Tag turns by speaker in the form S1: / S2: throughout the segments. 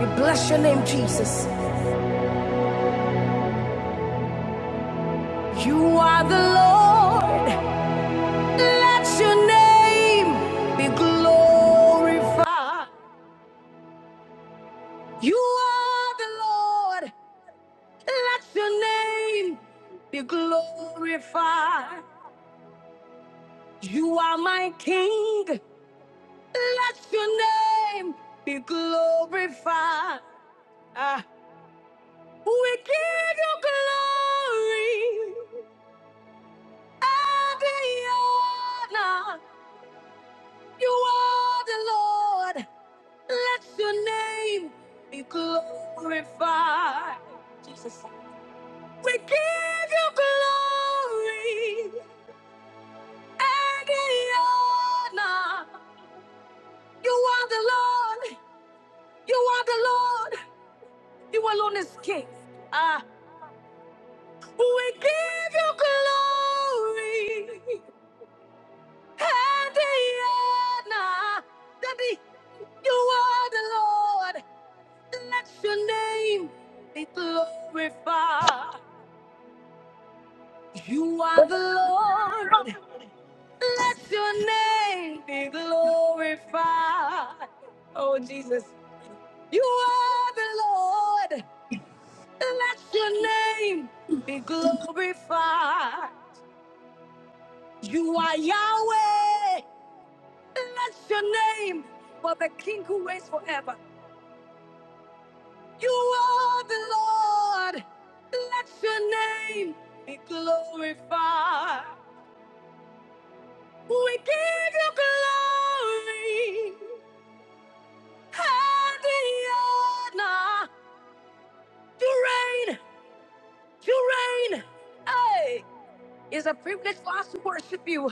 S1: We bless your name, Jesus. You are the Lord. Let your name be glorified. You are the Lord. Let your name be glorified. You are my King. Let your name be glorified. Ah, we give you glory. and the honor. You are the Lord. Let your name be glorified. Jesus. We give you glory and the honor. You are the Lord. You are the Lord. You alone is king. Ah, we give you glory and the honor. Daddy, you are the Lord. Let your name be glorified. You are the Lord. Let your name be glorified. Oh, Jesus. You are the Lord. Let your name be glorified. You are Yahweh. Let your name for the King who reigns forever. You are the Lord. Let your name be glorified. We give you glory and the honor. You reign. You reign. Hey, it's a privilege for us to worship you.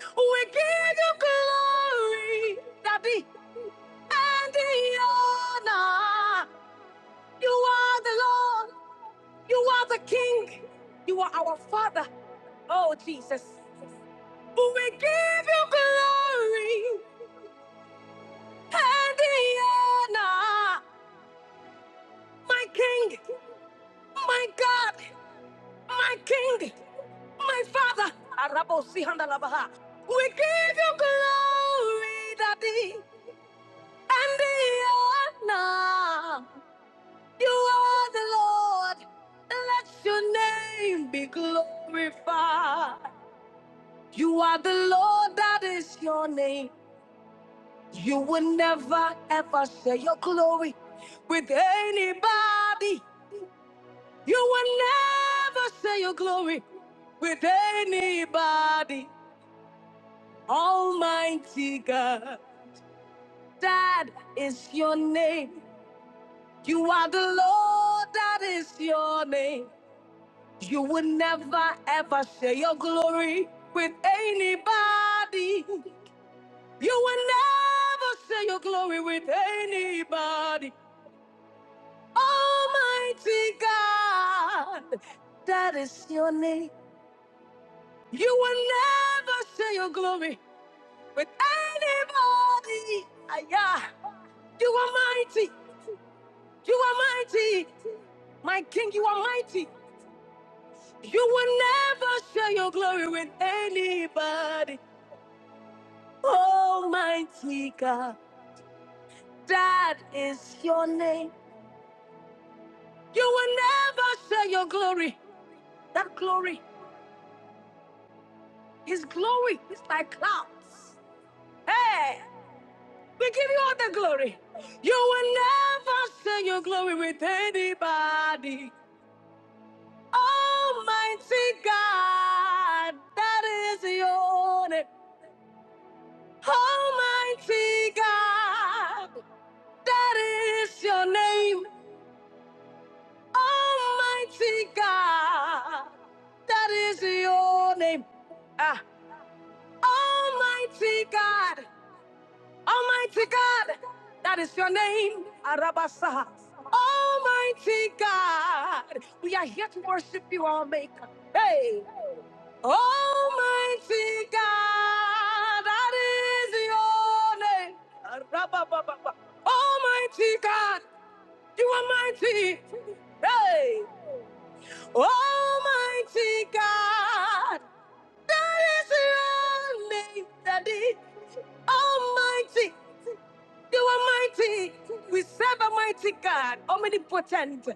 S1: We give you glory, Daddy, and the honor. You are the Lord. You are the King. You are our Father. Oh, Jesus. We give you glory and the honor. My King, my God, my King, my Father. Arabo sihandalabaha. We give you glory, Daddy, and the honor. You are the Lord. Let your name be glorified. You are the Lord, that is your name. You will never ever share your glory with anybody. You will never share your glory with anybody. Almighty God, that is your name. You are the Lord, that is your name. You will never ever share your glory with anybody. You will never share your glory with anybody. Almighty God, that is your name. You will never share your glory with anybody. Ah, Yeah, you are mighty. You are mighty. My King, you are mighty. You will never share your glory with anybody. Almighty God, that is your name. You will never share your glory. That glory, His glory, is like clouds. Hey, We give you all the glory. You will never share your glory with anybody. Almighty God, that is your name. Almighty God, that is your name. Almighty God, that is your name. Ah, Almighty God, Almighty God, that is your name, Arabasa. Almighty God, we are here to worship you, our Maker. Hey, Almighty God, that is your name, Arababa. Almighty God, you are mighty. Hey, Almighty God, that is your name, Daddy. Almighty. You are mighty. We serve a mighty God, omnipotent,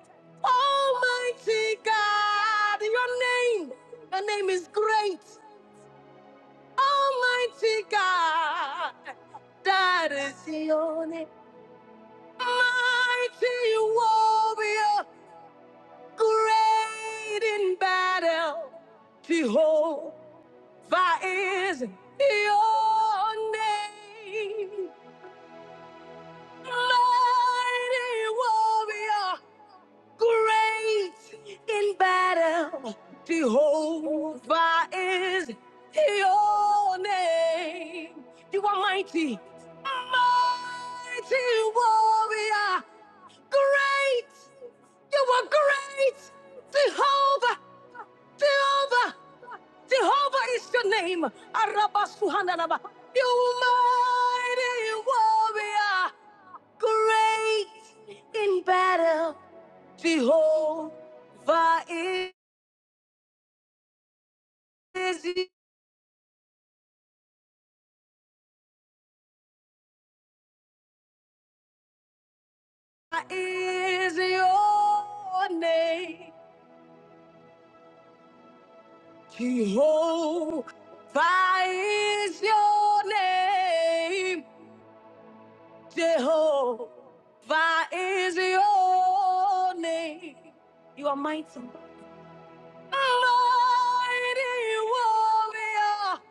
S1: almighty God. Your name, your name is great, almighty God. That is your name, mighty warrior, great in battle. Jehovah is your name, mighty warrior. Great in battle, Jehovah is your name. You are mighty, mighty warrior. Great, you are great, Jehovah, Jehovah, Jehovah is your name. Arabasuhananaba. You mighty warrior, great in battle. Jehovah is, is your name. Jehovah is your name. Jehovah is your name. You are mighty. Mighty warrior,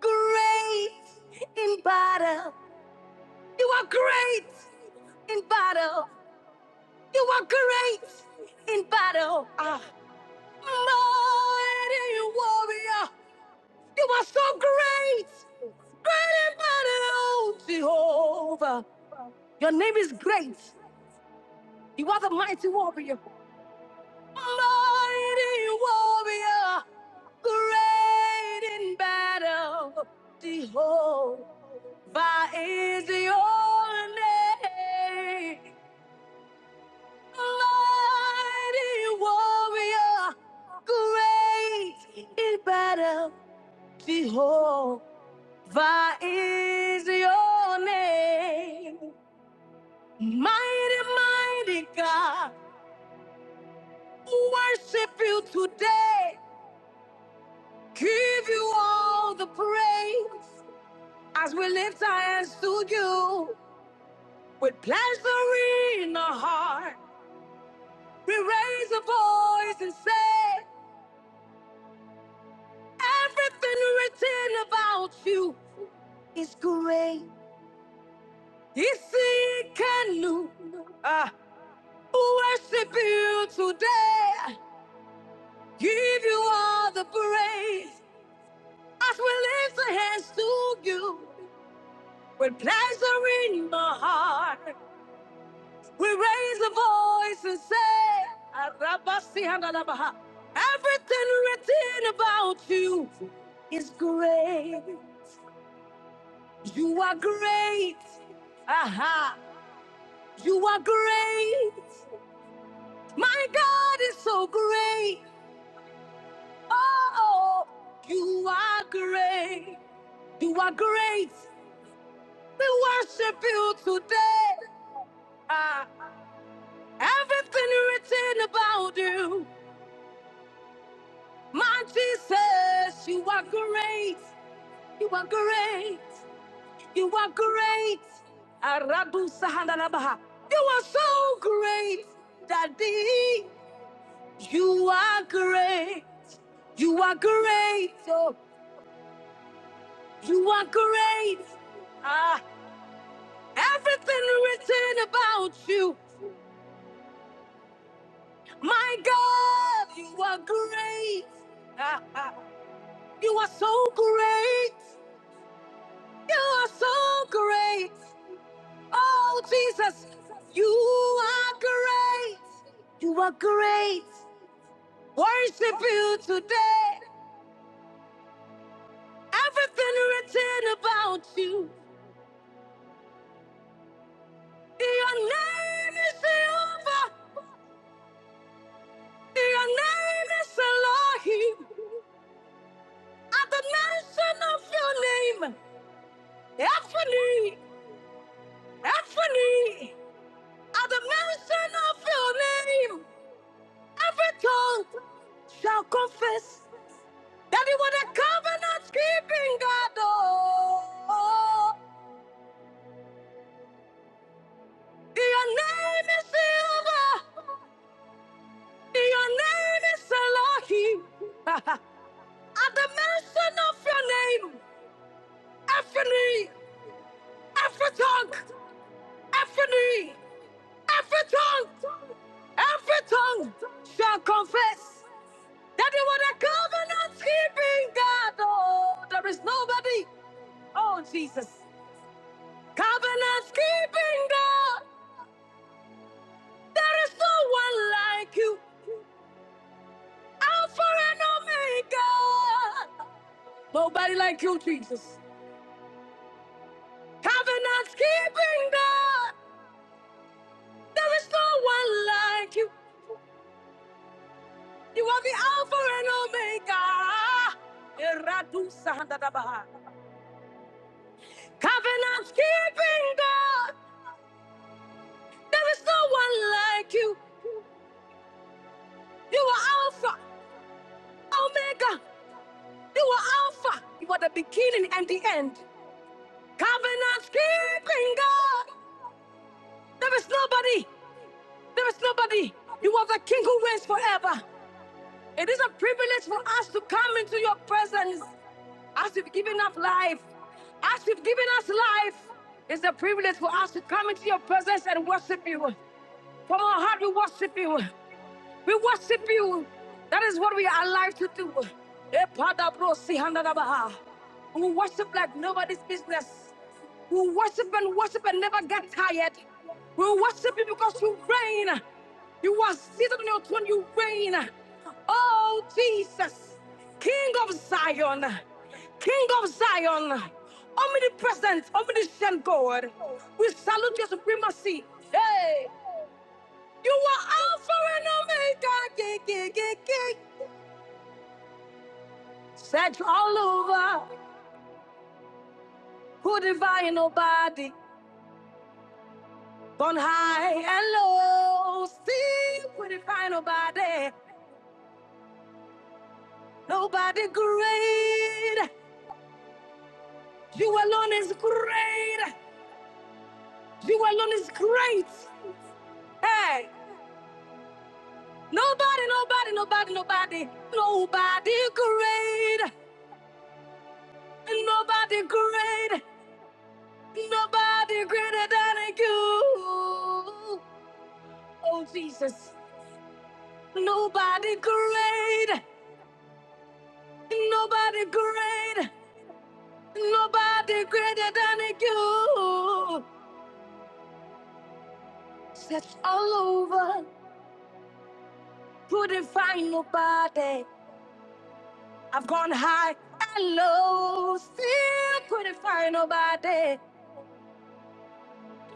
S1: great in battle. You are great in battle. You are great in battle. Ah, mighty warrior. You are so great. Great in battle, Jehovah. Your name is great. You are the mighty warrior. Mighty warrior. Great in battle, Jehovah is your name. mighty warrior, great in battle. Jehovah is your name. Mighty, mighty God, worship you today. Give you all the praise as we lift our hands to you with pleasure in our heart. We raise a voice and say, Everything written about you. is great. Yes, he can do. Ah, worship you today. Give you all the praise as we lift our hands to you. With pleasure in my heart, we raise a voice and say, Everything written about you is great. You are great. Aha. You are great. My God is so great. Oh, you are great. You are great. We worship you today. Ah, everything written about you. My Jesus, you are great. You are great. You are great. Arabu Sahandalabaha. You are so great, Daddy. You are great. You are great. Oh, You are great. Ah, everything written about you. My God, you are great. Ah, ah. you are so great. You are so great. Oh, Jesus, you are great. You are great. Worship you today. Everything written about you. Your name is Jehovah. Your name is Elohim. At the mention of your name, every knee, at the mention of your name, every tongue shall confess that you are the covenant keeping God. Oh, your name is Silver, your name is Elohim. at the mention of your name, every knee, every tongue, every Every tongue, every tongue shall confess that you are the covenant keeping God. Oh, there is nobody. Oh, Jesus. Covenant keeping God. There is no one like you. Alpha and Omega. Nobody like you, Jesus. Covenant keeping God. There is no one like you. You are the Alpha and Omega. Eradu sahandadabaha. Covenant keeping God. There is no one like you. You are Alpha, Omega. You are Alpha. You are the beginning and the end. Covenant keeping God. There is nobody. There is nobody. You are the King who reigns forever. It is a privilege for us to come into your presence as you've given us life. As you've given us life, it's a privilege for us to come into your presence and worship you. From our heart, we worship you. We worship you. That is what we are alive to do. Epadabro-sihandadabaha. We worship like nobody's business. We worship and worship and never get tired. We worship you because you reign. You are seated on your throne. You reign. Oh, Jesus, King of Zion, King of Zion, omnipresent, omniscient God. We salute your supremacy. Hey. You are Alpha and Omega. Yeah, yeah, yeah, yeah. Said you all over. Who define nobody? Gone high and low. See, who define nobody? Nobody great. You alone is great. You alone is great. Hey, nobody, nobody, nobody, nobody, nobody great. Nobody great. Nobody greater than you. Oh, Jesus. Nobody great. Nobody great. Nobody greater than you. Search all over. Couldn't find nobody. I've gone high and low. Still couldn't find nobody.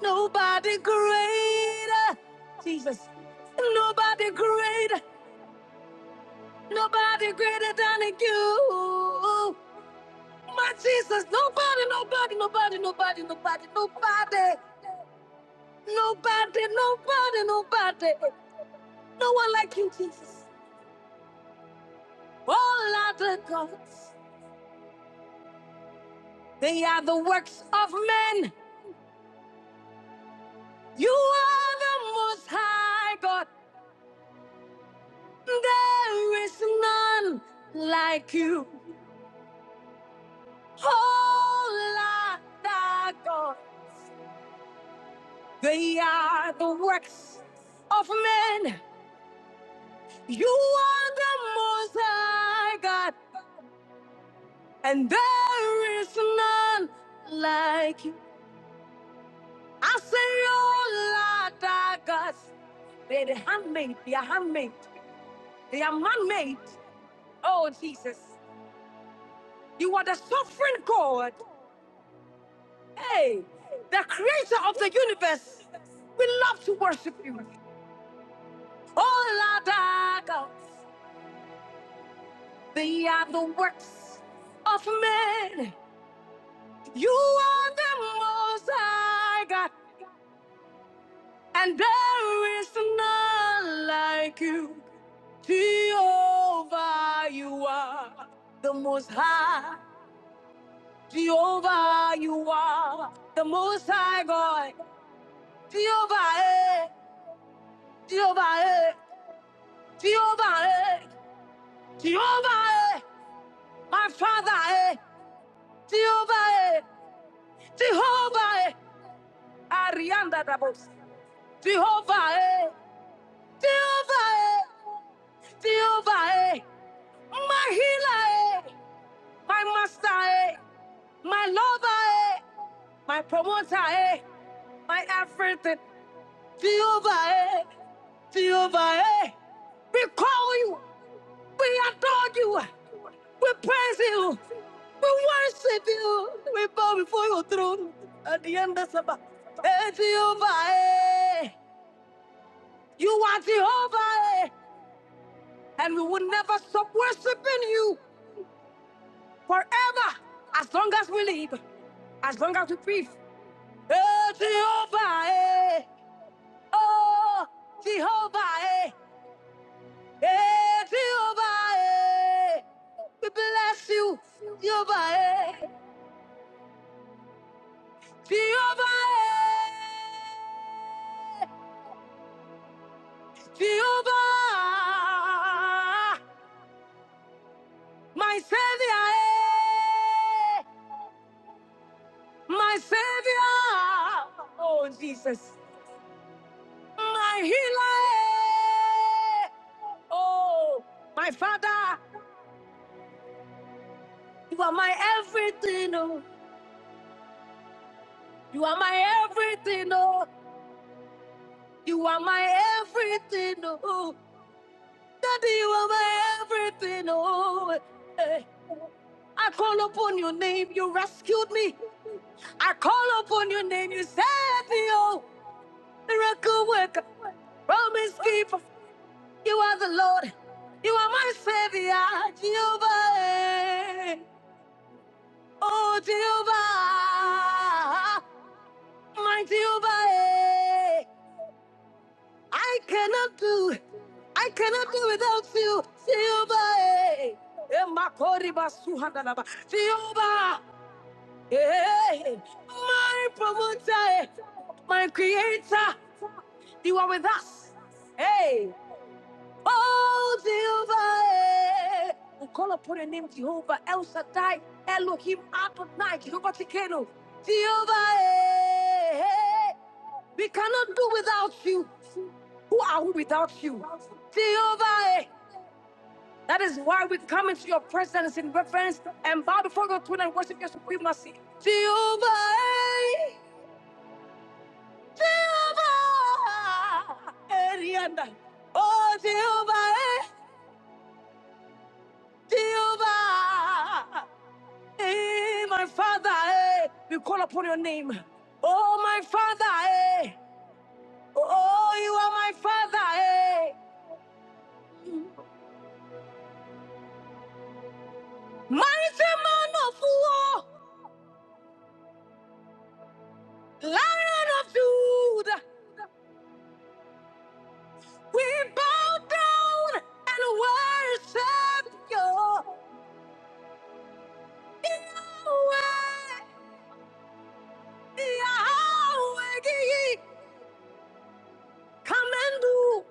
S1: Nobody greater. Jesus. Nobody greater. Nobody greater than you. my Jesus. Nobody, nobody, nobody, nobody, nobody, nobody, nobody, nobody, nobody. No one like you, Jesus. All other gods, they are the works of men. You are the most high God. There is none like you. All other gods, they are the works of men. You are the most high God. And there is none like you. I say, oh Lord, our God, they're the handmaid, they are handmaid, they are man-made. Oh Jesus, you are the sovereign God. Hey, the creator of the universe. We love to worship you. Oh Lord, our God, they are the works of men. You are the most high God, and there is none like you. Jehovah, you are the most high. Jehovah, you are the most high God. Jehovah, eh, Jehovah, eh, Jehovah, eh, Jehovah, eh, my father, eh, Jehovah, eh, Jehovah, eh, Arianda Dabos. Jehovah, eh, Jehovah, eh, Jehovah, eh, my healer, eh, my master, eh, my lover, eh, my promoter, eh, my everything. Jehovah, eh, Jehovah, eh. we call you, we adore you, we praise you, we worship you, we bow before your throne at the end of Sabbath. Eh, Jehovah, eh, you are Jehovah, eh, and we will never stop worshiping you forever as long as we live, as long as we breathe. Eh, Jehovah, eh, oh, Jehovah, hey. Hey, Jehovah, eh, we bless you, Jehovah, eh, Jehovah, eh, Jehovah, my Savior, eh, my Savior, oh Jesus, my healer, eh, oh my Father, you are my everything, oh, you are my everything, oh. You are my everything, oh. Daddy, you are my everything, oh. Eh. I call upon your name, you rescued me. I call upon your name, you saved me, oh. Miracle worker, promise keeper, you are the Lord. You are my savior, Jehovah. eh. Oh, Jehovah, my Jehovah, eh. I cannot do. I cannot do without you. Silva. Makoriba suhandalaba. Silva. eh, My promoter. eh, My creator. You are with us. Hey. Oh, Silva. We call upon your name, Jehovah El Shaddai, Elohim Adonai, Jehovah Tikeno. Jehovah. eh. We cannot do without you. Who are we without you? Jehovah. eh. That is why we come into your presence in reverence and bow before your throne and worship your supremacy. Jehovah, Jehovah, Arianda. Oh, Jehovah, Jehovah. Eh, my Father, eh, we call upon your name. Oh, my Father, eh. Oh, you are my Father, eh. Mighty man of war, Lion of Judah. We bow down and worship you. Yahweh, Yahweh, come and do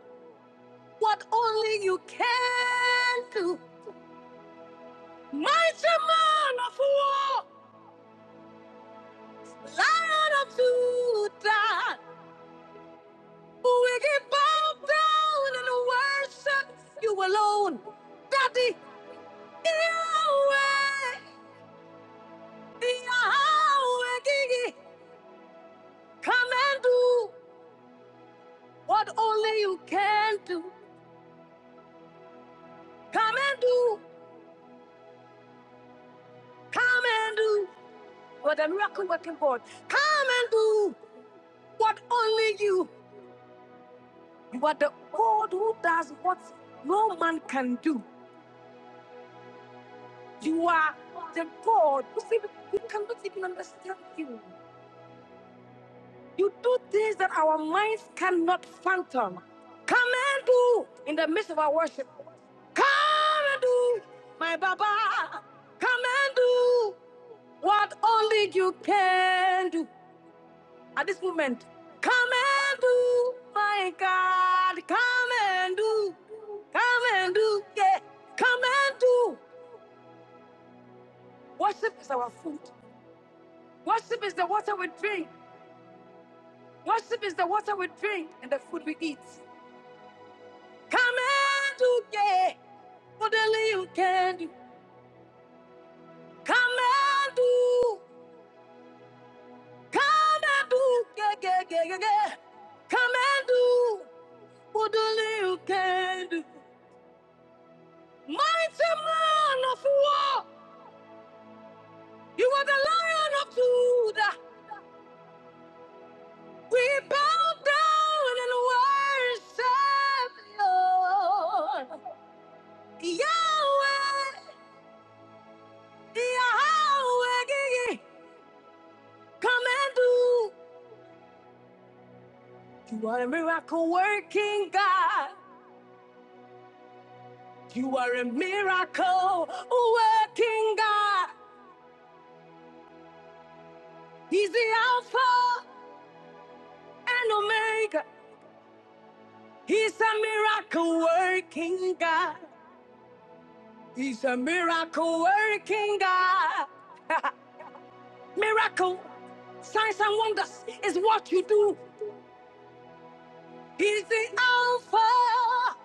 S1: what only you can do. Mighty man of war, lion of Judah, we bow down and worship you alone. Daddy, Yahweh, Yahweh, come and do What only you can do. Come and do. Come and do. You are the miracle working God. Come and do what only you. You are the God who does what no man can do. You are the God who said we cannot even understand you. You do things that our minds cannot fathom. Come and do in the midst of our worship. Come and do, my Baba. Come and do. What only you can do at this moment. Come and do, my God. Come and do. Come and do. Yeah. Come and do. Worship is our food. Worship is the water we drink. Worship is the water we drink and the food we eat. Come and do. Yeah. What only you can do. Come and do. Come and do. Yeah, yeah, yeah, yeah, yeah. Come and do. What only you can do. Mighty man of war, you are the lion of Judah. We bow down and worship you. Yahweh, Yahweh, come and do. You are a miracle working God. You are a miracle working God. He's the Alpha and Omega. He's a miracle working God. He's a miracle working God. miracle, signs and wonders is what you do. He's the Alpha.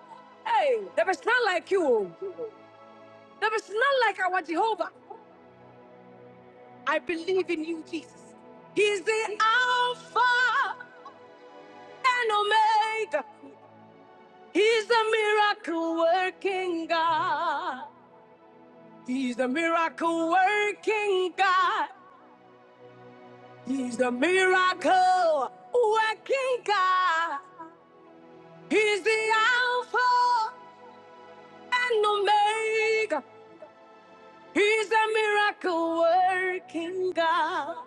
S1: Hey, there is none like you. There is none like our Jehovah. I believe in you, Jesus. He's the Alpha and Omega. He's a miracle working God. He's a miracle working God. He's the miracle working God. He's the Alpha and Omega. He's the miracle working God.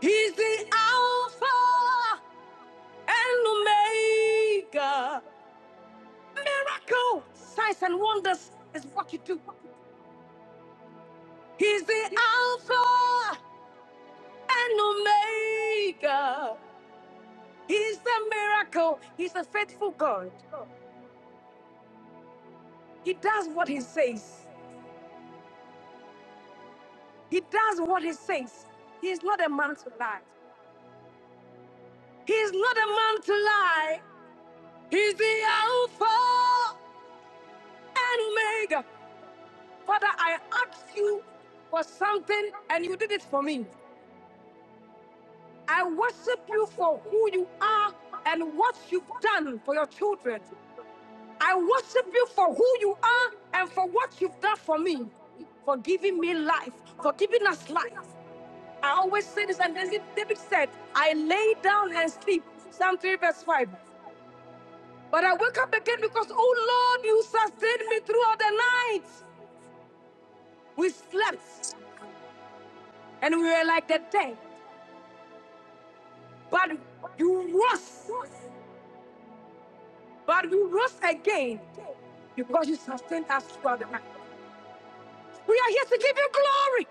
S1: He's the Alpha and Omega. Miracle, signs and wonders is what you do. He's the Alpha and Omega. He's the miracle. He's a faithful God. He does what he says. He does what he says. He is not a man to lie. He is not a man to lie. He's the Alpha and Omega. Father, I asked you for something and you did it for me. I worship you for who you are and what you've done for your children. I worship you for who you are and for what you've done for me, for giving me life, for giving us life. I always say this, and David David said, I lay down and sleep. Psalm 3, verse 5. But I wake up again because, oh Lord, you sustained me throughout the night. We slept and we were like the dead. But you rose. But we rose again because you sustained us throughout the night. We are here to give you glory.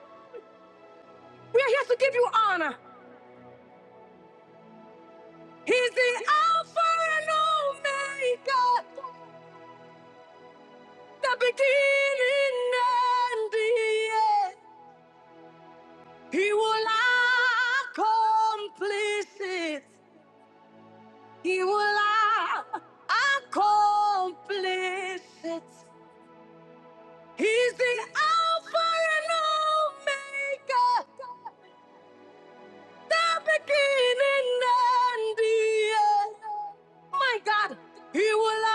S1: We are here to give you honor. He's the Alpha and Omega, the beginning and the end. He will accomplish it. He will accomplish it. He's the Alpha and Omega, the beginning and the end. My God, He will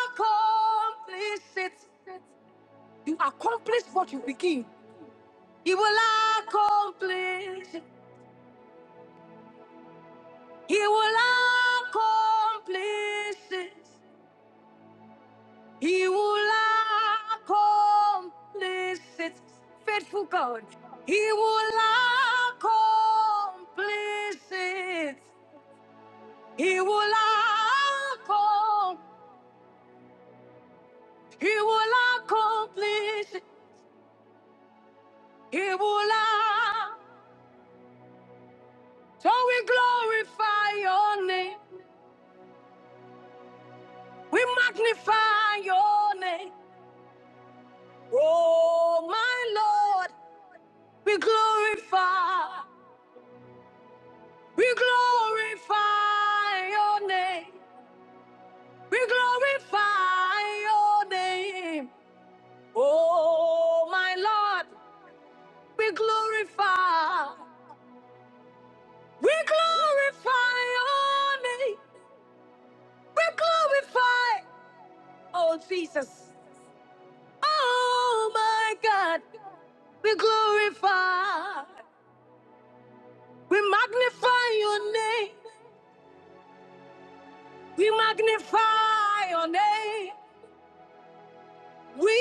S1: accomplish it. You accomplish what you begin. He will accomplish it. He will accomplish it. He will accomplish it, faithful God. He will accomplish it. He will accomplish. He will accomplish. it. He will. ac- So we glorify your name. We magnify your name. Oh my Lord, we glorify. We glorify your name. We glorify your name, oh my Lord. We glorify, we glorify your name. We glorify, oh Jesus, oh my God. We glorify, we magnify your name, we magnify your name. We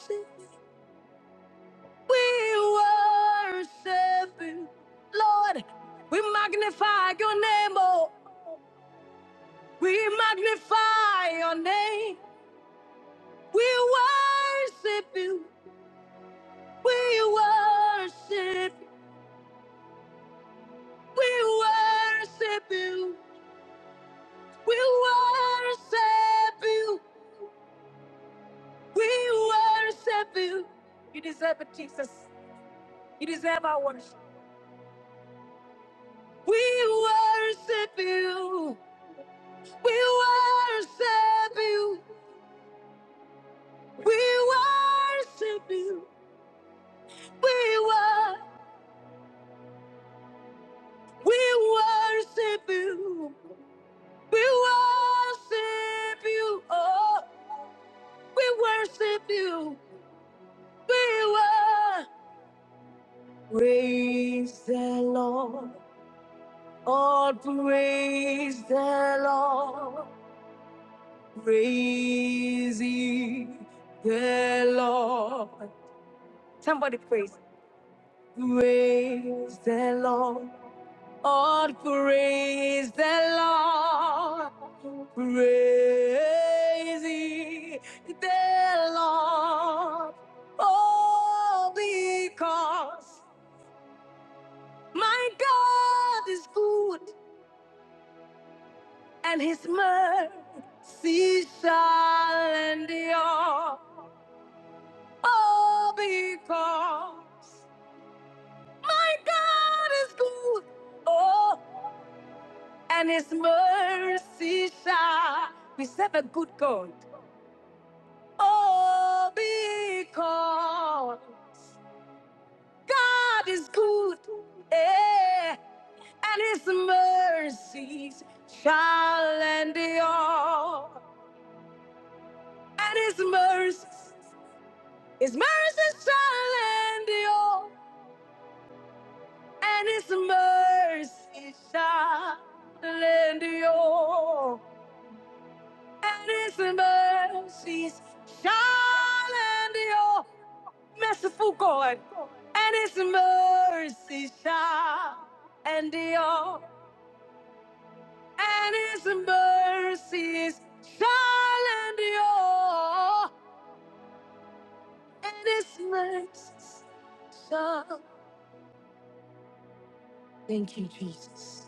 S1: worship. We worship you, Lord. We magnify your name, oh. We magnify your name. We worship you. We worship. We worship you. We worship you. We worship you. You deserve it, Jesus. You deserve our worship. We worship you. We worship you. We worship you. We wor- we worship you. We worship you. Oh, we worship you. We wor- praise the Lord. All praise the Lord. Praising the Lord. Somebody praise. Praise the Lord. Oh, praise the Lord. Praise the Lord. Oh, because my God is good and his mercy shall endure. Oh, because my God is good. Oh, and his mercy shall. We serve a good God. Oh, because God is good, eh, and His mercies shall endure, and His mercies, His mercies shall endure, and His mercies shall endure, and His mercies shall endure. merciful God, and His mercy shall endure, and His mercies shall endure, and His mercies shall. Thank you, Jesus.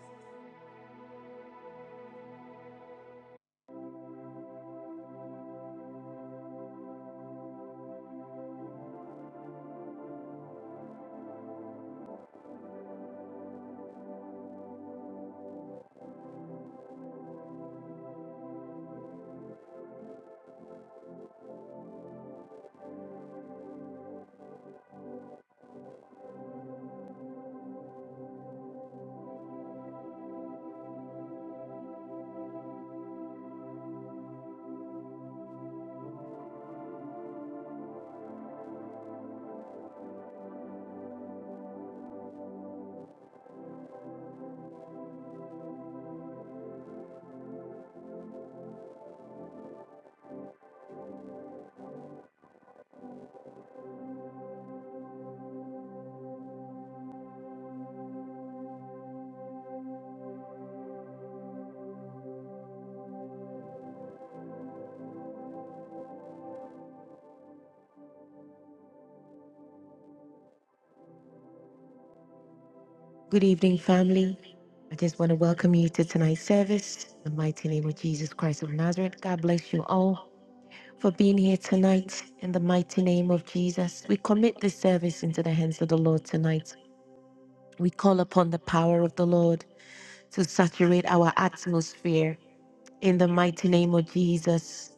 S1: Good evening, family. I just want to welcome you to tonight's service. In the mighty name of Jesus Christ of Nazareth, God bless you all for being here tonight. In the mighty name of Jesus, we commit this service into the hands of the Lord tonight. We call upon the power of the Lord to saturate our atmosphere in the mighty name of Jesus.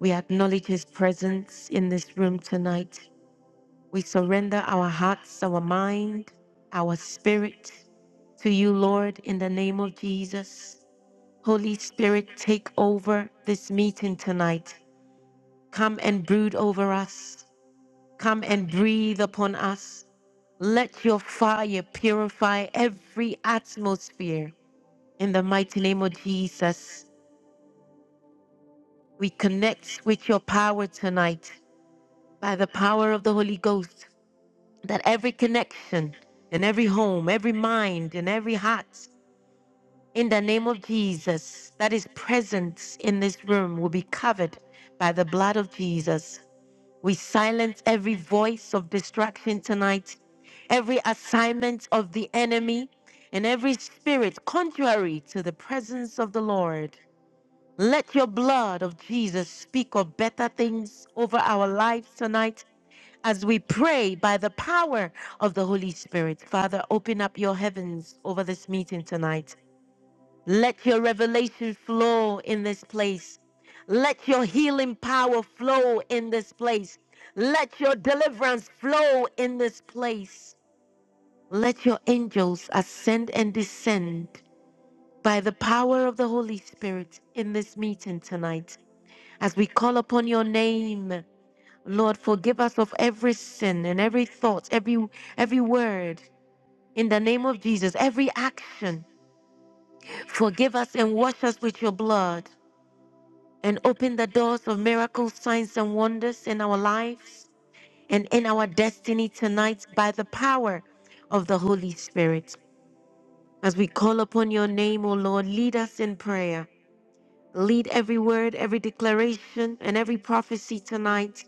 S1: We acknowledge his presence in this room tonight. We surrender our hearts, our mind, our spirit to you, Lord, in the name of Jesus. Holy Spirit, take over this meeting tonight. Come and brood over us. Come and breathe upon us. Let your fire purify every atmosphere In the mighty name of Jesus, we connect with your power tonight by the power of the Holy Ghost. That every connection in every home, every mind, and every heart, in the name of Jesus, that is present in this room will be covered by the blood of Jesus. We silence every voice of distraction tonight, every assignment of the enemy, and every spirit contrary to the presence of the Lord. Let your blood of Jesus speak of better things over our lives tonight as we pray by the power of the Holy Spirit. Father, open up your heavens over this meeting tonight. Let your revelation flow in this place. Let your healing power flow in this place. Let your deliverance flow in this place. Let your angels ascend and descend by the power of the Holy Spirit in this meeting tonight. As we call upon your name, Lord, forgive us of every sin and every thought, every every word. In the name of Jesus, every action, forgive us and wash us with your blood and open the doors of miracles, signs, and wonders in our lives and in our destiny tonight by the power of the Holy Spirit. As we call upon your name, O Lord, lead us in prayer. Lead every word, every declaration, and every prophecy tonight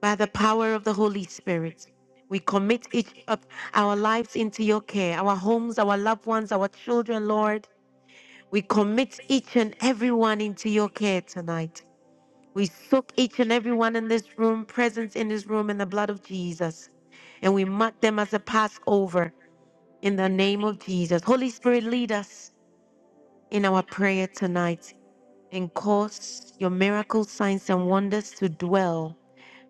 S1: By the power of the Holy Spirit, we commit each of our lives into your care, our homes, our loved ones, our children, Lord. We commit each and everyone into your care tonight. We soak each and everyone in this room, presence in this room, in the blood of Jesus. And we mark them as a Passover in the name of Jesus. Holy Spirit, lead us in our prayer tonight and cause your miracles, signs, and wonders to dwell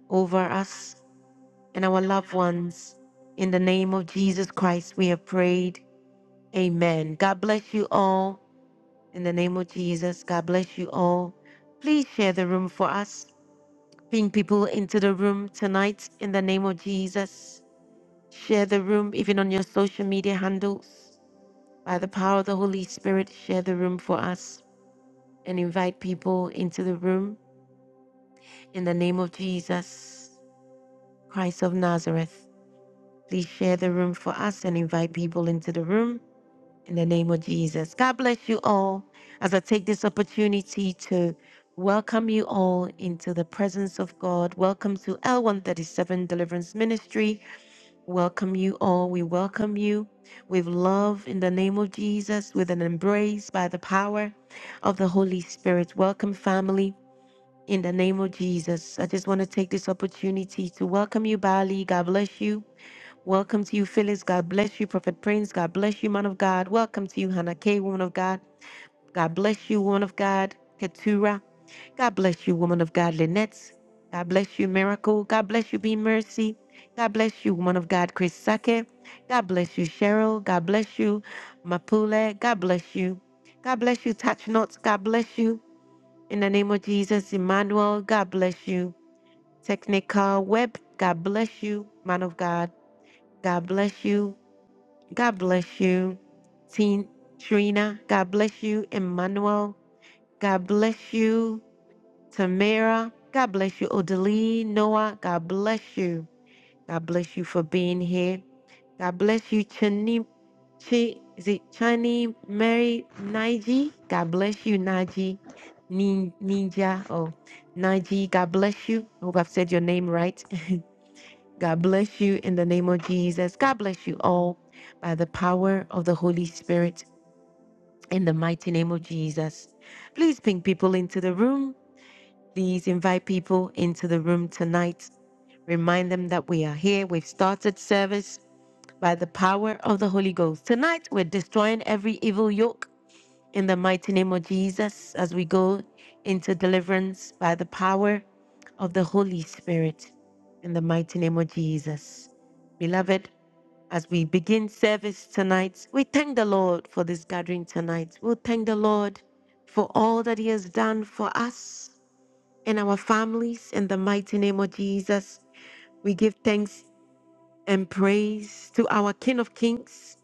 S1: over us and our loved ones. In the name of Jesus Christ, we have prayed. Amen. God bless you all. In the name of Jesus, God bless you all. Please share the room for us. Bring people into the room tonight in the name of Jesus. Share the room even on your social media handles. By the power of the Holy Spirit, share the room for us and invite people into the room in the name of Jesus, Christ of Nazareth. Please share the room for us and invite people into the room In the name of Jesus. God bless you all as I take this opportunity to welcome you all into the presence of God. Welcome to L137 Deliverance Ministry. Welcome you all. We welcome you with love in the name of Jesus, with an embrace by the power of the Holy Spirit. Welcome, family. In the name of Jesus, I just want to take this opportunity to welcome you, Bali. God bless you. Welcome to you, Phyllis. God bless you, Prophet Prince. God bless you, man of God. Welcome to you, Hannah K, woman of God. God bless you, woman of God. Keturah. God bless you, woman of God, Lynette. God bless you, Miracle. God bless you, Be Mercy. God bless you, woman of God, Chris Sake. God bless you, Cheryl. God bless you, Mapule. God bless you. God bless you, Touch Notes. God bless you. In the name of Jesus, Emmanuel. God bless you. Technical Web. God bless you, man of God. God bless you. God bless you, Teen Trina. God bless you, Emmanuel. God bless you, Tamara. God bless you, Odaline, Noah. God bless you. God bless you for being here. God bless you, Chani. Chi, is it Chani Mary Naiji? God bless you, Naji. Nin, ninja. Oh, Naji. God bless you. I hope I've said your name right. God bless you in the name of Jesus. God bless you all by the power of the Holy Spirit in the mighty name of Jesus. Please ping people into the room. Please invite people into the room tonight. Remind them that we are here. We've started service by the power of the Holy Ghost. Tonight, we're destroying every evil yoke in the mighty name of Jesus as we go into deliverance by the power of the Holy Spirit in the mighty name of Jesus. Beloved, as we begin service tonight, we thank the Lord for this gathering tonight. We thank the Lord for all that He has done for us and our families in the mighty name of Jesus. We give thanks and praise to our King of Kings,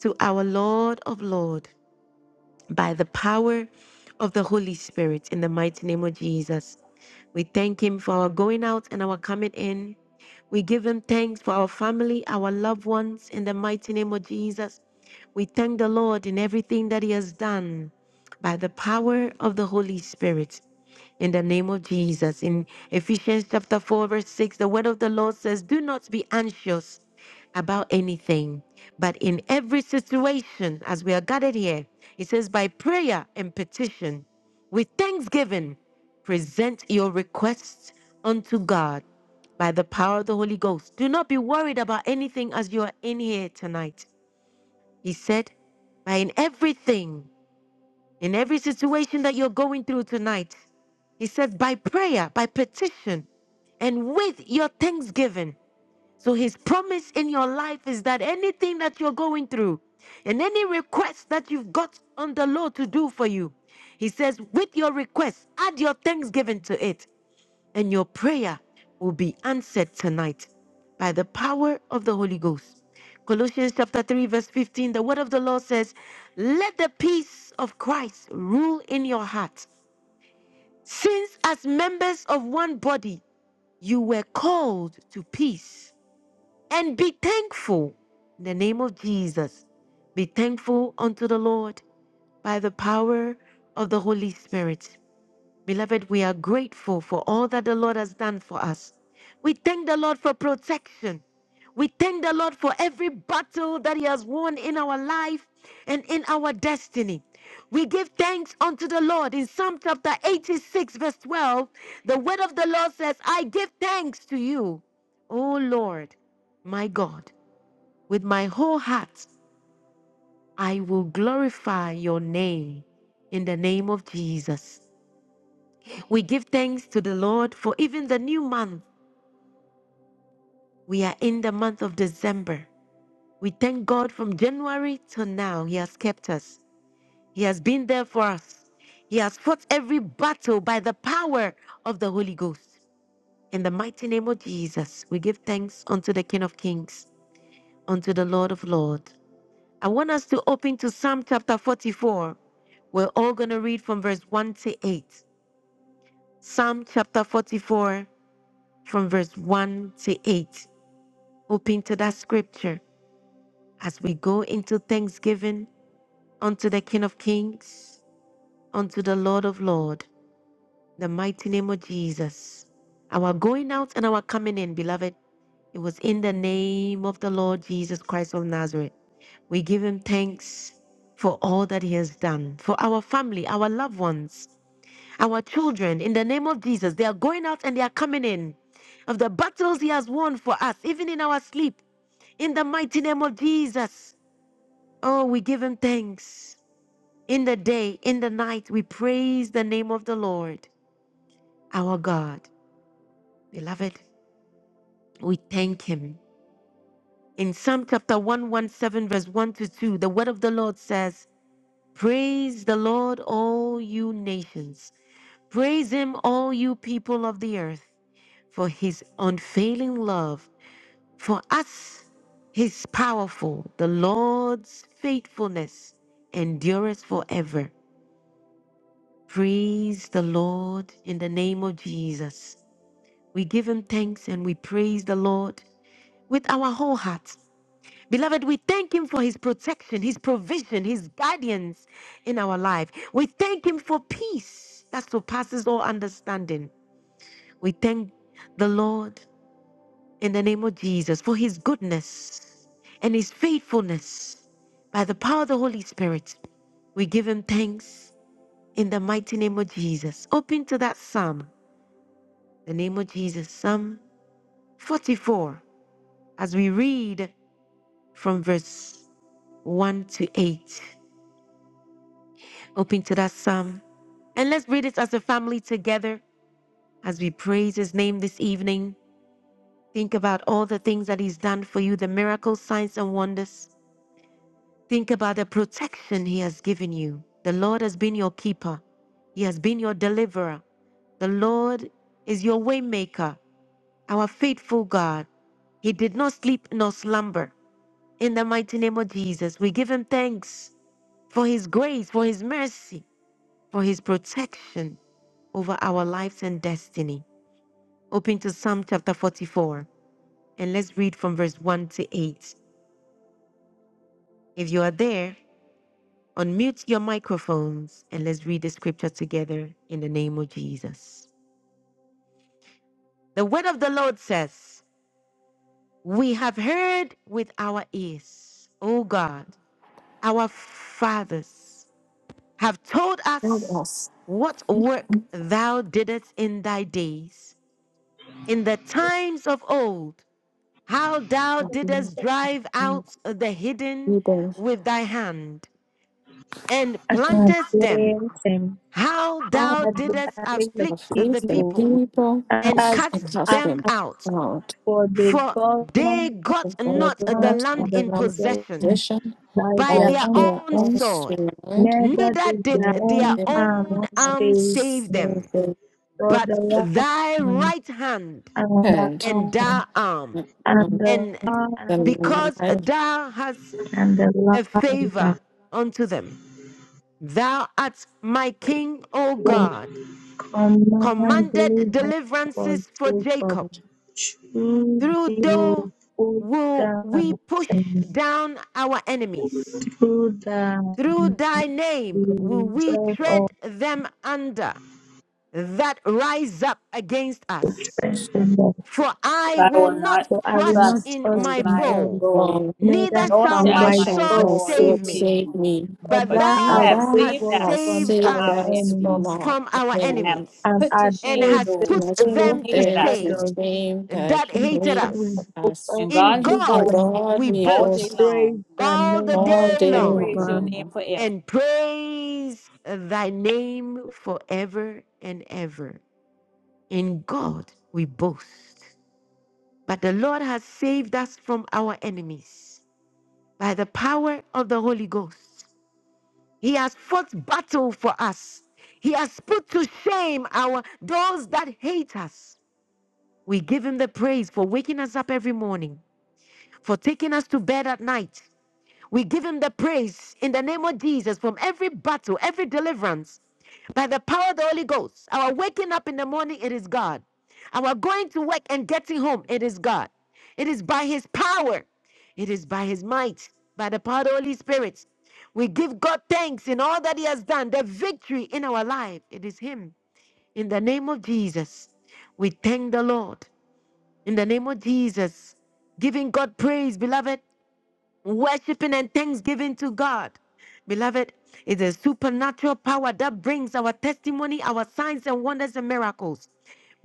S1: to our Lord of Lords by the power of the Holy Spirit in the mighty name of Jesus. We thank Him for our going out and our coming in. We give Him thanks for our family, our loved ones in the mighty name of Jesus. We thank the Lord in everything that He has done by the power of the Holy Spirit. In the name of Jesus. In Ephesians chapter 4, verse 6, the word of the Lord says, Do not be anxious about anything, but in every situation, as we are gathered here, it says, By prayer and petition, with thanksgiving, present your requests unto God by the power of the Holy Ghost. Do not be worried about anything as you are in here tonight. He said, By in everything, in every situation that you're going through tonight. He says, by prayer, by petition, and with your thanksgiving. So his promise in your life is that anything that you're going through and any request that you've got on the Lord to do for you, he says, with your request, add your thanksgiving to it and your prayer will be answered tonight by the power of the Holy Ghost. Colossians chapter 3, verse 15, the word of the Lord says, Let the peace of Christ rule in your heart. Since, as members of one body, you were called to peace, and be thankful in the name of Jesus. Be thankful unto the Lord by the power of the Holy Spirit. Beloved, we are grateful for all that the Lord has done for us. We thank the Lord for protection. We thank the Lord for every battle that He has won in our life and in our destiny. We give thanks unto the Lord. In Psalm chapter 86, verse 12, the word of the Lord says, I give thanks to you, O Lord, my God. With my whole heart, I will glorify your name in the name of Jesus. We give thanks to the Lord for even the new month. We are in the month of December. We thank God from January till now. He has kept us, He has been there for us. He has fought every battle by the power of the Holy Ghost. In the mighty name of Jesus, we give thanks unto the King of Kings, unto the Lord of Lords. I want us to open to Psalm chapter 44. We're all going to read from verse 1 to 8. Psalm chapter 44, from verse 1 to 8. Open to that scripture as we go into thanksgiving unto the King of Kings, unto the Lord of Lords. the mighty name of Jesus. Our going out and our coming in, beloved, it was in the name of the Lord Jesus Christ of Nazareth. We give him thanks for all that he has done, for our family, our loved ones, our children. In the name of Jesus, they are going out and they are coming in. Of the battles he has won for us, even in our sleep, in the mighty name of Jesus. Oh, we give him thanks. In the day, in the night, we praise the name of the Lord, our God. Beloved, we thank him. In Psalm chapter 117, verse 1 to 2, the word of the Lord says, Praise the Lord, all you nations. Praise him, all you people of the earth, for his unfailing love. For us, his powerful. The Lord's faithfulness endures forever. Praise the Lord in the name of Jesus. We give him thanks and we praise the Lord with our whole heart. Beloved, we thank him for his protection, his provision, his guidance in our life. We thank him for peace that surpasses all understanding. We thank the Lord in the name of Jesus for his goodness and his faithfulness by the power of the Holy Spirit. We give him thanks in the mighty name of Jesus. Open to that psalm. the name of Jesus. Psalm 44, as we read from verse 1 to 8. Open to that psalm. And let's read it as a family together as we praise his name this evening. Think about all the things that he's done for you, the miracles, signs, and wonders. Think about the protection he has given you. The Lord has been your keeper, he has been your deliverer. The Lord is your waymaker, our faithful God. He did not sleep nor slumber. In the mighty name of Jesus, we give him thanks for his grace, for his mercy, for his protection over our lives and destiny. Open to Psalm chapter 44 and let's read from verse 1 to 8. If you are there, unmute your microphones and let's read the scripture together in the name of Jesus. The word of the Lord says, We have heard with our ears, O God, our fathers have told
S2: Let
S1: us
S2: us
S1: what work thou didst in thy days, in the times of old, how thou
S2: intervene
S1: didst drive
S2: in the
S1: out the hidden
S2: leaders
S1: with thy hand, and
S3: God
S1: plantest
S3: bless
S1: them,
S3: him.
S1: how
S3: God
S1: thou
S3: had
S1: didst
S3: decided family, the
S2: of
S1: afflict the
S2: least the
S3: people.
S1: people,
S2: people
S1: and
S3: as
S1: cast
S2: and cast
S3: and
S1: them
S2: them
S1: out,
S2: out.
S3: for the
S1: for they
S3: government,
S2: They
S1: got
S3: the
S2: are
S1: not the
S3: land,
S2: not
S1: land
S3: the
S1: in possession
S3: possession,
S2: accusation
S3: by
S1: by
S3: their
S2: by
S1: their
S3: own
S2: their
S1: own
S3: God,
S2: own
S1: sword,
S2: sword,
S3: neither
S1: neither
S3: did
S1: did
S3: their
S2: nor
S1: their
S3: own
S2: their
S3: arm
S1: own
S2: own
S1: arm
S3: stay,
S1: save them.
S2: silver
S3: for the
S1: but thy
S3: land
S1: right hand
S3: and the
S2: hand
S1: and
S3: arm
S1: thy arm,
S3: and
S2: on
S3: the
S1: and
S3: land
S2: the
S1: because
S2: life
S1: thou hast
S3: and the
S1: a
S3: land
S1: favor
S3: of
S1: unto them. Thou art my king, O
S3: the
S1: God,
S3: command
S1: commanded
S3: living for
S1: deliverances for
S3: Jacob,
S1: Jacob.
S2: of
S3: who they
S1: Through thou
S3: will put
S1: will we push
S3: down.
S1: down our enemies.
S3: through the
S1: Through thy name will we
S3: result of
S1: tread them under that rise up against us.
S3: the law.
S1: For I
S4: I
S1: will
S4: will
S1: not
S4: not
S3: So I will
S1: trust
S2: Jesus.
S3: not
S4: trust
S1: in
S3: trust
S4: in
S1: my
S3: in
S4: my
S3: God,
S1: bow,
S4: bow,
S2: For
S3: neither
S1: neither
S4: nor
S1: shall
S3: shall
S2: neither
S1: my
S4: shall
S3: my
S4: my
S2: shall
S1: sword
S3: God
S2: my
S4: sword
S3: save
S1: save
S2: sword
S3: me.
S4: save
S1: me.
S2: save
S4: me.
S2: me,
S3: For
S1: But
S4: But
S3: thou
S4: you
S2: but
S3: hast
S4: have
S1: thou
S2: thou
S3: saved
S1: hast
S4: saved
S3: us
S4: us
S2: hast
S3: from
S1: saved
S4: from
S2: saved
S3: our
S4: our
S1: us
S2: us
S3: enemy,
S2: from
S4: enemies,
S2: our
S1: from our
S4: and
S2: enemy.
S4: have
S1: enemies,
S3: and
S4: put to
S3: had
S1: and
S4: shame
S3: put
S1: hast
S3: the
S4: those
S2: and
S1: put
S2: has
S4: who
S3: shame
S1: them
S2: proved
S1: to
S3: that
S4: hated
S2: them
S4: us.
S2: to
S3: said
S2: the
S3: us.
S1: shame
S2: same that
S1: that hated
S3: God
S2: created
S3: will
S1: us.
S3: put
S2: us.
S3: all
S4: And
S1: In
S4: God, we
S3: the
S2: In
S1: God
S4: boast
S3: blame.
S2: God
S1: we
S2: we
S4: all day
S2: boast
S1: boast
S3: praise
S4: long,
S3: the
S1: all the
S3: name
S2: all
S1: day
S2: day
S4: and
S1: long,
S4: praise your
S3: forever.
S4: name
S2: long.
S4: forever.
S1: and praise thy name forever and ever. In God we boast But the Lord has saved us from our enemies by the power of the Holy Ghost. He has fought battle for us. He has put to shame our those that hate us. We give him the praise for waking us up every morning, for taking us to bed at night, we give him the praise in the name of Jesus from every battle, every deliverance. By the power of the Holy Ghost, our waking up in the morning, it is God. Our going to work and getting home, it is God. It is by his power, it is by his might, by the power of the Holy Spirit. We give God thanks in all that he has done, the victory in our life, it is him. In the name of Jesus, we thank the Lord. In the name of Jesus, giving God praise, beloved worshiping and thanksgiving to God. Beloved, it's a supernatural power that brings our testimony, our signs and wonders and miracles.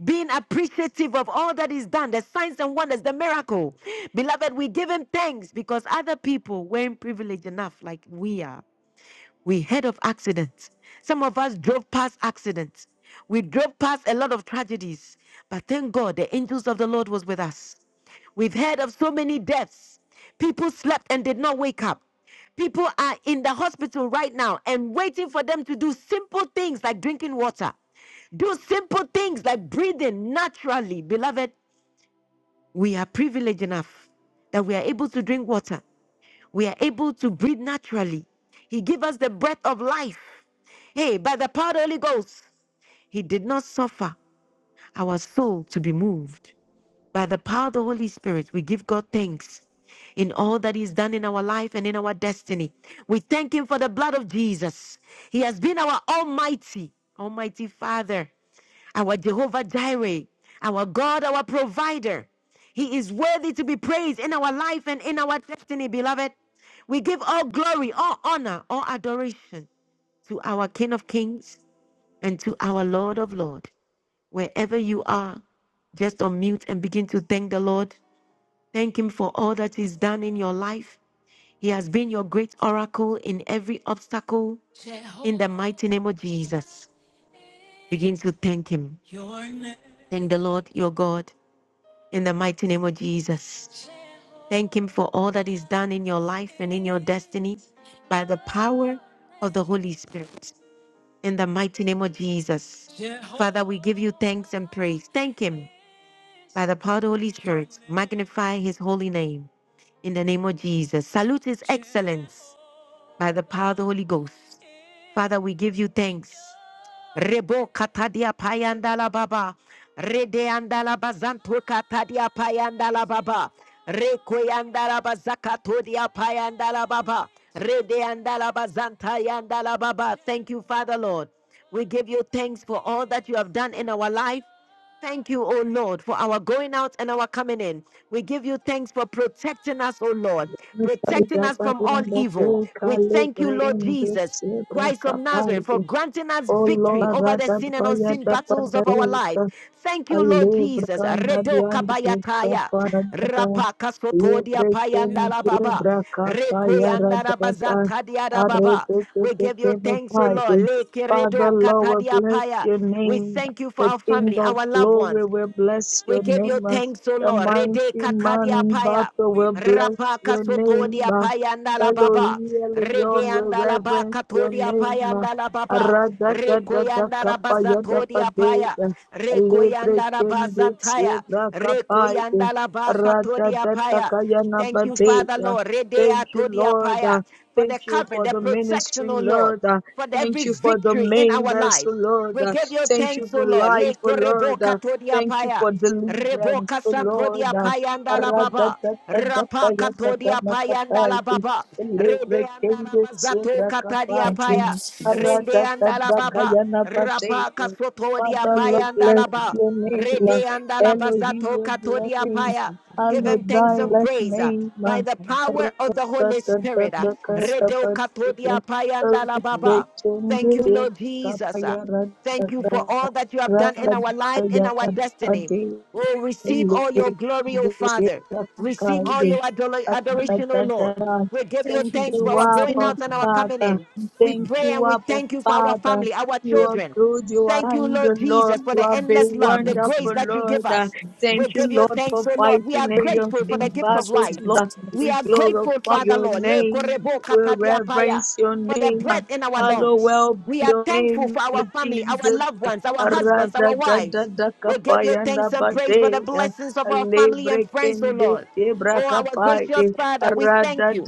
S1: Being appreciative of all that is done, the signs and wonders, the miracle. Beloved, we give him thanks because other people weren't privileged enough like we are. We heard of accidents. Some of us drove past accidents. We drove past a lot of tragedies. But thank God the angels of the Lord was with us. We've heard of so many deaths. People slept and did not wake up. People are in the hospital right now and waiting for them to do simple things like drinking water. Do simple things like breathing naturally. Beloved, we are privileged enough that we are able to drink water we are able to breathe naturally. He gave us the breath of life. Hey, by the power of the Holy Ghost, He did not suffer our soul to be moved. By the power of the Holy Spirit, we give God thanks in all that He's done in our life and in our destiny. We thank Him for the blood of Jesus. He has been our Almighty, Almighty Father our Jehovah Jireh, our God, our provider. He is worthy to be praised in our life and in our destiny, beloved. We give all glory, all honor, all adoration to our King of Kings and to our Lord of Lords. Wherever you are, just unmute and begin to thank the Lord. Thank Him for all that He's done in your life. He has been your great oracle in every obstacle in the mighty name of Jesus. Begin to thank Him. Thank the Lord your God in the mighty name of Jesus. Thank Him for all that is done in your life and in your destiny by the power of the Holy Spirit in the mighty name of Jesus. Father, we give you thanks and praise. Thank Him by the power of the Holy Spirit. Magnify His holy name in the name of Jesus. Salute His excellence by the power of the Holy Ghost. Father, we give you thanks. Rebo katadia payandala baba. Rede andala bazantu katadia payandala baba. Rekoyandala bazakatodia payandala baba. Rede andala bazanta yandala baba. Thank you, Father Lord. We give you thanks for all that you have done in our life. Thank you, O Lord, for our going out and our coming in. We give you thanks for protecting us, O Lord, protecting us from all evil. We thank you, Lord Jesus. Christ of Nazareth, for granting us
S3: Oh
S1: victory over the sin and unseen battles of our
S3: Lord,
S1: life. Thank you, Lord
S3: Alle
S1: Jesus.
S3: brakanda
S1: Redo
S3: beyond the
S1: kabayataya.
S3: kaparadaka.
S1: Rapa
S3: Le
S1: kasotodia
S3: presen
S1: payandala
S3: de
S1: baba.
S3: brakata
S1: Rekoyandara
S3: yaradata.
S1: bazantadiada baba.
S3: Arete te
S1: We
S3: te
S1: give you
S3: te no
S1: thanks, O Lord.
S3: Father,
S1: Lekeredo
S3: Lord, we bless
S1: katadiapaya.
S3: your
S1: We
S3: name.
S1: thank you for
S3: The
S1: our
S3: King
S1: family,
S3: of
S1: our loved ones.
S3: glory will bless
S1: We
S3: your
S1: give you
S3: name.
S1: thanks, O
S3: The
S1: Lord. Rede
S3: mighty man
S1: katadia
S3: in
S1: paya.
S3: battle will bless
S1: Rapa
S3: your name.
S1: kasotodia paya ndala baba.
S3: Elohim
S1: Rede
S3: Leon will
S1: andala ba
S3: reverence your
S1: katodia
S3: name.
S1: paya ndala baba.
S3: Aradadadada
S1: Rekoyanda rabazatodia
S3: kapayadapade.
S1: paya.
S3: Libre
S1: Rekoyanda
S3: kende
S1: rabazantaya.
S3: sebra kapaide.
S1: Rekoyanda rabakatodia paya.
S3: Radadatakayana
S1: Thank you, Father
S3: badeya.
S1: Lord. Rede
S3: Thank you,
S1: atodia
S3: Lord.
S1: paya.
S3: Uh,
S1: For the
S3: Thank you
S1: covering,
S3: for
S1: the
S3: the ministry,
S1: protection, O Lord.
S3: Lord. Uh,
S1: For
S3: Thank
S1: every
S3: you for the
S1: victory in our
S3: members, oh
S1: life.
S3: Lord.
S1: We
S3: Uh,
S1: give you
S3: Thank you
S1: thanks, O
S3: for
S1: Lord. Le
S3: life, oh Lord.
S1: koreboka
S3: Uh,
S1: to the
S3: Thank you
S1: apaya.
S3: for deliverance,
S1: Reboka
S3: oh
S1: santo di
S3: Lord. Uh,
S1: apaya andala baba. Rapa kato di apaya andala
S3: Aradadadadapayatakanapapaide.
S1: baba. Rede
S3: Libre
S1: andala
S3: kende
S1: bazato
S3: sebra
S1: kata di
S2: Thank you,
S3: kapaide.
S2: Lord
S1: apaya.
S2: Jesus.
S1: Rende andala
S2: Thank
S1: baba.
S3: Aradadadakayana
S1: Rapa
S3: badeya.
S1: kasoto di
S3: Father, Lord,
S1: apaya
S3: bless
S1: andala ba.
S3: your name. uh,
S1: Rede andala
S3: Elohim,
S1: bazato
S3: your
S1: kato di
S2: you,
S3: blessing.
S2: Jesus.
S1: apaya.
S2: Thank
S1: Give
S3: Hallowed
S1: him thanks
S3: thy
S1: and
S3: blessed
S2: you.
S1: praise uh,
S3: name. uh,
S1: by the
S2: Thank
S1: power of the Holy Spirit. uh. Redo
S3: Rakatatatakatapatiya.
S1: katodia payanda la baba. Thank you, Lord Jesus. uh.
S3: Kapaya
S1: Thank you for
S3: Rakata.
S1: all that you have done in our life, in our destiny.
S3: Rakataya.
S1: Oh, receive all your
S3: Thank
S1: glory, O
S3: you,
S1: Father. Receive all your ador- adoration, O Lord. We give you thanks for our going
S3: Abba
S1: out and our coming
S3: Father.
S1: in. We
S3: Thank
S2: you
S1: pray
S3: you,
S1: and we
S3: Abba
S1: thank you for our
S3: Father.
S1: family, our
S3: You
S2: for
S3: are
S1: children.
S3: good, you are
S1: Thank you,
S3: kind,
S1: Lord
S3: Lord.
S1: Jesus, for
S3: You
S1: the
S3: are very
S2: This
S1: endless
S2: is
S1: love, the
S2: like
S1: grace
S3: wonderful,
S1: that
S2: something.
S1: you
S3: Lord.
S2: This
S1: give us.
S3: Thank
S1: We
S2: is
S3: you,
S1: give you
S3: Lord,
S1: thanks,
S3: for
S1: O Lord. We are
S3: fighting areas
S2: a
S1: grateful for the
S2: part
S3: in
S1: gift of
S3: battles,
S1: life.
S3: Lord.
S1: We
S3: We
S1: are grateful,
S3: glorify
S1: Father
S3: your
S1: Lord, Le
S3: name.
S1: korebo
S3: We
S1: katadiapaya,
S3: reverence your
S1: for the
S3: name.
S1: breath in our lungs.
S3: Hallowed
S1: We
S3: be
S1: are
S3: your
S1: thankful
S3: name,
S1: for our
S3: Lord
S1: family, our
S3: Jesus.
S1: loved ones, our husbands,
S3: Rada
S1: our
S3: da da
S1: wives.
S3: da
S1: We give you
S3: kapaya Radadadadakapayanda
S1: thanks and praise for the
S3: badeya.
S1: blessings of our family and
S3: Lebre
S1: friends, O
S3: kende
S1: Lord.
S3: sebra
S1: Oh, our gracious
S3: kapaide.
S1: Father, we thank you.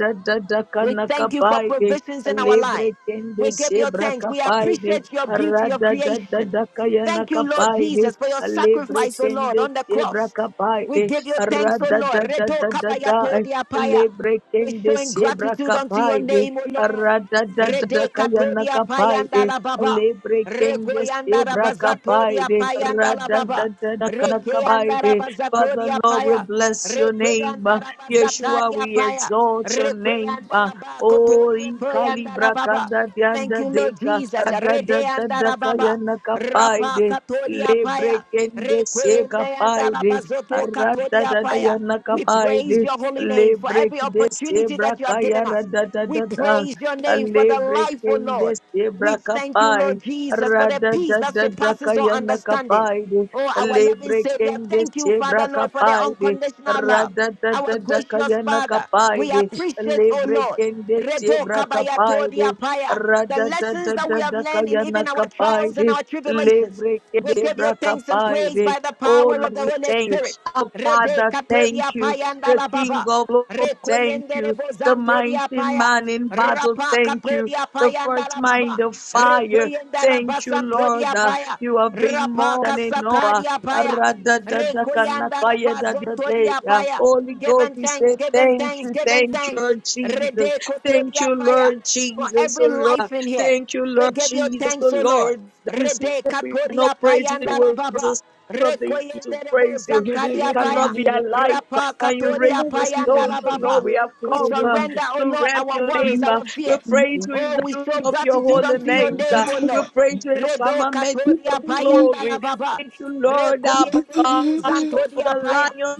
S1: We thank you for
S3: kapaide.
S1: provisions in our life.
S3: Lebre kende
S1: We give you
S3: sebra
S1: thanks. We
S3: kapaide.
S1: appreciate your beauty of creation.
S3: Radadadadakayana
S1: Thank you, Lord
S3: kapaide.
S1: Jesus, for your
S3: Lebre
S1: sacrifice, O Lord,
S3: kende
S1: on the
S3: sebra
S1: cross.
S3: kapai
S1: We
S3: de
S1: give you thanks,
S3: rada
S1: O
S3: da
S1: Lord. Redo kabaya
S3: Radadadadadada.
S1: diapaya.
S3: Lebre
S1: We're
S3: kende
S1: showing
S3: sebra
S1: gratitude unto your
S3: kapaide.
S1: name, O Lord. Rede
S3: Radadadadakayana
S1: katodia payanda
S3: kapaide.
S1: la baba.
S3: Lebre kendes
S1: Regoyanda la
S3: debra
S1: bazatodia
S3: kapaide,
S1: payanda la
S3: rada da
S1: baba.
S3: da da kana
S1: Rekeanda la
S3: kapaide. Father
S1: bazatodia
S3: Lord, we
S1: paya.
S3: bless your name.
S1: Rekoyanda la
S3: Yeshua,
S1: bazatadia
S3: we
S1: paya.
S3: exalt your name.
S1: Rekoyanda la
S3: Oh,
S1: bakotodia payanda la
S3: ikalibra
S1: baba.
S3: kanda
S1: Thank
S3: dianda
S1: you, Lord
S3: deka,
S1: Jesus.
S3: rada da
S1: Rede
S3: da
S1: anda
S3: da
S1: la baba.
S3: kayana
S1: Rapa
S3: kapaide.
S1: katodia
S3: Lebre
S1: paya.
S3: kendes debra
S1: Rekoyende anda la
S3: kapaide,
S1: bazoto
S3: rada da
S1: katodia
S3: da
S1: paya.
S3: kayana
S1: We praise
S3: kapaide.
S1: your holy name for
S3: Lebre
S1: every
S3: kendes
S1: opportunity
S3: debra
S1: that you have given
S3: kayana
S1: us.
S3: da da
S1: We
S3: da da.
S1: praise your name for the
S3: Alebre
S1: life, oh
S3: kende
S1: Lord. We
S3: sebra
S1: thank you,
S3: kapai.
S1: Lord Jesus, for the
S3: Rada
S1: peace
S3: da
S1: that
S3: da da
S1: surpasses our
S3: kayana
S1: understanding.
S3: kapai.
S1: Oh, our loving
S3: Alebre
S1: Savior,
S3: kende
S1: thank you, Father,
S3: sebra
S1: Lord, for the
S3: kapai.
S1: unconditional love.
S3: Rada da
S1: Our
S3: da da
S1: gracious
S3: kayana
S1: Father,
S3: kapai.
S1: we appreciate, oh
S3: Alebre
S1: Lord,
S3: kende
S1: Redo
S3: sebra
S1: kabaya
S3: kapai.
S1: todi apaya. the
S3: Rada da
S1: lessons
S3: da
S1: that
S3: da
S1: we have
S3: da
S1: learned in
S3: kayana
S1: even our
S3: kapai.
S1: trials and our tribulations.
S3: Lebre kende
S1: We give you
S3: sebra
S1: thanks and praise
S3: kapai.
S1: by the
S3: Oh
S1: power
S3: Lord,
S1: of the
S3: we
S1: Holy
S3: thank you.
S1: Spirit.
S3: Our
S1: Rede
S3: Father, thank
S1: katodia
S3: you.
S1: paya
S3: The
S1: ndala
S3: King
S1: baba.
S3: of Glory, thank
S1: Rekoyende
S3: you the
S1: rebozanto
S3: mighty
S1: paya.
S3: man in battle.
S1: Rapa
S3: Thank you.
S1: katodia
S3: The
S1: paya
S3: first
S1: ndala baba.
S3: mind of fire.
S1: Rekoyenda
S3: Thank you,
S1: rabasanto
S3: Lord. Uh,
S1: paya.
S3: you have been
S1: Rapa
S3: more than enough. Uh,
S1: kasatadia paya. Rekoyanda rabazonto
S3: Aradadadakanakayadadadadea.
S1: paya.
S3: Holy
S1: Give
S3: Ghost,
S1: him
S3: we
S1: thanks,
S3: say
S1: give him
S3: thank
S1: thanks,
S3: you,
S1: give him
S3: thank you,
S1: thanks.
S3: Lord Jesus.
S1: Rede
S3: Thank
S1: kotodia
S3: you,
S1: paya.
S3: Lord
S1: For
S3: Jesus, oh
S1: every
S3: Lord.
S1: life in here.
S3: Thank you,
S1: We
S3: Lord
S1: give you
S3: Jesus, oh
S1: thanks, O Lord.
S3: Lord. You said
S1: Rede
S3: we no
S1: katodia
S3: praise you,
S1: payanda la
S3: we're the
S1: baba.
S3: sons of the to
S1: Rekoyende rebo
S3: praise you.
S5: Mama, they
S3: We
S1: zantadia
S5: get him
S1: paya.
S3: cannot be alive.
S1: Rapa
S3: And you
S1: katodia
S3: raise the
S1: payanda
S3: stones,
S1: la
S3: oh Lord.
S1: baba.
S3: We have
S1: We
S3: come uh,
S1: surrender, O
S3: to
S1: Lord,
S3: rest
S1: our
S3: your
S1: worries,
S3: name. uh.
S1: our
S3: We
S1: fears.
S3: praise you in
S1: Oh,
S3: the
S1: we show
S3: beauty of your
S1: gratitude
S3: holy
S1: unto your
S3: name. sir.
S1: name, O
S6: No, no,
S3: We
S1: Lord.
S3: praise you in the
S1: Redo
S3: firmament
S1: katodia
S3: of
S1: payanda
S3: glory.
S1: la baba.
S3: Thank you, Lord, Abba,
S1: Rekoyende rebo
S3: for
S1: zantodia
S3: the
S1: paya.
S3: lion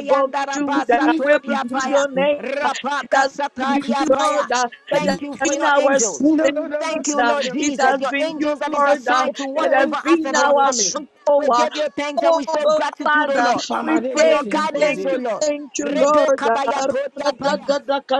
S3: of Judah.
S1: rabasa
S3: We
S1: todia
S3: bless
S1: paya.
S3: your name
S1: Rapa
S3: that you,
S1: kasatadia paya.
S3: Lord, uh, that has
S1: Thank you for
S3: been
S1: your
S3: our
S1: angels.
S3: sins.
S1: Thank you,
S3: uh,
S1: Lord
S3: It has
S1: Jesus. Your
S3: been you,
S1: angels that is
S3: Lord, uh,
S1: assigned to
S3: that
S1: watch
S3: has
S1: over us
S3: been
S1: and our
S3: our
S1: family.
S3: stronghold.
S1: We
S3: uh,
S1: give you thanks and
S3: Oh,
S1: we show gratitude, O
S3: Father,
S1: Lord,
S3: we
S1: for your
S3: thank you,
S1: guidance,
S3: thank
S1: O
S5: today.
S3: you,
S1: Lord.
S3: thank you,
S1: Redo
S3: Lord. uh,
S1: kabaya
S3: ra
S1: todia
S3: da
S1: paya.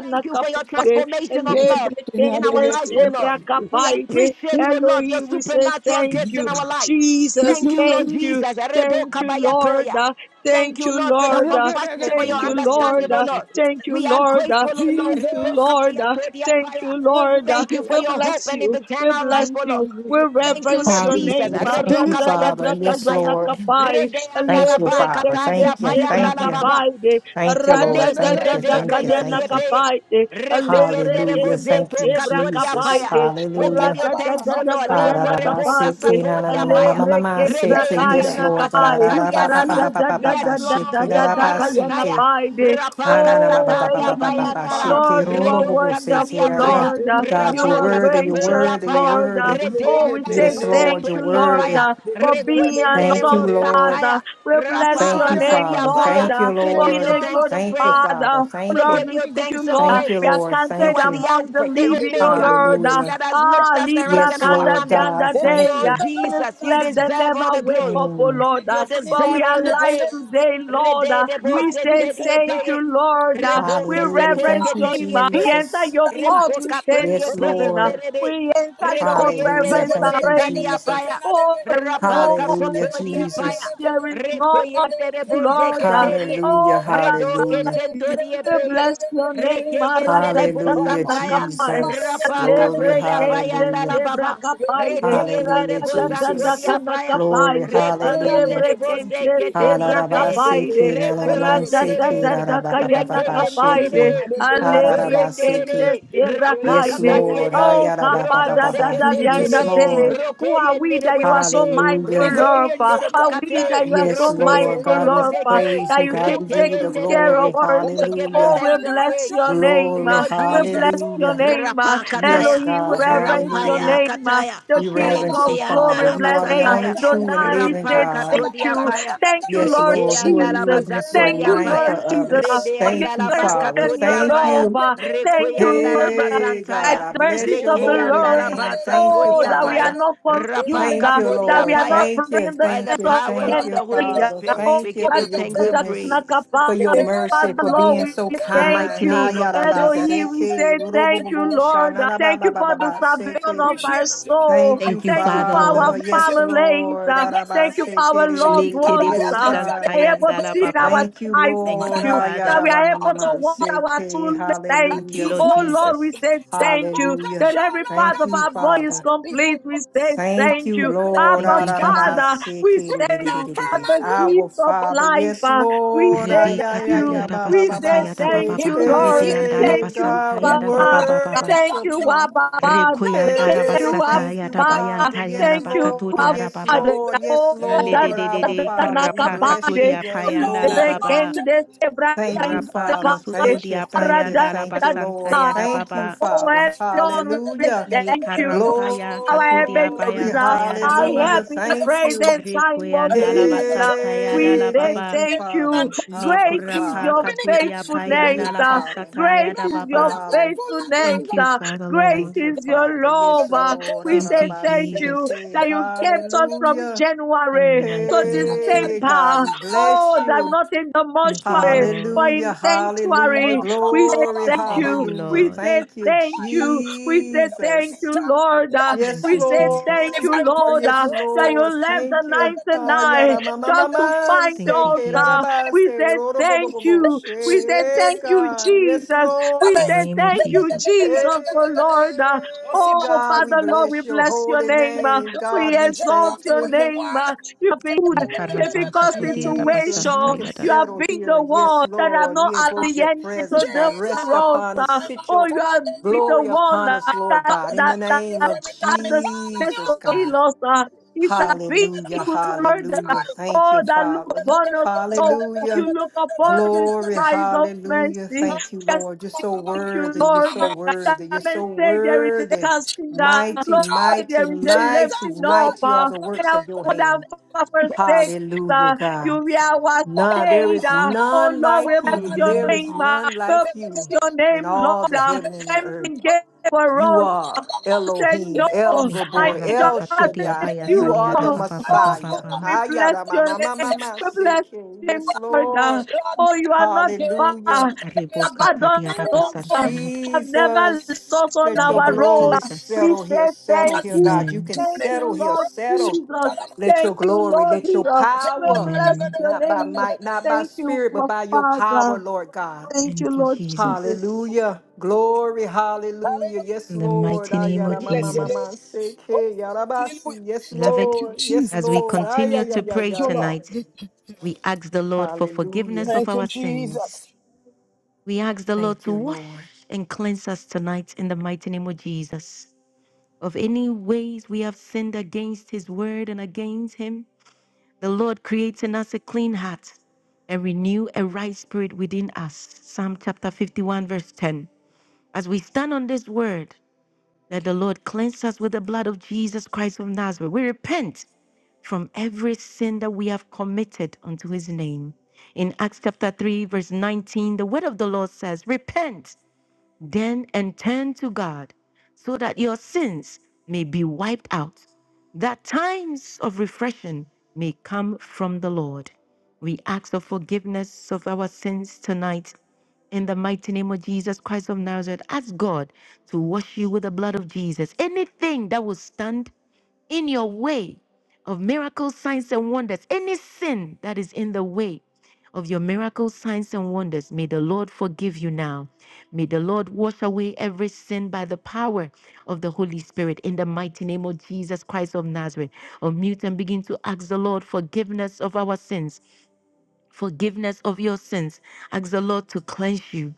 S1: Thank you for your transformation of
S5: Get
S1: love
S5: him, now
S1: in
S5: they
S1: our
S5: get
S1: life, O
S5: him.
S1: Lord. We appreciate, O Lord, your
S3: Elohim, we say
S1: supernatural
S3: thank
S1: gifts in
S3: you,
S1: our life.
S3: Jesus,
S1: Thank you, Lord
S3: thank you,
S1: Jesus. Redo
S3: thank you,
S1: kabaya
S3: Lord,
S1: toya.
S3: uh,
S1: Thank
S3: thank
S1: you,
S3: you,
S1: Lord, for
S5: Now
S1: your
S3: Lord,
S5: they
S3: uh,
S5: get, they
S1: compassion,
S5: get
S1: for
S5: him,
S1: your
S3: thank
S5: now
S3: you,
S5: they get
S1: understanding,
S3: Lord,
S1: oh
S5: him.
S3: uh,
S1: Lord.
S3: Thank you,
S1: We are
S3: Lord.
S1: grateful, oh Lord.
S3: Thank you,
S5: Jesus.
S1: Rebecca
S3: Lord. Uh, Thank you,
S5: I
S3: Lord. Uh,
S5: worship
S1: Thank you
S5: the
S1: for
S3: We
S1: your
S5: Lord.
S3: bless
S1: hope and
S3: you. We
S1: eternal
S3: bless
S1: life, oh Lord.
S3: you. We
S1: Thank you,
S3: reverence
S1: Lord
S3: your
S1: Jesus.
S3: name.
S7: Hallelujah. Thank
S1: Redo
S7: you,
S1: Kabaya
S7: Father.
S1: Todia
S7: Yes,
S1: Paya.
S7: Lord.
S3: Maradadadakayanakapai.
S1: Rede
S7: Thank you,
S1: Andaraba
S7: Father.
S3: Lebrekende
S1: Katadia
S7: Thank you.
S1: Paya
S7: Thank you.
S1: Andalababa.
S3: sebrakapai de.
S7: Thank you, Lord.
S1: Le
S7: Thank you.
S5: Adagadagatan,
S1: kerede
S7: Thank you.
S1: katodia
S7: Thank you.
S5: adagatantan.
S1: pe
S3: Radadadadakayanakapai de.
S1: rekoyendere
S7: Hallelujah.
S3: Lebrekende
S7: Thank
S1: bozeto
S7: you,
S1: katodia
S7: Jesus.
S3: sebrakapai
S1: paya.
S3: de.
S1: We give
S7: Hallelujah.
S1: you thanks, O Lord. Le
S5: Wakapapapamadegatin.
S1: korebo
S3: Radadadadakayanakapai de.
S7: Ha-ra-ra-ba-se-ke,
S1: kasatodia paya. Rede
S7: na-na-na-na-na-na-na-na-se-ke. Yes,
S5: Mampapamamadegatin.
S1: andarapa
S7: Lord God.
S3: Lebrekebrakainakapai.
S5: Look
S1: santadia
S5: at
S1: daba.
S5: sleep,
S1: Yes,
S7: Ha-ra-ra-ba-ba-ba-ba-ba-ba-ba-ba-sheke,
S1: Lord. Le
S5: Lord.
S1: karantaya.
S7: ra-ra-ba-se-ke.
S3: Radadadadadadadakayanakapai de.
S1: Rapa
S3: Oh,
S1: kasatadia
S3: Elohim.
S1: paya andara.
S3: Lord,
S7: Ha-na-na-ba-ba-ba-ba-ba-ba-ba-sheke,
S3: you are
S1: Redo
S5: Wakapampambarapambam.
S7: ro-ro-bo-bo-se-ke,
S3: wonderful,
S1: katadia
S7: ra-ra-ra.
S1: paya.
S3: Lord. Uh,
S5: Tigitin,
S7: God,
S3: You
S7: you're
S1: Rapa
S3: are
S7: worthy,
S5: tinadegatin,
S7: you're
S3: gracious,
S5: dini.
S1: kasatodia
S7: worthy, you're
S1: paya.
S3: Lord. Uh,
S7: worthy.
S1: Rede
S3: Oh, we say
S5: Tigidigitin,
S7: Yes,
S1: andaraba
S5: didi.
S7: Lord,
S3: thank
S7: you're
S3: you,
S1: katodia
S3: Lord,
S7: worthy.
S1: paya.
S3: uh, for being an
S1: Rekoyendere
S7: Thank
S5: Digitinadigitin,
S3: awesome
S7: you,
S5: didi.
S7: Lord.
S3: Father.
S1: bozantaya.
S3: We
S5: Thank you,
S3: bless
S1: Rapa
S7: Thank
S5: Lord.
S3: your
S7: you,
S5: You're my
S3: name,
S7: Father.
S1: katadia
S5: present
S3: Lord,
S1: paya.
S7: Thank you,
S3: uh,
S5: help in
S1: We
S5: the
S3: for
S1: give
S3: being
S1: you
S7: Lord.
S3: a
S5: time
S1: thanks
S5: of
S3: good
S1: and
S7: Thank
S5: trouble.
S7: you,
S1: praise.
S3: Father.
S7: Father.
S1: We
S7: Thank
S3: Lord,
S7: you.
S1: give
S3: we
S1: you
S5: Holy
S3: thank
S5: Ghost.
S3: you,
S1: thanks and
S3: Lord.
S7: Thank you,
S3: Uh, We
S1: praise.
S3: are
S7: Lord.
S1: You
S3: counted
S7: Thank
S1: are
S7: you.
S1: the
S3: among the
S1: Alpha, the
S5: Digga,
S3: living, oh
S5: digga,
S1: Omega,
S5: digga,
S3: Lord. Uh,
S5: digga.
S7: Hallelujah.
S1: that has
S5: Run
S1: looked
S3: Ah,
S5: the
S1: after
S5: stream
S1: us
S3: Libra
S1: and
S7: Yes,
S1: our
S5: tower.
S3: Kanda
S7: Lord
S1: family.
S7: God.
S3: Dianda
S5: Then this
S3: Day.
S7: Thank
S5: is
S3: Uh,
S1: Lord
S7: you.
S5: the
S3: Many
S5: Lord,
S1: Jesus,
S5: the
S1: you
S3: slept, they
S5: stream
S1: deserve
S5: tower.
S1: all
S3: never
S1: the
S3: wake
S1: glory.
S3: up, oh
S7: Mm.
S5: I
S3: Lord.
S1: You
S3: Uh,
S5: just run
S3: But
S5: into
S3: we
S1: deserve
S5: it
S3: are
S1: all
S5: and they
S1: the
S5: are
S3: alive
S1: praise.
S5: safe.
S3: today, Lord.
S1: Rede
S3: Uh,
S1: de bo
S3: We
S1: se
S5: Mighty
S3: say
S1: te di e
S3: thank
S5: defender.
S3: you,
S1: peye.
S3: Lord. Uh,
S1: Rebo
S3: we
S5: Mighty
S1: ke se
S7: Hallelujah.
S1: te
S5: conqueror.
S3: reverence
S7: Thank
S1: ke
S7: you,
S3: your
S1: te
S3: name.
S1: di e
S3: ah. We
S1: peye.
S3: enter
S7: Jesus.
S3: your
S5: Lord
S3: court
S1: Rembo
S3: with
S1: ka to di e
S7: Yes,
S5: Almighty.
S1: peye
S3: thanksgiving. ah.
S1: nde
S7: Lord.
S1: rebe.
S3: We enter your court,
S5: Pam,
S1: Rekoyende
S7: Hallelujah.
S3: reverence
S1: rebo
S3: and
S7: Thank you,
S1: jeta di
S3: praise.
S7: Jesus.
S1: apaya.
S3: Oh, there is
S1: Rapa
S3: no
S1: ka soko
S7: Hallelujah,
S1: di
S3: you.
S1: apaya.
S7: Jesus.
S3: There is no
S1: Rekoyende rebo
S3: Lord.
S1: zeke
S3: ah.
S1: te di e.
S7: Hallelujah.
S3: Oh, that
S1: Redo ke
S7: Hallelujah.
S1: sento
S3: you.
S1: di e
S3: We
S1: peye.
S3: bless your name.
S1: Rekeyende rebo
S7: Hallelujah,
S1: santaya.
S3: Aradadakanakapai.
S7: Jesus.
S1: Rapa ka
S7: Glory.
S1: to
S3: Lebre
S1: di apaya
S3: kende
S7: Hallelujah.
S1: ndala
S3: sebra
S1: baba.
S3: kapai.
S1: Rekeyende
S7: Hallelujah,
S1: rebo santo di
S7: Jesus.
S1: apaya.
S3: Radadakanakapai.
S7: Glory. Hallelujah.
S1: Rekoyendere boze
S3: Lebrekende
S1: keterie
S3: sebra
S7: Araraba
S3: kapaide.
S7: seki nananaman
S3: Rada da
S1: Rekoyendere.
S7: seki
S3: da da
S7: raraba pa pa pa
S3: kayana kapaide.
S7: Ararabasiki,
S1: Rekoyendere.
S7: nananamasiki,
S3: Alebrekende
S7: rarababababashiki, seki
S1: Rokoyendere.
S3: sebra
S1: Rapo
S7: Yes,
S3: kaide.
S7: Lord.
S1: katadiere.
S3: Oh,
S7: Hayaraba pa
S1: Roko
S7: pa
S3: kapada
S7: pa
S3: da
S7: pa
S3: da
S7: Yes,
S3: yanda
S1: seketediere.
S3: de.
S7: Lord.
S3: Who are we
S1: Rokoyendere
S3: that you are
S1: bozete.
S3: so
S5: Holy
S7: Hallelujah.
S3: mindful of? uh?
S5: Ghost, I
S1: Rokoyendere
S3: Are
S5: thank you,
S3: we
S1: bokate.
S3: that
S5: Daddy.
S3: you are
S7: Yes,
S3: so
S5: You see,
S7: Lord.
S5: when
S3: mindful
S5: you
S7: God,
S1: Rokoyendere
S7: we
S5: was
S3: of?
S5: on
S3: uh,
S5: the
S1: bozeke.
S7: praise
S3: That
S7: you.
S5: cross,
S3: you
S5: I
S7: God,
S3: keep
S7: we
S5: was on
S7: give you
S5: your
S7: the
S3: taking
S5: mind.
S3: care of
S7: glory.
S1: Rekeyendere.
S3: us.
S5: And then
S1: We
S5: your
S1: give you
S5: eyes
S3: Oh,
S5: are
S7: Hallelujah.
S3: we
S1: thanks
S5: on the
S1: and
S3: bless
S1: praise.
S3: your
S5: righteous,
S3: name.
S7: Glory.
S3: uh,
S1: Lord
S5: and
S3: We
S5: your ears
S3: bless
S5: is
S1: Jesus.
S3: your
S5: open
S7: Hallelujah.
S5: to
S3: name.
S5: us.
S3: uh,
S1: Rapakataya.
S7: Yes,
S3: Elohim, we
S5: We
S7: God.
S5: are not
S3: reverence your
S1: Rampaya
S7: Hallelujah.
S5: alone.
S3: name. uh,
S1: kataya.
S3: The
S7: We
S3: King
S7: reverence
S3: of
S7: you,
S1: Requianda
S5: Akababababala
S7: Father.
S3: glory, we
S1: la
S7: You
S5: mama
S3: bless
S7: are
S3: your
S7: the
S3: name.
S5: kanda
S3: uh,
S7: only
S1: bazataya.
S5: kataya.
S7: true and
S3: Adonai, we
S7: living
S3: say
S1: Rampa
S7: God.
S3: Thank
S5: Shababa
S1: katodia
S3: you.
S5: kareta
S1: paya.
S3: Thank you,
S7: Yes,
S5: takatea
S3: Lord
S7: Lord,
S5: zegede
S7: who are
S1: Rekeanda la
S5: gede
S3: Jesus.
S7: you to be so
S5: getende
S3: Thank
S1: bazatodia
S5: de
S3: you,
S7: mindful
S3: Lord
S1: paya.
S5: tende de
S7: of
S3: Jesus, uh,
S7: us?
S5: tende.
S3: for your
S1: Rebeanda
S7: Thank you,
S1: la
S3: mercy
S7: Father.
S5: Tende
S3: and
S5: de
S1: bakatodia
S3: your
S7: Thank
S1: paya.
S3: love.
S7: you.
S3: uh.
S5: tende
S3: Thank
S5: de
S3: you,
S1: Requianda
S5: getende
S1: la
S3: Lord, uh,
S7: Hey,
S3: by
S7: God,
S1: bazantaya.
S7: I
S3: the
S7: bless
S3: mercies
S5: Ten ten
S7: your
S3: of the
S7: holy
S5: ten
S1: Rekeanda la
S3: Lord.
S5: ten a
S7: name. Thank you,
S5: ten
S3: Oh,
S1: bazantodia
S3: that
S5: ten
S3: we
S5: ten
S3: are
S1: paya.
S7: Father.
S3: not
S5: ten a
S1: Rapa
S3: consumed,
S7: Thank
S3: uh,
S7: you,
S5: ten a
S3: that
S1: katodia
S3: we
S7: Lord.
S3: are
S1: paya.
S3: not
S5: ten
S7: Thank
S5: ten
S7: you,
S3: praying the
S1: By
S5: ten
S7: thank
S1: the
S3: hands
S7: you,
S3: of
S5: ten
S1: power
S7: thank
S5: a
S1: of
S3: the
S7: you,
S1: the Holy
S3: enemy.
S5: ten
S7: Father.
S3: uh.
S5: ten
S1: Spirit,
S3: Oh,
S1: we
S7: Thank you
S1: give
S5: ten
S7: for
S3: that
S1: you
S5: a
S7: your
S1: thanks and
S3: that's not
S7: goodness,
S1: praise.
S7: for your
S5: ten ten
S3: capable.
S5: a
S7: mercy,
S3: Father,
S7: for
S5: ten
S3: Lord,
S7: being
S3: we
S7: so
S1: In the
S3: thank
S1: mighty
S7: kind.
S3: you.
S1: name of
S5: ten ten ten ten a
S3: Elohim, we
S1: Jesus.
S5: ten
S7: Ayarabaseke,
S3: say
S5: ten
S3: thank
S5: ten
S3: you,
S7: robobobo,
S5: ten.
S3: Lord. Uh, Thank you for
S5: God,
S3: the
S5: I
S3: salvation
S7: shanarababababaseke.
S3: of our
S5: appreciate you.
S3: soul.
S7: Thank
S5: My
S7: you,
S1: Thank you,
S3: Thank
S5: God,
S3: you
S1: Father,
S3: for our
S7: Father.
S1: Lord.
S5: brings
S7: Yes,
S5: you.
S3: families.
S7: Lord.
S3: Uh,
S5: Holy Ghost,
S3: Thank
S5: I
S3: you for
S5: am a
S3: our
S5: shan.
S3: loved
S7: Arabaseke,
S3: ones
S5: Kataya,
S1: Lekedebo
S7: Yes,
S3: uh,
S5: place you at
S7: God.
S5: the
S3: that are
S5: highest
S3: able to
S1: santayandala
S3: see
S5: place.
S3: our
S1: baba.
S7: Thank
S5: I
S7: you,
S5: bow
S3: eyes.
S5: down and
S3: Thank
S1: Thank
S7: Lord.
S1: you,
S5: I
S3: you
S1: Father.
S3: that
S5: worship
S3: we
S5: you,
S3: are able to walk
S5: Lord
S3: our
S7: Ayarabamamamaseke.
S3: two legs. Thank you.
S5: that
S1: Thank you,
S7: Hallelujah.
S5: keeps
S1: Lord
S5: my
S3: Oh
S5: soul.
S3: Lord, we
S1: Jesus.
S3: say
S5: Set
S3: thank you.
S5: forth and
S7: Hallelujah.
S3: That
S5: show,
S3: every
S5: Lord
S3: part
S7: Thank
S3: of
S5: God
S7: you,
S3: our body
S5: Almighty,
S3: is
S7: Father.
S5: what a big
S3: complete.
S5: old
S3: We
S5: rock.
S3: say
S7: Thank
S3: thank
S7: you,
S3: you.
S5: Fasten to the
S7: Lord.
S5: rock
S3: Abba
S1: Thank you,
S5: which cannot move.
S3: Father, we
S1: Jesus.
S3: say
S5: Ground
S3: thank
S5: that
S3: you for
S5: firm
S7: Ararabaseke.
S5: and
S3: the
S5: reap.
S7: Our
S3: gift of
S5: Oh,
S7: Father.
S3: life.
S7: Yes,
S3: uh, we
S7: Lord.
S3: say
S5: oh,
S1: Rede
S5: oh,
S3: thank you.
S1: katadiada
S3: We
S5: Holy
S3: say
S5: Ghost,
S1: basatayada baba
S3: thank
S5: in
S3: you,
S5: the
S1: baka rede
S3: Lord.
S5: massive
S1: andara
S3: Thank
S5: Lord,
S7: Ayayayabababaseke.
S3: you,
S7: God, we
S5: Lord
S1: basantayada baba
S5: God
S3: Father.
S1: baba
S5: Almighty,
S1: baba.
S5: I
S3: Thank
S5: thank
S7: worship
S3: you,
S5: you.
S7: you.
S3: Abba Father.
S5: Thank you,
S3: Thank
S1: Rekoyandara
S7: Hey,
S3: you,
S5: Jesus.
S7: thank you,
S1: basatayada
S3: Abba.
S7: Father. Yes,
S1: bayantayada
S3: Thank you,
S7: Lord.
S3: Abba.
S1: bakatodiada
S7: Yes,
S1: baba.
S7: Lord. Yes, Lord. Abba,
S1: Ledededede
S7: Father, we
S1: karapa
S7: bless you.
S3: Adadadanakapande,
S1: katodia
S7: Yes,
S5: Look on
S1: payandala
S5: the
S7: Lord.
S1: baba.
S5: mountain,
S3: lebekende
S7: Thank you,
S5: Lord
S1: Rapa
S7: Father.
S5: God
S3: sebraindapande,
S7: Thank you,
S1: kasutudia
S7: thank you,
S1: payanda
S7: thank you,
S3: aradadada.
S7: Lord.
S1: labasantaya da
S5: Almighty.
S7: Thank you,
S1: baba.
S3: Oh,
S7: Father.
S5: Lord, God
S3: Elon, we
S7: Hallelujah.
S3: thank you
S1: Nikarampaya
S3: our
S1: katudia
S7: Glory,
S3: Ebenezer,
S1: payantaya da
S5: Almighty,
S3: I
S5: they
S3: help
S7: hallelujah.
S1: baba.
S3: in the
S5: are your
S7: Thank you.
S5: footstool
S3: present time of
S5: and
S1: Rikuyanda
S5: even at
S3: need.
S5: your
S3: uh,
S5: throne,
S1: labasantaya da
S3: We
S1: la
S7: Hey,
S3: say
S7: thank
S1: baba.
S7: you,
S3: thank
S5: even
S3: you.
S5: and
S7: Father. Abba,
S3: Great is
S1: Lekurapa
S3: your
S5: we
S7: Father.
S5: need a
S1: katudia
S7: Good,
S5: champion,
S3: faithfulness.
S1: payanda
S7: good
S3: uh,
S5: God.
S7: Father.
S1: labasataya
S3: Great
S1: da
S3: is
S5: God is
S3: your
S1: baba.
S5: a
S7: Hallelujah.
S5: faithfulness, my
S3: faithfulness.
S1: Thank you,
S3: uh,
S5: God.
S1: Father
S3: Great
S1: Lord.
S7: Thank you,
S3: is your
S7: Father. Yes,
S3: love. uh,
S7: Lord.
S3: We
S1: Thank
S3: say
S1: you,
S3: thank you
S1: Jesus.
S7: Ararabaseke.
S3: that you kept us from
S7: Hallelujah.
S1: In the
S3: January to
S1: mighty name of
S7: Hey, God,
S3: December.
S7: we
S1: Jesus.
S7: bless
S3: Oh,
S7: you.
S3: that not in the
S1: Thank you,
S3: mortuary,
S1: Lord.
S3: but in
S7: Hallelujah,
S3: the
S7: hallelujah,
S3: sanctuary. We say
S7: glory,
S5: Holy
S3: thank
S1: Thank
S3: you.
S5: Spirit.
S1: you,
S7: hallelujah.
S3: We
S1: Lord.
S3: say
S7: Thank you,
S3: thank you. We
S5: May
S3: say
S5: your
S3: thank
S7: Jesus.
S3: you,
S5: passenger,
S3: Lord. uh,
S5: Lord
S7: Yes,
S1: Thank
S3: we
S5: God
S1: you,
S3: say
S5: Almighty, with your
S3: thank
S1: Jesus.
S3: you,
S5: divine
S7: Lord,
S3: Lord,
S5: presence
S3: uh,
S7: yes,
S5: rest
S3: that
S5: on
S3: you
S7: Lord.
S5: me.
S3: left the
S7: Thank you.
S3: 99
S7: Ayara mama
S3: just to
S7: mama
S3: find
S1: Thank
S7: se
S1: you,
S3: us. Uh,
S1: Jesus.
S7: keraraba
S3: we
S7: se
S3: say
S7: roro bo bo
S3: thank
S7: bo bo
S3: you. We say
S7: she
S3: thank you,
S7: God. Yes,
S3: Jesus. We
S1: In
S3: say
S1: the
S7: Lord.
S1: name of
S3: thank you,
S1: Jesus.
S3: Jesus, oh Lord. Uh,
S5: Oh, see,
S7: Hey,
S5: my
S3: oh,
S7: God,
S5: please,
S7: we
S3: Father,
S5: God,
S3: Lord, we
S7: bless your
S3: bless your
S7: holy
S3: name. Uh,
S7: name.
S5: block
S3: we
S5: the
S7: God, we
S5: agenda
S3: exalt
S5: of
S7: thank
S5: the
S3: your
S7: you.
S5: wicked
S3: name.
S5: one.
S3: Uh, you have
S7: Ooh,
S1: Likaraba
S3: difficult
S1: katudia
S7: Jesus, you
S1: rabasanta
S3: situation.
S7: can
S1: yada.
S3: You have
S7: settle
S3: been
S7: here.
S3: the
S7: Yes,
S3: one that have
S7: Lord.
S3: not
S7: We invoke your
S3: alienated to
S7: presence,
S3: the
S7: God. Rest
S3: world.
S7: upon
S5: Jesus,
S7: us.
S3: uh,
S5: my
S7: Sit
S3: Oh,
S7: your
S5: master,
S3: you
S5: my
S3: have been
S5: maker.
S3: the
S7: glory
S3: one
S7: upon
S3: uh,
S7: us, Lord
S5: God,
S3: that
S7: God.
S5: God
S7: In
S3: that
S7: the
S5: Almighty,
S3: that
S7: name of
S5: every
S3: had
S5: time I
S3: the
S5: call on
S3: sense
S5: you,
S7: Jesus,
S5: oh
S3: of
S7: God.
S5: God,
S3: loss. Uh, it's a big
S7: Hallelujah.
S3: word. uh,
S7: Hallelujah.
S5: time.
S7: Thank
S3: Oh,
S7: you,
S3: that look
S7: Father.
S3: upon us. Oh, you
S7: Hallelujah.
S3: look upon with
S7: Glory.
S3: eyes of
S7: Hallelujah.
S3: mercy.
S7: Thank you,
S3: Yes,
S7: Lord. You're so
S3: Thank you,
S7: worthy. You're
S3: Lord.
S7: so
S3: That
S7: worthy. You're
S3: men
S7: so
S3: say there is a
S7: worthy.
S3: casting down.
S7: Mighty,
S3: Lord,
S7: mighty,
S3: there is a
S7: mighty,
S5: Jesus
S3: lifting up.
S7: mighty
S5: Christ
S7: are
S3: uh,
S5: of
S7: the
S3: And
S7: works
S3: I
S7: of
S5: Nazareth,
S7: your
S3: would
S7: hand.
S3: have
S5: the
S3: forsaken
S5: Ghost of
S7: Hallelujah,
S3: uh,
S5: Fire,
S7: God.
S3: you hear what
S5: Ba, ba,
S7: None,
S5: ba,
S7: there
S5: ba,
S3: said,
S5: ba,
S7: is
S5: ba,
S3: uh,
S5: ba.
S3: oh
S7: none
S3: Lord, we
S7: like
S3: bless
S5: Fall
S7: you.
S5: on
S3: your
S5: me,
S7: There is
S3: name,
S5: oh
S3: uh,
S7: none
S3: we
S7: like
S3: bless
S7: you
S3: your name,
S7: in all
S3: Lord,
S7: the
S3: uh,
S7: heaven and the
S3: I'm
S7: earth.
S5: God.
S3: engaged for
S7: You
S3: us. uh,
S7: are
S5: Let
S3: Say
S7: Elohim,
S3: no,
S7: El
S5: your fire,
S3: I
S7: Gabor,
S1: Likaraba
S3: just
S7: El
S5: let your
S1: katudia
S7: Shaddai.
S3: accept
S5: shaking
S7: You
S3: you,
S1: bayatalia
S7: are the
S3: Lord.
S5: rest
S1: rababa
S5: upon
S1: baba
S3: Oh,
S5: this
S1: baba.
S7: Messiah.
S5: altar,
S1: baba.
S3: we bless
S7: Ayada
S5: rest
S7: ma
S3: your
S5: upon
S7: ma ma
S5: this
S7: ma
S3: name.
S7: ma
S5: system.
S3: We
S7: say,
S3: bless
S7: King.
S3: your name,
S7: Yes,
S3: Lord. uh,
S7: Lord.
S5: Lord
S3: Oh, you
S5: God,
S3: are not
S5: Almighty, rest the
S7: Hallelujah.
S3: far.
S5: shaking down
S1: Aribo
S5: that my own,
S3: Abandon,
S1: katadia
S5: that
S3: Lord.
S5: belongs to
S1: rabasanta
S3: uh,
S5: you.
S1: yada.
S3: Have never left
S7: Jesus,
S3: us
S1: In
S3: on
S1: the
S7: let your
S1: name
S3: our
S1: of
S3: road.
S7: glory
S3: uh, We
S1: Jesus.
S7: settle here,
S3: say
S7: settle
S3: thank
S5: John
S7: here,
S3: you.
S7: God. You
S1: Amen.
S7: can
S5: 5,
S3: Thank you,
S7: settle here,
S3: Lord
S5: rest
S7: settle.
S3: Jesus.
S7: Let your
S3: Thank you,
S7: glory,
S3: Lord
S7: let your
S3: Jesus. We
S7: power,
S3: bless
S1: Amen.
S3: your
S7: not by
S3: name.
S7: might, not by
S3: Thank you,
S7: spirit, but
S3: my
S7: by your power,
S3: Father.
S7: Lord God.
S3: Thank you,
S1: Thank you,
S3: Lord Jesus.
S1: Jesus.
S7: Hallelujah. Glory, hallelujah.
S5: Hallelujah.
S7: Yes,
S1: In the
S7: Lord.
S1: mighty name of
S7: Ayara mama
S5: Bless your
S7: mama
S5: name.
S1: Jesus.
S7: seke
S5: Hallelujah.
S7: yarabasi. Yes,
S1: Beloved,
S5: Thank you,
S7: Lord. Yes,
S5: Jesus.
S1: as we
S7: Lord.
S5: Thank
S1: continue to pray
S7: Ayayayaya.
S5: you, Lord.
S1: tonight, we ask the Lord for forgiveness
S7: Hallelujah.
S1: of
S5: Thank you,
S1: our sins.
S5: Jesus.
S1: We ask the Lord
S7: Thank
S1: to
S7: you,
S1: wash
S7: Lord.
S1: and cleanse us tonight in the mighty name of Jesus. of any ways we have sinned against his word and against him, the Lord creates in us a clean heart and renew a right spirit within us. Psalm chapter 51, verse 10. As we stand on this word, that the Lord cleanse us with the blood of Jesus Christ of Nazareth. We repent from every sin that we have committed unto his name. In Acts chapter 3, verse 19, the word of the Lord says, Repent then and turn to God so that your sins may be wiped out, that times of refreshing may come from the Lord. We ask for forgiveness of our sins tonight in the mighty name of Jesus Christ of Nazareth. Ask God to wash you with the blood of Jesus. Anything that will stand in your way of miracles, signs, and wonders, any sin that is in the way of your miracles, signs, and wonders, may the Lord forgive you now. May the Lord wash away every sin by the power of the Holy Spirit in the mighty name of Jesus Christ of Nazareth. Unmute and begin to ask the Lord forgiveness of our sins forgiveness of your sins. Ask the Lord to cleanse you.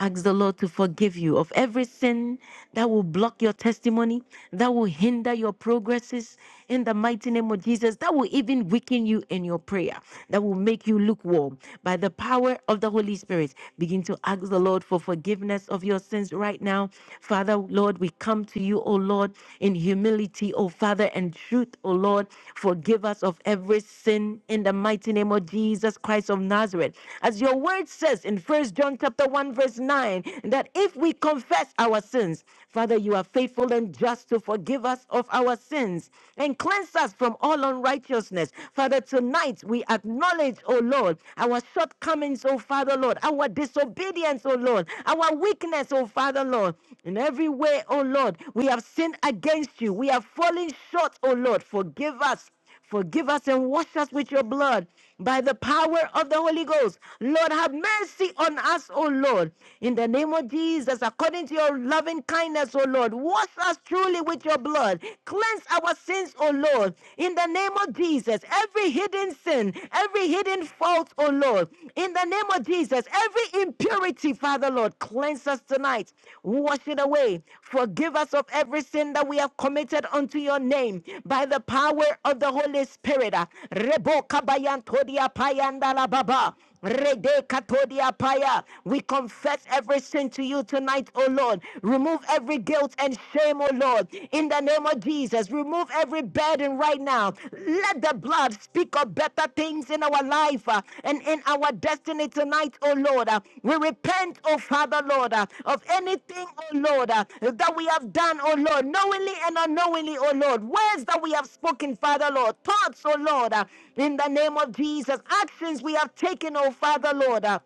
S1: Ask the Lord to forgive you of every sin that will block your testimony, that will hinder your progresses in the mighty name of Jesus, that will even weaken you in your prayer, that will make you lukewarm. By the power of the Holy Spirit, begin to ask the Lord for forgiveness of your sins right now. Father, Lord, we come to you, O Lord, in humility, mercy, O Father, and truth, O Lord. Forgive us of every sin in the mighty name of Jesus Christ of Nazareth. As your word says in First John chapter 1, verse 9, that if we confess our sins, Father, you are faithful and just to forgive us of our sins and cleanse us from all unrighteousness. Father, tonight we acknowledge, O Lord, our shortcomings, O Father, Lord, our disobedience, O Lord. Lord, our weakness, oh Father, Lord. In every way, oh Lord, we have sinned against you. We have fallen short, oh Lord. Forgive us. Forgive us and wash us with your blood by the power of the Holy Ghost. Lord, have mercy on us, O Lord. In the name of Jesus, according to your loving kindness, O Lord, wash us truly with your blood. Cleanse our sins, O Lord. In the name of Jesus, every hidden hidden sin, every hidden fault, oh Lord, in the name of Jesus, every impurity, Father Lord, cleanse us tonight, wash it away, forgive us of every sin that we have committed unto your name by the power of the Holy Spirit. Reboka bayantodia payandala baba. Rede katodia paya. We confess every sin to you tonight, O Lord. Remove every guilt and shame, O Lord. In the name of Jesus, remove every burden right now. Let the blood speak of better things in our life uh, and in our destiny it tonight, oh Lord. Uh, We repent, oh Father, Lord, uh, of anything, oh Lord, uh, that we have done, oh Lord, knowingly and unknowingly, oh Lord. Words that we have spoken, Father, Lord. Thoughts, oh Lord, uh, in the name of Jesus. Actions we have taken, oh Father, Lord. uh,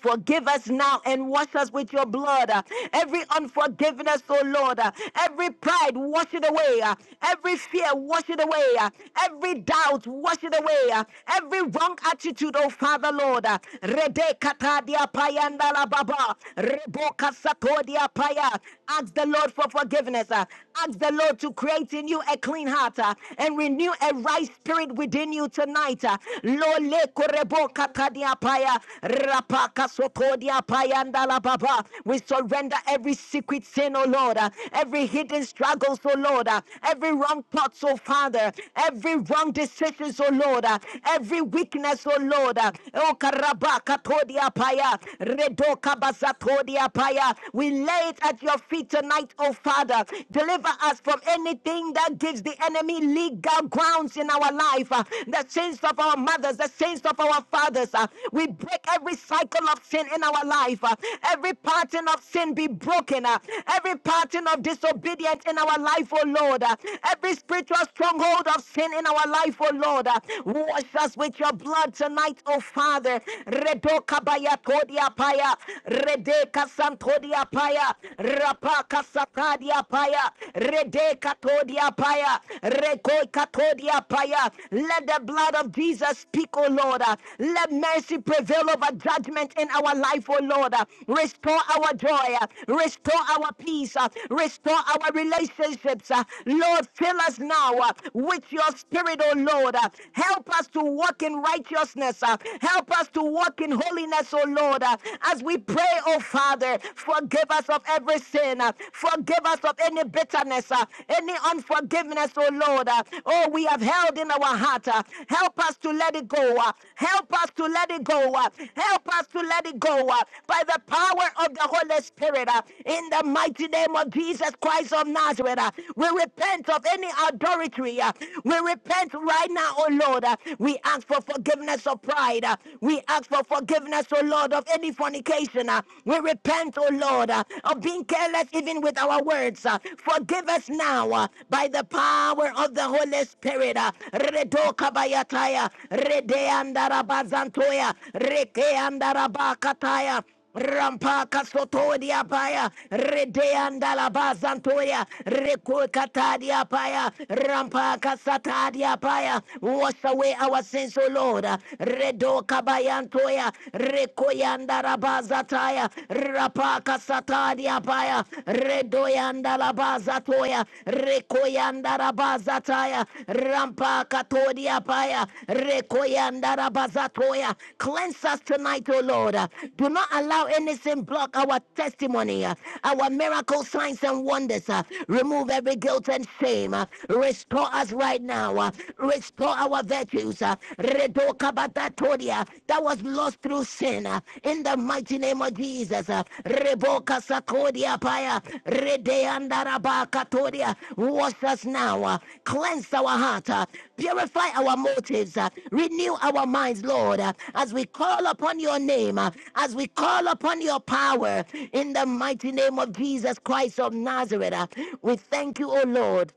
S1: Forgive us now and wash us with your blood. uh, Every unforgiveness, oh Lord. uh, Every pride, wash it away. uh, Every fear, wash it away. uh, Every doubt, wash it away. uh, Every wrong attitude, oh Father, Lord. uh, Rede katadia payanda la baba. Rebo kasakodia paya. Ask the Lord for forgiveness. uh, Ask the Lord to create in you a clean heart uh, and renew a right spirit within you tonight. uh, Lord, we surrender every secret sin, oh Lord, uh, every hidden struggles, oh Lord, uh, every wrong thoughts, oh Father, every wrong decisions, oh Lord, uh, every weakness, oh Lord. uh, Oh karabaka todiapaya, redoka basatodiapaya. We lay it at your feet tonight, oh Father. Deliver us from anything that gives the enemy legal grounds wounds in our life, uh, the sins of our mothers, the sins of our fathers. uh, we break every cycle of sin in our life. uh, every pattern of sin be broken. uh, every pattern of disobedience in our life, oh Lord. uh, every spiritual stronghold of sin in our life, oh Lord. uh, wash us with your blood tonight, oh Father. Redoka baya todia paya. Redeka santodia paya. Rapaka satadia paya. rede Le katodia paya. Rekoi katodia paya. Let the blood of Jesus speak, O Lord. Uh, Let mercy prevail over judgment in our life, O Lord. Uh, Restore our joy. Uh, Restore our peace. Uh, Restore our relationships. Uh, Lord, fill us now uh, with your spirit, O Lord. Uh, Help us to walk in righteousness. uh, Help us to walk in holiness, O Lord. Uh, As we pray, O Father, forgive us of every every sin. uh, Forgive us of any bitterness, uh, any unforgiveness, oh Lord. uh, Oh, we have held in our heart. uh, Help us to let it go. uh, Help us to let it go. uh, Help us to let it go uh, by the power of the Holy Spirit. uh, In the mighty name of Jesus Christ of Nazareth, uh, we repent of any adultery. uh, We repent right now, oh Lord. uh, We ask for forgiveness of pride. uh, We ask for forgiveness, oh Lord, of any fornication fornication. uh, We repent, oh Lord, uh, of being careless even with our words. uh, Forgive us now uh, by the power of the Holy Spirit. uh, Redo kabayataya, rede Rampaka sotodia paya, redeanda la bazantoya, recuecatadia paya, rampaka satadia paya, wash away our sins, O Lord, redo kabayantoya, rekoyanda rabazataya, rapaka satadia paya, redoyanda la bazatoya, rekoyanda bazataya rampa katodia paya rekoyandara bazatoya. Cleanse us tonight, O Lord. Do not allow anything block our testimony, uh, our miracle signs and wonders. uh, Remove every guilt and shame. uh, Restore us right now. uh, Restore our virtues. uh, redo kabatatodia That was lost through sin. uh, in the mighty name of Jesus. uh, Reboka Sakodia Paya, Redeandaraba Katodia. Wash us now, uh, cleanse our heart, uh, purify our motives, uh, renew our minds, Lord, uh, as we call upon your name, uh, as we call upon your power, in the mighty name of Jesus Christ of Nazareth. uh, We thank you, O Lord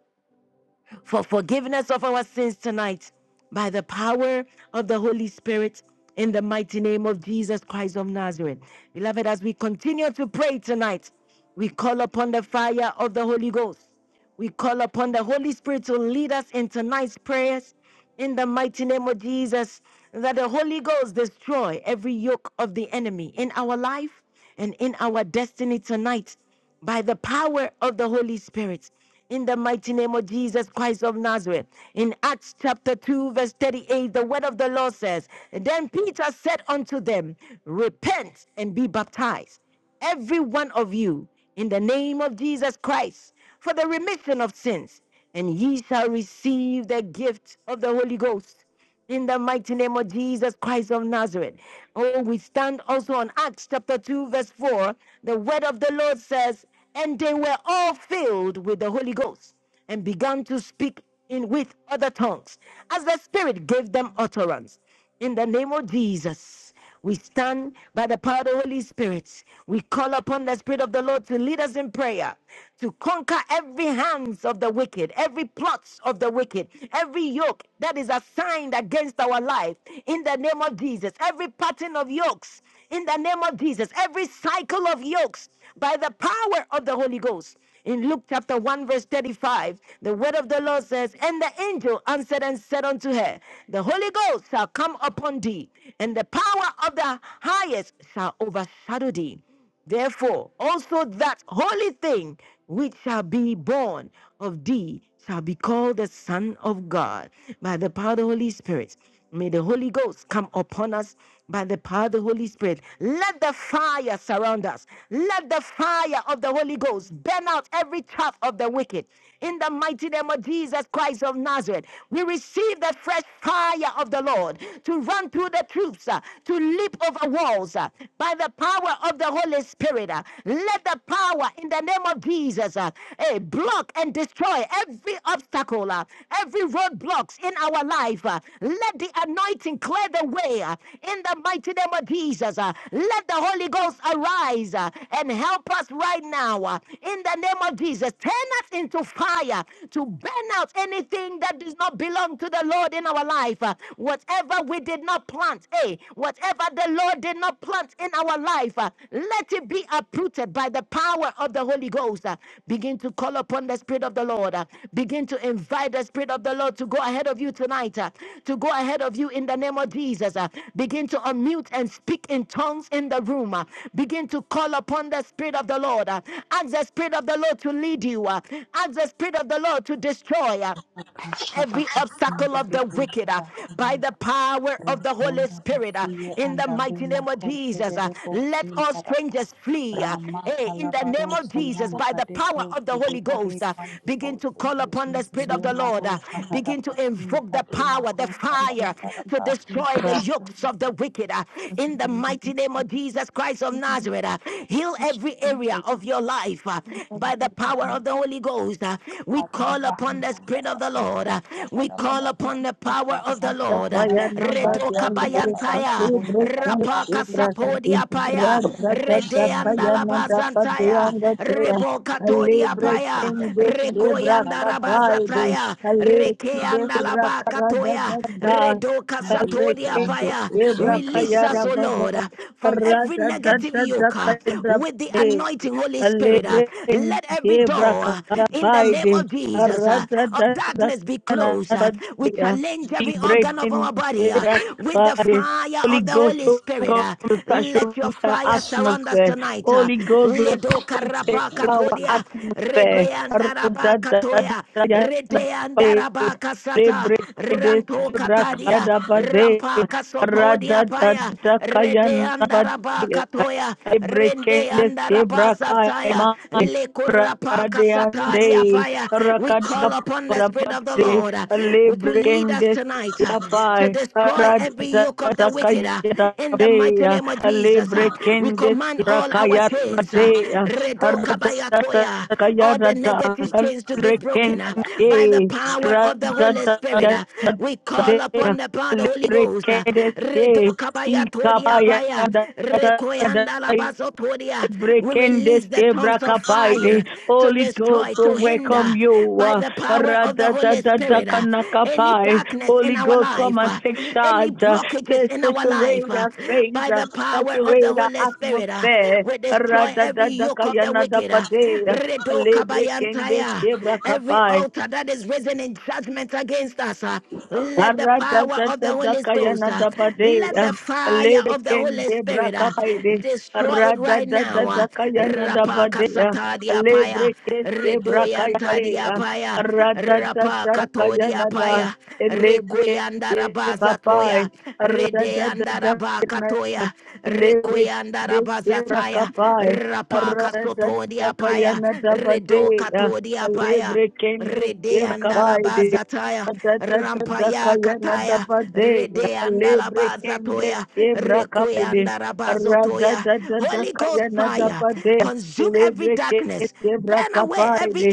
S1: for forgiving us of our sins tonight by the power of the Holy Spirit in the mighty name of Jesus Christ of Nazareth. Beloved, as we continue to pray tonight, we call upon the fire of the Holy Ghost. We call upon the Holy Spirit to lead us in tonight's prayers in the mighty name of Jesus. That the Holy Ghost destroy every yoke of the enemy in our life and in our destiny tonight by the power of the Holy Spirit. In the mighty name of Jesus Christ of Nazareth. In Acts chapter 2, verse 38, the word of the Lord says, Then Peter said unto them, Repent and be baptized, every one of you, in the name of Jesus Christ, for the remission of sins, and ye shall receive the gift of the Holy Ghost. In the mighty name of Jesus Christ of Nazareth. Oh, we stand also on Acts chapter 2, verse 4. The word of the Lord says, And they were all filled with the Holy Ghost and began to speak in with other tongues as the Spirit gave them utterance. In the name of Jesus. We stand by the power of the Holy Spirit. We call upon the Spirit of the Lord to lead us in prayer, to conquer every hands of the wicked, every plots of the wicked, every yoke that is assigned against our life. In the name of Jesus, every pattern of yokes in the name of Jesus. Every cycle of yokes by the power of the Holy Ghost. In Luke chapter 1, verse 35, the word of the Lord says, And the angel answered and said unto her, The Holy Ghost shall come upon thee, and the power of the highest shall overshadow thee. Therefore, also that holy thing which shall be born of thee shall be called the Son of God by the power of the Holy Spirit. May the Holy Ghost come upon us by the power of the Holy Spirit. Let the fire surround us. Let the fire of the Holy Ghost burn out every chaff of the wicked. In the mighty name of Jesus Christ of Nazareth, we receive the fresh fire of the Lord to run through the troops, uh, to leap over walls uh, by the power of the Holy Spirit. uh. Let the power in the name of Jesus uh, eh, block and destroy every obstacle, uh, every roadblocks in our life. uh. Let the anointing and clear the way uh, in the mighty name of Jesus. uh, Let the Holy Ghost arise uh, and help us right now uh, in the name of Jesus. Turn us into fire to burn out anything that does not belong to the Lord in our life. uh, Whatever we did not plant, eh? Whatever the Lord did not plant in our life, uh, let it be uprooted uprooted by the power of the Holy Ghost. Uh, Begin to call upon the Spirit of the Lord. Uh, Begin to invite the Spirit of the Lord to go ahead of you tonight, uh, to go ahead of you in the name of Jesus. Uh, Begin to unmute and speak in tongues in the room. Uh, Begin to call upon the Spirit of the Lord. Uh, Ask the Spirit of the Lord to lead you. Uh, Ask the Spirit of the Lord to destroy. Uh,
S8: Kashata
S1: every obstacle
S8: Kasinda
S1: of the wicked uh,
S8: Bibusha
S1: by the
S8: Ananda
S1: power of the Holy
S8: Rakunda
S1: Spirit uh,
S8: Basiye
S1: in the
S8: Anda
S1: mighty
S8: Lima
S1: name of
S8: Koshe
S1: Jesus.
S8: de
S1: uh,
S8: Debo
S1: let all
S8: Sintarapa
S1: strangers flee uh,
S8: Rama
S1: eh, in the
S8: Kalabaro
S1: name of Jesus by
S8: Siyanta
S1: the
S8: de
S1: power of the
S8: Koshe de
S1: Holy
S8: Bade
S1: Ghost. uh,
S8: Kandi
S1: begin to call
S8: Bosete
S1: upon the Spirit of the
S2: of
S1: Lord,
S8: Demaro
S1: uh,
S8: Kahara
S1: begin to invoke the
S8: Pasinta de
S1: power, the
S8: Makosha
S2: the
S1: fire
S2: Jesus.
S1: to
S8: Rabarapa
S2: Okay.
S1: destroy the
S8: Rape
S1: yokes of the wicked uh, in the mighty name of Jesus Christ of Nazareth. uh, heal every area of your life uh, by the power of the Holy Ghost. uh, we
S8: Karo
S1: call call upon the
S8: Kahalanda
S1: Spirit of the Lord.
S8: Bakosha
S1: Uh, We call
S8: Rabarapa
S1: upon the power of the
S8: Rasa
S3: The
S1: Lord. Uh,
S8: Santa
S3: fire number the
S1: Redoka
S8: Rabakasanda
S3: under
S8: Labarapa
S1: bayantaya,
S3: the
S8: Kunda
S3: broken
S8: Barapa
S1: rapaka
S3: Abraham.
S1: sapodia paya,
S3: Radha Dada Kaya
S1: redeandala
S8: Kosingi
S3: Nanda
S1: bazantaya,
S3: Padayanga Dea.
S1: reboka todia
S3: Alebre
S1: paya,
S8: Rakonda
S3: Kende Sebra
S8: asikhala
S1: rekoyandara
S8: makhutha
S3: Kabaide.
S1: bazataya,
S3: Alebre Kende
S1: rekeandala
S3: Sebra Karada
S1: bakatoya,
S3: Dada.
S1: redoka
S3: Alebre
S1: satodia
S8: mabikilando
S3: Kende
S1: paya.
S3: Sebra
S8: usente
S1: Release
S3: Kaya
S1: us,
S8: ebere
S1: O
S3: Rabada.
S1: Lord, uh, from every
S3: Radha
S1: negative
S3: Dada
S1: yoke uh,
S3: Kaya
S1: with the
S3: Rabade.
S1: anointing, Holy Spirit. uh,
S3: Alebren
S1: Let every
S3: debra
S1: door, uh, in the name
S3: karabaide
S1: of Jesus. uh,
S3: arada da
S1: Of
S3: da
S1: darkness be
S3: kana
S1: closed. uh, We
S3: badia
S1: challenge every organ of
S3: ibreden
S1: our body uh,
S3: debra
S1: with the
S3: kabade.
S1: fire
S3: Holy
S1: of the
S3: Ghost,
S1: Holy
S3: oh,
S1: Spirit.
S3: come
S1: uh,
S3: to
S1: Let your
S3: saturate our
S1: fire surround us
S3: atmosphere.
S1: tonight. uh,
S3: Holy Ghost, oh,
S1: Ledo
S3: come to
S1: karapa
S3: our
S8: mabayicho
S1: katodia,
S3: atmosphere.
S1: rede
S3: Arada
S1: andaraba
S3: da da
S1: katoya,
S3: da da da
S1: rede
S3: baide.
S1: andaraba kasata,
S3: Lebreken
S1: ranto
S3: debra
S1: katadia,
S3: kada bade.
S1: rampa
S3: Arada
S1: kasotodia
S3: da
S1: paya,
S3: da da
S1: rede andaraba
S3: badia.
S1: katoya, rende
S3: Ebrekende
S1: andaraba
S3: zebra
S1: zataya,
S3: kaima
S1: Lekurapaka
S3: radiande
S1: satadia paya. We call upon the Spirit of the
S3: rakadapate
S1: Lord uh, to lead us
S3: lebrekende
S1: tonight uh,
S8: asinza
S1: to
S3: kapai
S1: destroy every yoke of the wicked uh,
S3: radakayata
S1: in the mighty
S3: deya
S1: name of Jesus. uh. We
S8: ekuyamata
S3: lebrekende
S1: command all our
S3: rakaya
S8: kuzele
S1: chains, uh,
S8: maronda
S3: deya
S1: Redo
S8: kabetsi
S1: Kabayatoya, all
S3: radakayata
S1: the negative
S8: ebere
S1: chains to be
S8: alanda
S1: broken uh,
S3: rekende
S8: alanda
S1: by the power of the Holy Spirit.
S3: radakayata
S1: uh. We call
S3: deya
S1: upon the power of the Holy Ghost. uh,
S3: rekende
S1: Redo Kabayatodia
S3: ikapaya
S1: Paya, Rekoyanda Labazotodia. We
S3: Brekendes
S1: release the tongues
S3: Debra
S1: of
S3: Kapaide,
S1: fire to
S3: Holy Ghost,
S1: destroy,
S3: we
S1: to hinder
S3: welcome you.
S1: by
S3: Rada
S1: the
S3: da da
S1: power
S3: uh,
S1: of the Holy Spirit uh, any
S3: Radadadadakanakapai.
S1: darkness in
S3: Holy
S1: our
S3: Ghost, come
S1: life,
S3: and
S1: uh,
S3: take
S1: any
S3: charge. uh,
S1: blockages
S3: Take
S1: in our life
S3: saturate
S1: uh,
S3: our space,
S1: by
S3: uh,
S1: the power of the
S3: saturate our
S1: Holy Spirit. uh,
S3: atmosphere.
S1: We destroy every yoke of the wicked. uh,
S3: Radadadakayanadapade,
S1: Redo
S3: Lebrekendes
S1: kabayantaya, Every
S3: Debra
S1: altar that is risen in judgment against us. uh, let the power of the Holy Ghost, uh, let
S3: Aradadadadakayanadabadea.
S1: the fire of the Holy Spirit uh,
S3: Lebrekendebrakapaides.
S1: destroy it right now. uh. Rapa
S3: Aradadadadakayanadabadea.
S1: kasata diapaya, redoyanta
S3: Lebrekestebrakayabadea.
S1: diapaya, rapa kato
S3: Aradadadadakayanada.
S1: diapaya, rekoyanda rabaza
S3: Lebrekendebapai.
S1: toya, redeanda
S3: Aradadadadakayana-
S1: rabakatoya, toya, rekoyanda rabazataya,
S3: Lebrekendebakapai.
S1: rapa kasoto diapaya, redo
S3: Aradadadakayanadabadea.
S1: kato diapaya. Rede
S3: Lebrekendebakapaides
S1: andalabazataya,
S3: da da da da
S1: rampaya
S3: kaya na da
S1: kataya,
S3: ba de
S1: rede
S3: lebre kende
S1: andalabazatoya,
S3: ebra
S1: rekwe
S3: kapide ra da
S1: andarabazotoya.
S3: da da da
S1: Holy Ghost
S3: kaya na da
S1: fire,
S3: ba de
S1: consume every
S3: lebre kende
S1: darkness,
S3: ebra
S1: burn away every
S3: kapide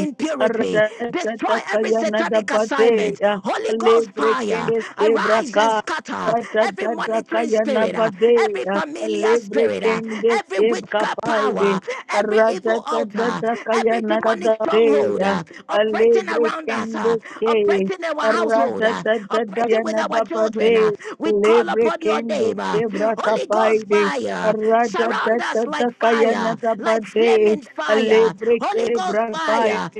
S3: ra da da da
S1: destroy every
S3: kaya na da
S1: satanic
S3: ba de
S1: assignment.
S3: ya
S1: Holy Ghost
S3: lebre
S1: fire,
S3: kende ebra
S1: arise
S3: ka
S1: and scatter
S3: ra da
S1: every
S3: da da
S1: monitoring
S3: kaya na
S1: spirit,
S3: ba
S1: uh,
S3: de
S1: every
S3: ya
S1: familiar
S3: lebre
S1: spirit, uh,
S3: kende
S1: every
S3: ebra
S1: witchcraft
S3: kapide
S1: power, every
S3: ra da
S1: evil
S3: da da
S1: altar,
S3: kaya
S1: every
S3: na da
S1: demonic
S3: ba de
S1: stronghold,
S3: ya
S1: uh, operating
S3: lebre
S1: around us,
S3: kende
S1: uh, operating in our household, uh, operating with our children. uh,
S3: Radadadadayadabade,
S1: we call
S3: Lebre
S1: upon your
S3: kende
S1: name.
S3: Arradadadadayadabade, lebrekende
S1: uh, Holy Ghost
S3: kebrakapaide.
S1: fire, surround us like fire, like
S3: Arradadadadakayanadabade,
S1: flaming fire. Holy Ghost
S3: lebrekebrapai
S1: fire,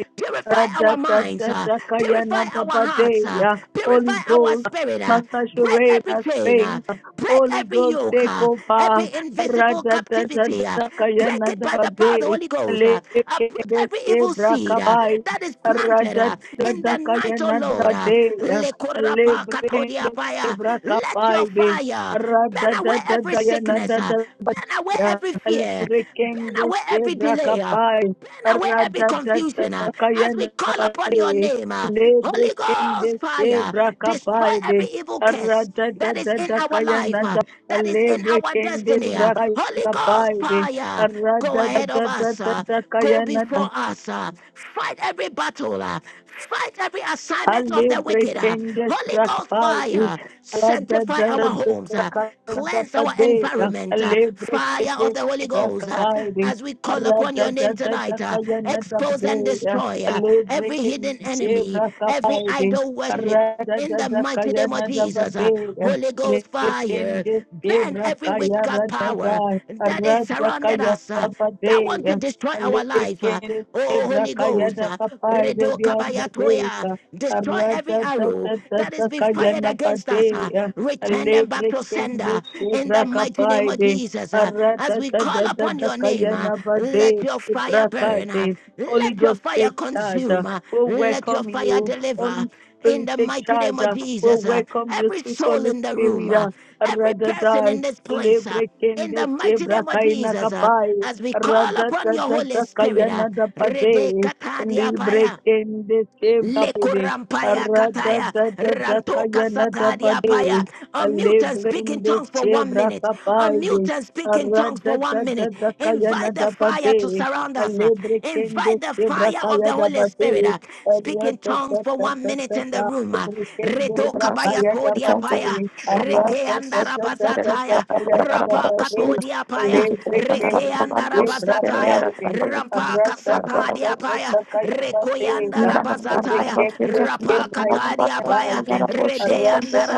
S3: ra
S1: purify
S3: da
S1: our
S3: da
S1: minds,
S3: da
S1: uh,
S3: da ka
S1: purify our hearts, uh,
S3: Holy
S1: purify our
S3: Ghost,
S1: spirit, uh,
S3: Master
S1: break
S3: Sheree
S1: every
S3: has
S1: chain, uh,
S3: faith.
S1: Break
S3: Holy
S1: every
S3: Ghost,
S1: yoke,
S3: take
S1: uh,
S3: over.
S1: every invisible captivity. uh, break it by the power of the
S3: Ra-da-da-da-da-ka-ya-na-da-ba-de.
S1: Holy Ghost. Uh, uproot every evil seed uh,
S3: Le-ke-des-ke-bra-ka-bai.
S1: that is planted uh, in the night, O Lord. Uh,
S3: Ra-da-da-da-ka-ya-na-da-ba-de-ya.
S1: Lekorapa katodiapaya. let your
S3: Le-bre-ke-bra-ka-bai-de.
S1: fire
S3: ra da
S1: burn
S3: da
S1: away
S3: da
S1: every sickness, uh, burn away every fear, burn away every delay. uh, Burn away every confusion uh, as we call upon your name. uh,
S3: Lebre
S1: Holy
S3: kende
S1: Ghost fire,
S3: kebra
S1: destroy
S3: kapaide.
S1: every evil curse
S3: Arata da
S1: that is
S3: da
S1: in
S3: da
S1: our
S3: kaya
S1: life, uh,
S3: nanda.
S1: that is in
S3: Lebre
S1: our
S3: kende
S1: destiny. uh,
S3: bra kaya
S1: Holy Ghost
S3: kapaide.
S1: fire, go
S3: Arata da
S1: ahead of
S3: da da
S1: us,
S3: da
S1: uh,
S3: da
S1: go
S3: kaya nanda.
S1: before us, uh, fight every battle, uh, fight every assignment of the wicked. uh,
S3: Alibretendes
S1: Holy Ghost
S3: gratify
S1: fire, sanctify our homes, uh, Cleanse our environment, uh, fire of the Holy Ghost, uh, as we call upon your name tonight. uh, expose and destroy uh, every hidden enemy, every idol worship. In the mighty name of Jesus, uh, Holy Ghost fire, burn every witchcraft power that is surrounded us. uh, that want to destroy our life. uh,
S3: Lekende
S1: Oh,
S3: sebra
S1: Holy
S3: kaya
S1: Ghost,
S3: da
S1: uh,
S3: kapai de
S1: Redo Kabayatoya,
S3: bianda
S1: destroy
S3: Holy Ghost,
S1: every arrow
S3: take
S1: that is being fired against us. uh, Return them back to sender in the mighty name of Jesus. uh, As we call upon your name, uh, let your fire burn, uh, let your fire
S3: charge. uh,
S1: consume, uh,
S3: We
S1: let your
S3: welcome
S1: fire
S3: you.
S1: deliver.
S3: Holy
S1: In
S3: Spirit,
S1: the
S3: take
S1: mighty name
S3: charge.
S1: of
S3: uh, We
S1: Jesus, uh,
S3: welcome you,
S1: every
S3: sweet
S1: soul
S3: Holy
S1: in the room,
S3: Spirit.
S1: uh,
S3: uh,
S1: every person
S3: Radadai,
S1: in this place, uh, in
S3: Lebrekende,
S1: the mighty name of
S3: Sebrakaina
S1: Jesus, uh,
S3: Kapai,
S1: as we call upon your Holy Spirit, uh,
S3: Radadadadakayana
S1: Rede
S3: Dapade,
S1: Katadia Paya.
S3: Librekende, Sebrapede.
S1: Lekurampaya
S3: Arada
S1: kataya
S3: da da da
S1: ranto
S3: kayana da ba
S1: kasatadia paya. Unmute and speak in
S3: Alebrende
S1: tongues for one
S3: chebra
S1: minute. Unmute
S3: kapaide.
S1: and speak in tongues
S3: Arada
S1: for
S3: da
S1: one
S3: da
S1: minute.
S3: da kaya na
S1: Invite the
S3: da
S1: fire
S3: bade.
S1: to surround us. uh.
S3: Alebre kende
S1: Invite the
S3: chebra
S1: fire of
S3: kaya
S1: the
S3: da
S1: Holy Spirit.
S3: bade.
S1: uh. Speak in
S3: Arada
S1: tongues
S3: da
S1: for
S3: da
S1: one
S3: da da da.
S1: minute in the
S3: da.
S1: room. uh.
S3: Alebre kende
S1: Redo
S3: chebra
S1: kabaya
S3: kaya da
S2: okay,
S1: todia paya.
S3: bade.
S1: Reke
S3: Arada
S1: andara
S3: da da da da da
S1: andarabazataya.
S3: kaya na da
S1: Rapa
S3: bade.
S1: katodia paya.
S3: Alebre
S1: Reke
S3: kende
S1: andara
S3: chebra
S1: andarabazataya.
S3: kaide.
S1: Rampa
S3: Arada da da
S1: kasatadia
S3: da
S1: paya.
S3: da kaya da bade. Alebre
S1: Rekoyandarabazataya.
S3: kende
S1: Rapa
S3: chebra
S1: katadia paya.
S3: kaide. Thank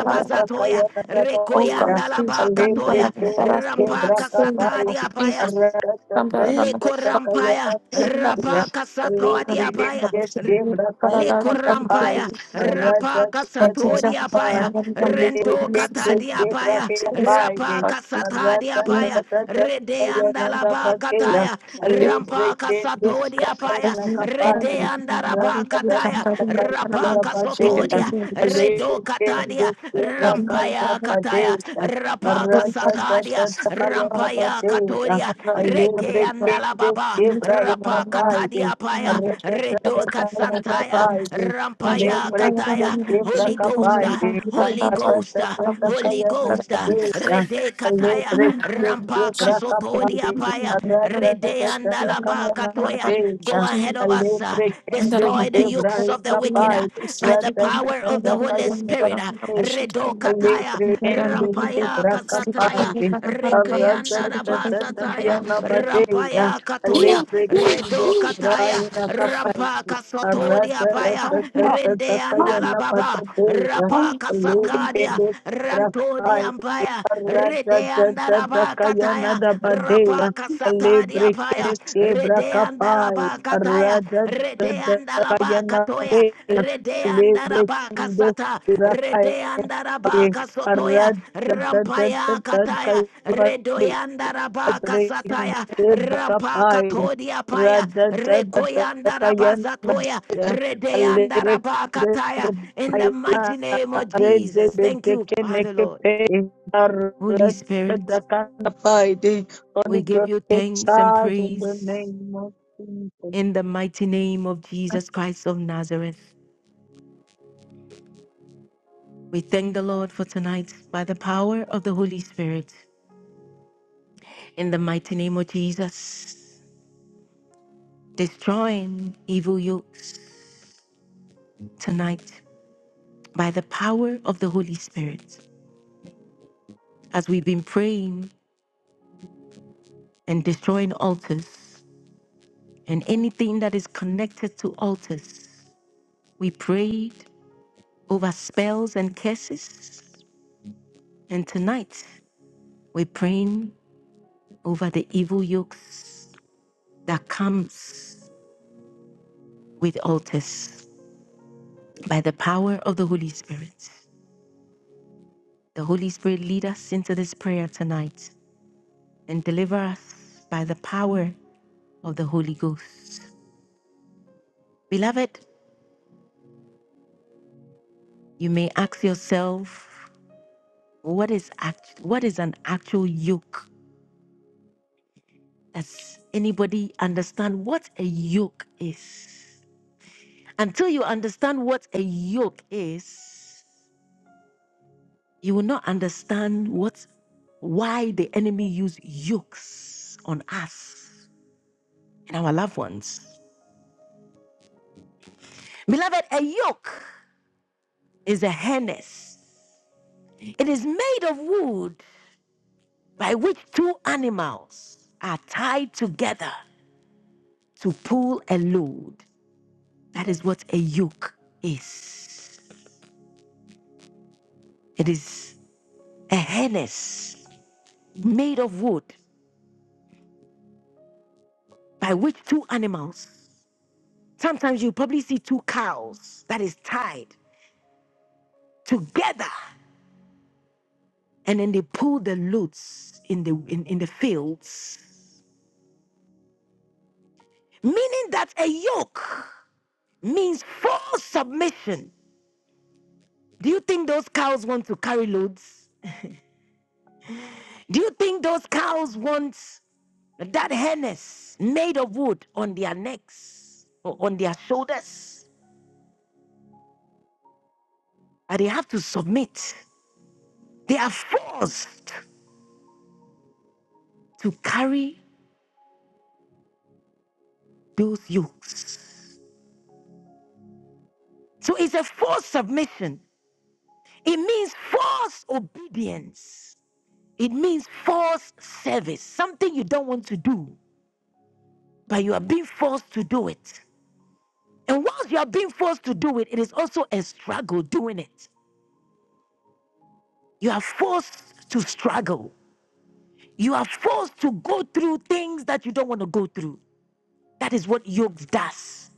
S2: okay. Oh God, please let me but I
S1: Rekoyandalabakatoya.
S2: but I feel
S1: Rampa
S2: seen by
S1: kasatadia paya.
S2: Jesus. Come down on us.
S1: Lekorampaya, Rapaka Satoadiapaya, Lekorampaya, Rapaka Satoadiapaya, Rento Katadiapaya, Rapaka Satadiapaya, Redeandalabakataya, Rampaka Satoadiapaya, Redeandarabakataya, Rapaka
S2: Chicken
S3: you.
S1: Sotodia, Redo
S3: Breaking the
S1: Katadia, Rampaya Kataya Sataya, Rapaka Satadia, Rampaya Katoria, Reke Andala Baba,
S2: Thank
S1: Rapaka Tadia Paya, Redoka Santaya, Rampaya Kataya, Holy ghosta, Holy ghosta, Holy ghosta. Rede Kataya, Rampaka Sotodia Paya, Rede Andala Bakatoya, go ahead of us, uh,
S3: zebra
S1: destroy the yokes of of the wicked uh, by the
S3: Rakapaya
S1: power of the Holy Spirit. uh, Redo kataya, rampaya kasataya, rekeanda rabasataya, rampaya katoya, redo kataya, rampa kasotodia paya, rendeanda
S2: you.
S1: andala baba, rapa
S2: Amen. Fire
S1: kasakadia, rantodia paya, rede andara
S3: Radadadadakayana
S1: bakataya, rapa kasatadia.
S3: Calibre
S1: Yapaya,
S3: Sebra Kapai
S1: Redeandaraba Kataya, Redeandaraba
S3: Radadadakayana
S1: Katoya,
S3: Calibre
S1: Redeandaraba
S3: Sebra
S1: Kasata,
S3: Kapai
S1: Redeandaraba Kasotoya, Rampaya Kataya,
S3: Radadadadakayana Holy
S1: Redoyandaraba Kasataya, Rampa Katodia Paya, Rekoyandaraba Zatoya, Redeandaraba Kataya, in the mighty name of Jesus. Thank you, Father Lord. Holy Spirit, we give
S3: Ghost,
S1: you
S3: take
S1: thanks and
S3: charge in the
S1: praise.
S3: name of Jesus.
S1: In the mighty name of Jesus Christ of Nazareth, we thank the Lord for tonight by the power of the Holy Spirit. In the mighty name of Jesus, destroying evil yokes tonight by the power of the Holy Spirit. As we've been praying and destroying altars and anything that is connected to altars, we prayed over spells and curses. And tonight, we're praying over the evil yokes that comes with altars by the power of the Holy Spirit. The Holy Spirit lead us into this prayer tonight and deliver us by the power of the Holy Ghost. Beloved, you may ask yourself, what is act- what is an actual yoke? Does anybody understand what a yoke is? Until you understand what a yoke is, you will not understand what why the enemy used yokes on us and our loved ones. Beloved, a yoke is a harness. It is made of wood by which two animals are tied together to pull a load. That is what a yoke is. It is a harness made of wood by which two animals, sometimes you probably see two cows that is tied together and then they pull the loads in the in, in the fields meaning that a yoke means full submission. Do you think those cows want to carry loads? Do you think those cows want that harness made of wood on their necks or on their shoulders? And they have to submit. They are forced to carry those yokes. So it's a forced submission. It means forced obedience. It means forced service, something you don't want to do, but you are being forced to do it. And once you are being forced to do it, it is also a struggle doing it. You are forced to struggle. You are forced to go through things that you don't want to go through. That is what yoke does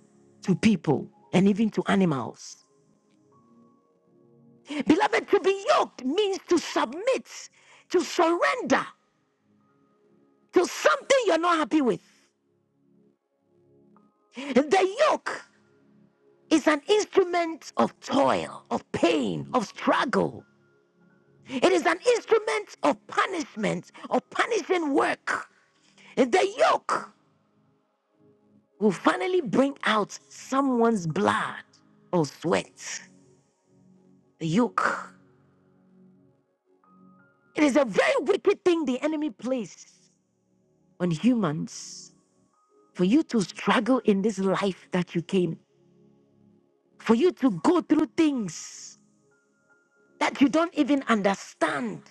S1: to people and even to animals. Beloved, to be yoked means to submit, to surrender to something you're not happy with. The yoke is an instrument of toil, of pain, of struggle. It is an instrument of punishment, of punishing work. And the yoke will finally bring out someone's blood or sweat. The yoke. It is a very wicked thing the enemy placed on humans for you to struggle in this life that you came, for you to go through things that you don't even understand.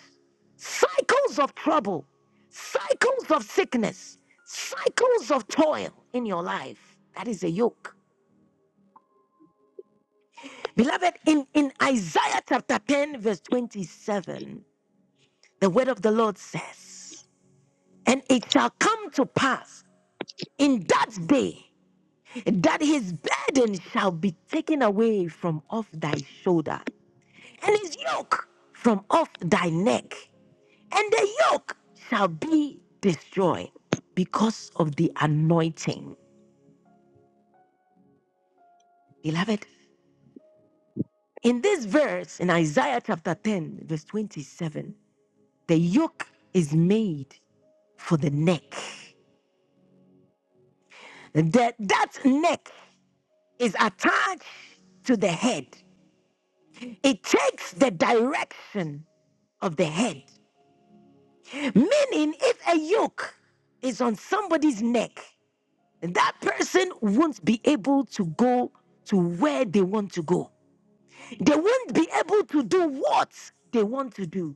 S1: Cycles of trouble, cycles of sickness, cycles of toil in your life. That is a yoke. Beloved, in, in Isaiah chapter 10, verse 27, the word of the Lord says, And it shall come to pass in that day that his burden shall be taken away from off thy shoulder, and his yoke from off thy neck, and the yoke shall be destroyed because of the anointing. Beloved, in this verse in Isaiah chapter 10, verse 27, the yoke is made for the neck. That, that neck is attached to the head, it takes the direction of the head. Meaning, if a yoke is on somebody's neck, that person won't be able to go to where they want to go. They won't be able to do what they want to do.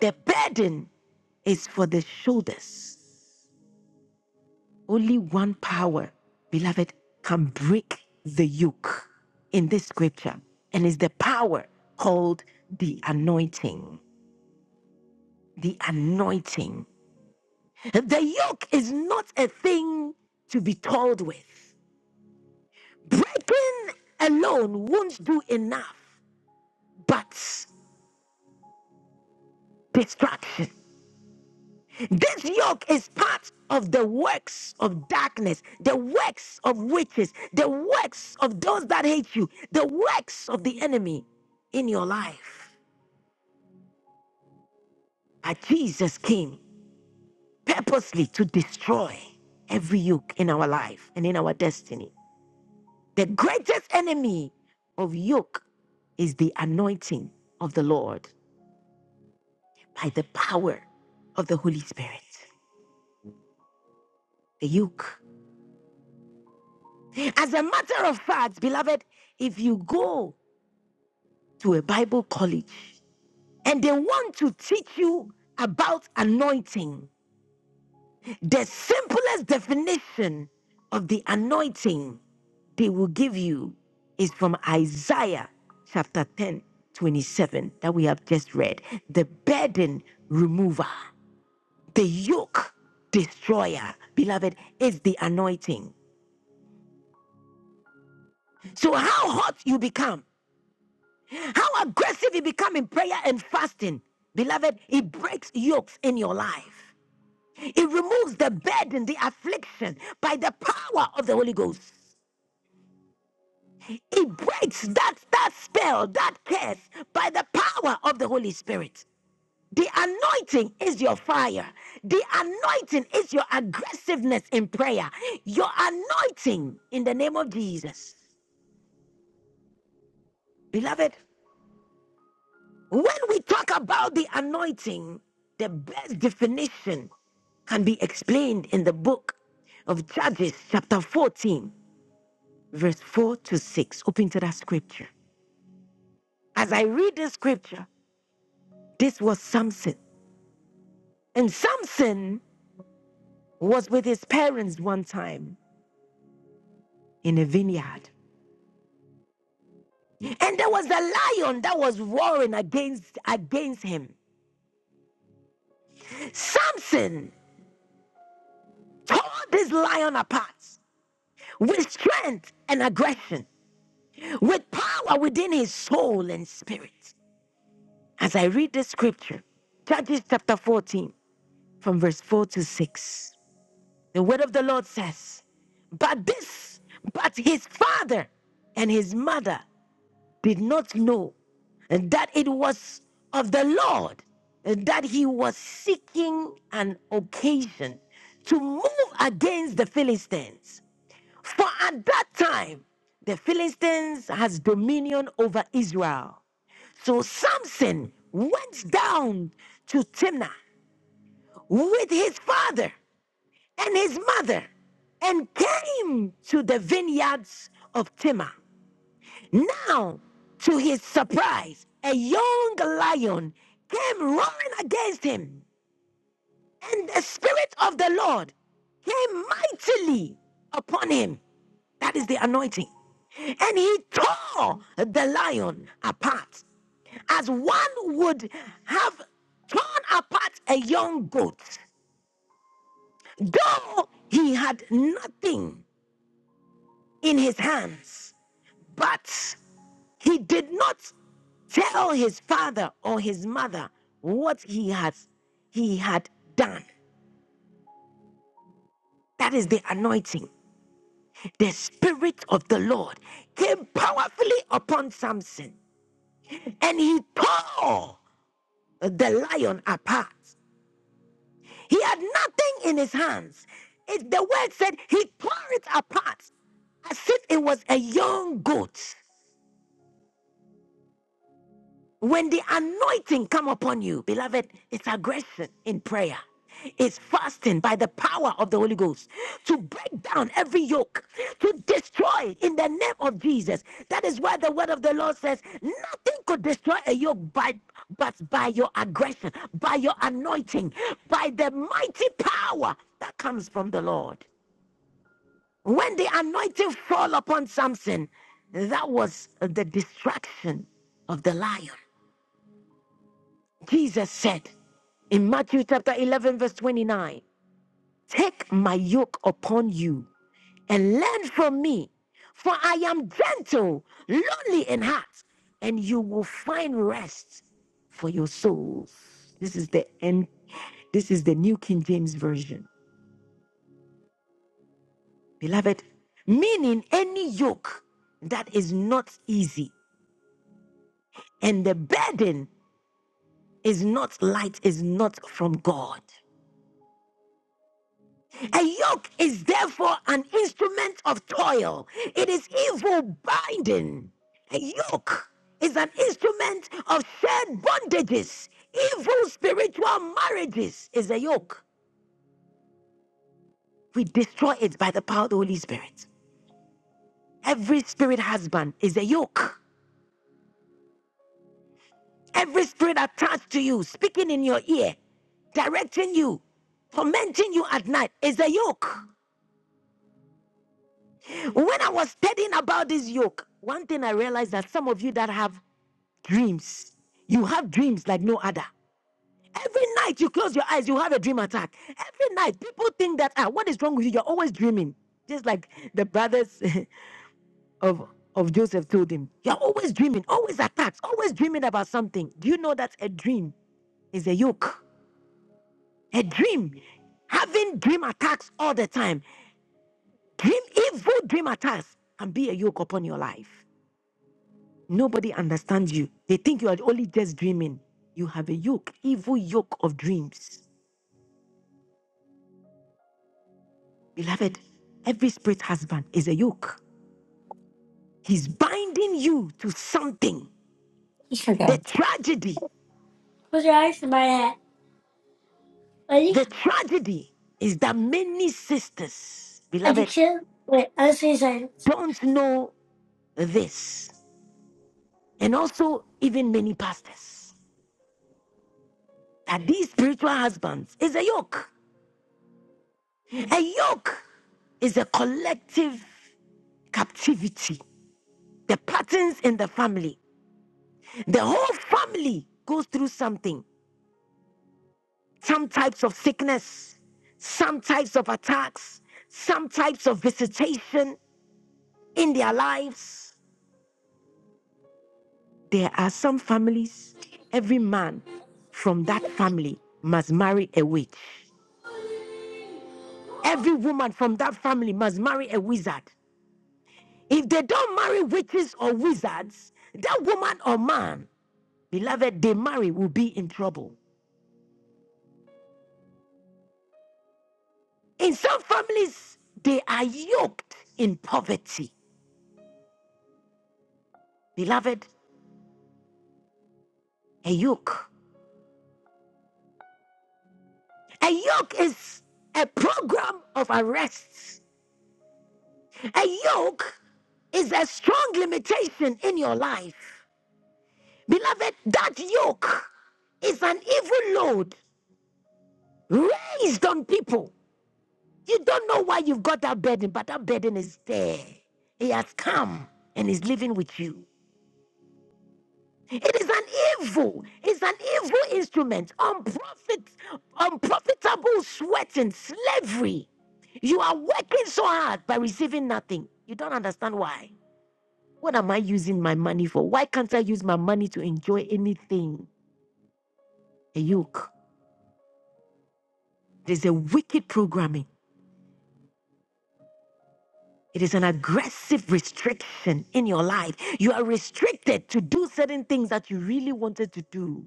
S1: The burden is for the shoulders. Only one power, beloved, can break the yoke in this scripture, and it's the power called the anointing. The anointing. The yoke is not a thing to be told with. Breaking alone won't do enough, but distraction. This yoke is part of the works of darkness, the works of witches, the works of those that hate you, the works of the enemy in your life. But Jesus came purposely to destroy every yoke in our life and in our destiny. The greatest enemy of yoke is the anointing of the Lord by the power of the Holy Spirit, the yoke. As a matter of fact, beloved, if you go to a Bible college and they want to teach you about anointing, the simplest definition of the anointing they will give you is from Isaiah chapter 10 27 that we have just read. The burden remover, the yoke destroyer, beloved, is the anointing. So, how hot you become, how aggressive you become in prayer and fasting, beloved, it breaks yokes in your life. It removes the burden, the affliction by the power of the Holy Ghost. It breaks that, that spell, that curse by the power of the Holy Spirit. The anointing is your fire. The anointing is your aggressiveness in prayer. Your anointing in the name of Jesus. Beloved, when we talk about the anointing, the best definition can be explained in the book of Judges, chapter 14. verse 4 to 6. Open to that scripture. As I read this scripture, this was Samson. And Samson was with his parents one time in a vineyard. And there was a lion that was roaring against, against him. Samson tore this lion apart with strength and aggression, with power within his soul and spirit. As I read this scripture, Judges chapter 14, from verse 4 to 6. The word of the Lord says, But this, but his father and his mother did not know that it was of the Lord that he was seeking an occasion to move against the Philistines. For at that time, the Philistines has dominion over Israel. So Samson went down to Timnah with his father and his mother and came to the vineyards of Timnah. Now, to his surprise, a young lion came roaring against him, and the Spirit of the Lord came mightily upon him. That is the anointing. And he tore the lion apart as one would have torn apart a young goat, though he had nothing in his hands. But he did not tell his father or his mother what he has he had done. That is the anointing. The spirit of the Lord came powerfully upon Samson and he tore the lion apart. He had nothing in his hands. It, the word said he tore it apart as if it was a young goat. When the anointing come upon you, beloved, it's aggression in prayer. It's fasting by the power of the Holy Ghost to break down every yoke, to destroy in the name of Jesus. That is why the word of the Lord says, nothing could destroy a yoke by, but by your aggression, by your anointing, by the mighty power that comes from the Lord. When the anointing fall upon Samson, that was the distraction of the lion. Jesus said in Matthew chapter 11, verse 29, Take my yoke upon you and learn from me, for I am gentle, lowly in heart, and you will find rest for your souls. This is the end. This is the New King James Version. Beloved, meaning any yoke that is not easy and the burden is not light, is not from God. A yoke is therefore an instrument of toil. It is evil binding. A yoke is an instrument of shared bondages. Evil spiritual marriages is a yoke. We destroy it by the power of the Holy Spirit. Every spirit husband is a yoke. Every spirit attached to you, speaking in your ear, directing you, tormenting you at night is a yoke. When I was studying about this yoke, one thing I realized that some of you that have dreams. You have dreams like no other. Every night you close your eyes, you have a dream attack. Every night, people think that ah, what is wrong with you? You're always dreaming, just like the brothers of of Joseph told him. You're always dreaming, always attacks, always dreaming about something. Do you know that a dream is a yoke? A dream, having dream attacks all the time, dream evil dream attacks can be a yoke upon your life. Nobody understands you. They think you are only just dreaming. You have a yoke, evil yoke of dreams. Beloved, every spirit husband is a yoke. He's binding you to something.
S9: Just forget.
S1: The tragedy,
S9: Put your eyes in my hat. Ready?
S1: the tragedy is that many sisters,
S9: And you
S1: beloved,
S9: wait, I'll say silence.
S1: don't know this. And also, even many pastors, that these spiritual husbands is a yoke. A yoke is a collective captivity. the patterns in the family. The whole family goes through something some types of sickness, some types of attacks, some types of visitation in their lives. There are some families, every man from that family must marry a witch.
S10: Holy, holy,
S1: Every woman from that family must marry a wizard. If they don't marry witches or wizards, that woman or man, beloved, they marry will be in trouble. In some families, they are yoked in poverty. Beloved, a yoke. A yoke is a program of arrests. A yoke is a strong limitation in your life. Beloved, that yoke is an evil load raised on people. You don't know why you've got that burden, but that burden is there. He has come and is living with you. It is an evil. It's an evil instrument. Unprofit, unprofitable sweat and slavery. You are working so hard by receiving nothing. You don't understand why. What am I using my money for? Why can't I use my money to enjoy anything? A yoke. There's a wicked programming. It is an aggressive restriction in your life. You are restricted to do certain things that you really wanted to do.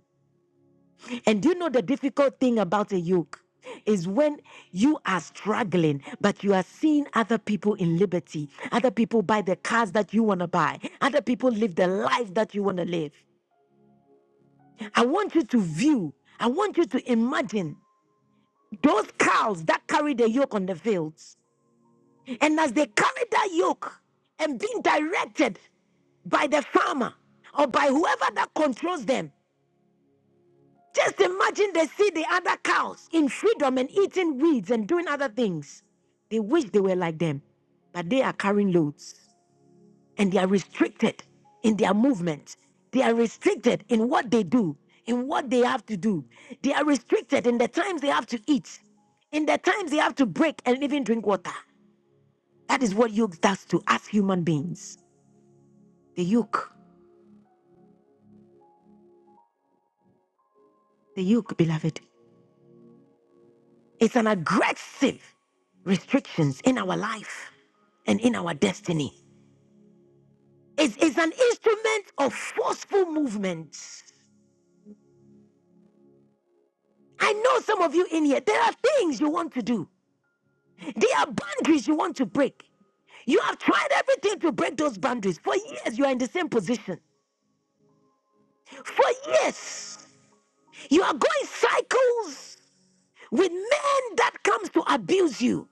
S1: And do you know the difficult thing about a yoke? Is when you are struggling, but you are seeing other people in liberty, other people buy the cars that you want to buy, other people live the life that you want to live. I want you to view, I want you to imagine those cows that carry the yoke on the fields. And as they carry that yoke and being directed by the farmer or by whoever that controls them, Just imagine they see the other cows in freedom and eating weeds and doing other things. They wish they were like them, but they are carrying loads and they are restricted in their movement. They are restricted in what they do, in what they have to do. They are restricted in the times they have to eat, in the times they have to break and even drink water. That is what yoke does to us human beings. The yoke, the yoke, beloved. It's an aggressive restrictions in our life and in our destiny. It's, it's an instrument of forceful movement. I know some of you in here, there are things you want to do. There are boundaries you want to break. You have tried everything to break those boundaries. For years, you are in the same position. For years, you are going cycles with men that comes to abuse you,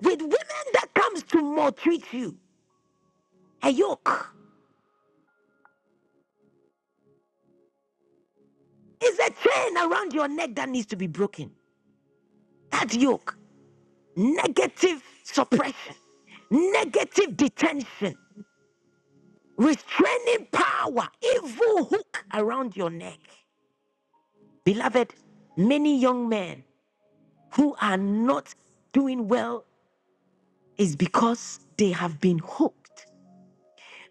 S1: with women that comes to maltreat you. A yoke. It's a chain around your neck that needs to be broken. That yoke, negative suppression, negative detention, restraining power, evil hook around your neck. Beloved, many young men who are not doing well is because they have been hooked.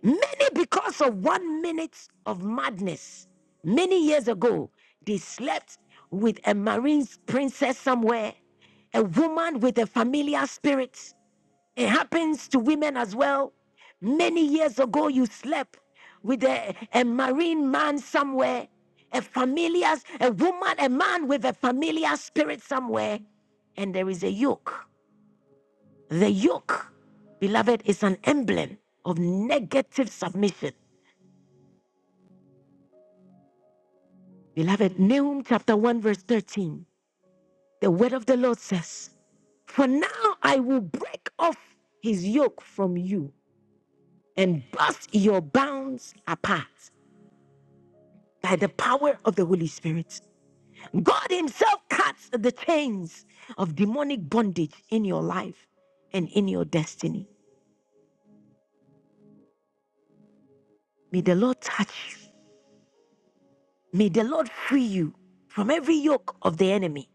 S1: Many, because of one minute of madness, many years ago, they slept with a marine princess somewhere, a woman with a familiar spirit. It happens to women as well. Many years ago, you slept with a, a marine man somewhere, a familiar, a woman, a man with a familiar spirit somewhere, and there is a yoke. The yoke, beloved, is an emblem of negative submission. Beloved, Nahum chapter 1, verse 13. The word of the Lord says, For now I will break off his yoke from you and bust your bounds apart by the power of the Holy Spirit. God Himself cuts the chains of demonic bondage in your life and in your destiny. May the Lord touch you. May the Lord free you from every yoke of the enemy.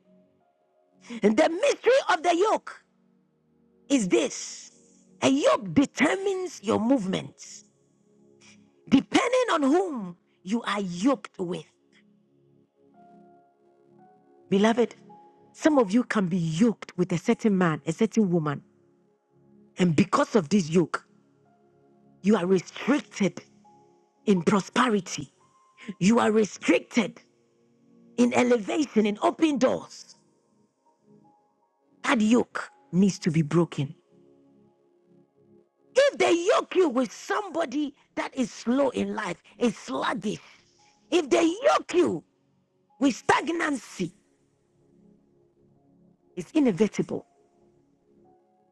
S1: And the mystery of the yoke. is this a yoke determines your movements depending on whom you are yoked with. Beloved, some of you can be yoked with a certain man, a certain woman, and because of this yoke, you are restricted in prosperity, you are restricted in elevation, in open doors. That yoke needs to be broken. If they yoke you with somebody that is slow in life, is sluggish, if they yoke you with stagnancy, It's inevitable.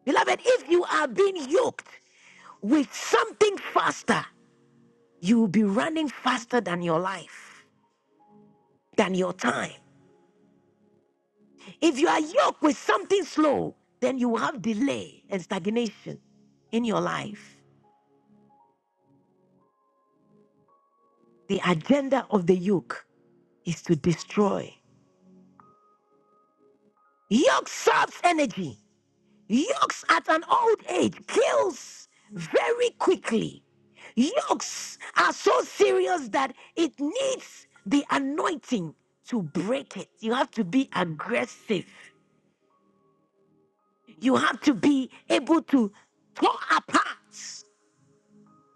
S1: Beloved, if you are being yoked with something faster, you will be running faster than your life, than your time. If you are yoked with something slow, then you will have delay and stagnation in your life. The agenda of the yoke is to destroy. Yoke saps energy. Yokes at an old age kills very quickly. Yokes are so serious that it needs the anointing to break it. You have to be aggressive. You have to be able to tore apart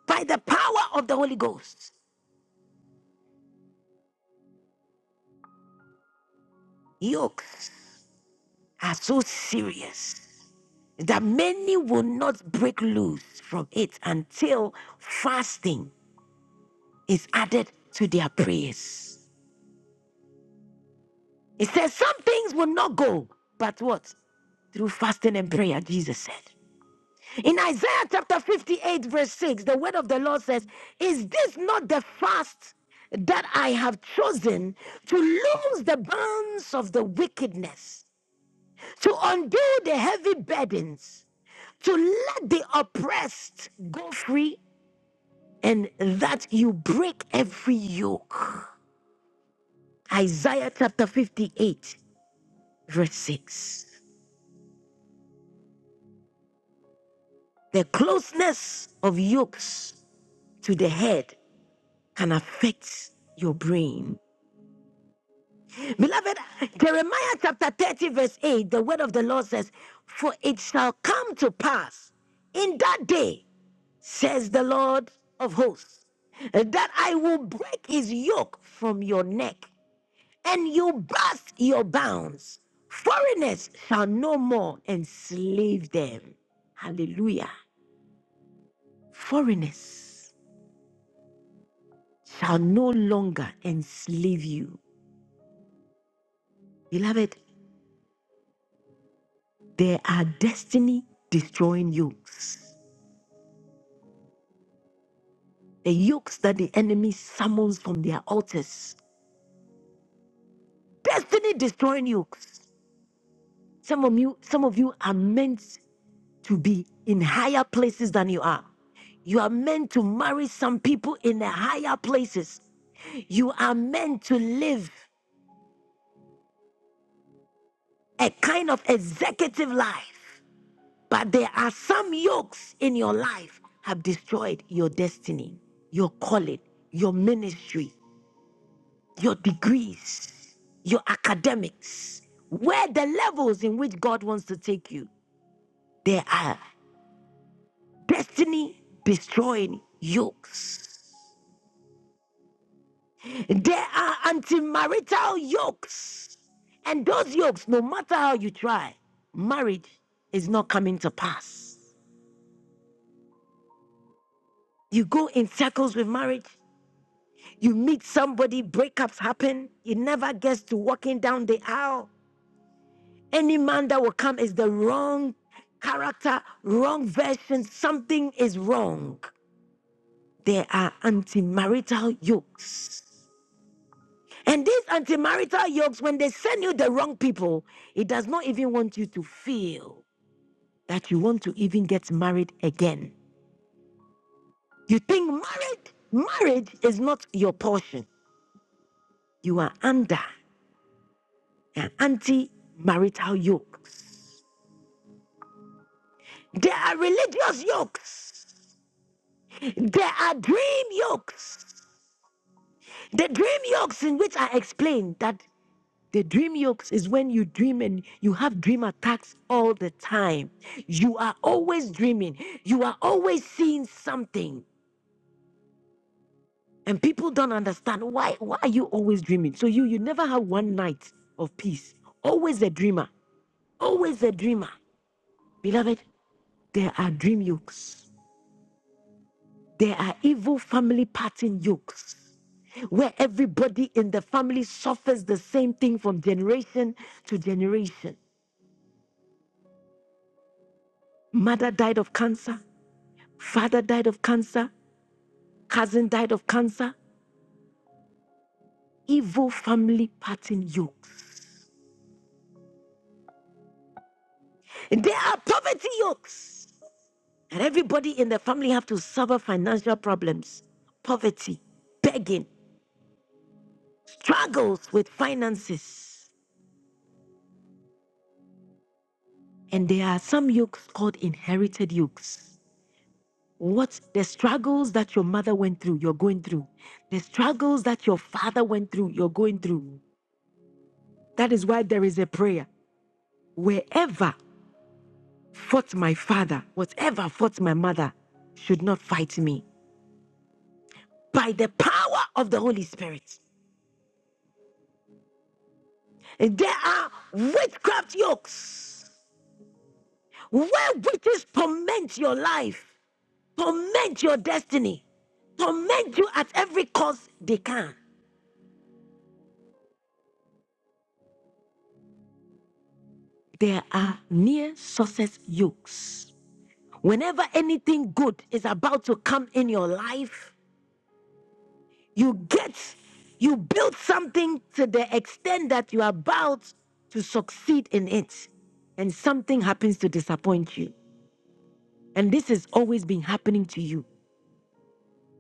S1: by the power of the Holy Ghost. Yokes are so serious that many will not break loose from it until fasting is added to their prayers. It says some things will not go, but what? Through fasting and prayer, Jesus said. In Isaiah chapter 58, verse 6, the word of the Lord says, Is this not the fast that I have chosen to loose the bonds of the wickedness, to undo the heavy burdens, to let the oppressed go free, and that you break every yoke? Isaiah chapter 58, verse 6. The closeness of yokes to the head can affect your brain. Beloved, Jeremiah chapter 30, verse 8, the word of the Lord says, For it shall come to pass in that day, says the Lord of hosts, that I will break his yoke from your neck and you burst your bounds. Foreigners shall no more enslave them. Hallelujah. Foreigners. shall no longer enslave you. Beloved, there are destiny destroying yokes, the yokes that the enemy summons from their altars. Destiny destroying yokes. Some of you, some of you are meant to be in higher places than you are. You are meant to marry some people in the higher places. You are meant to live a kind of executive life. But there are some yokes in your life have destroyed your destiny, your calling, your ministry, your degrees, your academics, where the levels in which God wants to take you. There are destiny destroying yokes. There are antimarital yokes. And those yokes, no matter how you try, marriage is not coming to pass. You go in circles with marriage, You meet somebody, breakups happen. It never gets to walking down the aisle. Any man that will come is the wrong character, wrong version. Something is wrong. There are antimarital yokes. And these antimarital yokes, when they send you the wrong people, it does not even want you to feel that you want to even get married again. You think married, marriage is not your portion. You are under an anti-marital yoke. There are religious yokes. There are dream yokes. The dream yokes in which I explained that the dream yokes is when you dream and you have dream attacks all the time. You are always dreaming. You are always seeing something. And people don't understand why why are you always dreaming? So you you never have one night of peace. Always a dreamer. Always a dreamer. Beloved, there are dream yokes. There are evil family pattern yokes where everybody in the family suffers the same thing from generation to generation. Mother died of cancer, father died of cancer, cousin died of cancer. Evil family pattern yokes. And there are poverty yokes. And everybody in the family have to suffer financial problems, poverty, begging, struggles with finances. And there are some yokes called inherited yokes. what the struggles that your mother went through, you're going through. The struggles that your father went through, you're going through. That is why there is a prayer. Wherever fought my father, whatever fought my mother, should not fight me. By the power of the Holy Spirit, there are witchcraft yokes where witches torment your life, torment your destiny, torment you at every cost they can. There are near sources yokes Whenever anything good is about to come in your life, you get, you build something to the extent that you are about to succeed in it. And something happens to disappoint you. And this has always been happening to you.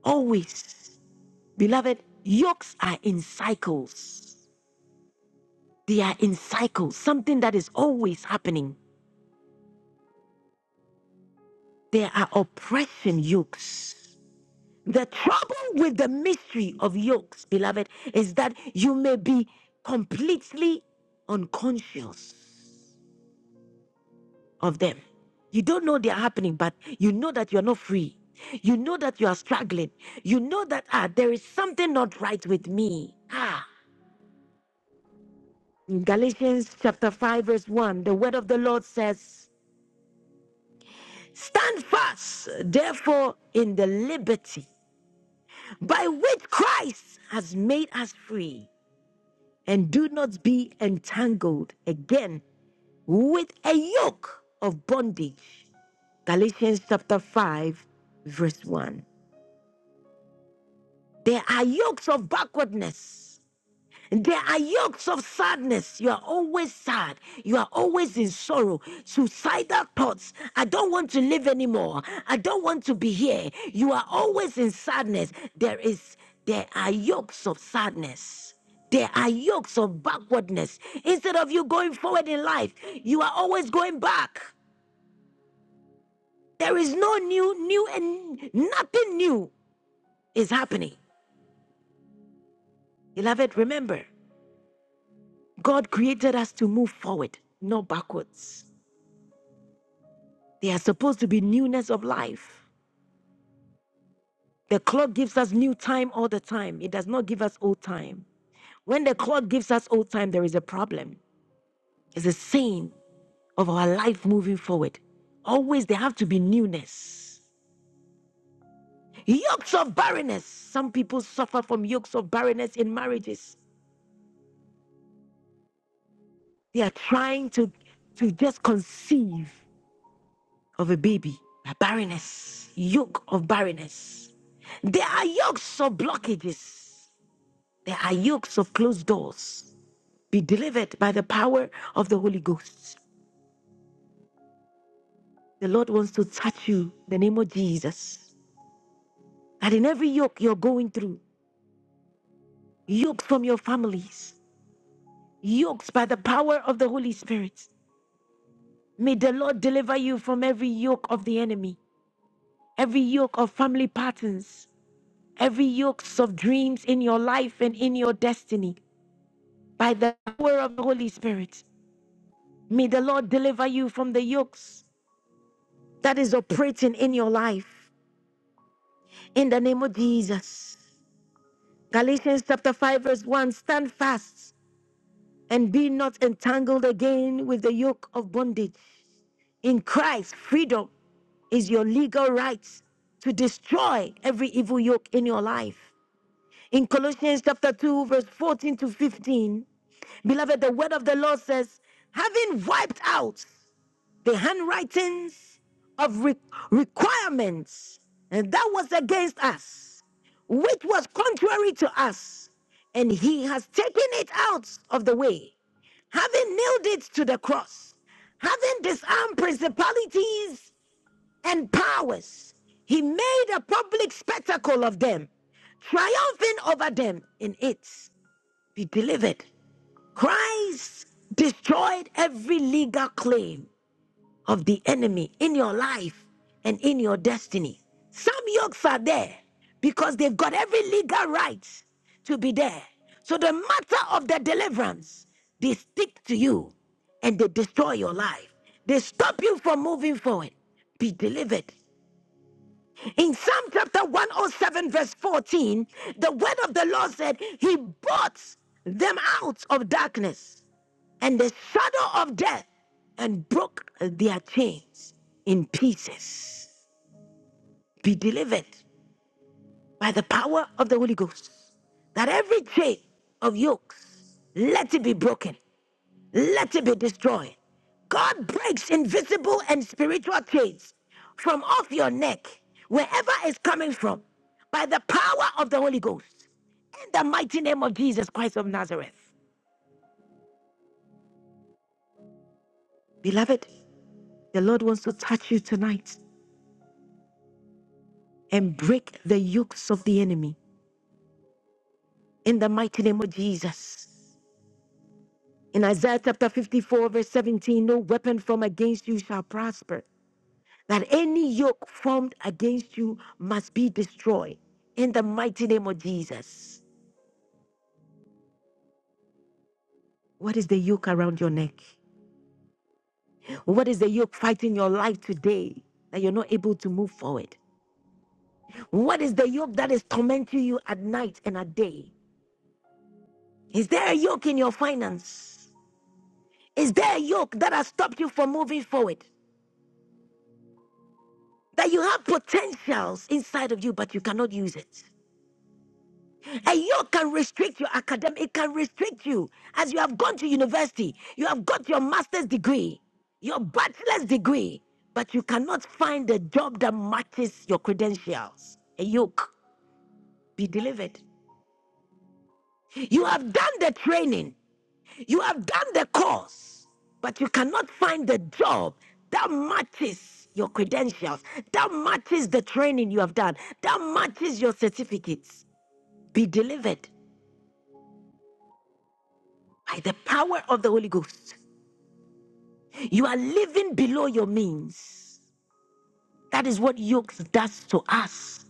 S1: Always. Beloved, yokes are in cycles. They are in cycles, something that is always happening. There are oppression yokes. The trouble with the mystery of yokes, beloved, is that you may be completely unconscious of them. You don't know they are happening, but you know that you're not free. You know that you are struggling. You know that ah, there is something not right with me. Ah. In Galatians chapter 5, verse 1, the word of the Lord says, Stand fast, therefore, in the liberty by which Christ has made us free and do not be entangled again with a yoke of bondage. Galatians chapter 5, verse 1. There are yokes of backwardness There are yokes of sadness. You are always sad. You are always in sorrow. Suicidal thoughts. I don't want to live anymore. I don't want to be here. You are always in sadness. There is there are yokes of sadness. There are yokes of backwardness. Instead of you going forward in life, you are always going back. There is no new, new, and nothing new is happening. Beloved, remember, God created us to move forward, not backwards. They are supposed to be newness of life. The clock gives us new time all the time, it does not give us old time. When the clock gives us old time, there is a problem. It's a sign of our life moving forward. Always there have to be newness. Yokes of barrenness. Some people suffer from yokes of barrenness in marriages. They are trying to, to just conceive of a baby. A barrenness, yoke of barrenness. There are yokes of blockages. There are yokes of closed doors. Be delivered by the power of the Holy Ghost. The Lord wants to touch you in the name of Jesus. That in every yoke you're going through, yokes from your families, yokes by the power of the Holy Spirit. May the Lord deliver you from every yoke of the enemy, every yoke of family patterns, every yokes of dreams in your life and in your destiny. By the power of the Holy Spirit, may the Lord deliver you from the yokes that is operating in your life. in the name of Jesus. Galatians chapter 5, verse 1 Stand fast and be not entangled again with the yoke of bondage. In Christ, freedom is your legal right to destroy every evil yoke in your life. In Colossians chapter 2, verse 14 to 15, beloved, the word of the Lord says, having wiped out the handwritings of re- requirements and that was against us, which was contrary to us. And he has taken it out of the way, having nailed it to the cross, having disarmed principalities and powers. He made a public spectacle of them, triumphing over them in it. Be delivered. Christ destroyed every legal claim of the enemy in your life and in your destiny. Some yokes are there because they've got every legal right to be there. So the matter of the deliverance, they stick to you and they destroy your life. They stop you from moving forward. Be delivered. In Psalm chapter 107, verse 14, the word of the Lord said, He brought them out of darkness and the shadow of death and broke their chains in pieces. Be delivered by the power of the Holy Ghost. That every chain of yokes, let it be broken, let it be destroyed. God breaks invisible and spiritual chains from off your neck, wherever it's coming from, by the power of the Holy Ghost. In the mighty name of Jesus Christ of Nazareth. Beloved, the Lord wants to touch you tonight. and break the yokes of the enemy in the mighty name of Jesus. In Isaiah chapter 54, verse 17, no weapon formed against you shall prosper, that any yoke formed against you must be destroyed in the mighty name of Jesus. What is the yoke around your neck? What is the yoke fighting your life today that you're not able to move forward? What is the yoke that is tormenting you at night and at day? Is there a yoke in your finance? Is there a yoke that has stopped you from moving forward? that you have potentials inside of you, but you cannot use it. A yoke can restrict your academic, it can restrict you. As you have gone to university, you have got your master's degree, your bachelor's degree, but you cannot find a job that matches your credentials. A yoke, be delivered. You have done the training, You have done the course, but you cannot find the job that matches your credentials, that matches the training you have done, that matches your certificates. Be delivered by the power of the Holy Ghost. You are living below your means. That is what yokes does to us.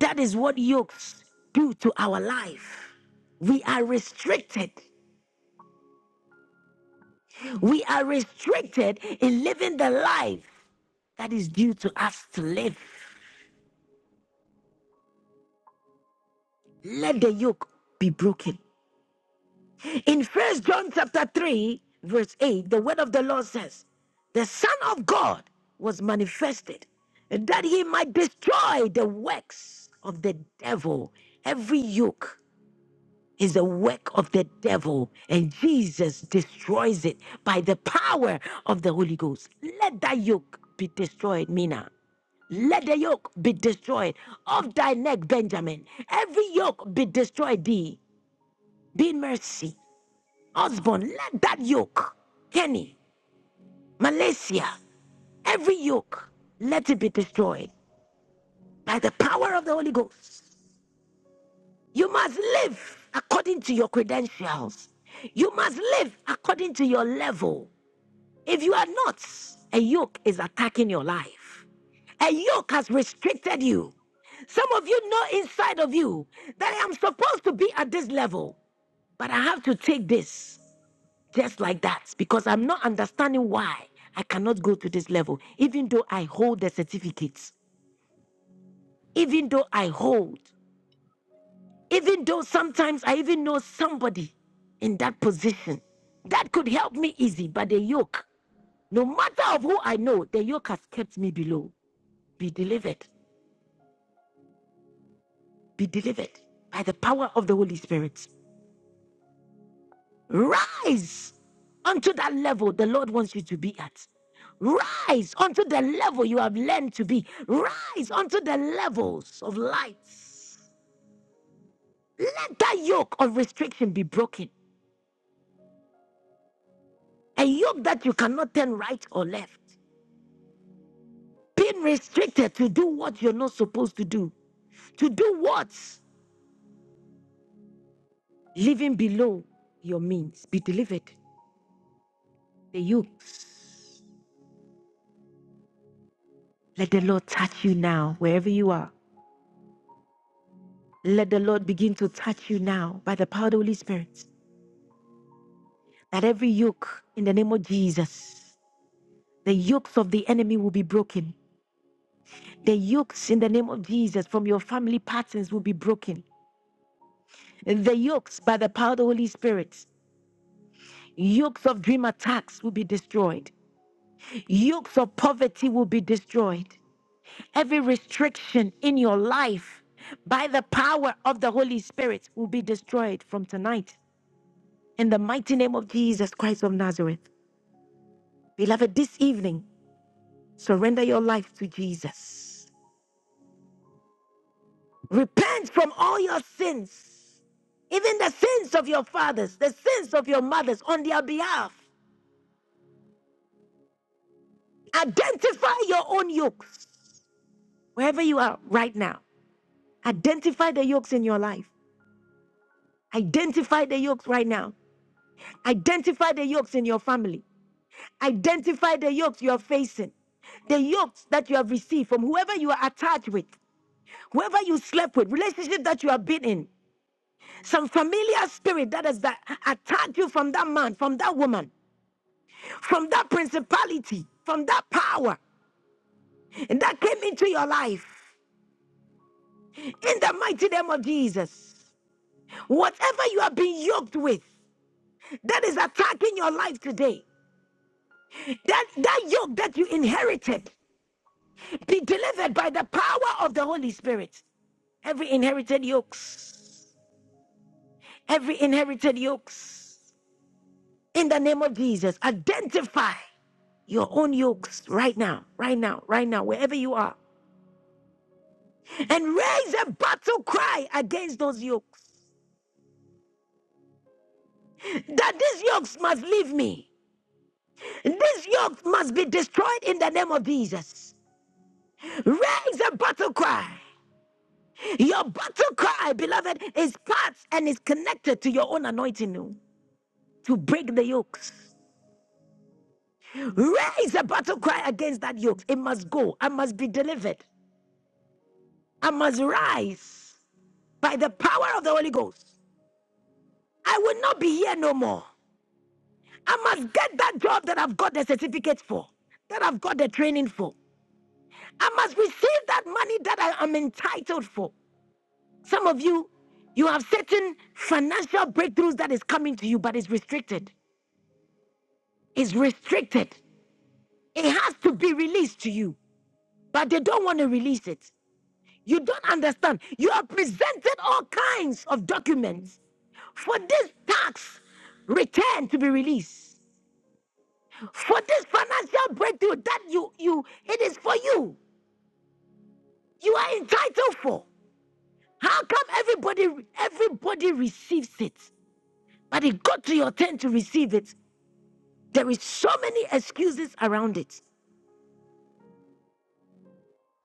S1: That is what yokes do to our life. We are restricted. We are restricted in living the life that is due to us to live. let the yoke be broken. In First John chapter 3, verse 8, the word of the Lord says, The Son of God was manifested that he might destroy the works of the devil. Every yoke is the work of the devil, and Jesus destroys it by the power of the Holy Ghost. Let that yoke be destroyed, Mina. Let the yoke be destroyed. Off thy neck, Benjamin. Every yoke be destroyed thee. Be mercy. Husband, let that yoke, Kenny, Malaysia, every yoke, let it be destroyed by the power of the Holy Ghost. You must live according to your credentials. You must live according to your level. If you are not, a yoke is attacking your life. A yoke has restricted you. Some of you know inside of you that I am supposed to be at this level, but I have to take this. just like that because I'm not understanding why I cannot go to this level, even though I hold the certificates, even though I hold, even though sometimes I even know somebody in that position that could help me easy, but the yoke, no matter of who I know, the yoke has kept me below. Be delivered, be delivered by the power of the Holy Spirit. Rise unto that level the Lord wants you to be at. Rise unto the level you have learned to be. Rise unto the levels of lights. Let that yoke of restriction be broken. A yoke that you cannot turn right or left. Being restricted to do what you're not supposed to do. To do what? Living below your means. Be delivered. The yokes. Let the Lord touch you now, wherever you are. Let the Lord begin to touch you now by the power of the Holy Spirit. That every yoke in the name of Jesus, the yokes of the enemy will be broken. The yokes in the name of Jesus from your family patterns will be broken. The yokes by the power of the Holy Spirit, yokes of dream attacks will be destroyed. Yokes of poverty will be destroyed. Every restriction in your life by the power of the Holy Spirit will be destroyed from tonight. In the mighty name of Jesus Christ of Nazareth. Beloved, this evening, surrender your life to Jesus. Repent from all your sins, even the sins of your fathers, the sins of your mothers on their behalf. Identify your own yokes wherever you are right now. Identify the yokes in your life. Identify the yokes right now. Identify the yokes in your family. Identify the yokes you are facing the yokes that you have received from whoever you are attached with, whoever you slept with, relationship that you have been in, Some familiar spirit that has that attacked you from that man, from that woman, from that principality, from that power, and that came into your life. In the mighty name of Jesus, whatever you have been yoked with, that is attacking your life today. That that yoke that you inherited, be delivered by the power of the Holy Spirit. Every inherited yokes, every inherited yokes. In the name of Jesus, identify. your own yokes right now, right now, right now, wherever you are, and raise a battle cry against those yokes. That these yokes must leave me. These yokes must be destroyed in the name of Jesus. Raise a battle cry. Your battle cry, beloved, is part and is connected to your own anointing oh, to break the yokes. Raise a battle cry against that yoke. It must go. I must be delivered. I must rise by the power of the Holy Ghost. I will not be here no more. I must get that job that I've got the certificate for, that I've got the training for. I must receive that money that I am entitled for. Some of you, you have certain financial breakthroughs that is coming to you, but it's restricted. It's restricted. It has to be released to you, but they don't want to release it. You don't understand. You have presented all kinds of documents for this tax return to be released. For this financial breakthrough that you you it is for you. You are entitled for. How come everybody everybody receives it? But it got to your turn to receive it. There is so many excuses around it.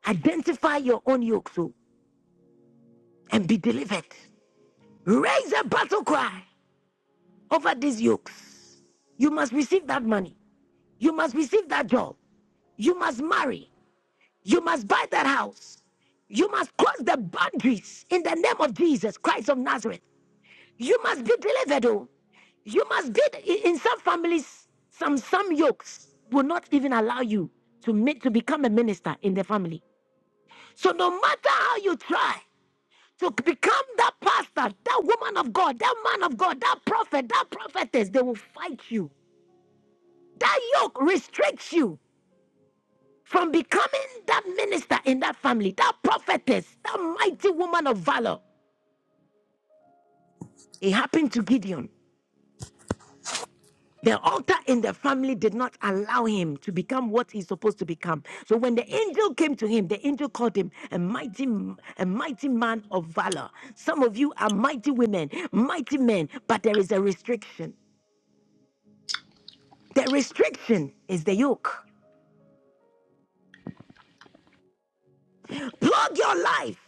S1: Identify your own yoke, so and be delivered. Raise a battle cry over these yokes. You must receive that money. You must receive that job. You must marry. You must buy that house. You must cross the boundaries in the name of Jesus Christ of Nazareth. You must be delivered. Oh. You must be in in some families, some some yokes will not even allow you to make to become a minister in the family. So no matter how you try to become that pastor, that woman of God, that man of God, that prophet, that prophetess, they will fight you. That yoke restricts you. from becoming that minister in that family, that prophetess, that mighty woman of valor. It happened to Gideon. The altar in the family did not allow him to become what he's supposed to become. So when the angel came to him, the angel called him a mighty, a mighty man of valor. Some of you are mighty women, mighty men, but there is a restriction. The restriction is the yoke. Plug your life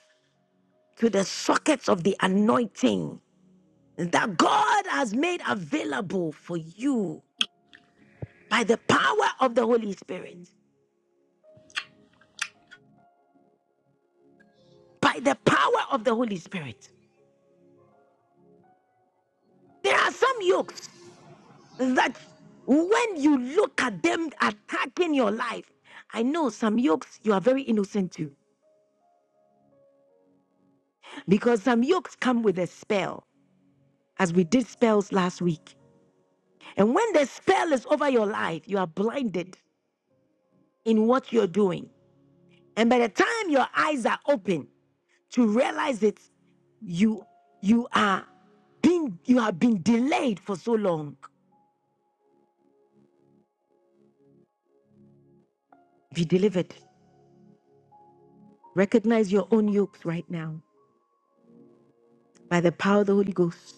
S1: to the sockets of the anointing that God has made available for you by the power of the Holy Spirit. By the power of the Holy Spirit. There are some yokes that when you look at them attacking your life, I know some yokes you are very innocent to because some yokes come with a spell, as we did spells last week. And when the spell is over your life, you are blinded in what you're doing. And by the time your eyes are open, to realize it, you you are being you have been delayed for so long. Be delivered. Recognize your own yokes right now by the power of the Holy Ghost.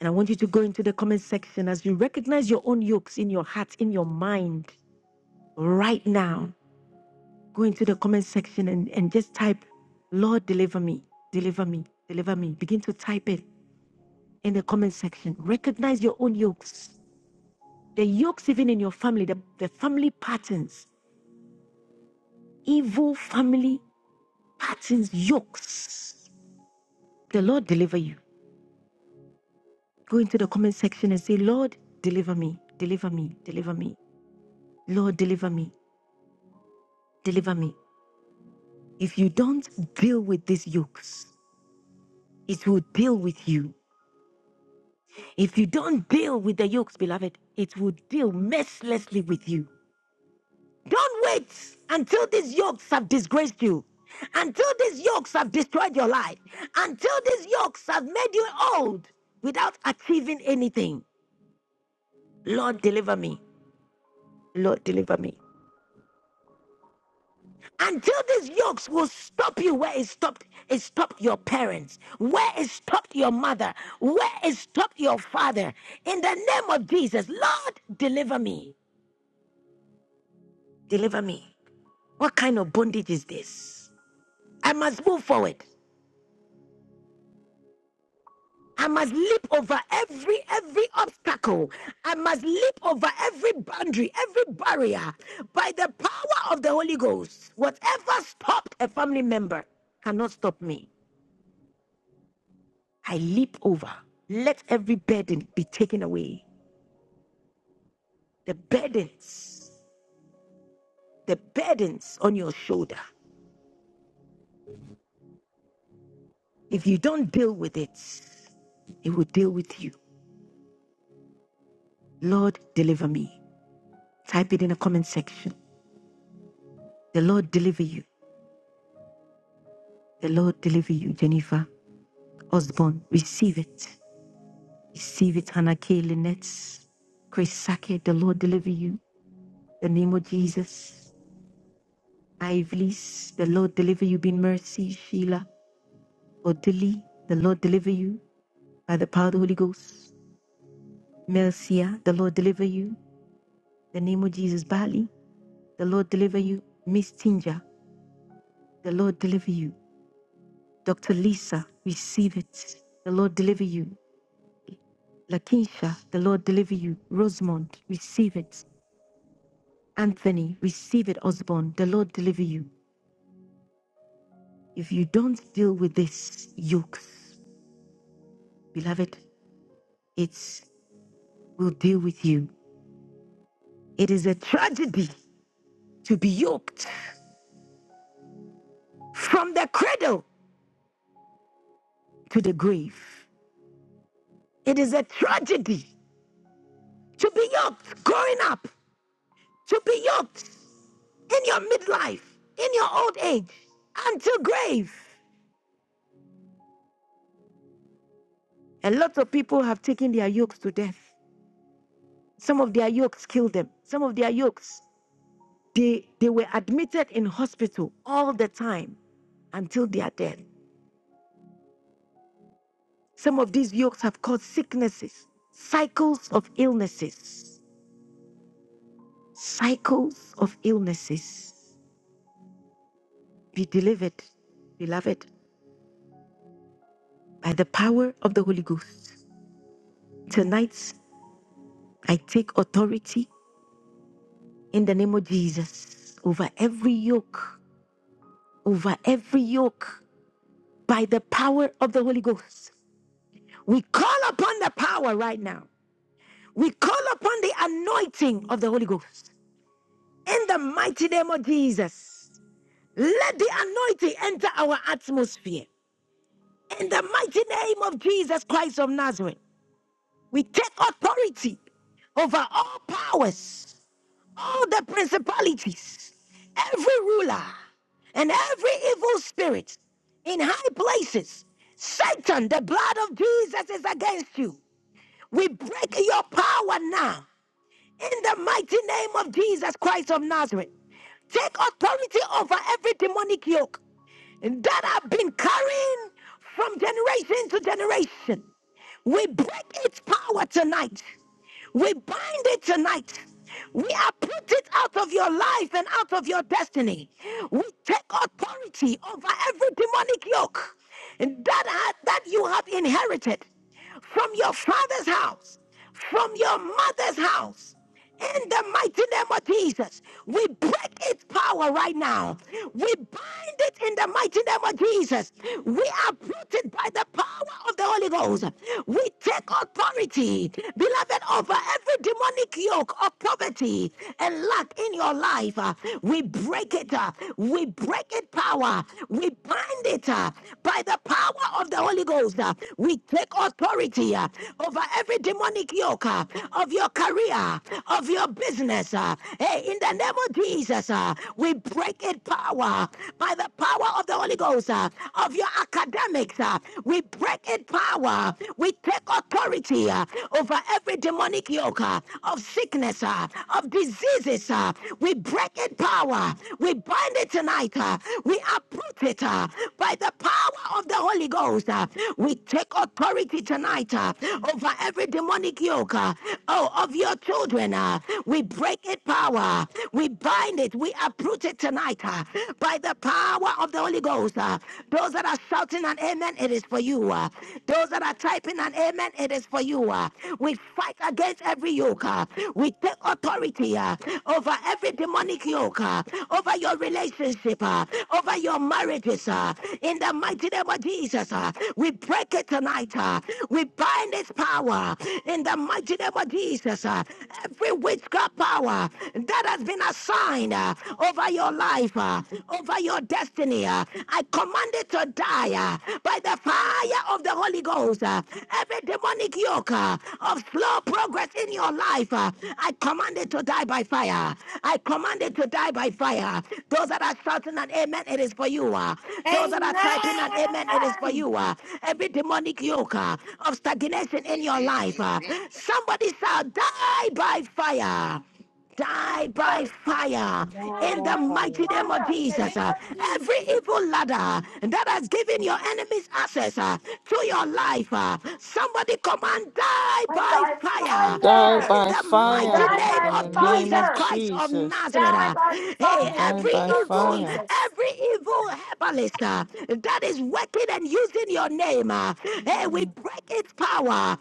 S1: And I want you to go into the comment section as you recognize your own yokes in your heart, in your mind, right now. Go into the comment section and, and just type, Lord, deliver me, deliver me, deliver me. Begin to type it in the comment section. Recognize your own yokes, the yokes even in your family, the, the family patterns evil family patterns, yokes. The Lord deliver you. Go into the comment section and say, Lord, deliver me, deliver me, deliver me. Lord, deliver me, deliver me. If you don't deal with these yokes, it will deal with you. If you don't deal with the yokes, beloved, it will deal mercilessly with you. Don't wait until these yokes have disgraced you, until these yokes have destroyed your life, until these yokes have made you old without achieving anything. Lord, deliver me. Lord, deliver me. Until these yokes will stop you where it stopped, it stopped your parents, where it stopped your mother, where it stopped your father. In the name of Jesus, Lord, deliver me. Deliver me. What kind of bondage is this? I must move forward. I must leap over every every obstacle. I must leap over every boundary, every barrier by the power of the Holy Ghost. Whatever stopped a family member cannot stop me. I leap over. Let every burden be taken away. The burdens, the burdens on your shoulder. If you don't deal with it, it will deal with you. Lord, deliver me. Type it in the comment section. The Lord deliver you. The Lord deliver you, Jennifer. Osborne, receive it. Receive it, Hannah Hanake Lynette. Chris Sake, the Lord deliver you. The name of Jesus. Ivlis, the Lord deliver you. Be in mercy, Sheila. Odili, the Lord deliver you. By the power of the Holy Ghost. Melcia, the Lord deliver you. The name of Jesus. Bali, the Lord deliver you. Miss Tinja, the Lord deliver you. Dr. Lisa, receive it. The Lord deliver you. Lakinsha, the Lord deliver you. Rosamond, receive it. Anthony, receive it, Osborne. The Lord deliver you. If you don't deal with this yokes, beloved, it will deal with you. It is a tragedy to be yoked from the cradle to the grave. It is a tragedy to be yoked growing up, to be yoked in your midlife, in your old age, until grave. A lot of people have taken their yokes to death. Some of their yokes kill them. Some of their yokes They, they were admitted in hospital all the time until their death. Some of these yokes have caused sicknesses, cycles of illnesses, cycles of illnesses. Be delivered, beloved, by the power of the Holy Ghost. Tonight, I take authority in the name of Jesus over every yoke, over every yoke, by the power of the Holy Ghost. We call upon the power right now We call upon the anointing of the Holy Ghost in the mighty name of Jesus. Let the anointing enter our atmosphere in the mighty name of Jesus Christ of Nazareth. We take authority over all powers, all the principalities, every ruler, and every evil spirit in high places. Satan, the blood of Jesus is against you. We break your power now In the mighty name of Jesus Christ of Nazareth, take authority over every demonic yoke that have been carrying from generation to generation. We break its power tonight. We bind it tonight. We are put it out of your life and out of your destiny. We take authority over every demonic yoke that, ha- that you have inherited from your father's house, from your mother's house. In the mighty name of Jesus, we break its power right now. We bind it in the mighty name of Jesus. We uproot it by the power of the Holy Ghost. We take authority, beloved, over every demonic yoke of poverty and lack in your life. Uh, We break it. uh, We break it power. We bind it uh, by the power of the Holy Ghost. uh, We take authority uh, over every demonic yoke uh, of your career career, of your business. uh, Hey, in the name of Jesus, uh, we break it power by the power of the Holy Ghost, uh, of your academics. uh, We break it power. We take authority uh, over every demonic yoke uh, of sickness, uh, of diseases. uh, We break it power. We bind it tonight. uh, We uproot it uh, by the power of the Holy Ghost. uh, We take authority tonight uh, over every demonic yoke. uh, uh, oh, of your children. uh, we break its power. We bind it. We uproot it tonight uh, by the power of the Holy Ghost. uh. those that are shouting an amen, it is for you. uh. those that are typing an amen, it is for you. uh. we fight against every yoke. uh. we take authority uh, over every demonic yoke, uh, over your relationship, uh, over your marriages. uh. in the mighty name of Jesus, uh, we break it tonight. uh. we bind its power in the mighty name of Jesus. uh, Every witchcraft power that has been assigned uh, over your life, uh, over your destiny, uh, I command it to die uh, by the fire of the Holy Ghost. uh, Every demonic yoke uh, of slow progress in your life, uh, I command it to die by fire. I command it to die by fire. Those that are shouting an amen, it is for you. uh. Those that are typing an amen, it is for you. uh. Every demonic yoke uh, of stagnation happening in your
S11: Amen.
S1: life. Uh,
S11: Amen.
S1: somebody shall die by fire die by fire
S12: Die
S1: in
S12: by
S1: the mighty
S12: fire,
S1: name of
S2: in the name
S1: Jesus. uh,
S2: of Jesus.
S1: every evil ladder that has given your enemies access uh, to your life, uh, somebody command die
S2: Die
S1: by
S2: by
S1: fire
S13: Die
S2: fire.
S1: in
S13: by
S1: the
S12: die
S13: fire
S1: mighty
S2: Die
S12: by
S1: name
S2: by
S13: in the
S1: of
S12: fire,
S13: name
S1: Jesus
S13: of
S2: fire.
S1: Christ of
S13: Jesus.
S1: Nazareth.
S2: Die
S1: uh.
S2: by fire
S1: hey,
S2: in the
S13: Die
S1: every
S2: name
S13: by
S2: of
S1: evil,
S13: fire.
S2: Jesus.
S1: every evil herbalist uh, that is working and using your name, uh, hey, we
S2: Yes.
S1: break its power,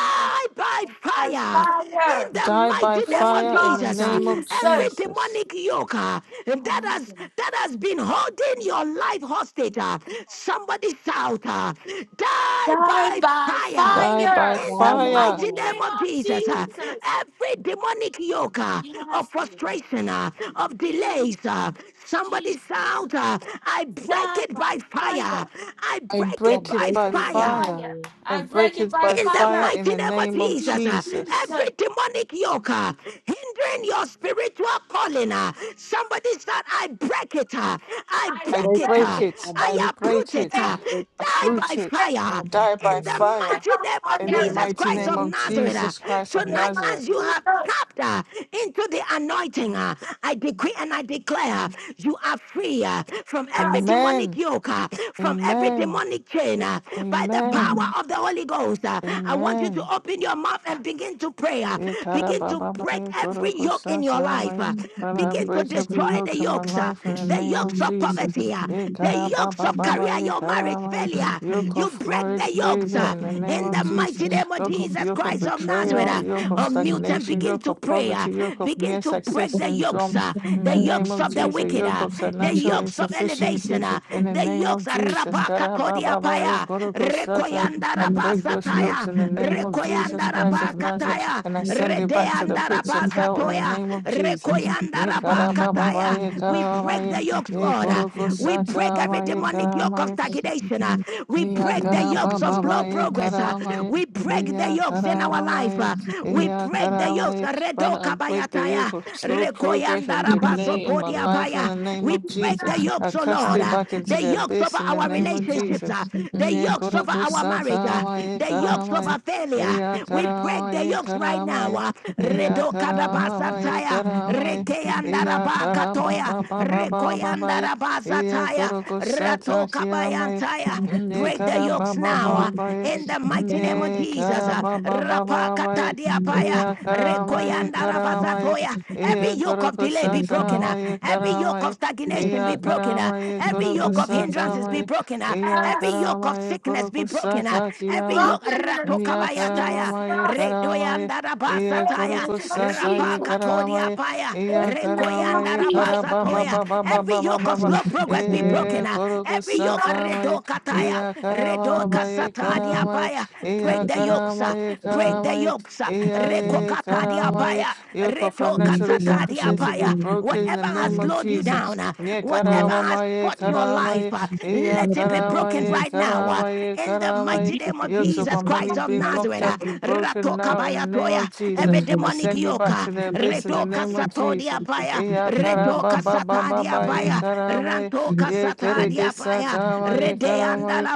S2: Die
S1: by
S2: by
S1: fire in
S2: fire.
S1: the
S13: Die
S1: mighty
S13: by
S1: name of
S2: Name
S13: fire in
S2: of
S13: the
S1: Jesus. uh,
S13: name of
S2: Jesus.
S1: Every
S13: Jesus.
S1: demonic yoke uh, that has that has been holding your life hostage, uh, somebody shout, uh, die
S2: Die
S1: by
S2: by
S1: fire
S13: Die by
S2: fire.
S1: in the
S12: die
S2: In
S12: by
S2: the
S13: fire.
S1: mighty name
S12: fire.
S2: name
S1: of
S2: of
S1: Jesus. uh,
S2: Jesus.
S1: Every demonic yoke uh, of
S2: Yes, Lord.
S1: frustration, uh, of
S2: Jesus.
S1: delays, uh, somebody
S2: Jesus.
S1: shout, uh, I break
S2: Die
S1: it
S2: by
S1: by fire.
S2: fire.
S1: I
S13: I
S1: break
S12: I
S1: it
S13: break it
S1: by
S12: break
S13: by
S2: by
S12: it by
S1: fire.
S13: fire.
S2: fire.
S12: fire,
S13: I
S2: I break
S13: break
S2: it
S13: it
S2: by
S13: by
S1: In the
S2: fire.
S13: fire in
S2: That's
S1: mighty
S13: the
S1: name of
S2: the
S13: name of
S2: name of
S1: Jesus, uh,
S13: Jesus.
S1: every
S2: Jesus.
S1: demonic yoke uh, hindering your spiritual calling, uh, somebody said, I break it, uh, I
S2: I
S13: I
S1: break
S12: break
S1: it,
S2: break
S12: it,
S1: uh,
S13: break
S2: it.
S12: I
S13: it.
S1: I
S13: I
S12: break it,
S1: uproot
S13: break
S1: it,
S2: I
S13: it.
S12: I
S1: uh,
S2: break it.
S12: break it,
S1: die
S2: I
S1: by
S13: Uproot it.
S2: break it.
S12: die
S1: fire.
S12: by
S13: Die by
S1: In
S12: fire.
S1: the
S2: I
S13: fire
S1: mighty
S2: come
S1: name
S12: In
S1: of
S13: in the
S12: the
S2: fire.
S1: Jesus
S12: mighty
S13: mighty
S1: Christ
S13: name
S12: name
S1: of
S12: of
S13: of
S1: Nazareth,
S12: Jesus
S1: uh,
S13: Jesus
S12: Christ
S13: Christ
S12: of
S13: of
S2: Name
S1: tonight
S12: Nazareth.
S2: of
S1: as
S13: Nazareth.
S1: you have
S2: Jesus.
S1: tapped uh, into the anointing. uh, I decree and I declare uh, you are free uh, from every
S2: Yes,
S1: demonic
S13: Amen.
S1: yoke, uh, from every
S13: Amen.
S1: demonic chain. uh, By the
S13: Amen.
S1: power
S14: Thank
S1: of the Holy Ghost, uh, I want you
S13: Amen.
S1: to open your mouth and begin to pray. uh,
S13: Yeah,
S1: Begin
S13: Karababa
S1: to
S13: Baba,
S1: break
S13: yeah, Karo
S1: every yoke in your
S13: Kosata,
S1: life.
S13: I'm
S1: uh,
S13: gonna
S1: Begin to
S13: break every
S1: destroy the
S13: yoke in my
S1: yokes, uh,
S13: life in the
S1: the
S13: name of
S1: yokes of
S13: Jesus.
S1: poverty, uh,
S13: Yeah,
S1: the yokes
S13: Karababa
S1: of career,
S13: Baba, yeah,
S1: your marriage
S13: Karo Kosata,
S1: failure.
S13: yoke
S1: You
S13: of
S1: break the
S13: marriage
S1: yokes.
S13: failure
S1: uh,
S13: in the name
S1: in
S13: of
S1: the
S13: Jesus,
S1: mighty name of
S13: yoke of
S1: Jesus
S13: yoke of
S1: Christ of Nazareth,
S13: betrayal,
S2: Jesus.
S1: uh,
S13: yoke of
S1: unmute and
S13: stagnation,
S1: begin
S13: yoke
S1: to
S13: of
S1: pray. uh,
S13: poverty, yoke of
S1: Begin
S13: mere
S1: to
S13: success
S1: break the
S13: syndrome
S1: yokes, uh,
S13: in
S1: the
S13: the name
S1: yokes
S13: of
S1: of the
S13: Jesus,
S1: wicked,
S13: yoke
S1: uh,
S13: of
S1: the
S13: financial
S1: yokes of
S13: insufficiency
S1: elevation, uh,
S13: in the
S1: the
S13: name of
S1: yokes. uh,
S13: Jesus.
S1: Rapa
S13: Karababa
S1: kakodia
S13: Baba, yeah,
S1: paya,
S13: Karo Kosata,
S1: rekoyanda
S13: I break those yokes
S1: rabasataya,
S13: in the name of Jesus
S1: rekoyanda
S13: Christ of Nazareth
S1: rabakataya,
S13: and I send you back to the
S1: redeanda
S13: pits of hell in
S14: you.
S13: the
S1: rabasatoya,
S13: name of
S14: Thank
S13: Jesus.
S1: rekoyanda
S13: Ye kara ba ba ba
S1: rabakataya.
S13: ye
S1: We
S13: kara ba
S1: break
S13: ye
S1: the yokes,
S13: ye
S1: Lord. uh,
S13: koro ko
S1: We
S13: sa
S1: break
S13: cha
S1: every
S13: ba ye
S1: demonic
S13: kara
S1: yoke of stagnation. uh, We
S13: Iya
S1: break the
S13: karaba
S1: yokes of
S13: baba
S1: slow
S13: ye
S1: progress. uh,
S13: karamaye.
S1: We break the
S13: Iya
S1: yokes in our life.
S13: karamamaye.
S1: uh, We
S13: Iya
S1: break the yokes.
S13: karamaye.
S1: Redo
S13: Father, I break the
S1: kabayataya,
S13: yoke of slow progress and delay in my life in
S1: regoyandarabasotodiapaya.
S13: the name
S1: We
S13: of
S1: break
S13: Jesus.
S1: the
S13: I
S1: yokes, oh
S13: cast
S1: Lord.
S13: it
S1: uh,
S13: back into
S1: The
S14: you.
S13: the
S1: yokes over
S13: abyss in the
S1: our
S13: name of
S1: relationships. uh,
S13: Jesus.
S1: The
S13: Nye
S1: yokes over
S13: koroko
S1: our marriage. uh,
S13: satamaye
S1: The yokes
S13: karamaye.
S1: over failure.
S13: Iya
S1: We break the
S13: karamaye
S1: yokes right now.
S13: karamaye.
S1: uh,
S13: Iya
S1: Redo
S13: karamaye karamaye.
S1: kadabasantaya,
S13: Iya
S1: Rekeyandaraba katoya.
S13: karababa baba baba ye.
S1: Rekoyandaraba
S13: Iya
S1: zataya.
S13: koroko
S1: Rato
S13: satakiyamaye.
S1: kabayantaya.
S14: Thank
S13: Ne
S1: Break the
S13: kara ba
S1: yokes
S13: ba
S1: now.
S13: ba
S1: uh,
S13: ba ye,
S1: In the mighty name of
S13: ne
S1: Jesus.
S13: kara
S1: uh,
S13: ba ba ba
S1: Rapa
S13: ba ba ye,
S1: katadiapaya.
S13: ya kara ma ye
S1: Rekoyandaraba
S13: kara ma ye,
S1: zatoya. Every
S13: ye
S1: yoke
S13: koro
S1: of delay
S13: kusa
S1: be
S13: ta
S1: broken. uh,
S13: ma ye
S1: Every
S13: kara ma
S1: yoke of
S13: ye,
S1: stagnation be
S13: ya
S1: broken.
S13: kara
S1: uh,
S13: ma ye
S1: Every
S13: koro
S1: yoke of
S13: kusa ta
S1: hindrances
S13: ma
S1: be
S13: ye,
S1: broken. uh,
S13: ya
S1: Every
S13: kara
S1: yoke
S13: ma
S1: of
S13: ye
S1: sickness
S13: koro
S1: be
S13: kusa
S1: broken. uh,
S13: ta ki ya
S1: Every
S13: ma
S2: Run
S13: ye,
S1: yoke.
S2: in the
S1: Rato
S2: name
S13: ya
S2: of
S13: kara ma
S1: kabayataya.
S2: Jesus.
S13: ma ye kara ma ye,
S1: Rekoyanda rabasa
S2: Pray
S13: ye
S2: in
S13: koro
S2: the
S1: taya,
S2: name of
S13: kusa
S1: Rabasataya,
S13: ta
S2: Jesus.
S13: ye
S2: Pray
S13: kara ma
S1: Rapakatodia
S13: ye,
S1: Paya,
S2: in
S13: ya
S2: the
S13: kara
S2: name
S13: ma
S2: of
S1: Rekoyanda
S13: ye
S2: Jesus.
S13: kara
S1: rabasa
S13: ba ba
S1: toya.
S13: ba ba ba
S1: Every
S13: ba ba
S1: yoke
S13: ba
S1: of
S13: ba,
S1: slow progress be broken.
S13: ye
S1: ah.
S13: koro
S1: Every
S2: We
S13: kusa
S1: yoke
S13: ta
S2: love
S13: ma ye.
S1: redoka
S13: Iya
S1: taya, redoka
S13: karamaye
S1: Redokasatadia
S13: karamaye
S1: Paya.
S13: iya
S1: Break the yokes, ah.
S13: karamaye
S1: break the
S13: karamaye
S1: yokes, ah.
S13: iya ye
S1: Rekokatadia
S13: karamaye
S1: Paya,
S13: your
S1: redoka
S13: financial
S2: you,
S1: Redokasatadia
S13: insufficiency be
S1: Paya.
S13: broken in the
S1: Whatever has
S13: name of
S1: slowed you
S13: Jesus.
S1: down, ah,
S13: Nye
S1: whatever has
S13: karamaye
S1: fought your life,
S13: karamaye
S1: ah,
S13: iya
S1: let it be broken
S14: you.
S13: karamaye
S1: right now power
S13: karamaye
S1: in the
S13: karamaye
S1: mighty name
S14: Thank
S1: of
S13: yokes of my
S1: Jesus
S13: money
S1: Christ of
S13: being locked
S1: Nazareth. uh,
S13: up be broken
S1: Ratoka
S13: now in the
S1: baya
S13: name
S1: toya,
S13: of Jesus.
S1: every
S13: I
S1: demonic
S13: send you
S1: yoke,
S13: back
S1: uh,
S13: to the abyss in the
S1: Retoka
S13: name of Jesus.
S1: satodia baya,
S13: Iya
S1: Retoka
S13: karababa ba, ba ba,
S1: satadia
S13: ba, ye
S1: baya,
S13: karamaye.
S1: Rantoka
S13: Ye kere ke
S1: satadia baya,
S13: satama ye
S1: Redeanda
S13: karamai.
S1: la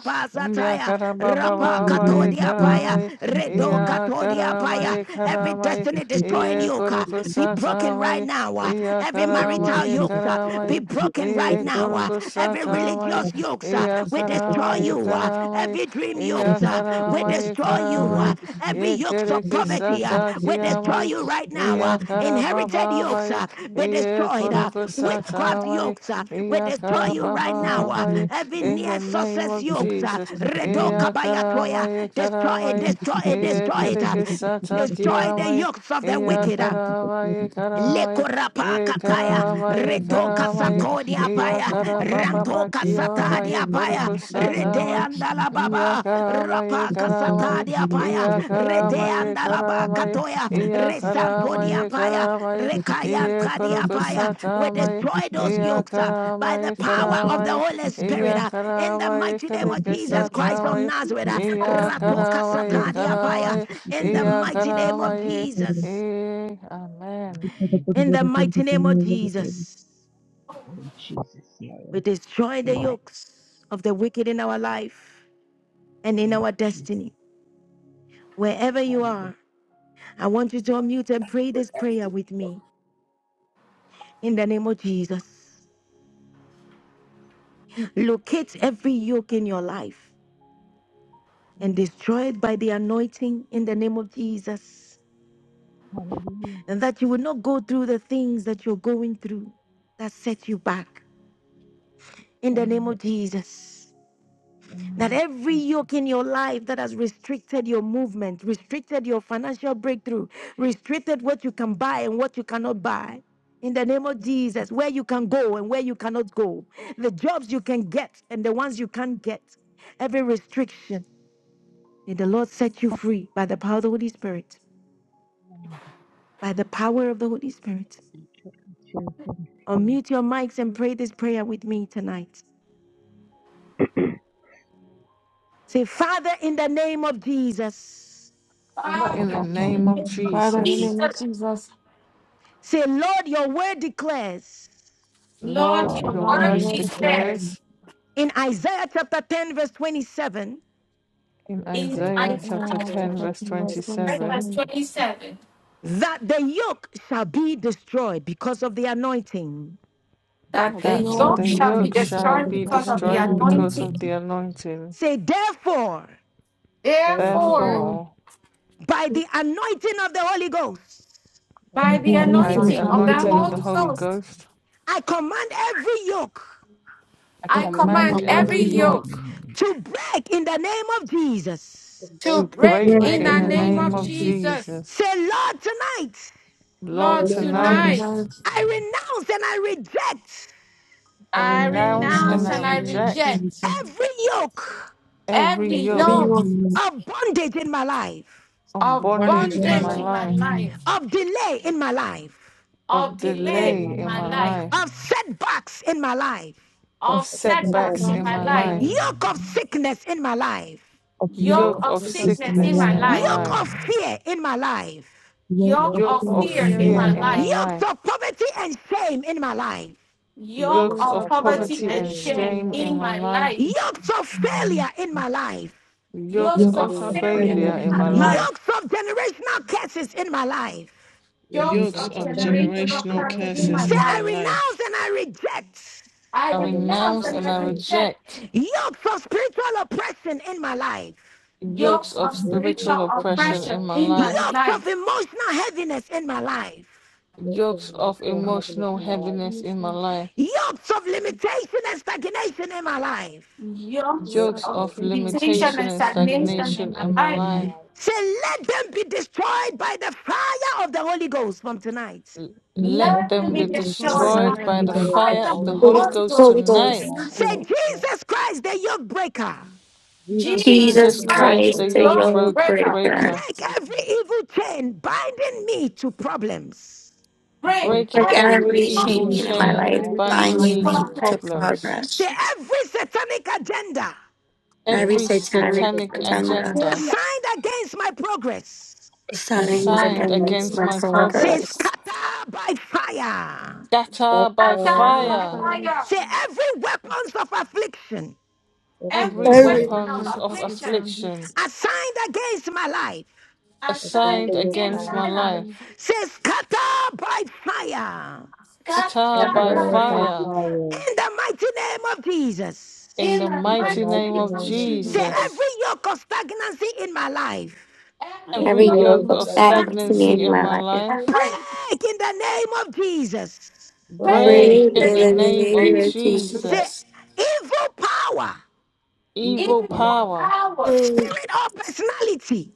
S13: Ya
S1: basataya,
S13: karaba
S1: Rapa
S13: baba ba ye
S1: katodia baya,
S13: karamai.
S1: Redoka
S13: Ya
S1: todia
S13: karama
S1: baya,
S13: ye
S1: every
S13: karamai.
S1: destiny destroying
S13: Ye
S1: yoke, uh,
S13: koruku
S1: be broken right
S13: satamai.
S1: now. uh,
S13: Ya
S1: Every
S13: karama
S1: marital
S13: ye
S1: yoke, uh, be
S13: karamai.
S1: broken broken right
S13: Ye
S1: now. uh,
S13: koruku
S1: Every
S13: satamai.
S1: religious yokes, uh,
S13: Ya
S1: we destroy
S13: karama ye
S1: you. uh,
S14: you.
S13: karamai.
S1: Every dream
S14: Thank
S1: yokes,
S13: Ya
S1: uh, we
S13: karama ye
S1: destroy you. uh,
S13: karamai.
S1: Every
S13: Ye
S1: yokes
S13: kere
S1: of
S13: ke
S1: poverty, uh, we destroy
S13: satakiyamai.
S1: you right now. uh,
S13: Ya karaba
S1: Inherited
S13: baba
S1: yokes,
S13: ye.
S1: uh, be
S13: Ye
S1: destroyed. uh,
S13: koruku
S1: Witchcraft
S13: satamai.
S1: yokes, uh, we destroy you right now. uh,
S13: Iyakarababababaya,
S1: Every
S13: In
S1: near
S13: the name
S1: success
S13: of
S1: yokes, uh,
S13: Jesus.
S1: Redo Kabayatoya,
S13: Iyakaramaya,
S1: destroy it,
S13: karamaya,
S1: destroy it, destroy it. uh, Destroy the
S13: Iyakarikisatakiyamaya,
S1: yokes of the wicked. uh,
S13: Iyakaramaya, karamaya,
S1: Lekorapa kataya,
S13: Iyakaramaya,
S1: retoka
S13: karamaya,
S1: satodi apaya, rantoka satadi
S13: Iyakarabababakiyamaya,
S1: apaya, rede
S13: Kurukusatamaya,
S1: andala baba,
S13: Iyakaramaya,
S1: rapa
S13: karamaya,
S1: kasatadi apaya, rete
S13: Iyakaramaya,
S1: andala
S13: karamaya,
S1: bakatoya,
S14: you.
S1: resantodi
S13: Iyakaramaya,
S1: apaya,
S13: karamaya,
S1: rekayantadi apaya. We
S13: Iyakarukusatamaya,
S1: destroy those
S13: Iya
S1: yokes uh, by the
S13: karamai
S1: power of the
S13: karamai,
S1: Holy
S13: iya
S1: Spirit uh, in the
S13: karamai
S1: mighty name of Jesus
S13: karikesa
S1: Christ of
S13: karamai,
S1: Nazareth. uh,
S2: Jesus.
S13: iya
S1: Ratoka
S13: karamai
S1: satadi
S13: karamai,
S1: apaya, in the
S13: iya
S1: mighty name of
S13: karamai.
S1: Jesus.
S13: Eh, Amen.
S11: name
S1: In the mighty name of Jesus,
S11: of Jesus here
S1: we
S11: Amen.
S1: destroy
S11: pray
S1: the
S11: right
S1: yokes of the wicked in our life and in
S11: name of
S1: our
S11: Jesus.
S1: destiny. Wherever you
S11: Hallelujah.
S1: are, I want you to unmute and pray this prayer with me. In the name of Jesus, locate every yoke in your life and destroy it by the anointing in the name of Jesus.
S11: Hallelujah.
S1: And that you will not go through the things that you're going through that set you back. In the name
S11: Hallelujah.
S1: of Jesus.
S11: In the
S1: That
S11: name of
S1: every
S11: Jesus,
S1: yoke in your life that has restricted your movement, restricted your financial breakthrough, restricted what you can buy and what you cannot buy. In the name of Jesus, where you can go and where you cannot go, the jobs you can get and the ones you can't get, every restriction. May the Lord set you free by the power of the Holy Spirit,
S11: Lord,
S1: by the power of the Holy Spirit.
S11: we put our children free.
S1: Unmute your mics and pray this prayer with me tonight. Say, Father, in the name of Jesus,
S12: Father,
S13: But
S11: Father,
S13: in
S12: in
S2: Father,
S13: the
S11: in the
S12: the
S2: in
S12: name
S2: the
S12: of
S13: name of
S2: name
S12: Jesus,
S2: of
S15: Father, in the
S13: Jesus,
S15: name of
S2: Jesus.
S15: Jesus,
S1: say, Lord, your word declares.
S2: Lord,
S13: Lord,
S12: Lord,
S2: your
S11: Lord,
S13: your
S12: your
S15: Lord,
S2: word
S15: your
S13: word
S12: word
S15: word
S12: declares,
S15: declares,
S2: declares
S13: declares
S1: in Isaiah chapter 10, verse 27,
S13: in
S12: and our
S2: in
S11: I
S12: word
S13: Isaiah
S11: pray
S12: shall be
S13: chapter
S15: Isaiah
S12: destroyed
S13: 10,
S15: chapter
S12: with
S13: verse
S15: 10, verse
S12: study,
S2: Isaiah
S13: 27,
S2: verse
S15: 27,
S2: 27.
S1: that the yoke shall be destroyed because of the anointing.
S2: that
S15: that the
S12: that
S2: the
S12: the
S13: that
S11: that
S12: yoke
S15: yoke
S13: the
S2: yoke
S15: shall
S12: shall
S2: shall
S12: be
S15: be
S2: be
S13: yoke shall
S12: destroyed
S2: destroyed
S15: destroyed
S13: be
S12: because of
S15: because
S2: because
S15: of
S12: the
S2: of
S15: the
S2: the
S13: destroyed
S12: anointing.
S15: anointing.
S13: because
S2: anointing.
S13: of the anointing.
S1: Say, therefore,
S2: There,
S11: if
S15: You
S12: Therefore,
S15: fool
S13: Therefore,
S1: by the anointing of the Holy Ghost,
S12: by the
S2: by
S11: I
S2: the
S15: by the
S11: was
S12: anointing of
S13: by
S12: the
S13: the
S2: anointing
S15: anointing
S14: the
S12: Holy
S15: of
S2: of
S15: the
S12: Ghost,
S2: the
S13: anointing
S15: Holy
S13: of the
S2: Holy
S15: Ghost,
S13: Holy
S2: Ghost,
S13: Ghost,
S1: I command every yoke
S12: I
S13: I
S2: I
S12: command
S15: and
S13: command
S2: command
S12: every
S15: command of
S12: yoke
S2: every
S13: every
S15: the yoke,
S2: yoke
S13: yoke
S1: to break in the name of
S12: to
S1: Jesus.
S2: to
S12: break
S13: to
S12: in the
S2: break
S13: break
S11: right,
S14: break
S12: name of
S2: in
S15: break
S13: in
S2: the
S15: in
S14: in
S15: the
S13: the
S12: Jesus.
S14: the
S15: name of
S2: name
S14: name
S13: name
S2: of
S14: of
S13: of
S15: Jesus.
S14: Jesus.
S2: Jesus.
S13: Jesus.
S1: Say, Lord, tonight
S13: Lord,
S12: Lord,
S2: Lord,
S14: Let
S11: Lord,
S14: you
S15: Lord,
S12: tonight
S14: know.
S13: tonight
S2: tonight
S15: tonight,
S1: I renounce and I reject
S13: I
S12: I will
S2: I
S11: I
S12: not
S11: am
S15: we
S13: renounce and
S2: renounce
S15: know
S14: and
S13: I
S2: and
S12: navigate
S15: you
S2: I
S15: need
S13: reject
S15: you.
S14: and
S2: reject
S1: every yoke
S13: every
S2: every
S12: every
S15: every
S12: yoke
S13: yoke
S2: yoke
S15: yoke
S14: the
S1: of bondage in my life,
S13: of
S2: of
S15: of
S12: of
S15: bondage
S13: bondage
S12: bondage
S15: in my
S13: in
S12: in
S14: very
S12: my
S13: my
S2: bondage in
S15: life,
S14: in
S12: life,
S2: my
S13: life,
S14: um,
S2: life,
S1: of delay in my life,
S2: of
S13: of
S12: of
S15: every
S12: delay
S2: delay
S12: in my
S15: yoke
S13: delay
S2: in
S15: in
S13: in
S15: my
S2: my
S12: life,
S13: my
S15: life,
S2: life,
S13: life,
S1: of setbacks in my life.
S14: of
S13: of
S2: of
S12: of
S15: of
S14: sickness
S12: setback
S13: setbacks
S2: setbacks in
S14: in
S12: in
S13: in
S15: setbacks
S12: my
S2: my
S13: my
S15: in
S14: my
S12: life,
S15: my
S2: life,
S14: life,
S13: life,
S15: life,
S1: yoke of
S14: um,
S1: sickness in my life,
S14: of yoke
S2: yoke
S13: yoke
S12: yoke
S14: of
S2: of
S12: of
S13: of
S15: yoke of
S14: sickness
S12: sickness
S14: in
S2: sickness
S14: my
S12: in
S2: in
S12: my
S13: sickness
S15: sickness in
S2: my
S14: life,
S13: in
S15: my
S12: life,
S13: my
S2: life,
S15: life,
S1: yoke
S13: life,
S1: of fear in my life,
S14: yoke
S2: yoke
S12: yoke
S14: of
S12: of
S15: yoke
S2: of
S13: yoke
S15: of
S14: fear
S13: of
S12: fear
S14: in
S2: fear
S12: in
S15: fear
S12: my
S2: in
S15: in
S14: my
S15: my
S13: fear
S2: my
S14: life,
S12: life,
S13: in my
S15: life.
S2: life
S1: yokes
S13: life,
S1: of poverty and shame in my life,
S12: yoke
S2: yoke
S12: of
S13: yokes
S15: Roots
S2: of
S15: of
S13: of
S12: poverty and
S2: poverty
S15: poverty
S13: poverty
S12: shame
S15: and
S2: and
S13: and
S12: in my
S15: shame
S2: shame
S15: in
S12: life,
S13: shame
S15: my
S13: in
S2: in
S13: my
S15: life.
S2: my
S13: life,
S2: life,
S1: yokes of
S14: um,
S1: failure in my life,
S12: yoke
S13: yokes
S12: of
S2: yokes
S14: yoke
S2: of
S13: of
S15: Roots of
S14: of
S12: failure in my
S2: failure
S15: pain
S14: failure
S13: failure
S15: in
S12: life,
S13: in
S15: my
S14: in my
S13: my
S2: in my
S15: life.
S14: life,
S2: life,
S13: life
S1: yokes of generational curses in my life.
S12: yoke of
S14: yoke
S2: yokes
S13: yokes
S2: of
S15: Roots
S14: of
S15: of
S13: of
S12: generational
S14: failure and
S15: generational
S12: curses
S2: generational
S12: in
S14: sickness
S13: generational
S12: my
S15: curse
S2: curses
S12: life.
S14: in
S15: in
S2: in
S15: my
S13: curses
S2: my
S1: Say,
S14: my life,
S13: in my
S1: I
S2: life.
S15: life.
S1: renounce
S13: life.
S1: and I reject
S2: I
S13: I
S12: I will not
S2: renounce
S13: renounce
S2: and
S13: and
S15: Those
S2: I
S13: I
S15: I
S12: navigate
S2: reject
S15: reject.
S13: reject
S1: yokes of spiritual oppression in my life,
S12: yoke
S13: yokes
S2: yokes
S12: of
S13: of
S2: of
S14: and of
S12: spiritual
S13: spiritual
S2: spiritual
S12: oppression in
S14: um,
S13: oppression
S12: my
S13: in
S2: oppression
S12: life,
S13: my
S2: in my
S13: life,
S1: yokes of
S2: life,
S1: emotional heaviness in my life,
S12: yoke of
S13: yokes of
S12: emotional heaviness
S13: emotional
S12: in my
S15: Roots
S12: life,
S13: heaviness in my
S15: of
S13: life,
S1: yokes of limitation and stagnation in my life.
S2: yokes
S15: roots
S12: yoke
S11: so
S15: of
S13: yokes
S2: of
S12: of
S13: of
S11: confident
S14: people
S15: forsaken in
S2: limitation
S13: limitation
S2: and
S14: issues
S13: and
S12: hesitation
S14: and
S2: stagnation
S14: sickness
S12: and
S13: stagnation
S2: in
S14: that
S2: my
S13: in my
S12: limitation
S14: my
S2: life.
S12: in my
S13: life.
S14: life
S12: life.
S1: Say, let them be destroyed by the fire of the Holy Ghost from tonight.
S13: L-
S14: feel like I'm
S13: Let
S2: Let
S12: Nothing
S2: me
S11: in
S13: them
S15: Can
S12: to
S11: you.
S15: be
S13: be
S2: be
S14: feeling for
S15: destroyed
S14: the
S15: by
S12: destroy
S15: the
S2: destroyed
S14: fire of
S2: by
S12: from
S13: destroyed
S14: the
S12: the
S15: fire
S13: by
S2: the
S14: Holy
S13: the
S15: and will be
S14: Ghost
S12: fire of the
S14: of
S13: fire
S2: fire of
S13: of the
S12: Holy
S14: me,
S2: the
S9: Holy
S13: Holy
S12: Ghost
S2: Holy
S15: Jesus.
S13: Ghost
S2: Ghost
S9: Holy
S2: in
S12: in my
S9: Ghost.
S12: life.
S13: tonight.
S2: tonight.
S1: Say,
S9: Amen.
S12: You know,
S1: Jesus Christ, the yoke breaker,
S12: Jesus
S15: Jesus
S2: Jesus,
S12: Christ
S15: Christ
S11: Jesus,
S13: Jesus
S15: and
S9: Jesus
S12: is
S15: will be
S12: your
S2: Christ,
S13: Christ, the
S9: Christ, the
S12: person.
S15: broken.
S13: yoke
S2: yoke
S9: yoke
S13: broke
S2: breaker,
S9: breaker.
S13: breaker,
S1: break every evil chain binding me to problems.
S2: break
S12: Break
S11: break
S13: break
S9: Break
S11: every
S2: every
S12: every
S13: every
S9: every
S12: evil
S2: yoke
S14: you
S15: Every
S14: is
S9: chain
S13: evil
S15: he
S14: the
S9: in
S12: chain,
S9: my
S15: returned by
S14: same.
S9: life,
S13: chain
S15: enemy
S2: Cut
S15: the
S12: bondage the
S14: I
S13: binding
S9: binding
S15: problem.
S13: me
S9: me
S13: to
S14: believe
S12: problem,
S14: the
S9: to
S14: same.
S13: problems
S1: Say,
S9: progress.
S1: every satanic agenda
S9: Every
S12: every
S13: every
S11: mistake
S12: satanic
S9: satanic
S13: satanic
S15: And it
S12: agenda,
S9: agenda,
S13: agenda
S1: assigned against my progress.
S12: the sound
S15: I
S11: that
S9: signs
S15: felt
S12: against
S15: like
S12: my
S13: assigned
S15: it's not
S9: against
S15: my
S12: purpose,
S13: against
S9: my
S13: my
S15: worst.
S1: Say,
S13: progress.
S9: progress.
S1: scatter by fire.
S13: Scatter
S12: that's
S13: by
S15: But
S12: her
S15: I
S2: down
S12: by
S15: won't
S2: by
S13: fire
S15: cry.
S12: fire.
S2: fire,
S1: Say, every weapons of affliction
S12: Every
S13: every
S2: every
S12: weapon
S11: over
S12: of
S9: Every
S2: weapon
S15: The
S2: of
S13: weapons
S15: points of
S13: of
S15: our
S12: affliction,
S2: affliction
S15: future. I
S13: affliction
S1: assigned against my life.
S12: the sound
S2: assigned
S13: assigned
S12: against my
S15: felt
S2: against
S13: against my
S12: life,
S15: against
S2: Sinai,
S15: me.
S13: life.
S1: Say, scatter by fire.
S13: Scatter
S12: that's
S11: this
S2: scattered
S13: by
S2: by
S12: her by
S13: fire
S2: fire,
S12: fire.
S1: In the mighty name of Jesus.
S13: in
S2: in
S13: the
S2: the
S12: In
S11: house,
S12: the
S13: mighty
S2: mighty
S15: Following
S13: name
S12: mighty
S13: of
S2: name
S15: the
S2: of
S15: nine
S12: name of
S15: children.
S1: Say,
S12: Jesus,
S2: Jesus,
S1: every
S13: Jesus.
S1: yoke of stagnancy in my life,
S2: every
S13: Every
S12: every
S9: every
S2: yoke
S12: yoke of
S9: yoke
S13: yoke
S9: of
S2: of
S13: of
S12: stagnancy
S9: stagnancy
S12: in
S2: strangeness
S12: my
S13: stagnancy
S9: in
S13: in
S12: life,
S13: my
S9: my life.
S2: and
S13: life,
S2: life,
S1: break in the name of Jesus.
S2: pray
S13: break
S12: break
S9: Breathe
S12: in
S11: breaking
S2: the
S13: in
S9: in
S12: the
S13: the
S2: name
S9: the
S12: name of
S13: name
S2: of
S12: Jesus.
S9: name
S13: of
S9: of
S1: Say,
S13: Jesus.
S9: Jesus.
S1: evil power,
S2: Jesus,
S12: evil
S13: Evil
S2: in
S11: every
S2: your
S12: power,
S13: power,
S2: power,
S9: Mm,
S1: spirit or personality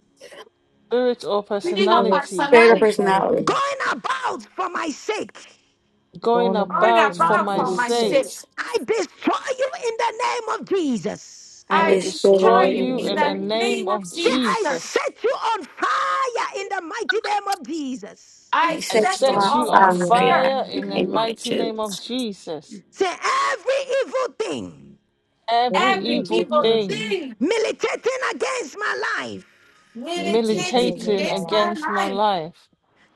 S13: spirit or
S2: within our
S12: spirit of,
S13: personality
S9: Spirit of
S2: personality,
S9: personality.
S12: personality,
S1: going about for my sake,
S13: going
S12: going
S2: on
S12: about for
S13: about
S12: my
S13: for
S2: about
S13: my
S2: for
S12: sake.
S2: my sake.
S13: sake
S9: Jesus.
S1: I destroy you in the name of Jesus.
S12: I
S9: I
S13: I
S2: I
S12: destroy
S13: destroy
S2: destroy
S12: you in the
S9: destroy
S2: you
S13: you
S12: name
S2: in
S13: in
S12: of
S13: the
S2: the
S12: Jesus.
S13: name
S2: name of
S13: of
S1: Say,
S9: the
S2: Jesus.
S1: I
S13: Jesus.
S1: set you on fire in the mighty name of Jesus.
S12: I
S2: I
S9: I
S13: I
S12: set
S9: set
S2: set
S12: you
S9: you
S2: you
S11: mistake
S12: on
S13: set
S9: on
S13: you
S2: on
S13: on
S9: fire
S12: fire in the
S9: and
S2: fire
S13: fire
S12: mighty
S13: in
S2: in
S12: name
S2: the
S13: the
S12: of
S9: I
S2: name of
S12: Jesus.
S13: mighty name of
S9: riches
S2: Jesus.
S13: Jesus.
S1: Say, every evil thing
S13: Every
S12: Every
S2: Every
S13: evil
S12: evil
S2: evil
S12: thing,
S13: thing
S2: thing
S1: militating against my life
S11: and it
S12: meditation
S2: militating
S11: takes
S12: against
S13: militating
S12: my
S2: against
S12: life,
S2: my
S13: against my
S2: life
S13: life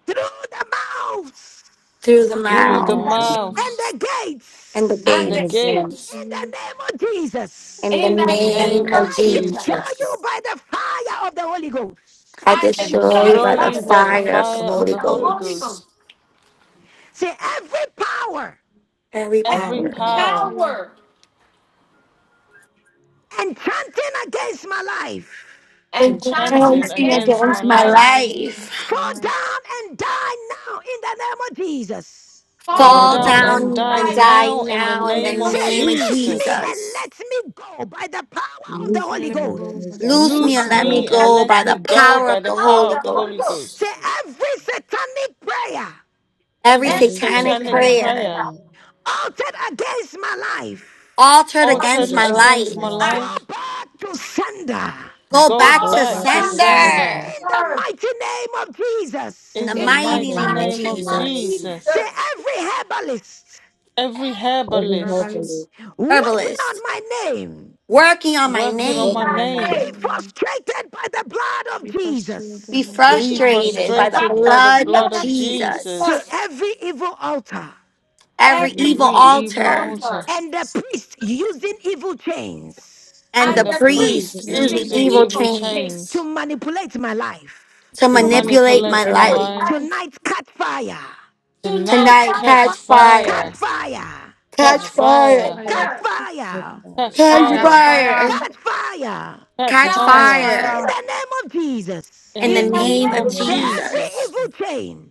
S1: through the mouths
S9: through the
S12: through the
S13: through the
S9: mouth
S2: in the
S11: through
S12: mouth
S13: mouths
S2: arms
S1: and the
S9: and the
S1: gates.
S13: and
S2: and
S13: the
S12: and
S2: the
S12: the
S9: gates
S12: gate,
S1: In
S2: hands
S13: gates
S1: the name of Jesus,
S9: in the
S2: in
S13: in
S2: the
S12: in
S13: the
S12: the name
S9: name
S12: of
S2: name
S13: name
S9: of
S13: of
S2: of
S1: I
S12: Jesus.
S1: destroy
S13: Jesus.
S2: Jesus.
S1: you
S9: Jesus.
S1: by the fire of the Holy Ghost.
S9: I
S2: I
S12: I
S13: I
S12: destroy
S9: destroy
S2: destroy
S12: by
S9: by
S13: destroy
S12: the
S9: the
S13: you
S2: by
S13: by the
S12: fire of the
S9: fire
S12: Holy
S9: of the
S13: fire of
S2: the
S9: Holy
S13: the
S12: Ghost.
S13: Holy
S2: Holy
S9: Ghost
S2: Ghost
S13: Ghost.
S1: See, every power
S9: every
S13: Every
S12: Every
S11: every
S2: every
S9: power.
S12: power,
S13: power
S2: power
S1: enchanting against my life,
S2: enchanting
S11: trap
S12: enchanting
S13: enchanting
S12: against
S9: Anything
S12: my
S2: against
S13: against my
S12: life,
S9: against
S2: my
S9: my
S2: life.
S13: life.
S9: life.
S1: fall down and die now in the name of Jesus.
S13: Fall
S2: Fall
S12: fall
S2: down
S9: Fall
S13: down
S12: down
S13: and
S12: and
S9: down
S13: die
S12: down
S9: and
S2: by
S9: die
S12: now
S13: now
S12: in the
S13: in the
S12: name
S9: now
S12: of
S2: the
S9: in the
S13: name
S2: name
S12: Jesus.
S2: of
S1: Say,
S13: of
S9: name of
S2: Jesus.
S1: loose me
S13: Jesus.
S1: and
S9: Jesus.
S1: let me go by the power of the
S12: Loose
S15: Lucy,
S1: Holy
S15: let
S12: me
S15: me
S12: and let
S15: go.
S12: me
S1: Ghost.
S15: Let
S12: go by
S2: We
S9: Loose
S12: the
S9: me
S15: me
S9: and
S13: Loose
S2: want
S9: let
S15: go.
S2: to
S12: power
S9: me
S13: me
S12: of the
S13: and
S9: go
S12: God.
S13: let
S9: by
S13: me
S9: the
S2: apparently go
S13: go
S2: by
S9: power
S2: the
S13: by
S9: of
S13: the
S9: the
S2: power of
S13: power
S2: the
S9: Holy
S13: of the
S2: Holy
S13: Holy
S2: Ghost.
S9: Ghost.
S1: Say,
S13: Ghost.
S1: every satanic prayer
S9: Every
S13: Every
S12: every
S2: Every
S9: satanic
S15: Listen to
S2: satanic
S15: the
S13: satanic
S12: satanic
S15: prayer
S9: prayer
S2: pillar
S13: prayer
S12: dream
S1: altered against my life,
S9: altered
S2: of
S9: against
S13: uttered
S12: accident
S9: my
S2: the
S12: in
S13: against
S12: my
S13: my
S9: life,
S15: against my
S12: life.
S2: I
S15: life.
S1: go
S13: life,
S1: back to sender in
S9: go
S13: go
S9: back
S12: Go
S2: go
S9: to
S13: back
S15: Back
S12: back
S15: to
S13: to
S15: you,
S12: to
S2: back to
S15: Senor.
S13: sender
S12: sender
S9: sender
S2: the
S1: the
S2: earth
S1: mighty name of
S9: in the
S13: in
S1: Jesus.
S13: the
S2: in the
S12: in
S9: mighty
S12: the
S13: mighty
S9: name of
S2: mighty
S13: name
S12: mighty
S13: of
S2: name of
S12: name
S15: Everybody's
S12: of
S9: Jesus.
S12: Jesus.
S1: Say
S13: Jesus.
S2: Jesus.
S1: every herbalist
S13: Every
S2: Every
S12: Every
S13: herbalist
S2: curse
S12: herbalist
S1: working on
S9: Herbalist,
S1: my name,
S9: working on my
S15: working
S13: working on my
S9: name,
S12: working on
S15: money
S2: thy
S12: my
S1: be
S13: name,
S2: name,
S12: name
S15: to
S1: frustrated by the blood of
S15: be frustrated
S9: be
S15: and a
S1: Jesus.
S12: be
S15: lot
S2: be
S15: of
S13: be
S12: frustrated
S2: removed
S9: frustrated
S15: changes.
S12: by
S2: the
S9: by
S12: the
S9: the
S2: hand
S13: frustrated
S12: blood
S13: by
S2: of
S12: of
S13: the
S9: blood of
S2: Lord
S13: blood
S12: Jesus.
S13: of
S2: and civil
S9: Jesus.
S1: Say
S2: serve.
S13: Jesus.
S1: every evil altar
S9: Every
S12: Every
S2: Every
S9: evil
S13: Every
S15: We
S12: evil
S2: evil
S12: altar
S13: evil
S9: altar
S15: open
S13: altar
S2: altar
S1: and the priest using evil chains
S9: and
S2: and
S12: and
S9: the
S13: and
S12: the
S13: the
S2: the
S12: priest
S11: and
S2: priest
S12: is
S15: the
S12: using
S13: priest
S9: priest
S12: evil
S9: using
S2: using
S13: using
S9: evil
S13: evil
S2: evil
S15: machine.
S9: chains
S2: things
S1: to
S13: chains
S1: manipulate my life.
S9: to
S13: to
S2: to
S12: things can
S9: manipulate
S15: We
S9: my
S13: manipulate
S15: play
S2: manipulate
S13: my
S15: my
S2: my
S9: life.
S15: life.
S2: life.
S13: life.
S1: Tonight, cut fire,
S13: The
S2: Tonight,
S13: night
S9: Tonight,
S2: that
S15: We
S13: catch
S2: power
S9: catch
S15: catch fire.
S1: cut
S9: fire
S13: fire
S1: fire,
S13: Catch
S9: Catch
S12: gather to
S15: Catch
S9: fire.
S12: you.
S13: fire,
S2: comes
S15: fire.
S1: cut
S2: here
S12: Catch
S1: fire,
S13: catch
S12: fire,
S9: Catch
S2: Counsel,
S12: catch
S15: Catch
S13: fire,
S12: fire,
S9: fire.
S15: fire.
S1: cut fire.
S13: catch
S9: Catch
S12: catch
S15: Catch
S13: fire.
S12: fire.
S9: fire.
S1: In
S15: fire.
S2: counselor,
S1: the name of Jesus,
S13: In
S9: In the
S13: the
S2: in the
S12: In the
S9: name
S13: name
S9: of
S13: of
S12: name
S15: And
S12: of
S1: say
S12: Jesus,
S2: name
S1: every
S9: Jesus.
S2: of
S13: Jesus,
S2: Jesus,
S1: evil chain,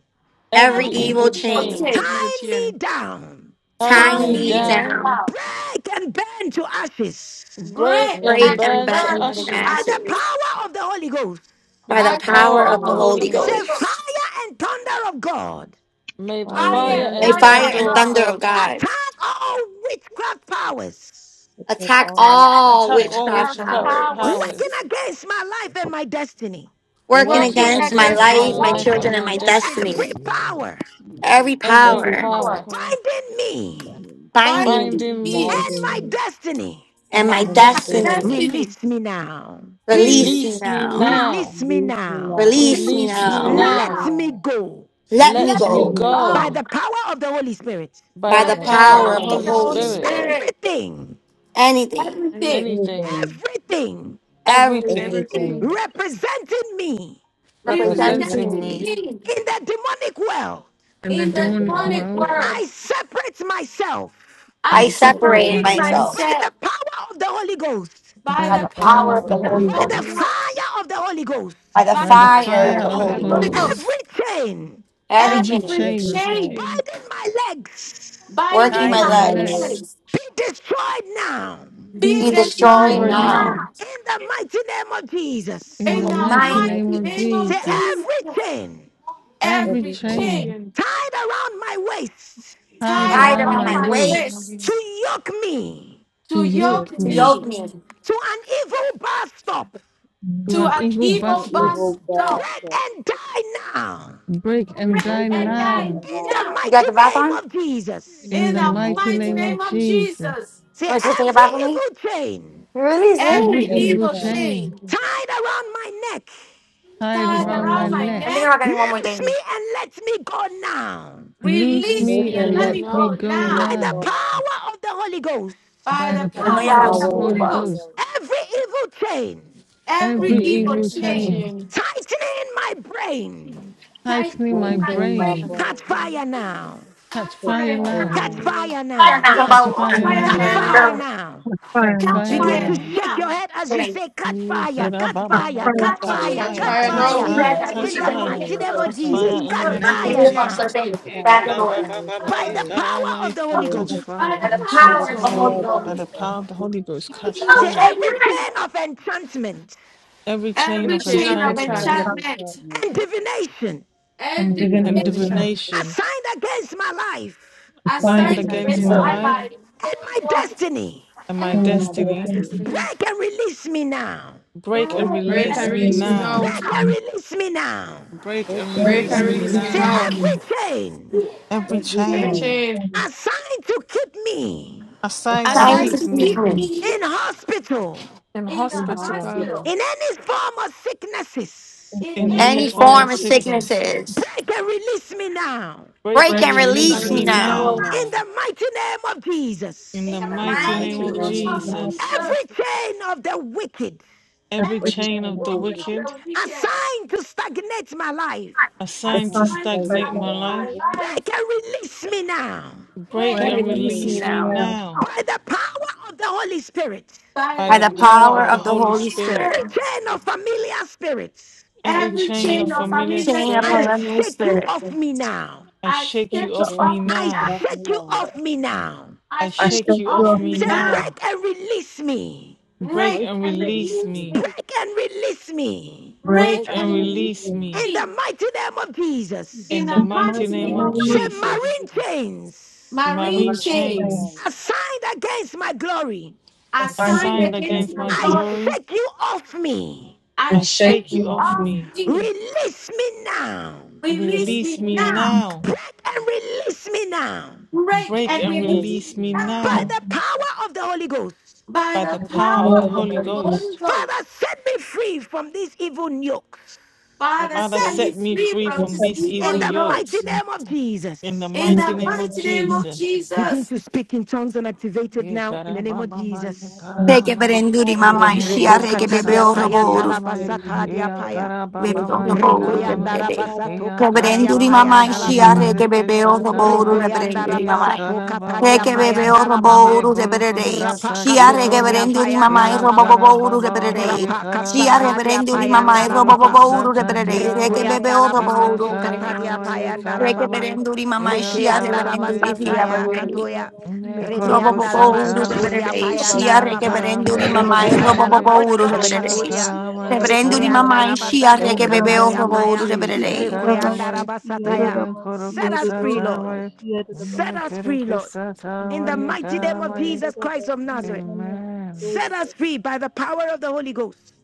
S9: Every
S13: every
S12: every
S2: every
S9: evil
S11: every
S13: evil
S12: evil
S2: evil
S12: thing,
S13: chain,
S9: chains,
S15: The
S2: thing,
S15: evil
S1: tie me
S15: chain.
S1: down
S13: tie
S9: tying
S2: tie
S13: me
S12: tie me
S9: me
S15: And
S2: me
S15: you
S13: down,
S12: down,
S9: down,
S15: know,
S2: down,
S1: break and burn to ashes
S13: break
S2: break
S12: break
S13: and
S9: break
S2: and
S15: great
S12: and
S9: and
S15: and
S12: burn
S13: burn
S15: burn
S13: to
S15: to
S9: bend
S2: burn
S12: to us.
S9: in
S2: to
S1: by
S15: ashes.
S1: the
S13: ashes.
S9: ashes
S2: ashes
S1: power of the Holy Ghost.
S9: by
S13: In
S9: the
S12: The
S13: the
S2: by
S15: And the
S2: the
S12: power
S13: power
S9: power
S12: of the
S15: power of
S9: of
S13: of
S15: the
S9: the
S13: the
S12: Holy
S2: power of
S15: Holy
S12: Ghost.
S2: the
S13: Holy
S9: Holy
S1: Say
S15: Ghost.
S2: Holy
S13: Ghost,
S1: fire
S2: Ghost.
S9: Ghost.
S1: and thunder of God.
S13: may the
S12: Fire and
S13: fire
S15: Prayer
S2: Fire
S15: and
S9: May
S13: and
S2: down
S12: thunder
S15: being
S12: of
S15: with
S2: your
S9: fire
S13: thunder
S9: and
S12: God,
S15: them.
S13: of
S2: God,
S9: thunder of
S13: God
S9: God
S1: Attack all witchcraft powers
S12: protect
S9: attack
S12: all
S2: attack
S12: we
S2: all
S12: can
S9: all
S13: attack
S15: But
S12: powers,
S13: all
S15: not
S9: witchcraft
S2: from
S15: all which.
S13: witchcraft
S15: I
S9: powers,
S15: can
S2: powers
S1: working
S13: powers
S1: against my life and my destiny.
S9: working
S12: working
S13: working
S12: with
S2: working
S9: against
S12: my
S9: my
S15: do
S2: against
S12: life
S13: against
S11: wicked
S15: this
S13: my
S2: my
S12: and
S9: life,
S12: my
S11: fire,
S15: and
S9: my
S2: life
S13: life
S11: Lord.
S13: and
S9: children,
S2: and
S12: destiny.
S9: and
S13: my
S9: my
S2: my destiny.
S1: Every
S13: destiny.
S9: destiny.
S2: Against
S1: power
S11: Hallelujah.
S15: make
S9: Every
S13: Every
S12: Every
S9: power
S12: power
S13: power
S2: Powers
S15: me
S1: binding
S11: that
S1: me
S11: will
S9: binding
S2: binding
S9: me
S15: Yes,
S13: binding
S2: me
S1: and
S13: me
S12: binding
S1: my
S12: me
S1: destiny.
S13: and
S9: and my
S13: my
S2: and
S12: and my
S2: my
S13: destiny,
S9: destiny,
S12: destiny,
S2: destiny.
S1: Release me now.
S9: release
S2: Release
S9: you
S13: release me
S9: now
S2: now
S13: now
S1: Release me
S12: release me
S1: now.
S12: now.
S9: Release me
S13: Release me
S15: we
S12: Release
S9: now.
S15: all,
S12: me
S1: Let
S13: now.
S2: Now,
S1: me
S12: now.
S1: go
S9: Let me
S13: Let
S2: let
S13: me
S12: Let
S2: it
S14: Listen,
S9: go
S12: me
S15: we all,
S1: by
S13: go.
S12: go
S2: go
S1: the power of the Holy Spirit.
S13: By
S9: by
S13: the
S9: the
S2: by
S12: by
S2: the
S12: the
S13: power of
S12: power
S9: power
S12: of
S13: the
S12: the
S9: of
S2: power
S9: the
S2: of
S13: Holy
S2: the
S12: Holy
S15: everything's
S9: Holy
S2: Holy
S15: been-
S12: Spirit.
S13: Spirit,
S9: Spirit.
S2: Spirit.
S1: Everything,
S9: Anything,
S2: Everything
S15: Everything,
S13: anything,
S12: Anything,
S1: everything
S13: everything
S9: everything
S15: everything
S12: everything
S1: representing me
S15: you can
S13: representing
S12: representing
S9: representing
S2: representing
S12: me
S9: me.
S13: me
S15: do,
S2: me
S1: in the demonic world.
S13: in the
S2: in
S12: in
S2: the
S12: the
S13: demonic
S12: demonic
S2: demonic
S15: you
S13: world,
S2: world,
S12: world.
S15: can
S1: I separate myself
S13: I
S9: I
S12: I
S2: I
S13: separate
S12: separate
S15: separate
S9: separated
S2: separate
S15: yourself.
S9: myself
S12: myself
S13: myself
S1: by the
S2: myself
S1: power of the Holy Ghost,
S2: by
S13: by
S9: by
S13: the
S9: the
S12: by
S2: the
S12: the
S13: power
S9: power
S2: power
S13: of
S9: of
S13: the
S9: the
S15: You
S12: power
S2: of
S12: of the
S15: can't
S2: the
S9: Holy
S13: Holy
S1: by
S12: Holy
S2: Holy
S1: the
S12: Ghost
S15: go
S9: Ghost,
S13: Ghost,
S2: Ghost,
S1: fire of the Holy Ghost.
S9: by the
S2: by
S13: by
S2: the
S13: the
S12: and the
S9: fire
S13: fire
S9: of
S2: power
S9: the
S12: fire of
S13: of
S2: of
S12: the
S13: the
S15: fire through
S9: Holy
S15: the
S2: the
S12: Holy
S13: Holy
S2: Holy
S15: Holy
S12: Ghost.
S15: Ghost,
S13: Ghost.
S9: Ghost.
S2: Ghost.
S1: Every chain
S9: Every
S13: Every
S9: chain
S2: Every
S13: chain,
S12: Every
S2: chain
S12: chain
S15: between
S1: binding my legs
S9: working
S2: binding
S9: my
S13: tying
S15: my
S12: Binding
S13: my
S2: my
S12: my
S13: neck,
S15: name
S12: leg,
S9: legs
S15: and
S2: legs
S1: be destroyed now in
S13: be
S2: be
S9: be
S12: be
S13: destroyed
S9: destroyed
S2: destroyed
S15: destroyed
S12: destroyed
S2: now
S12: now.
S13: now
S15: now,
S9: now.
S1: the mighty name of
S13: in
S9: In
S13: the
S2: in
S1: Jesus.
S9: the
S2: the
S12: In the
S13: mighty
S9: mighty
S2: mighty
S13: name
S12: mighty
S9: name
S13: of
S9: of
S12: name
S2: name
S12: of
S1: Say,
S2: of
S13: Jesus.
S12: Jesus.
S9: Jesus.
S1: every
S2: Jesus.
S1: chain
S13: Every
S2: Every
S12: Everything,
S2: chain.
S12: chain
S13: chain
S15: between
S1: tied around my waist
S13: tied
S12: tied
S2: tied
S9: Tied
S12: around
S11: provide
S13: around
S12: my
S9: around
S11: us
S13: my
S2: around
S9: my
S12: waist,
S2: my
S13: waist,
S15: um,
S2: waist
S1: to
S9: waist
S15: novice.
S1: yoke me
S13: to
S2: to
S12: to yoke
S13: yoke
S2: yoke
S9: to
S11: to
S15: We
S12: me.
S13: me
S9: yoke
S2: me
S9: me. You
S1: to an evil bus stop,
S13: to
S2: to
S14: um,
S13: an
S2: an
S13: evil
S2: evil
S12: From
S13: bastard.
S12: evil,
S2: bastard.
S12: bad
S1: break
S12: thoughts,
S1: and die now
S13: Break and
S2: Break
S15: can
S12: break
S13: die
S15: die
S2: and
S12: them yet
S15: now.
S2: die
S13: now
S12: and
S1: in
S12: die
S1: the
S2: now
S12: now.
S1: mighty
S9: got the bath
S1: name
S9: on? You
S1: of
S15: in the
S1: Jesus.
S13: in
S2: in
S13: the
S12: In the
S15: name
S2: the
S15: of
S12: mighty
S13: mighty
S2: mighty
S15: Jesus.
S13: name
S12: name
S13: of
S12: of
S2: name of
S12: Jesus.
S13: Jesus.
S2: Jesus.
S1: Say
S9: want to take a
S1: every
S9: bath with me?
S1: evil chain
S9: You're really
S12: Break
S13: Every
S2: Every
S9: lame.
S11: inherit the inheritance.
S12: every
S13: evil
S2: evil
S12: chain
S13: chain
S2: chain
S1: tied around my neck,
S15: I
S13: tied
S2: tied
S12: tied
S15: don't
S13: around my
S2: around
S12: around
S15: know.
S2: my
S12: my
S9: I
S13: neck,
S9: think
S2: neck,
S9: I'm
S12: neck.
S9: getting one more
S1: loose me
S9: thing.
S1: and let me go now.
S13: loose
S15: Please
S14: listen.
S2: release
S12: Break
S15: don't
S13: me
S2: me
S15: let
S2: and
S15: me
S12: and
S13: and
S2: let
S15: go
S12: let,
S2: me
S13: let me
S2: go
S15: now.
S12: loose
S13: go
S12: me and let
S1: By
S2: now
S12: me
S1: the
S13: now
S12: go now.
S1: power of the Holy Ghost,
S2: by
S13: by
S14: for
S2: the
S14: the
S13: the
S15: by
S12: With
S9: I
S15: the
S12: the
S14: fire
S9: know y'all
S2: power
S14: of
S13: power
S14: the
S9: have
S15: power
S2: of
S13: of
S15: of
S12: power
S2: the
S13: the
S15: the
S14: Holy
S12: of
S9: school,
S12: the
S15: Holy
S2: Holy
S13: Holy
S9: but
S12: Holy
S2: Ghost.
S13: Ghost.
S15: Ghost.
S12: Ghost.
S1: every evil chain
S2: Every
S13: Every
S14: and the
S12: Every
S2: evil
S12: evil
S13: evil
S15: Everything will
S2: chain
S12: chain
S14: flame,
S13: chain
S15: change.
S1: tightening my brain,
S13: tightening
S12: tied
S13: my
S2: tightening
S14: and
S2: my
S12: to my
S13: brain,
S15: And
S2: brain,
S12: brain.
S1: catch
S15: when
S1: fire now,
S2: catch
S13: catch
S12: Catch
S13: fire
S2: fire
S15: it's
S12: fire
S13: now,
S2: now,
S15: very
S1: catch
S12: now.
S15: new,
S1: fire
S9: I'm
S1: now,
S9: talking
S13: catch
S14: the
S9: about
S2: catch
S12: Catch
S13: fire
S2: fire
S14: flame,
S15: That's
S1: catch
S12: fire
S13: now,
S15: fire
S14: and
S12: now.
S1: fire
S2: now,
S15: now.
S9: the
S1: now,
S14: the fire,
S13: catch
S14: and
S12: Catch
S14: the
S2: catch
S13: fire
S12: fire
S1: Begin
S2: fire
S1: to
S13: now.
S12: now.
S15: That's
S1: shake
S2: now.
S15: fire
S1: your head as you
S9: thing.
S1: say, Catch
S14: fire, and
S13: yee
S14: the fire,
S13: da
S1: fire,
S14: and
S13: da
S1: catch
S13: ba
S14: the
S1: fire,
S13: ba
S14: fire,
S12: Catch
S1: catch
S2: That's
S13: Catch
S12: fire,
S2: why
S1: fire,
S2: I
S15: That's
S12: catch
S13: fire,
S2: know.
S1: catch
S15: fire
S12: fire,
S13: catch
S9: Oh,
S2: That's
S1: fire.
S15: now.
S9: you
S12: catch
S9: guys
S13: fire,
S2: why
S9: have
S12: fire,
S2: I
S9: what
S13: catch
S1: In
S9: you
S1: the
S12: catch
S9: think
S2: know
S13: fire,
S9: would be
S2: that
S1: mighty
S12: fire,
S9: the
S2: the
S1: name
S12: catch
S1: of
S2: Lord
S9: lowest.
S13: catch
S12: fire,
S1: Jesus,
S13: fire
S2: Jesus.
S13: in the
S1: catch
S12: catch
S15: Mercy,
S13: name
S15: my
S9: You
S13: of
S9: need
S1: fire
S9: to
S12: fire,
S15: Jesus.
S9: put the
S13: Jesus.
S1: now.
S9: thing
S12: catch fire,
S9: back in
S12: catch
S9: order.
S12: fire, catch
S13: Yee-da-da-ba-ba-ba-ba,
S1: By the
S12: fire,
S1: power of
S13: yee-da-da-ba-yee.
S12: catch
S1: the Holy
S9: By
S12: fire,
S13: Catch
S12: catch
S1: Ghost.
S2: By
S12: fire.
S13: fire
S2: the
S9: the
S13: in
S12: By
S15: By the
S12: the
S2: power
S9: power
S2: of
S9: of
S2: the
S9: the
S13: Jesus'
S15: power of the
S9: Holy
S2: Holy
S12: power of
S13: name.
S15: Holy
S12: the
S13: By
S15: Ghost.
S12: Holy
S9: Ghost.
S13: the
S2: Ghost,
S12: Ghost,
S13: power of the Holy Ghost, catch
S1: Say,
S2: Jesus.
S13: fire.
S9: Okay,
S1: every chain of enchantment
S13: Every
S15: Every
S13: chain
S2: Every
S13: of
S15: chain
S2: chain
S15: of
S2: of
S12: every
S14: and the
S12: chain of
S13: enchantment
S14: fire,
S15: enchantment
S2: enchantment
S12: enchantment
S1: and
S15: and
S1: divination
S2: and
S14: and
S12: and
S13: and
S14: divination,
S2: divination
S12: divination
S15: divination
S13: divination
S1: assigned against my life
S14: the
S12: is
S14: fire
S13: signed
S12: found
S2: assigned
S14: against
S15: assigned
S12: against
S14: my
S13: against
S2: against
S12: my
S13: my
S15: against
S9: nine.
S14: life,
S15: my
S2: my
S12: life
S15: life
S13: life
S2: life
S15: and
S1: and my destiny,
S13: and
S2: and
S13: my
S14: the
S12: and
S14: life
S12: my
S14: of
S2: my
S15: my
S13: destiny,
S2: destiny,
S12: destiny.
S14: sin,
S15: destiny.
S1: break and release me now.
S13: break
S12: Break
S13: and
S2: break
S14: death
S12: and
S15: Break
S2: and
S13: release
S15: and
S14: and
S12: release
S13: me
S15: release me
S12: me
S2: release
S14: the
S2: me
S12: now.
S15: now.
S13: now.
S1: Break
S2: now.
S14: reason,
S1: and release me now.
S13: Break
S12: Break
S13: and
S14: death
S12: and
S2: I
S15: Break
S13: release
S12: release
S15: and
S14: and the
S2: release
S13: me
S12: me
S15: release
S2: me
S15: me
S1: Say,
S12: now.
S13: now.
S15: now.
S2: now.
S14: reason,
S1: every chain
S13: Every
S2: Every
S12: Every
S15: Every
S14: of
S13: chain
S2: chain
S14: the
S12: chain
S15: chain
S14: flame,
S1: assigned to keep me
S12: is
S14: the
S13: assigned
S14: fire
S13: to
S12: trying
S14: to
S9: Signs
S12: to
S2: assigned
S15: and
S9: of
S13: keep
S2: to
S14: see
S12: keep
S13: me
S2: keep
S12: me
S9: sickness.
S14: you,
S15: confusion
S2: me
S1: in hospital
S13: in
S2: in
S15: in
S2: the
S12: in
S13: hospital
S15: hospital,
S12: hospital
S2: hospital
S1: in any form of
S14: in
S1: sicknesses.
S2: in
S12: in
S13: in
S14: any
S12: any
S2: any
S13: any
S9: Any
S15: any
S14: form
S2: form
S12: form
S13: form
S15: form
S12: of
S13: of
S9: form
S15: of
S2: of
S14: of
S9: of
S15: sicknesses.
S12: sicknesses.
S13: sickness.
S2: treatment.
S9: sicknesses.
S1: Break and release me now.
S13: Break
S9: Break
S14: breath
S13: and
S9: and
S14: and
S12: Break
S14: the
S15: Break and
S13: release
S12: and
S9: release me
S13: me
S14: reason,
S15: release me
S12: release
S9: now.
S12: me
S14: and
S15: now.
S13: now,
S1: In
S12: now.
S1: the mighty name of
S13: in
S9: In
S1: Jesus.
S13: the
S9: the
S2: In the
S12: in the
S13: mighty
S9: mighty
S2: mighty
S13: name
S15: Mercy,
S9: name
S12: mighty
S13: of
S9: of
S15: Lord
S2: name
S12: name of
S2: of
S9: Jesus.
S14: the
S15: Jesus.
S12: Jesus.
S13: Jesus.
S14: materiality
S1: Every
S2: Jesus,
S1: chain of the wicked
S14: of
S13: Every
S14: which
S12: Every
S14: I
S13: chain
S14: am
S12: plan
S13: of
S12: of
S13: the
S14: a
S12: the
S2: every day of
S14: witness.
S12: wicked
S13: wicked
S2: the weekend,
S1: assigned to stagnate my life,
S14: The
S13: assigned to
S12: assigned
S14: sun
S12: to
S14: is
S2: assigned to
S12: stagnate
S13: stagnate
S12: my
S2: support
S13: my
S14: pregnant my
S12: life,
S2: our
S13: life,
S2: lives
S1: break and release me now.
S2: right
S13: break
S14: breath
S9: Can
S12: break
S13: and
S12: and
S14: and
S9: release me
S13: release
S12: release
S13: me
S14: releasing
S12: me
S9: now.
S14: around
S12: now.
S13: now,
S2: now
S1: By the power of the Holy Spirit,
S2: by
S13: by
S9: By
S2: the
S13: the
S9: the
S12: By the
S13: power
S2: power
S9: power
S13: of
S2: of
S12: power of
S2: the
S13: the
S9: of
S12: the
S9: the
S13: Holy
S12: Holy
S9: Holy
S2: Holy
S12: Spirit,
S9: Spirit.
S14: the
S13: Spirit.
S1: every
S2: Spirit.
S1: chain of
S14: handspace
S1: familiar spirits,
S13: Every
S12: every
S2: Every
S12: plan
S13: chain
S12: of
S13: of
S2: chain
S14: and
S2: of
S14: the
S12: familiar
S13: familiar
S14: heat
S2: familiar
S14: of
S9: Saying a
S12: spirit,
S14: the
S1: I
S2: spirit,
S14: summer's
S13: spirits,
S9: perennial
S1: shake you
S14: breath.
S1: off
S9: spirit.
S1: me now.
S13: I
S2: I
S13: shake
S14: Take
S13: you
S2: shake
S14: her
S2: it
S13: off
S12: break
S14: off
S13: me
S2: off
S14: me
S12: and
S1: I
S12: shake it
S14: now.
S13: now.
S2: now.
S12: off me
S1: shake you
S14: Take
S12: now.
S14: her
S1: off me now.
S2: I
S13: I
S12: I
S14: I
S2: shake
S13: shake
S2: it
S12: shake
S14: shake
S13: you
S12: it
S14: you
S2: off
S13: off
S12: off
S14: off
S13: me
S12: me
S14: me
S1: Say,
S12: now.
S2: now.
S14: now.
S13: now.
S1: break and release me.
S13: Break
S2: Break
S12: Break
S13: and
S12: and
S2: and
S12: release
S13: release
S2: release
S12: me.
S13: me.
S2: me.
S1: Break and release me.
S14: Break
S2: Break
S13: Break
S12: Break
S14: and
S2: and
S13: and
S12: and
S14: release
S12: release
S13: release
S2: release
S12: me.
S14: me.
S1: In
S13: me,
S2: me.
S1: the mighty name of
S2: In
S13: in
S1: Jesus,
S2: the
S13: the
S14: In the
S13: mighty
S12: In
S2: mighty
S14: mighty
S12: the
S13: name
S2: name
S13: of
S12: name
S2: of
S12: of
S14: name
S1: say,
S14: of
S2: Jesus.
S14: Jesus,
S13: Jesus.
S12: Jesus
S1: Marine
S12: Christ,
S1: chains
S14: the
S12: every
S2: Marine
S13: Marine
S14: mighty
S12: marine
S2: chains.
S14: flame,
S12: train
S13: chains
S1: assigned against my glory,
S14: the
S2: I
S14: sign
S12: assigned
S2: signed
S14: begins
S13: assigned
S12: against
S14: to
S12: my
S2: against
S13: against
S2: my
S14: redeem
S13: my
S12: glory,
S1: I
S2: glory.
S13: glory,
S1: shake you off me.
S2: I
S12: I
S14: and
S13: I
S14: shake
S12: shake
S2: shake
S13: shake
S14: you
S12: you
S13: you
S2: you
S14: off
S12: off
S13: off
S12: me.
S2: off
S14: me.
S13: me.
S2: me.
S1: Release me now.
S14: Take
S2: Release
S12: Release
S13: Release
S2: me
S12: me
S13: me
S12: now.
S2: now.
S14: me
S13: now.
S14: now.
S1: Break and release me now
S2: Break
S13: Break
S12: Break
S2: and
S14: And
S13: and
S12: and
S14: break
S2: release
S12: release
S2: me
S14: and
S13: release
S12: me
S13: me
S12: now.
S14: release
S1: by
S2: now.
S13: now
S1: the
S14: me.
S1: power of the Holy Ghost.
S2: By
S13: by
S2: the
S13: the
S14: At
S12: By the
S14: the
S13: power
S14: floor
S13: of
S14: of
S12: power
S13: the
S12: of
S2: power
S14: the
S12: the
S2: of
S13: Holy
S2: the
S12: Holy
S14: holy
S12: Ghost,
S14: day,
S2: Holy
S13: Ghost.
S2: Ghost.
S1: Father, set me free from these evil yokes.
S2: Father,
S12: Father,
S13: Father,
S2: set
S12: stand me
S2: me
S13: set me
S12: free
S2: free
S13: free
S12: from
S2: from
S14: the
S12: these
S13: from
S2: this
S14: fellowship
S13: these
S12: evil
S14: of is
S2: evil
S1: In
S12: yokes
S13: evil
S14: taking
S1: the
S14: this
S1: mighty
S13: yokes
S2: yokes.
S14: evening.
S1: name of
S13: in the
S1: Jesus.
S2: In
S14: and
S12: in
S13: mighty
S12: the
S2: the
S13: name of
S2: mighty
S12: mighty name
S2: name
S14: the
S12: of
S2: of
S12: Jesus.
S13: Jesus.
S1: Begin
S2: Jesus.
S1: to speak in tongues and activate it
S13: E
S1: now in the name of
S13: tarababamai,
S12: Yada
S1: Jesus.
S12: da
S14: Oh
S12: da
S9: Reke
S12: ba,
S13: tarawamai.
S14: my
S9: berenduri
S12: yada da
S9: mama
S12: da
S13: E
S9: ishia
S1: Redo
S12: ba,
S9: reke bebe
S1: katadia
S12: yada da da ba,
S1: paya
S9: oroboru
S12: yada
S1: ndala
S12: da da
S13: kurukusatakiamai.
S1: basatadia
S13: E
S12: ba,
S1: paya.
S9: bebe
S13: akarabababai,
S9: oroboru bebe.
S1: Rikoyanda
S13: karamai.
S9: bebe.
S13: E
S1: rapasato katadia
S9: Reberenduri mama
S1: payanda la
S13: akarabababai,
S9: ishia
S1: baba.
S9: reke bebe oroboru
S13: kerekesatamai.
S1: Rikoyanda
S9: reberenduri
S13: E
S9: mama.
S1: rapasato katadia
S9: Reke
S13: akarabababai.
S9: bebe
S1: payanda la baba.
S13: E
S9: oroboru reberere.
S1: Rapa
S9: Shia reke
S1: kasotodia
S13: kurukusatakiamai.
S9: berenduri
S13: E
S1: payanda
S9: mama
S1: la baba.
S9: oroboboru reberere.
S13: akarabababai,
S1: Rapa
S9: Shia
S13: karamai.
S1: kasakadia
S9: reberenduri
S13: E
S9: mama
S1: payanda la baba.
S9: oroboboru reberere. Reke
S13: kurukusatakiamai.
S9: bebe
S1: Requianda la
S13: E
S9: oroboru
S1: basato
S9: reberere.
S1: katadia
S13: akarababai,
S1: payanda la
S9: Reke
S12: yada
S1: baba.
S12: da
S13: karamai.
S9: berenduri
S13: E
S9: mama
S12: da
S9: ishia
S1: Requianda
S12: ba.
S13: akara
S1: la
S13: mai
S9: reberenduri
S12: Thank
S9: shia
S13: kara
S1: bazantaya
S13: mai.
S9: berere.
S1: katoya.
S13: Ne koro
S1: Rebeanda la
S13: kusa
S1: ba
S9: Robobobouru
S13: tamaye,
S1: katodia
S9: rebererei.
S1: payanda
S9: Shia
S1: la
S13: iya
S1: baba.
S9: regeberende uri
S13: karamaye,
S9: mamai.
S1: Requianda la
S13: karamaye,
S9: Robobobouru
S1: basata
S14: gosh,
S13: iya
S9: rebererei.
S14: I'm so
S1: katodia.
S13: karamaye,
S9: Reberende uri
S1: Requianda
S9: mamai.
S1: la
S13: karamaye.
S9: Shia
S1: basato
S13: In the
S9: regebebeo
S1: katadia
S13: name of
S9: robouru
S1: paya.
S13: Jesus,
S9: rebererei.
S1: Requianda la
S13: karamaye,
S1: basataya.
S13: iya koro
S1: Set us
S13: kusa
S1: free, Lord.
S13: tamaye,
S1: Set
S13: ne
S1: us
S13: kere
S1: free, Lord.
S13: kusa
S1: In the
S13: tamaye,
S1: mighty name of
S13: karamaye.
S1: Jesus Christ of Nazareth,
S13: Amen,
S1: set us free by the power of the Holy Ghost.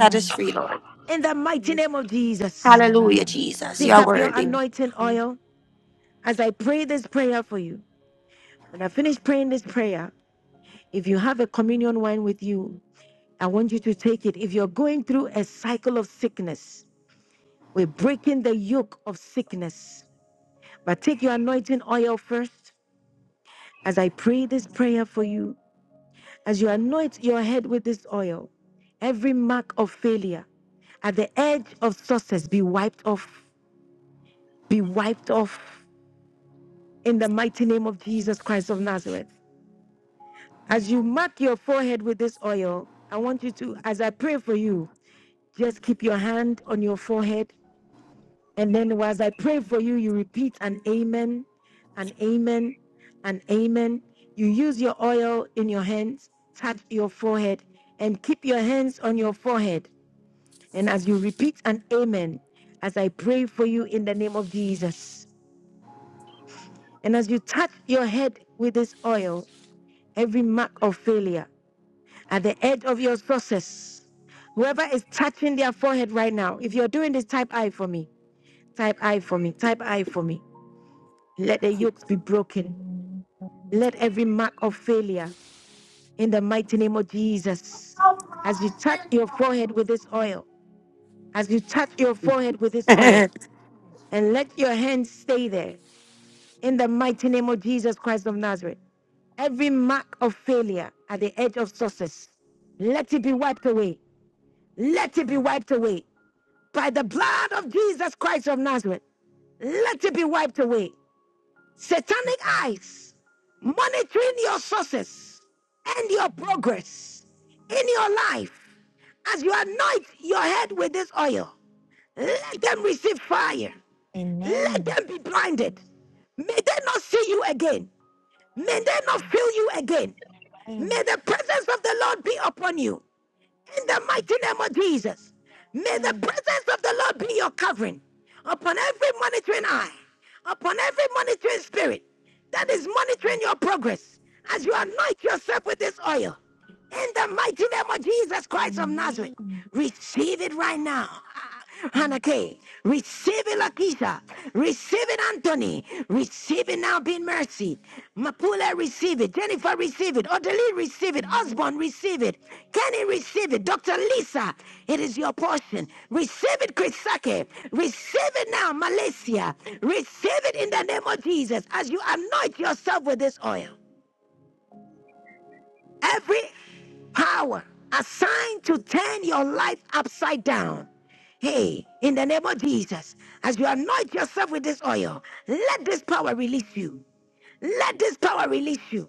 S9: Set us free, Lord.
S1: In the mighty name of Jesus.
S9: Hallelujah,
S13: amen. I
S9: Jesus.
S13: decree
S9: You
S1: Pick
S13: and
S9: are
S13: I
S1: up your
S9: worthy.
S13: declare
S1: anointing
S13: free.
S1: oil as I pray this prayer for you. When I finish praying this prayer, if you have a communion wine with you, I want you to take it. If you're going through a cycle of sickness, we're breaking the yoke of sickness. But take your anointing oil first as I pray this prayer for you. As you anoint your head with this oil, every mark of failure at the edge of success be wiped off, be wiped off in the mighty name of Jesus Christ of Nazareth. As you mark your forehead with this oil, I want you to, as I pray for you, just keep your hand on your forehead. And then, as I pray for you, you repeat an amen, an amen, an amen. You use your oil in your hands, touch your forehead, and keep your hands on your forehead. And as you repeat an amen, as I pray for you in the name of Jesus, and as you touch your head with this oil, every mark of failure. at the end of your process. Whoever is touching their forehead right now, if you're doing this, type I for me, type I for me, type I for me. Let the yokes be broken.
S13: Amen,
S1: Let every mark of failure in the mighty name of Jesus. As you touch your forehead with this oil, as you touch your forehead with this oil,
S9: Every
S1: and let your hands stay there in the mighty name of Jesus Christ of Nazareth. Every mark of failure at the edge of success, let it be wiped away. Let it be wiped away. by the blood of Jesus Christ of Nazareth, let it be wiped away. Satanic eyes monitoring your sources and your progress in your life as you anoint your head with this oil. Let them receive fire. Let
S13: amen,
S1: them be blinded. May they not see you again. May they not feel you again. May
S13: amen,
S1: the presence of the Lord be upon you. In the mighty name of Jesus, may the presence of the Lord be your covering upon every monitoring eye, upon every monitoring spirit that is monitoring your progress as you anoint yourself with this oil. In the mighty name of Jesus Christ of Nazareth,
S13: amen,
S1: receive it right now. Hanake, receiving Lakisha, receiving Anthony, receiving now being mercy. Mapule, receive it. Jennifer, receive it. Odeli, receive it.
S13: amen.
S1: Osborne, receive it. Kenny, receive it. Dr. Lisa, it is your portion. Receive it, Chrisake. Receive it now, Malaysia. Receive it in the name of Jesus as you anoint yourself with this oil. Every power assigned to turn your life upside down. Hey, in the name of Jesus, as you anoint yourself with this oil, let this power release you. Let this power release you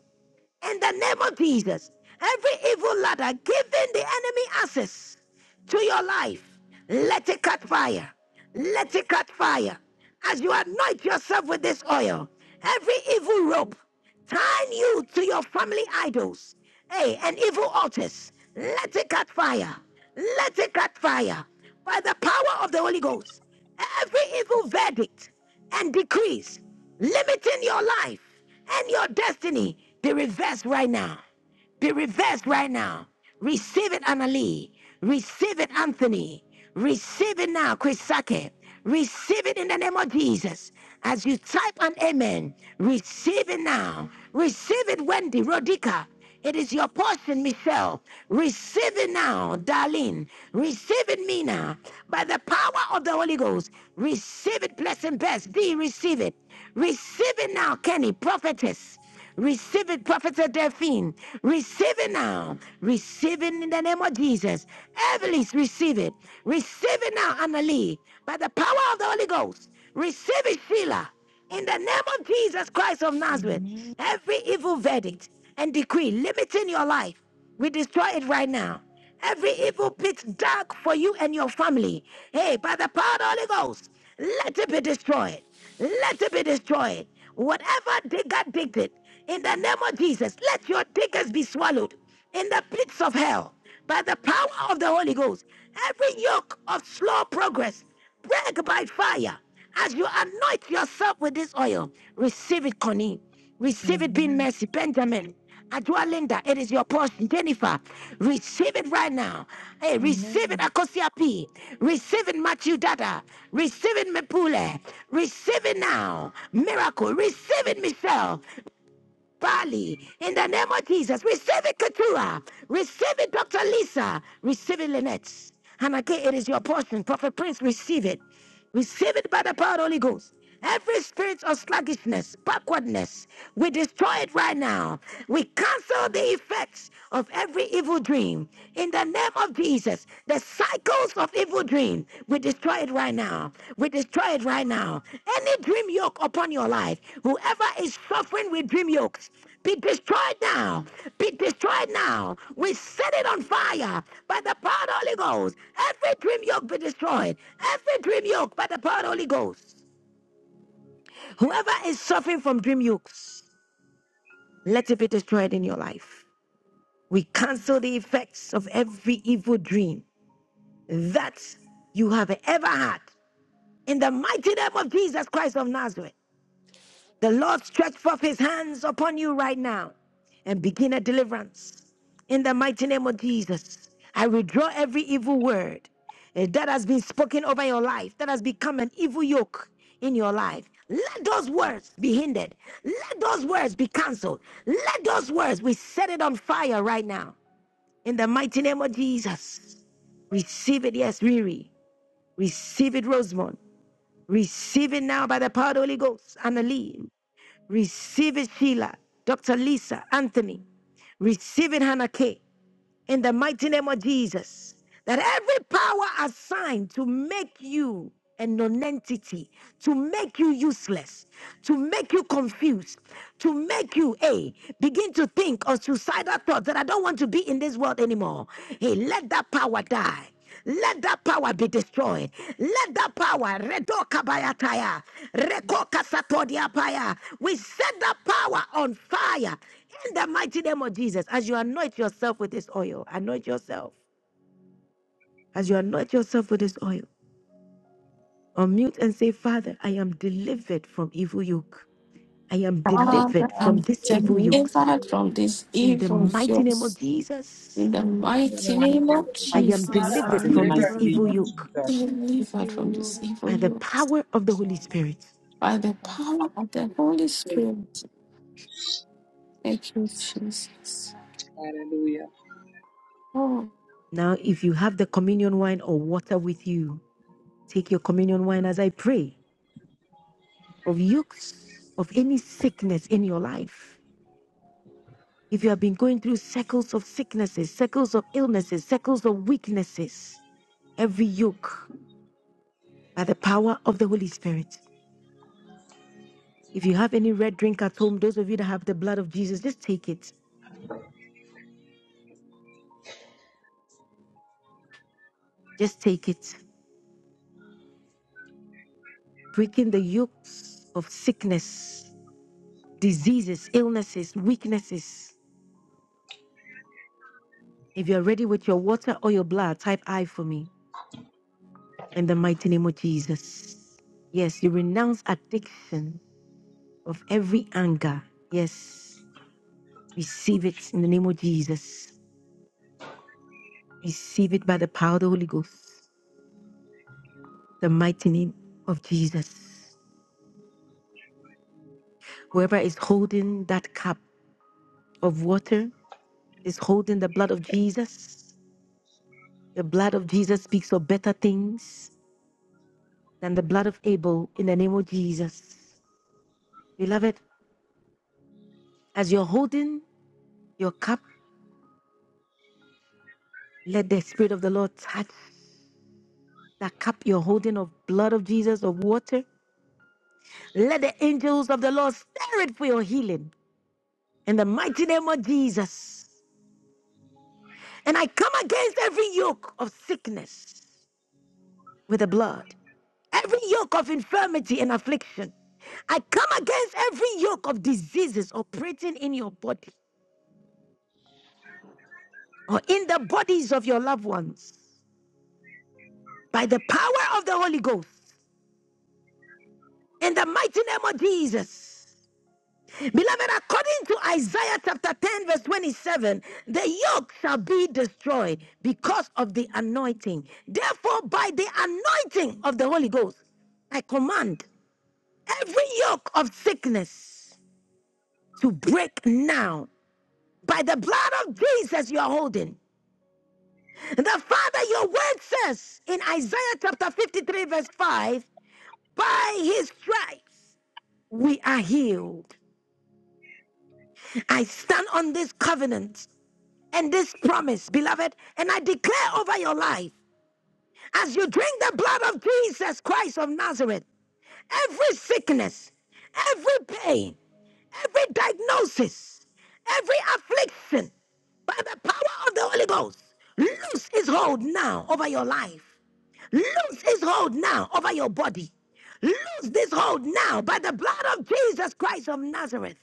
S1: in the name of Jesus. Every evil ladder giving the enemy access to your life, let it cut fire. Let it cut fire. As you anoint yourself with this oil, every evil rope tying you to your family idols, hey, and evil altars, let it cut fire. Let it cut fire. By the power of the Holy Ghost, every evil verdict and decrees limiting your life and your destiny be reversed right now. Be reversed right now. Receive it, Annalie. Receive it, Anthony. Receive it now, Chrisake. Receive it in the name of Jesus. As you type an amen, receive it now. Receive it, Wendy, Rodica. It is your portion, Michelle. Receive it now, Darlene. Receive it, Mina. By the power of the Holy Ghost, receive it, blessed and best. D, receive it. Receive it now, Kenny, prophetess. Receive it, Prophetess Delphine. Receive it now. Receive it in the name of Jesus. Evelise, receive it. Receive it now, Annalie. By the power of the Holy Ghost, receive it, Sheila. In the name of Jesus Christ of Nazareth.
S13: Amen.
S1: Every evil verdict and decree limiting your life, we destroy it right now. Every evil pit dark for you and your family, hey, by the power of the Holy Ghost, let it be destroyed. Let it be destroyed. Whatever digger digged it, in the name of Jesus, let your diggers be swallowed in the pits of hell by the power of the Holy Ghost. Every yoke of slow progress, break by fire. As you anoint yourself with this oil, receive it, Connie. Receive it, being
S13: Amen.
S1: mercy. Benjamin, Adua Linda, it is your portion. Jennifer, receive it right now. Hey, receive it,
S13: Amen.
S1: Akosia P. Receive it, Matthew Dada. Receive it, Mepule. Receive it now. Miracle. Receive it, Michelle. Bali, in the name of Jesus, receive it, Keturah. Receive it, Dr. Lisa. Receive it, Lynette. And again, it is your portion. Prophet Prince, receive it. Receive it by the power of the Holy Ghost. Every spirit of sluggishness, backwardness, we destroy it right now. We cancel the effects of every evil dream in the name of Jesus. The cycles of evil dream, we destroy it right now. We destroy it right now. Any dream yoke upon your life, whoever is suffering with dream yokes, be destroyed now. Be destroyed now. We set it on fire by the power of the Holy Ghost. Every dream yoke be destroyed. Every dream yoke by the power of the Holy Ghost. Whoever is suffering from dream yokes, let it be destroyed in your life. We cancel the effects of every evil dream that you have ever had. In the mighty name of Jesus Christ of Nazareth, the Lord stretch forth his hands upon you right now and begin a deliverance. In the mighty name of Jesus, I withdraw every evil word eh, that has been spoken over your life, that has become an evil yoke in your life. Let those words be hindered. Let those words be canceled. Let those words, we set it on fire right now. In the mighty name of Jesus, receive it, yes, Riri. Receive it, Rosemont. Receive it now by the power of the Holy Ghost. Annalie. Receive it, Sheila. Dr. Lisa. Anthony. Receive it, Hannah K in the mighty name of Jesus. That every power assigned to make you a nonentity, to make you useless, to make you confused, to make you, a begin to think of suicidal thoughts that I don't want to be in this world anymore. Hey, let that power die. Let that power be destroyed. Let that power redo kabayataya, reko kasatodiapaya. We set that power on fire in the mighty name of Jesus, as you anoint yourself with this oil, anoint yourself. As you anoint yourself with this oil, unmute and say, Father, I am delivered from evil yoke. I am
S2: Father,
S1: delivered from
S2: I'm
S1: this evil yokes.
S2: delivered from these
S1: In the
S2: evil
S1: mighty name of
S2: yokes.
S1: Jesus,
S2: In the mighty name of
S1: I
S16: from
S1: am
S15: Father,
S2: Jesus.
S16: individuals
S15: I
S1: delivered
S16: in
S15: am
S16: the
S1: from
S15: the
S1: this
S16: mighty name
S1: evil
S16: of
S15: birthday
S1: yoke
S16: Jesus.
S2: Delivered
S15: receiving
S2: from this
S15: you.
S2: evil
S1: by the
S2: yoke.
S1: power of the
S13: Praise the
S1: Holy Spirit.
S2: by the power of the Holy
S16: So,
S2: Spirit.
S13: Lord.
S2: Thank you, Jesus.
S16: Hallelujah.
S2: Oh,
S1: Now, if you have the communion wine or water with you, take your communion wine as I pray of yokes, of any sickness in your life. If you have been going through cycles of sicknesses, cycles of illnesses, cycles of weaknesses, every yoke by the power of the Holy Spirit. If you have any red drink at home, those of you that have the blood of Jesus, just take it. Just take it. Breaking the yokes of sickness, diseases, illnesses, weaknesses. If you're ready with your water or your blood, type I for me in the mighty name of Jesus. Yes, you renounce addiction of every anger. Yes. Receive it in the name of Jesus. Receive it by the power of the Holy Ghost, the mighty name of Jesus. Whoever is holding that cup of water is holding the blood of Jesus. The blood of Jesus speaks of better things than the blood of Abel in the name of Jesus. Beloved, as you're holding your cup, let the Spirit of the Lord touch that cup you're holding of blood of Jesus, of water. Let the angels of the Lord stir it for your healing in the mighty name of Jesus. And I come against every yoke of sickness with the blood, every yoke of infirmity and affliction. I come against every yoke of diseases operating in your body or in the bodies of your loved ones by the power of the Holy Ghost in the mighty name of Jesus. Beloved, according to Isaiah chapter 10, verse 27, the yoke shall be destroyed because of the anointing. Therefore, by the anointing of the Holy Ghost, I command. every yoke of sickness to break now by the blood of Jesus you're holding. And the Father, your word says in Isaiah chapter 53, verse 5, by his stripes we are healed. I stand on this covenant and this promise, beloved, and I declare over your life as you drink the blood of Jesus Christ of Nazareth, every sickness, every pain, every diagnosis, every affliction, by the power of the Holy Ghost, loose his hold now over your life. Loose his hold now over your body. Loose this hold now by the blood of Jesus Christ of Nazareth.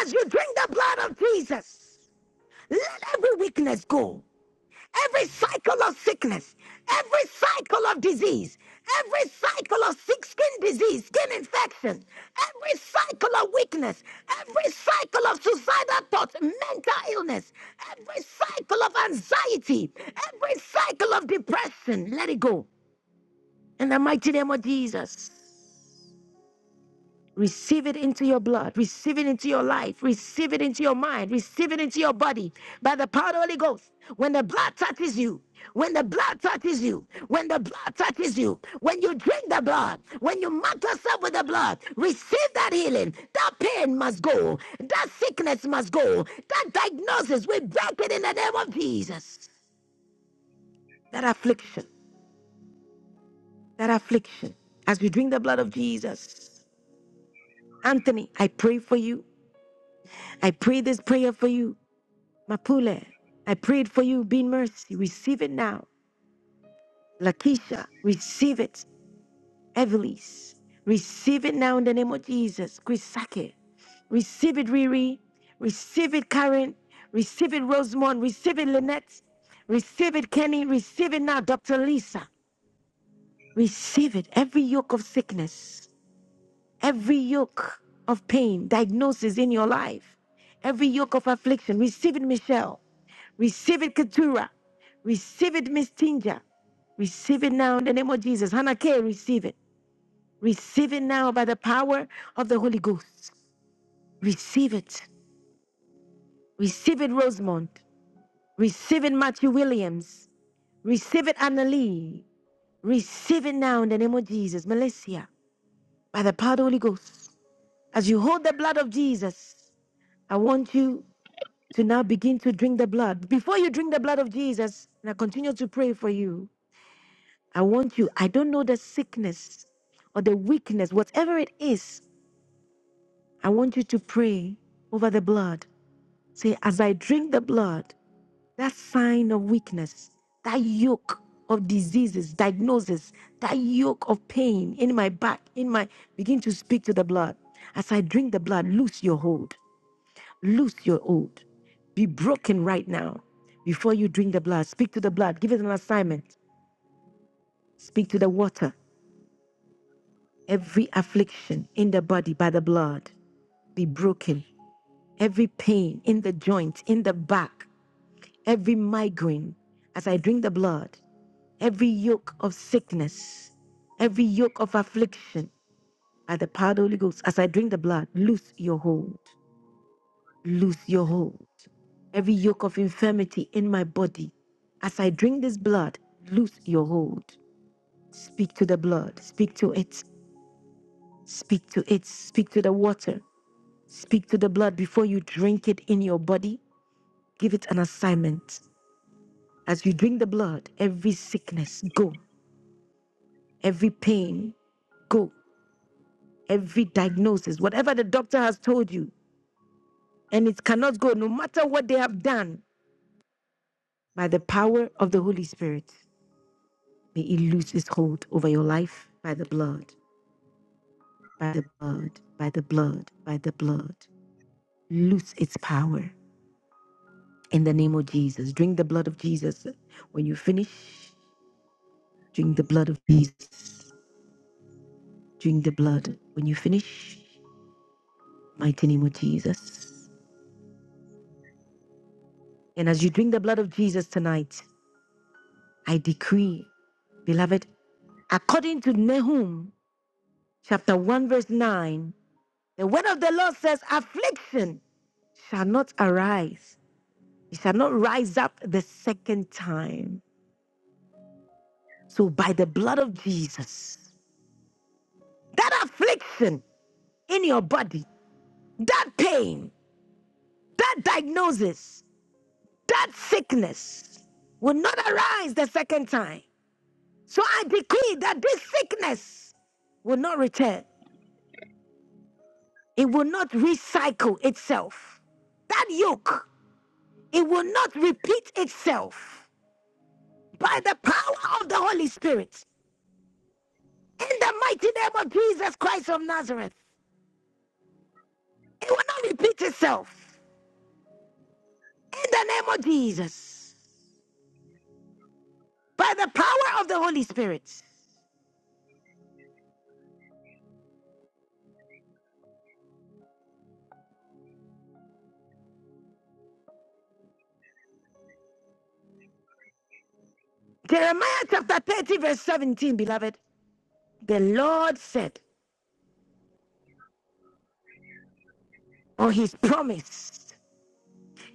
S1: As you drink the blood of Jesus, let every weakness go. Every cycle of sickness, every cycle of disease, every cycle of sick skin disease, skin infection, every cycle of weakness, every cycle of suicidal thoughts, mental illness, every cycle of anxiety, every cycle of depression, let it go. In the mighty name of Jesus. Receive it into your blood. Receive it into your life. Receive it into your mind. Receive it into your body by the power of the Holy Ghost. When the blood touches you, when the blood touches you, when the blood touches you, when you drink the blood, when you mark yourself with the blood, receive that healing. That pain must go. That sickness must go. That diagnosis, we break it in the name of Jesus. That affliction, that affliction, as we drink the blood of Jesus. Anthony, I pray for you. I pray this prayer for you. Mapule, I prayed for you. Be in mercy. Receive it now. Lakisha, receive it. Evelise, receive it now in the name of Jesus. Grisake, receive it, Riri. Receive it, Karen. Receive it, Rosemond. Receive it, Lynette. Receive it, Kenny. Receive it now, Dr. Lisa. Receive it. Every yoke of sickness, every yoke of pain, diagnosis in your life, every yoke of affliction. Receive it, Michelle. Receive it, Keturah. Receive it, Miss Tinja. Receive it now in the name of Jesus. Hannah K, receive it. Receive it now by the power of the Holy Ghost. Receive it. Receive it, Rosemont. Receive it, Matthew Williams. Receive it, Annalie. Receive it now in the name of Jesus. Melissa, by the power of the Holy Ghost. As you hold the blood of Jesus, I want you to now begin to drink the blood. Before you drink the blood of Jesus, and I continue to pray for you, I want you, I don't know the sickness or the weakness, whatever it is, I want you to pray over the blood. Say, as I drink the blood, that sign of weakness, that yoke of diseases, diagnosis, that yoke of pain in my back, in my, begin to speak to the blood. As I drink the blood, loose your hold, loose your hold. Be broken right now. Before you drink the blood, speak to the blood, give it an assignment. Speak to the water. Every affliction in the body by the blood be broken. Every pain in the joint, in the back, every migraine, as I drink the blood, every yoke of sickness, every yoke of affliction by the power of the Holy Ghost, as I drink the blood, loose your hold, loose your hold. Every yoke of infirmity in my body, as I drink this blood, loose your hold. Speak to the blood, speak to it, speak to it, speak to the water. Speak to the blood before you drink it in your body. Give it an assignment. As you drink the blood, every sickness, go. Every pain, go. Every diagnosis, whatever the doctor has told you, and it cannot go, no matter what they have done, by the power of the Holy Spirit, may it lose its hold over your life by the blood, by the blood, by the blood, by the blood. Lose its power in the name of Jesus. Drink the blood of Jesus. When you finish, Drink the blood of Jesus. Drink the blood. When you finish, mighty name of Jesus. And as you drink the blood of Jesus tonight, I decree, beloved, according to Nahum chapter 1, verse 9, the word of the Lord says, Affliction shall not arise, it shall not rise up the second time. So by the blood of Jesus, that affliction in your body, that pain, that diagnosis. that sickness will not arise the second time. So I decree that this sickness will not return. It will not recycle itself. That yoke, it will not repeat itself by the power of the Holy Spirit. In the mighty name of Jesus Christ of Nazareth, it will not repeat itself. In the name of Jesus, by the power of the Holy Spirit. Jeremiah chapter 30, verse 17, beloved. The Lord said, on his promise.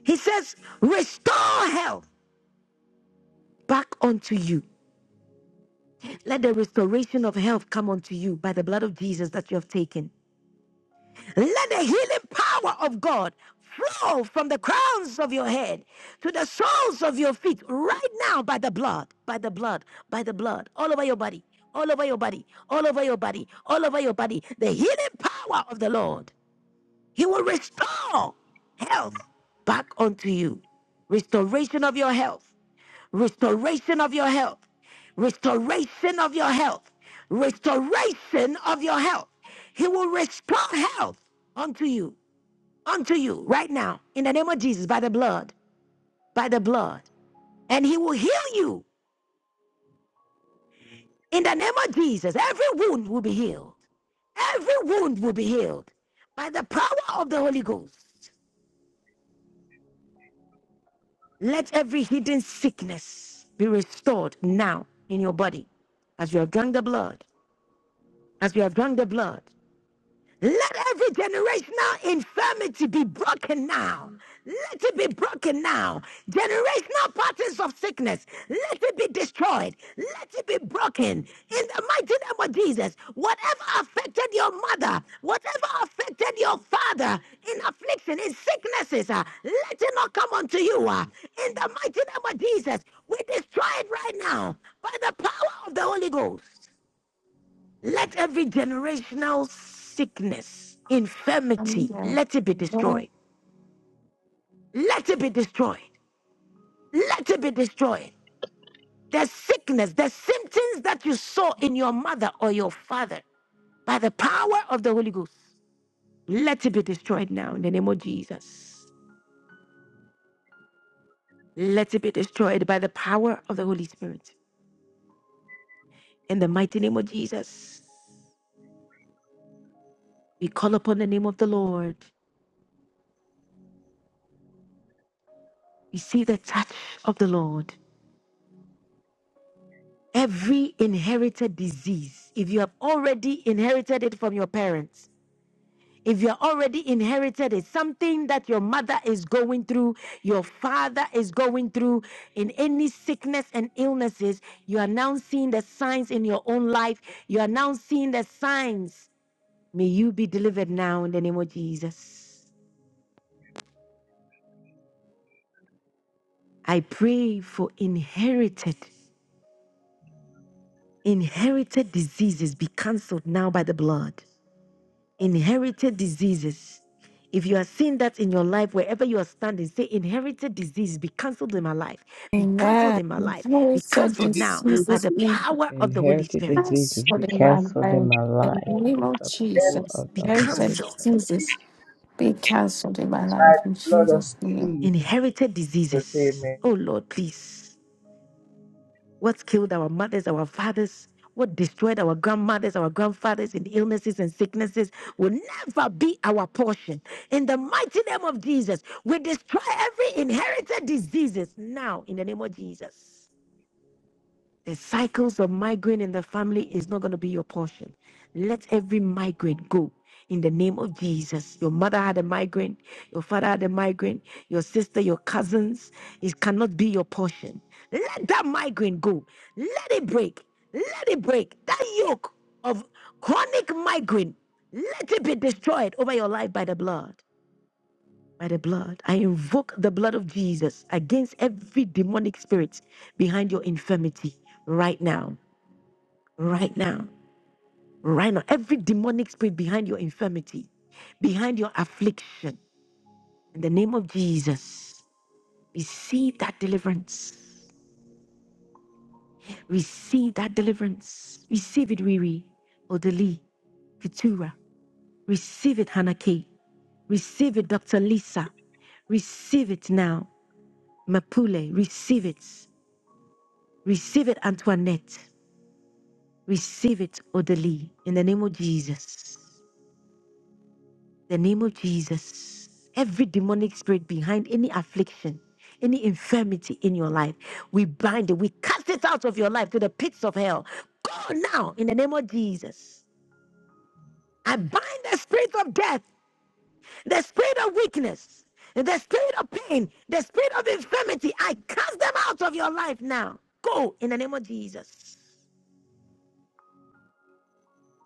S1: He says, Restore health back unto you. Let the restoration of health come unto you by the blood of Jesus that you have taken. Let the healing power of God flow from the crowns of your head to the soles of your feet right now by the blood, by the blood, by the blood, all over your body, all over your body, all over your body, all over your body. The healing power of the Lord. He will restore health back unto you. Restoration of your health. Restoration of your health. Restoration of your health. Restoration of your health. He will restore health unto you, unto you right now, in the name of Jesus, by the blood, by the blood. And He will heal you in the name of Jesus. Every wound will be healed. Every wound will be healed by the power of the Holy Ghost. Let every hidden sickness be restored now in your body as you have drunk the blood. As you have drunk the blood, let every generational infirmity be broken now. Let it be broken now. Generational patterns of sickness, let it be destroyed. Let it be broken. In the mighty name of Jesus, whatever affected your mother, whatever affected your father in affliction, in sicknesses, uh, let it not come unto you. uh, in the mighty name of Jesus, we destroy it right now by the power of the Holy Ghost. Let every generational sickness, infirmity,
S2: amen.
S1: let it be
S2: Amen.
S1: destroyed. Let it be destroyed. Let it be destroyed. The sickness, the symptoms that you saw in your mother or your father by the power of the Holy Ghost, let it be destroyed now in the name of Jesus. Let it be destroyed by the power of the Holy Spirit. In the mighty name of Jesus, we call upon the name of the Lord. Receive the touch of the Lord. Every inherited disease, if you have already inherited it from your parents, if you are already inherited it, something that your mother is going through, your father is going through, in any sickness and illnesses, you are now seeing the signs in your own life. You are now seeing the signs. May you be delivered now in the name of Jesus. I pray for inherited, inherited diseases be cancelled now by the blood. Inherited diseases. If you are seeing that in your life, wherever you are standing, say inherited disease be cancelled in my life, be cancelled in my life, be
S2: Inherited
S17: Take
S1: cancelled
S17: this
S1: now
S17: thing
S1: by
S2: diseases
S1: the
S2: being
S1: power of the Holy
S18: Inherited
S1: Spirit.
S18: diseases, be
S2: cancelled in my
S18: cancelled in
S2: life.
S18: my
S2: In the
S18: life
S17: on
S2: name
S18: by
S2: of
S18: the
S17: earth
S18: power
S2: Jesus.
S18: of
S1: Be
S18: the
S2: Inherited
S18: Holy
S1: cancelled.
S18: Ghost.
S2: diseases be cancelled in my
S17: by
S2: life. In
S17: the blood of
S2: Jesus' name.
S17: Jesus.
S1: Inherited diseases.
S17: Amen.
S1: Oh Lord, please. What killed our mothers, our fathers, what destroyed our grandmothers, our grandfathers in illnesses and sicknesses will never be our portion. In the mighty name of Jesus, we destroy every inherited diseases now in the name of Jesus. The cycles of migraine in the family is not going to be your portion. Let every migraine go in the name of Jesus. Your mother had a migraine, your father had a migraine, your sister, your cousins. It cannot be your portion. Let that migraine go. Let it break. Let it break. That yoke of chronic migraine, let it be destroyed over your life by the blood. By the blood. I invoke the blood of Jesus against every demonic spirit behind your infirmity right now right now, right now. Every demonic spirit behind your infirmity, behind your affliction, in the name of Jesus, receive that deliverance. Receive that deliverance. Receive it, Riri, Odeli, Keturah. Receive it, Hannah K. Receive it, Dr. Lisa. Receive it now, Mapule. Receive it. Receive it, Antoinette. Receive it, Odeli, in the name of Jesus. the name of Jesus, every demonic spirit behind any affliction, any infirmity in your life, we bind it, we cast it out of your life to the pits of hell. Go now in the name of Jesus. I bind the spirit of death, the spirit of weakness, the spirit of pain, the spirit of infirmity. I cast them out of your life now. Go in the name of Jesus.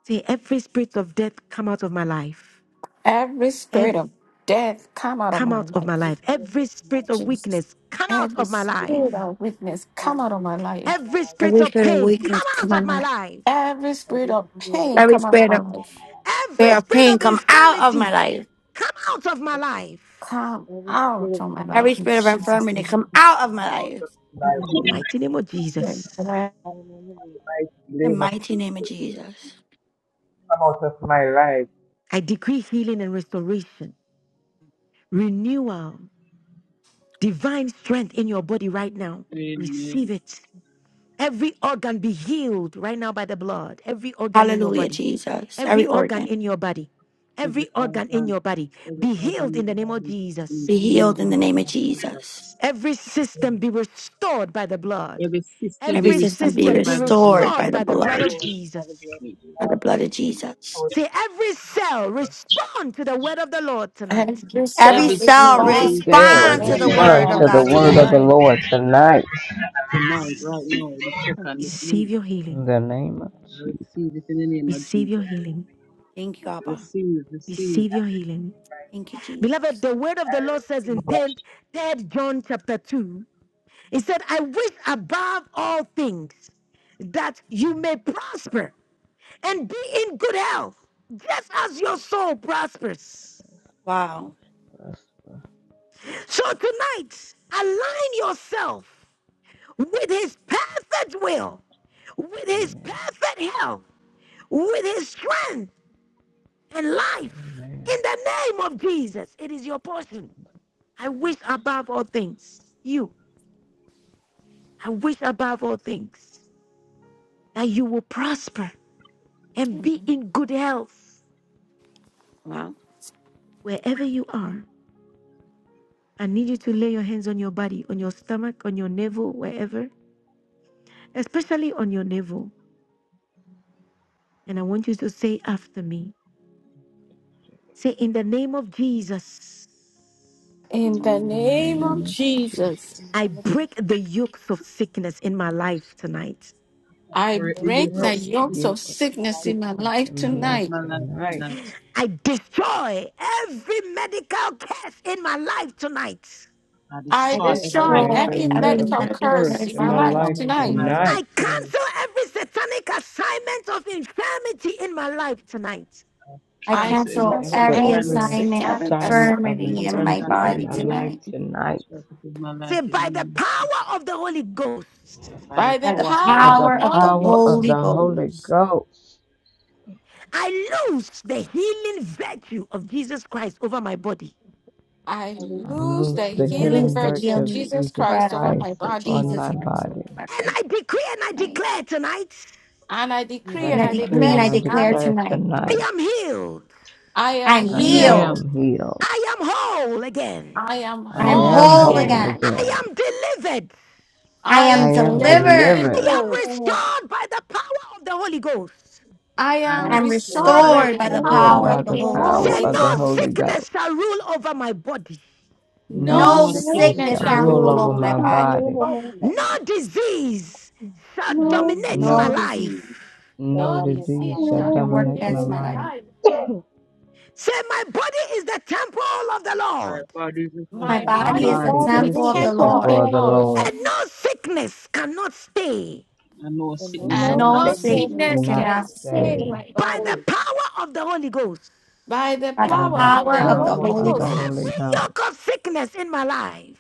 S1: See, every spirit of death come out of my life
S2: Every spirit of death come out of
S1: Come
S2: my
S1: out of my
S2: life.
S1: life. Every spirit of
S2: Jesus.
S1: weakness, come out
S2: Every
S1: of my
S2: spirit
S1: life.
S2: of weakness come out of my life.
S1: Every
S12: you.
S1: spirit of
S9: spirit of
S1: pain,
S9: weakness
S1: come out
S9: come
S1: of
S9: on
S1: my
S9: life.
S1: life.
S2: Every spirit
S12: Every
S2: of
S12: spirit of
S2: pain
S9: Every
S2: come
S12: pain,
S2: out of
S9: spirit
S2: my
S9: of,
S12: come out
S2: life.
S12: of my life.
S1: Every
S9: spirit of
S1: spirit
S9: pain
S1: of
S9: come out of my
S1: infirmity,
S9: life.
S1: come out of my
S12: Every,
S1: life.
S2: Come
S12: every
S2: out
S12: spirit
S2: of
S12: of
S2: my
S9: Every
S2: life
S12: infirmity,
S2: in
S9: spirit of
S12: come out of my
S2: Jesus'
S9: infirmity
S12: life.
S2: name.
S9: come out of my
S17: come out
S9: life.
S17: of My
S1: In the
S17: life,
S2: Amen.
S1: mighty name of
S2: But
S1: Jesus,
S12: In the name of Jesus,
S9: In The
S17: name of
S9: mighty name of
S17: Jesus.
S9: Jesus.
S17: Come out of my life.
S1: I decree healing and restoration, renewal, divine strength in your body right now. Receive
S16: Amen.
S1: it. Every organ be healed right now by the blood. Every organ in your
S9: Hallelujah,
S1: body.
S9: Jesus. Every
S1: Every organ
S9: organ
S1: in your body.
S16: Every
S1: Every organ in
S16: organ,
S1: your body
S16: every
S1: be
S16: organ
S1: healed
S16: in
S1: in the
S16: my
S1: name of
S16: body be
S1: Jesus.
S9: be
S16: healed
S9: healed
S16: in
S9: in the
S16: the
S9: name
S16: name
S9: of
S16: of Jesus.
S9: Jesus.
S1: Every system be restored by the blood.
S16: Every system
S9: Every
S16: be
S1: Every
S9: system be
S1: system
S16: restored
S1: be
S16: by the blood.
S12: every
S9: restored
S1: restored
S9: by the
S1: by the
S12: situation
S1: blood of
S9: blood.
S12: doors by the
S1: Jesus.
S12: blood of
S9: by the
S12: Jesus.
S9: blood of
S17: Come Out
S9: Jesus.
S17: of
S1: See, every cell respond to the word of the Lord tonight.
S2: and you
S9: Every
S2: shall
S16: Every
S9: cell
S16: cell
S1: Every
S16: be
S2: respond to the
S18: Cells
S16: restored
S9: respond
S16: to
S9: to
S16: the
S2: hand
S9: the
S2: of
S16: word of
S9: word
S18: respond
S16: the
S9: of
S18: to
S2: God
S18: the
S9: God
S16: Lord
S18: word of
S9: tonight.
S18: the
S2: tonight.
S18: Lord tonight
S16: tonight, right
S1: yes.
S16: now, this second, this
S1: receive
S16: minute.
S1: your
S18: in
S1: healing.
S18: the name of
S16: I
S18: Jesus.
S16: receive it in the name of
S1: Receive your
S16: Jesus.
S1: healing.
S9: Thank you, Abba.
S16: Receive, receive.
S1: Receive your healing.
S17: my
S9: Thank you,
S17: life.
S1: Beloved,
S9: Jesus.
S1: the word of
S17: I
S1: the Lord says
S17: receive
S1: in
S17: that
S1: 10th, 3rd John chapter 2, it said, I wish above all things that you may prosper and be in good health, just as your soul prospers.
S9: Wow.
S18: So prosper.
S1: So tonight, align yourself with His perfect will, with His
S18: Amen.
S1: perfect health, with His strength and life. In
S18: Amen.
S1: the name of Jesus, it is your portion. I wish above all things, you, I wish above all things that you will prosper and be
S9: Amen.
S1: in good health
S9: Wow.
S1: wherever you are I need you to lay your hands on your body, on your stomach, on your navel, wherever, especially on your navel. And I want you to say after me say, In the name of Jesus,
S2: In the
S18: In
S16: in
S18: the
S2: name
S16: the name of
S2: of
S18: name
S16: Jesus.
S18: of
S2: Jesus,
S18: Jesus.
S12: In the
S1: I
S12: name of
S1: break
S12: Jesus,
S1: the yokes of sickness in my life tonight.
S2: I
S12: I
S16: Break the
S12: break the
S2: break
S16: yoke of
S2: the
S12: yoke
S18: Break
S12: of
S18: the
S16: sickness
S2: yokes of
S18: yoke of
S12: sickness in my
S2: sickness
S12: life
S2: in my
S12: tonight.
S18: sickness
S2: life
S18: in my
S16: and
S18: life
S16: open
S2: tonight.
S16: my life
S18: tonight.
S16: tonight.
S1: I destroy every medical curse in my life tonight.
S16: I
S12: I
S18: I
S2: I
S9: I
S16: destroy
S12: destroy
S16: every
S2: destroy
S12: every
S18: destroy every
S9: destroy
S16: medical
S2: every
S12: medical
S9: every
S16: curse.
S12: curse
S2: medical
S18: medical
S12: in
S9: medical
S12: my
S18: curse
S12: life
S2: curse
S9: curse
S2: in
S18: in
S2: my
S9: in
S18: my
S12: tonight.
S9: my life.
S2: life
S18: life
S16: Come over
S2: tonight.
S16: my
S9: tonight.
S1: I
S16: life
S18: tonight.
S16: today.
S1: cancel every satanic assignment of infirmity in my life tonight.
S9: I
S12: I
S2: I
S16: Cancel every
S12: cancel
S9: cancel
S2: cancel
S16: spirit
S18: Cancel
S9: every
S12: every
S2: every
S16: and
S18: every
S9: assignment of
S12: satanic
S2: satanic
S18: assignment
S16: the
S18: of
S9: infirmity
S12: assignment
S2: assignment
S9: in
S16: Satan is
S9: my
S18: infirmity
S12: infirmity
S18: in
S12: in my
S9: body
S18: my
S16: assignment.
S12: life
S18: life
S9: tonight
S12: tonight.
S16: The
S18: tonight
S16: church of my life
S1: Say,
S16: in the
S1: by the
S16: name of Jesus.
S1: power of the Holy Ghost.
S16: By the
S2: by
S9: by
S2: the
S12: By
S9: the
S16: power
S12: the
S16: of the
S12: power
S18: by
S12: of
S2: power of
S12: the
S16: Holy
S2: the
S18: the
S9: power
S12: Holy
S16: Ghost,
S9: of the
S2: Holy
S12: Ghost,
S18: power of
S2: Ghost.
S9: Holy
S18: the Holy
S9: Ghost.
S18: Ghost.
S1: I lose the healing virtue of Jesus Christ over my body.
S2: I
S12: I release
S18: I
S2: lose
S12: the
S18: loose
S2: the
S18: the
S9: I
S12: healing
S2: healing
S9: lose
S18: healing
S9: the
S12: virtues
S2: virtue
S18: virtue
S12: of
S2: of
S18: of
S9: healing
S2: Jesus
S12: Jesus
S18: Jesus
S2: Christ
S12: Christ
S9: breath
S2: over
S18: Christ
S2: my
S9: of
S12: in
S2: body.
S18: upon
S12: my
S9: Jesus
S18: my
S12: body
S9: Christ over
S18: body.
S12: tonight.
S9: my
S1: And I
S9: life
S1: decree and I
S9: tonight.
S1: declare tonight
S2: And I
S12: Now
S18: And
S12: the
S18: I
S2: decree
S9: And
S2: and
S9: I
S2: I
S12: sin of
S16: I
S12: the
S18: decree
S9: decree
S16: have
S2: declare
S9: and
S12: body
S18: and
S16: the
S9: I
S18: I
S16: fear and
S9: declare
S2: tonight
S12: tonight.
S16: the
S18: declare
S16: fear
S9: tonight,
S18: tonight
S16: tonight
S1: I am healed.
S2: I am
S16: that
S12: I
S9: I'm
S16: I
S18: I
S12: am
S16: am
S2: healed.
S12: healed.
S9: healed.
S16: healed.
S18: am healed.
S1: I am whole again.
S2: I am
S16: I
S18: I
S9: I
S12: I
S9: am
S16: am
S12: am
S18: am
S16: born
S2: whole
S9: whole
S12: whole
S16: again.
S18: whole
S2: again.
S9: again.
S12: again.
S1: I
S18: again.
S1: am delivered.
S9: I
S2: I
S18: I
S9: am
S12: I
S2: am
S16: I
S18: am
S12: am
S16: am
S12: delivered.
S9: delivered.
S18: delivered,
S16: delivered.
S2: delivered.
S1: I am
S19: No,
S1: restored by the power of the Holy Ghost.
S2: I
S16: I
S12: I
S16: am
S9: I
S2: am
S12: am
S9: am
S12: restored
S16: restored
S12: by
S2: restored
S16: by
S19: no
S12: the
S16: the
S2: by
S9: restored
S2: the
S9: by
S12: power
S9: the
S16: power
S12: of
S16: of
S12: the
S16: the
S2: power
S18: restored
S12: Holy
S9: power
S16: Holy
S18: by
S9: of
S2: of
S12: Ghost.
S9: the
S18: the
S16: Ghost.
S2: the
S9: Holy
S1: Say,
S18: power
S2: Holy
S18: of
S1: no
S18: the
S9: Ghost.
S2: Ghost.
S18: Holy Ghost.
S1: sickness shall rule over my body,
S12: No
S18: No
S2: No
S9: No
S16: No
S12: sickness shall
S16: sickness
S18: sickness
S12: rear
S2: sickness
S9: sickness
S12: its
S18: shall
S16: shall
S12: my
S9: can
S2: shall
S16: rule
S18: rule
S16: over
S9: rule
S12: body.
S18: over
S9: over
S2: rule
S9: my
S18: my
S2: over my
S9: body.
S18: body.
S2: body.
S1: no disease shall
S12: No
S2: No,
S1: dominate my
S18: No
S12: disease
S9: No
S1: life.
S9: disease
S12: shall
S18: No
S2: no
S12: dominate my
S18: disease
S2: disease
S12: life.
S18: shall
S2: shall
S9: can work
S18: dominate
S2: dominate
S18: my
S9: against
S19: business.
S9: my
S2: my
S18: life.
S9: life.
S2: life.
S1: Say, my body is the temple of the
S16: my
S1: Lord,
S16: body is the
S12: my
S9: My
S2: My
S16: temple of
S12: body
S18: My
S12: is
S16: the
S12: the
S9: body
S19: My
S9: is
S2: body
S16: Lord,
S9: a
S2: is
S18: body
S19: body
S12: temple of
S2: the
S12: the
S18: is
S9: temple
S19: is
S9: of
S18: the
S12: Lord,
S19: the
S9: the
S2: temple of
S18: temple
S2: the
S9: Lord.
S19: temple
S18: of
S19: of
S18: the
S19: the
S2: Lord,
S19: Lord,
S1: and
S18: Lord,
S1: no sickness cannot stay.
S16: and no
S12: and no
S19: and
S18: and
S16: sickness
S18: no
S19: no
S2: and
S12: sickness
S16: cannot
S9: No
S2: no
S16: stay.
S12: cannot
S18: sickness
S19: sacred
S9: sickness
S12: stand.
S2: sickness
S19: temple
S18: cannot
S2: can
S19: is
S9: cannot
S2: stay
S18: stay.
S2: in
S9: stay.
S19: in
S2: my
S1: by the
S2: body.
S19: spirit.
S1: power of the Holy Ghost.
S2: by the
S9: By
S12: By
S9: the
S18: By
S12: the
S19: I'm
S16: By
S2: power
S18: the
S16: the
S12: power
S19: the
S2: of
S12: of the
S9: power
S2: the
S16: power
S9: of
S12: Holy
S16: of
S19: Lord,
S9: the
S18: power
S2: Holy
S16: the
S12: Ghost,
S9: Holy
S18: of
S16: Holy
S18: the
S2: Ghost,
S16: Ghost,
S18: Holy
S1: Every
S9: Ghost,
S18: Ghost,
S1: yoke of sickness in my life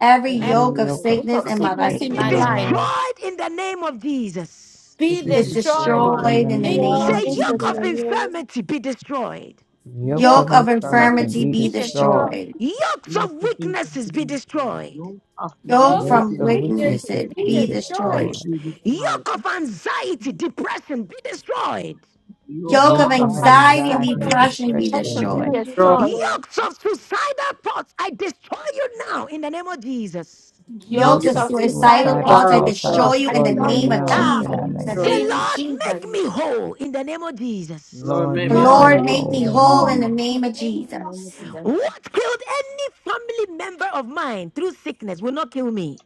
S9: every
S16: I
S12: every
S2: every
S18: every
S9: yoke
S16: am
S12: yoke
S9: of
S16: healed.
S12: of
S18: yoke of
S2: spirit
S9: sickness
S12: of
S2: of
S16: I
S9: in my
S12: sickness
S16: sickness
S2: sickness
S18: sickness
S12: in
S9: life
S12: my
S2: in
S1: be
S16: in
S18: in
S2: my
S16: my
S19: is
S12: life
S18: my
S16: life.
S2: life
S19: love,
S18: life
S1: destroyed in the name of Jesus.
S16: It
S2: be
S18: be
S16: is
S9: is
S12: be
S2: destroyed
S18: destroyed
S12: destroyed
S2: in
S12: in the
S16: destroyed
S18: in
S9: destroyed
S18: the
S2: the
S16: in
S9: in
S12: name
S16: the
S9: the
S12: of
S16: name
S2: name
S18: name
S16: of
S1: Say,
S9: name
S19: Dwell
S12: Jesus.
S18: of
S2: of
S9: of
S19: in the
S16: Jesus.
S1: yoke
S18: Jesus.
S2: Jesus.
S1: of
S9: Jesus.
S19: memory,
S1: infirmity be destroyed.
S18: Yoke
S12: Yoke
S18: of
S9: Yoke
S2: Yoke
S12: of
S9: of
S2: of
S18: infirmity
S12: infirmity be
S9: infirmity
S2: infirmity
S18: be
S9: be
S2: be
S12: destroyed.
S18: destroyed.
S2: destroyed.
S9: destroyed
S1: Yokes
S16: Your
S1: of
S16: protection has
S1: weaknesses be
S16: been destroyed.
S1: destroyed.
S16: Your of
S9: Yoke
S2: Yoke of
S12: Yoke
S9: from
S18: Yokes
S16: weaknesses
S12: of
S18: of
S2: weakness
S12: weakness
S18: weaknesses
S9: weaknesses
S12: be
S2: be
S18: be
S9: be
S12: destroyed.
S2: destroyed.
S16: is
S9: destroyed.
S18: destroyed.
S16: being destroyed.
S1: Yoke of anxiety, depression be destroyed.
S16: The yoke
S12: Yoke of
S16: of
S9: Yoke of
S2: Yoke
S18: Yoke
S2: of
S18: of
S12: anxiety
S16: anxiety,
S12: and
S9: anxiety and
S16: depression
S12: depression
S18: anxiety,
S20: Be
S12: be
S16: is
S9: depression
S2: anxiety
S9: be
S12: destroyed.
S2: depression
S18: depression
S16: destroyed.
S18: be
S9: destroyed.
S2: be
S19: can be
S18: destroyed
S2: destroyed.
S19: destroyed.
S1: Yokes of suicidal thoughts, I destroy you now in the name of Jesus.
S9: Yokes
S12: Yoke
S20: Your
S18: Yoke
S2: Yokes
S9: of
S12: of
S18: of
S2: of
S9: suicidal
S12: suicidal
S2: suicidal
S18: suicidal
S9: thoughts, I
S20: God, oh
S12: thoughts
S18: thoughts, I
S20: God,
S9: destroy
S2: thoughts
S9: you
S2: I
S12: be
S9: in
S18: destroy
S9: the
S18: you
S2: destroy
S9: name
S2: you
S9: of
S12: destroyed
S18: now
S2: now
S12: now.
S18: in
S19: No
S18: the
S2: in the
S18: name
S9: Jesus.
S1: Say,
S18: of
S20: destroy it.
S2: name
S19: business.
S2: of
S18: Jesus.
S1: Lord,
S19: The
S12: In the
S2: Jesus.
S1: make
S12: name of
S1: me
S12: Jesus.
S1: whole in the name of Jesus.
S20: Lord,
S18: Lord,
S20: make
S9: The
S20: me
S18: make
S12: Lord,
S20: whole.
S2: Lord,
S18: me
S9: Lord
S12: make
S2: lead
S19: Lord
S12: me
S9: make
S19: is
S9: me
S2: me
S18: whole in the
S12: whole.
S9: whole
S19: still
S9: in
S2: on
S18: name
S9: the
S19: in
S18: of
S2: in the
S9: name
S18: Jesus.
S19: the
S9: of
S2: name
S12: In the
S2: of
S12: name of
S9: Jesus.
S12: Jesus.
S2: Jesus.
S1: What killed any family member of mine through sickness will not kill me.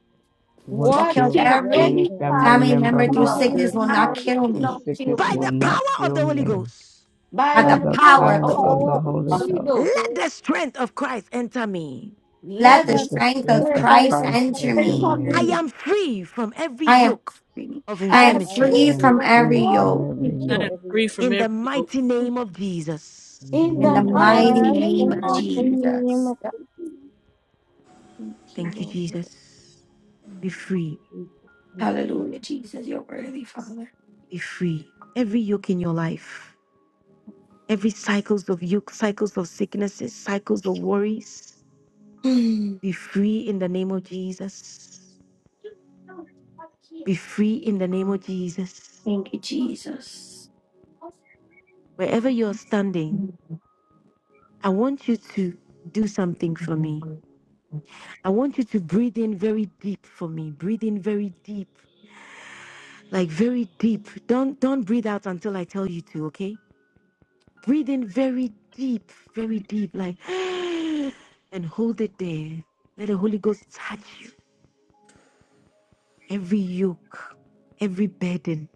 S18: What
S9: What
S19: Jesus.
S9: killed
S18: killed
S2: watching
S9: every
S18: any
S2: any
S18: family
S12: Whatsoever
S2: family
S9: family
S18: member of
S9: member
S19: I'm a
S9: through
S12: in
S2: um,
S12: the
S19: little
S12: name
S9: sickness
S20: Yes,
S12: of
S18: mine
S9: will not
S20: Lord.
S2: I
S12: this
S9: kill
S18: through
S12: sickness
S2: love
S9: me
S18: sickness
S12: will
S1: By
S18: will
S12: not
S2: children
S1: the
S19: anonymous.
S12: kill
S18: not
S12: me.
S1: power of
S18: kill
S1: the Holy
S18: me.
S1: Ghost,
S2: by
S9: by
S18: By
S19: Her
S12: By
S9: the
S2: the
S12: the
S18: the
S2: power
S9: power
S12: power of
S9: of
S12: the
S9: the
S18: power
S2: of the
S12: Holy
S18: of
S9: Holy
S19: power
S18: the
S12: Ghost,
S19: and
S18: Holy
S9: Ghost.
S2: Holy
S18: Ghost,
S2: Ghost.
S1: let
S19: ability
S1: the strength of Christ enter me.
S12: let
S9: Let
S12: the
S2: Let
S9: the
S19: were
S18: let
S2: the
S18: the
S12: strength of
S9: strength of
S18: strength
S2: Spirit
S18: of
S12: the
S9: Christ
S19: described as
S18: Christ
S12: strength of
S9: enter
S12: faith
S18: enter
S19: something
S2: enter
S9: me.
S12: enter me.
S1: I
S20: I
S18: me.
S2: me.
S1: am
S19: human,
S1: free from every
S9: I am
S1: yoke
S9: free.
S1: of
S9: I
S2: I
S9: am
S2: am
S12: I am
S2: free
S1: infirmity.
S18: I
S9: free
S18: am
S9: from
S12: free
S2: from
S19: transformed
S9: every
S18: free
S2: all
S18: from
S9: yoke
S2: the
S18: every
S12: from
S20: am
S2: yoke
S18: yoke
S12: every
S20: free
S12: yoke.
S20: from
S1: In
S20: every
S1: the
S20: yoke,
S1: mighty name of Jesus.
S18: in the
S2: in
S12: In
S9: in
S12: the
S2: the
S9: the
S18: mighty
S19: into
S12: mighty
S9: mighty
S18: name
S12: name
S2: mighty
S18: of
S12: of
S19: moral
S9: name
S2: name
S12: Jesus.
S9: of
S20: burden,
S19: justice
S2: of
S18: Jesus.
S2: Jesus.
S19: and
S9: Jesus.
S2: Thank
S19: democracy.
S2: you,
S1: Thank you,
S2: Lord.
S1: Jesus. Be
S12: Thank you,
S1: free.
S12: Jesus. Thank you.
S9: Hallelujah, Jesus. You're worthy, Father.
S1: Be free. Every yoke in your life, every cycles of yoke, cycles of sicknesses, cycles of worries,
S9: Mm.
S1: be free in the name of Jesus. Be free in the name of Jesus.
S9: Thank you, Jesus.
S1: Wherever you're standing,
S9: Mm.
S1: I want you to do something for me. I want you to breathe in very deep for me. Breathe in very deep. Like very deep. Don't don't breathe out until I tell you to, okay? Breathe in very deep, very deep like and hold it there. Let the Holy Ghost touch you. Every yoke, every burden,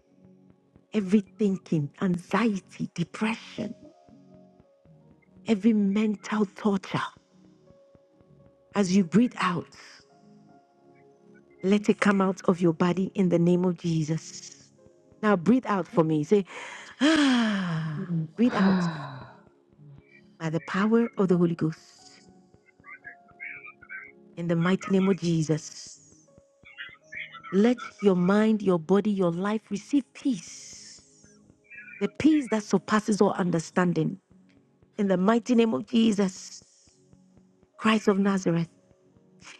S1: every thinking, anxiety, depression, every mental torture. As you breathe out, let it come out of your body in the name of Jesus. Now breathe out for me. Say, ah, breathe out by the power of the Holy Ghost in the mighty name of Jesus. Let your mind, your body, your life receive peace, the peace that surpasses all understanding in the mighty name of Jesus, Christ of Nazareth.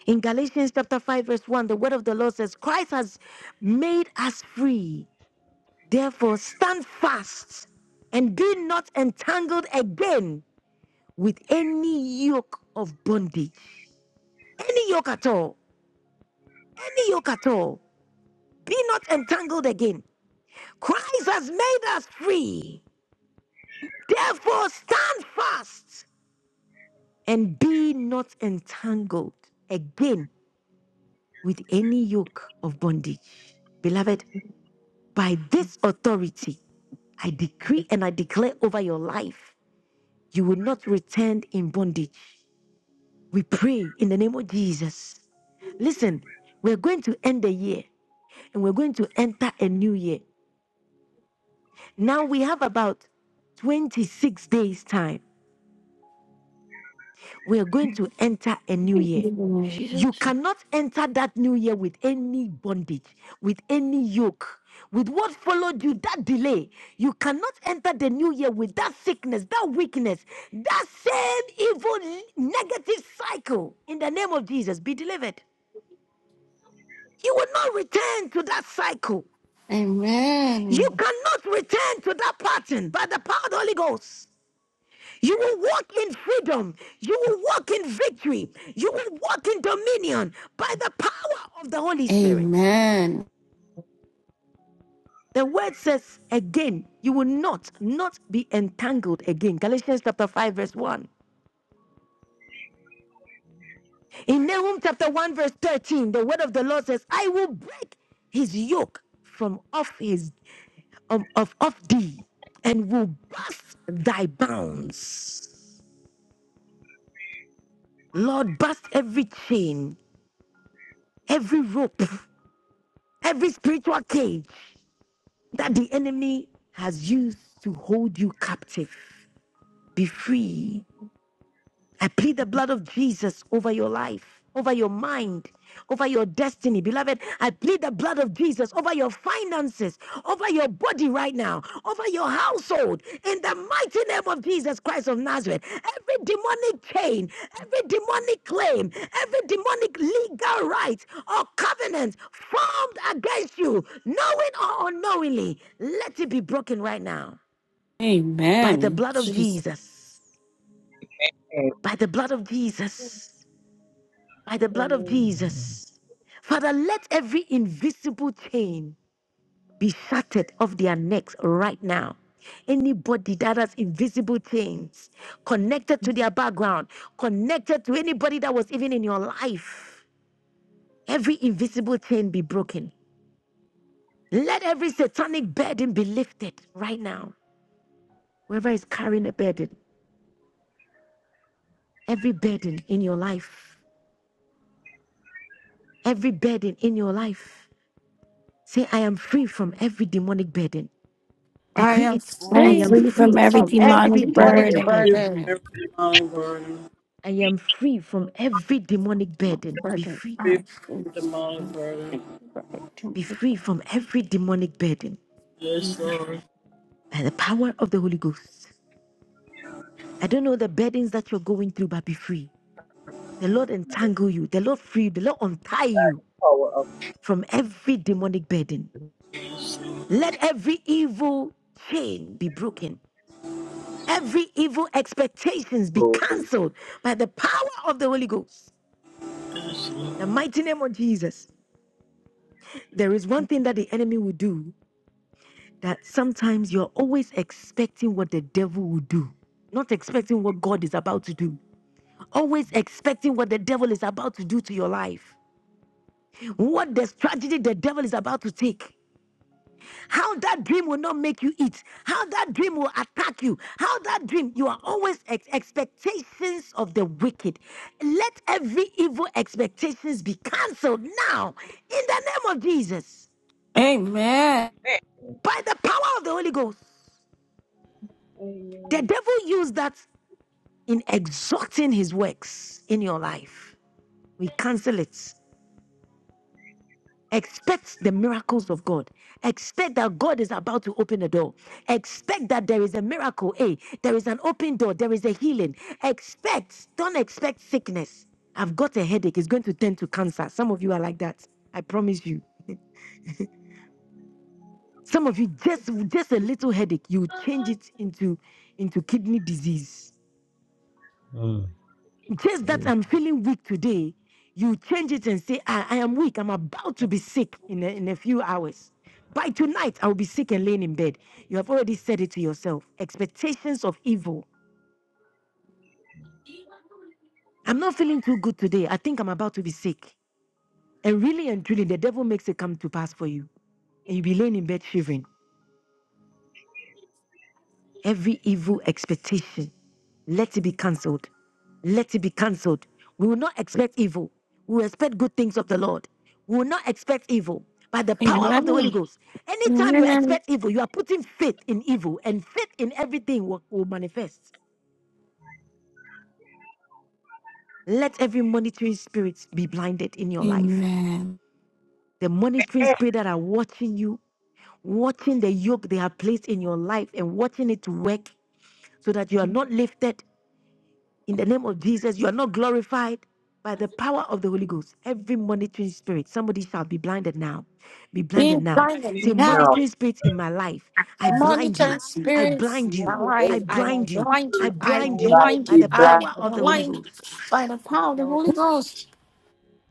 S1: In Galatians chapter 5, verse 1, the word of the Lord says, Christ has made us free Therefore, stand fast and be not entangled again with any yoke of bondage. Any yoke at all. Any yoke at all. Be not entangled again. Christ has made us free. Therefore, stand fast and be not entangled again with any yoke of bondage. Beloved, by this authority, I decree and I declare over your life, you will not return in bondage. We pray in the name of Jesus. Listen, we're going to end the year and we're going to enter a new year. Now we have about 26 days' time. We are going to enter a new year. You
S9: Jesus.
S1: cannot enter that new year with any bondage, with any yoke, with what followed you, that delay. You cannot enter the new year with that sickness, that weakness, that same evil, negative cycle. In the name of Jesus, be delivered. You will not return to that cycle. You
S2: Amen.
S1: cannot return to that pattern by the power of the Holy Ghost. You will walk in freedom. You will walk in victory. You will walk in dominion by the power of the Holy Spirit.
S2: Amen.
S1: The word says again, you will not, not be entangled again. Galatians chapter 5, verse 1. In Nahum chapter 1, verse 13, the word of the Lord says, I will break his yoke from off his of, of, of thee and will burst thy bounds. Lord, burst every chain, every rope, every spiritual cage that the enemy has used to hold you captive. Be free I plead the blood of Jesus over your life, over your mind, over your destiny. Beloved, I plead the blood of Jesus over your finances, over your body right now, over your household. In the mighty name of Jesus Christ of Nazareth, every demonic chain, every demonic claim, every demonic legal right or covenant formed against you, knowing or unknowingly, let it be broken right now by the
S2: Amen.
S1: blood of
S2: Jesus.
S1: Jesus.
S17: and
S1: By the blood of Jesus. by the blood of
S12: Amen.
S18: Amen.
S1: Jesus. Father, let every invisible chain be shattered off their necks right now. Anybody that has invisible chains connected to their background, connected to anybody that was even in your life, every invisible chain be broken. Let every satanic burden be lifted right now. Whoever is carrying a burden, every burden in your life, every burden in your life, say, I am free from every demonic burden.
S2: I
S1: Decree
S2: am
S1: it.
S12: I
S9: I
S12: am
S1: I
S9: am
S2: free
S1: am
S12: free
S9: free
S12: from
S9: from
S1: free
S12: every
S9: every
S2: from
S1: from
S12: demonic
S2: every
S1: every
S9: demonic
S17: traffic.
S2: demonic
S1: demonic
S17: every
S9: burden.
S20: free
S1: burden.
S20: from every
S2: burden.
S20: demonic
S12: burden.
S20: burden,
S1: I am free from every demonic
S2: My
S1: burden. Be
S2: burden.
S1: free.
S2: I
S20: free
S2: am
S20: from
S2: free.
S20: every demonic burden.
S1: Be free from every demonic burden
S20: Yes, Lord.
S1: by the power of the Holy Ghost. I don't know the burdens that you're going through, but be free. The Lord
S17: other
S1: entangle you. The Lord free you. The Lord untie you
S17: power of
S1: from every demonic burden.
S17: the
S20: Yes, Lord.
S1: Let every evil chain be broken. Every evil expectations be
S17: Lord. Amen.
S1: cancelled by the power of the Holy Ghost.
S20: Yes,
S1: The
S20: Lord.
S1: mighty name of Jesus. There is one thing that the enemy will do that sometimes you're always expecting what the devil will do, not expecting what God is about to do. Always expecting what the devil is about to do to your life, what the strategy the devil is about to take. How that dream will not make you eat, how that dream will attack you, how that dream, you are always ex- expectations of the wicked. Let every evil expectations be cancelled now in the name of Jesus
S2: Amen.
S1: by the power of the Holy Ghost. The
S12: Amen.
S1: devil used that in exalting his works in your life. We cancel it. Expect the miracles of God. Expect that God is about to open a door. Expect that there is a miracle. Hey, there is an open door. There is a healing. Expect. Don't expect sickness. I've got a headache. It's going to turn to cancer. Some of you are like that. I promise you. Some of you just just a little headache. You change it into into kidney disease just that
S18: Jesus.
S1: I'm feeling weak today, you change it and say, I, I am weak. I'm about to be sick in a, in a few hours. By tonight, I'll be sick and laying in bed. You have already said it to yourself. Expectations of evil. I'm not feeling too good today. I think I'm about to be sick. And really and truly, the devil makes it come to pass for you. And you be laying in bed shivering. Every evil expectation, let it be cancelled. Let it be cancelled. We will not expect evil. We will expect good things of the Lord. We will not expect evil. By the power of the Holy
S2: Amen.
S1: Ghost, anytime you
S2: Amen.
S1: expect evil, you are putting faith in evil, and faith in everything will, will manifest. Let every monitoring spirit be blinded in your life.
S2: Amen.
S1: The monitoring
S17: Eh,
S1: spirit that are watching you, watching the yoke they have placed in your life, and watching it work so that you are not lifted In the name of Jesus, you are not glorified by the power of the Holy Ghost. Every monitoring spirit, somebody shall be blinded now. Be
S2: We
S1: blinded now.
S2: bind
S1: Say,
S2: them now.
S17: Now,
S1: monitoring spirits in my life, I blind you.
S2: Monitoring
S1: I
S2: spirits, in
S1: blind
S2: my
S1: you.
S12: Nothing good
S1: I
S17: every
S2: life.
S12: in my
S2: I
S12: life.
S1: blind you.
S2: blind
S1: I
S17: spirit
S2: you.
S12: I
S2: I
S1: blind
S12: blame
S1: you
S12: you.
S17: alive
S2: blind
S1: by
S17: be
S2: you.
S1: the
S17: blind.
S2: I
S1: power
S12: I
S1: of the
S12: blame
S1: Holy
S2: blind
S12: you.
S2: you
S1: Ghost.
S2: by the
S12: For the
S2: power of the
S12: the
S2: Holy
S12: Holy
S2: Ghost.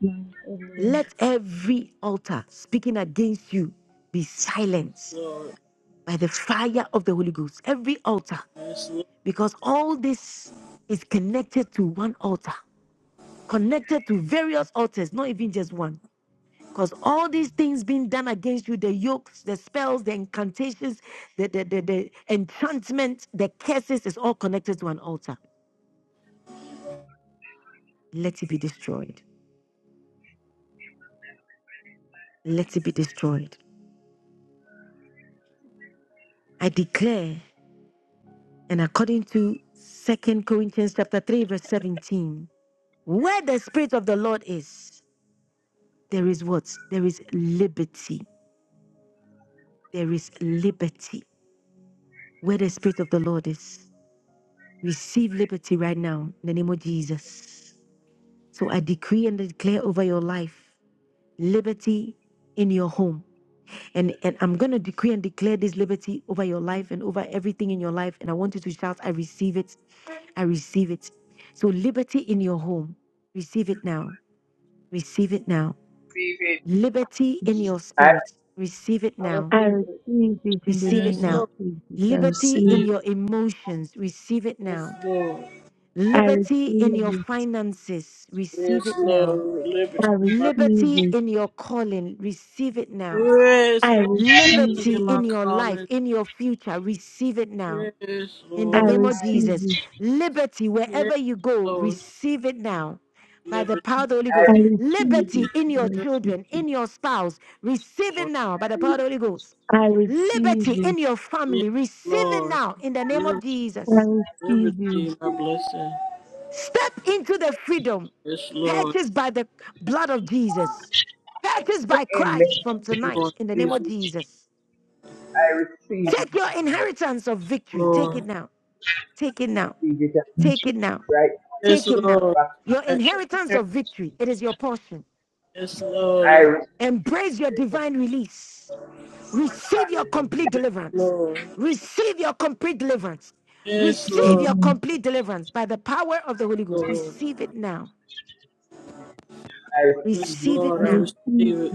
S14: tired.
S12: Amen.
S1: Let every altar speaking against you be silenced
S20: Lord.
S1: by the fire of the Holy Ghost. Every altar,
S20: Yes, Lord.
S1: because all this is connected to one altar. connected to various altars, not even just one. Because all these things being done against you, the yokes, the spells, the incantations, the, the, the, the enchantment, the curses is all connected to an altar. Let it be destroyed. Let it be destroyed. I declare, and according to Second Corinthians chapter 3, verse 17, where the spirit of the Lord is, there is what? There is liberty. There is liberty. Where the spirit of the Lord is. Receive liberty right now in the name of Jesus. So I decree and declare over your life liberty in your home. And, and I'm going to decree and declare this liberty over your life and over everything in your life. And I want you to shout, I receive it. I receive it. So, liberty in your home, receive it now. Receive it now.
S17: Receive it.
S1: Liberty in your
S17: I, I, I
S1: spirit, receive it
S12: I
S1: now.
S3: I
S12: receive it
S3: receive
S1: Receive it
S20: Yes,
S1: now.
S20: Lord.
S3: it.
S1: Liberty in
S20: Receive.
S1: your emotions, receive it
S20: Yes,
S1: now.
S20: Lord.
S17: I,
S3: I
S1: Liberty in
S17: receive
S1: your finances, receive
S20: Yes,
S1: it now.
S20: Lord. Liberty. My
S3: receive
S1: Liberty
S3: it.
S1: in your calling, receive it now.
S3: I receive it.
S20: yes,
S3: I
S20: Lord.
S3: receive it.
S1: Liberty
S20: In my
S1: in your life,
S20: calmness.
S1: in your future, receive it now.
S20: Yes,
S1: In the
S3: I
S20: Lord.
S1: name of
S3: receive
S1: Jesus,
S3: it.
S1: liberty
S20: Yes,
S1: wherever you go,
S20: Lord.
S1: receive it now. By the
S20: Liberty.
S1: power of the Holy Ghost, liberty
S17: it.
S1: in your children, in your spouse, receive it now by the
S17: I
S1: power of the Holy Ghost.
S3: I receive it. I receive it. I
S1: Liberty
S3: receive it.
S1: in your
S20: Yes,
S1: family, receive it
S20: Lord.
S1: now in the name of
S20: Liberty,
S3: I
S1: Jesus.
S3: receive
S20: liberty,
S3: you.
S17: receive
S20: my blessing.
S1: Step into the freedom
S20: Yes, Lord.
S1: purchased by the blood of Jesus, purchased
S20: Thank
S1: by Christ
S17: it.
S1: from
S20: you,
S1: tonight
S20: Lord
S1: in the name
S20: Jesus,
S1: of
S17: Amen.
S1: Jesus.
S17: I receive it
S1: Take
S17: in
S1: your
S17: the name of
S1: inheritance of victory. Take it
S20: Lord.
S1: now. Take it
S17: Jesus.
S1: now.
S17: I receive it
S3: I
S1: Take it now.
S17: right now. I
S20: Yes,
S1: Take it
S17: receive it
S1: now.
S20: Lord.
S17: back.
S1: Your inheritance of victory, it is your portion.
S20: Yes,
S17: I
S20: Lord.
S17: receive
S1: Embrace your
S17: it.
S1: divine release. Receive your complete
S17: Hallelujah.
S20: Yes,
S1: deliverance.
S20: Lord.
S1: Receive your complete deliverance.
S20: Yes,
S1: Receive
S20: Lord.
S1: your
S3: receive,
S1: complete deliverance by the power of the Holy Ghost.
S20: Lord.
S1: Receive it now.
S17: I
S20: Yes,
S17: receive
S1: Receive
S17: it.
S1: it
S3: I
S20: Lord.
S17: in the
S20: I
S1: now.
S17: name of
S20: receive it.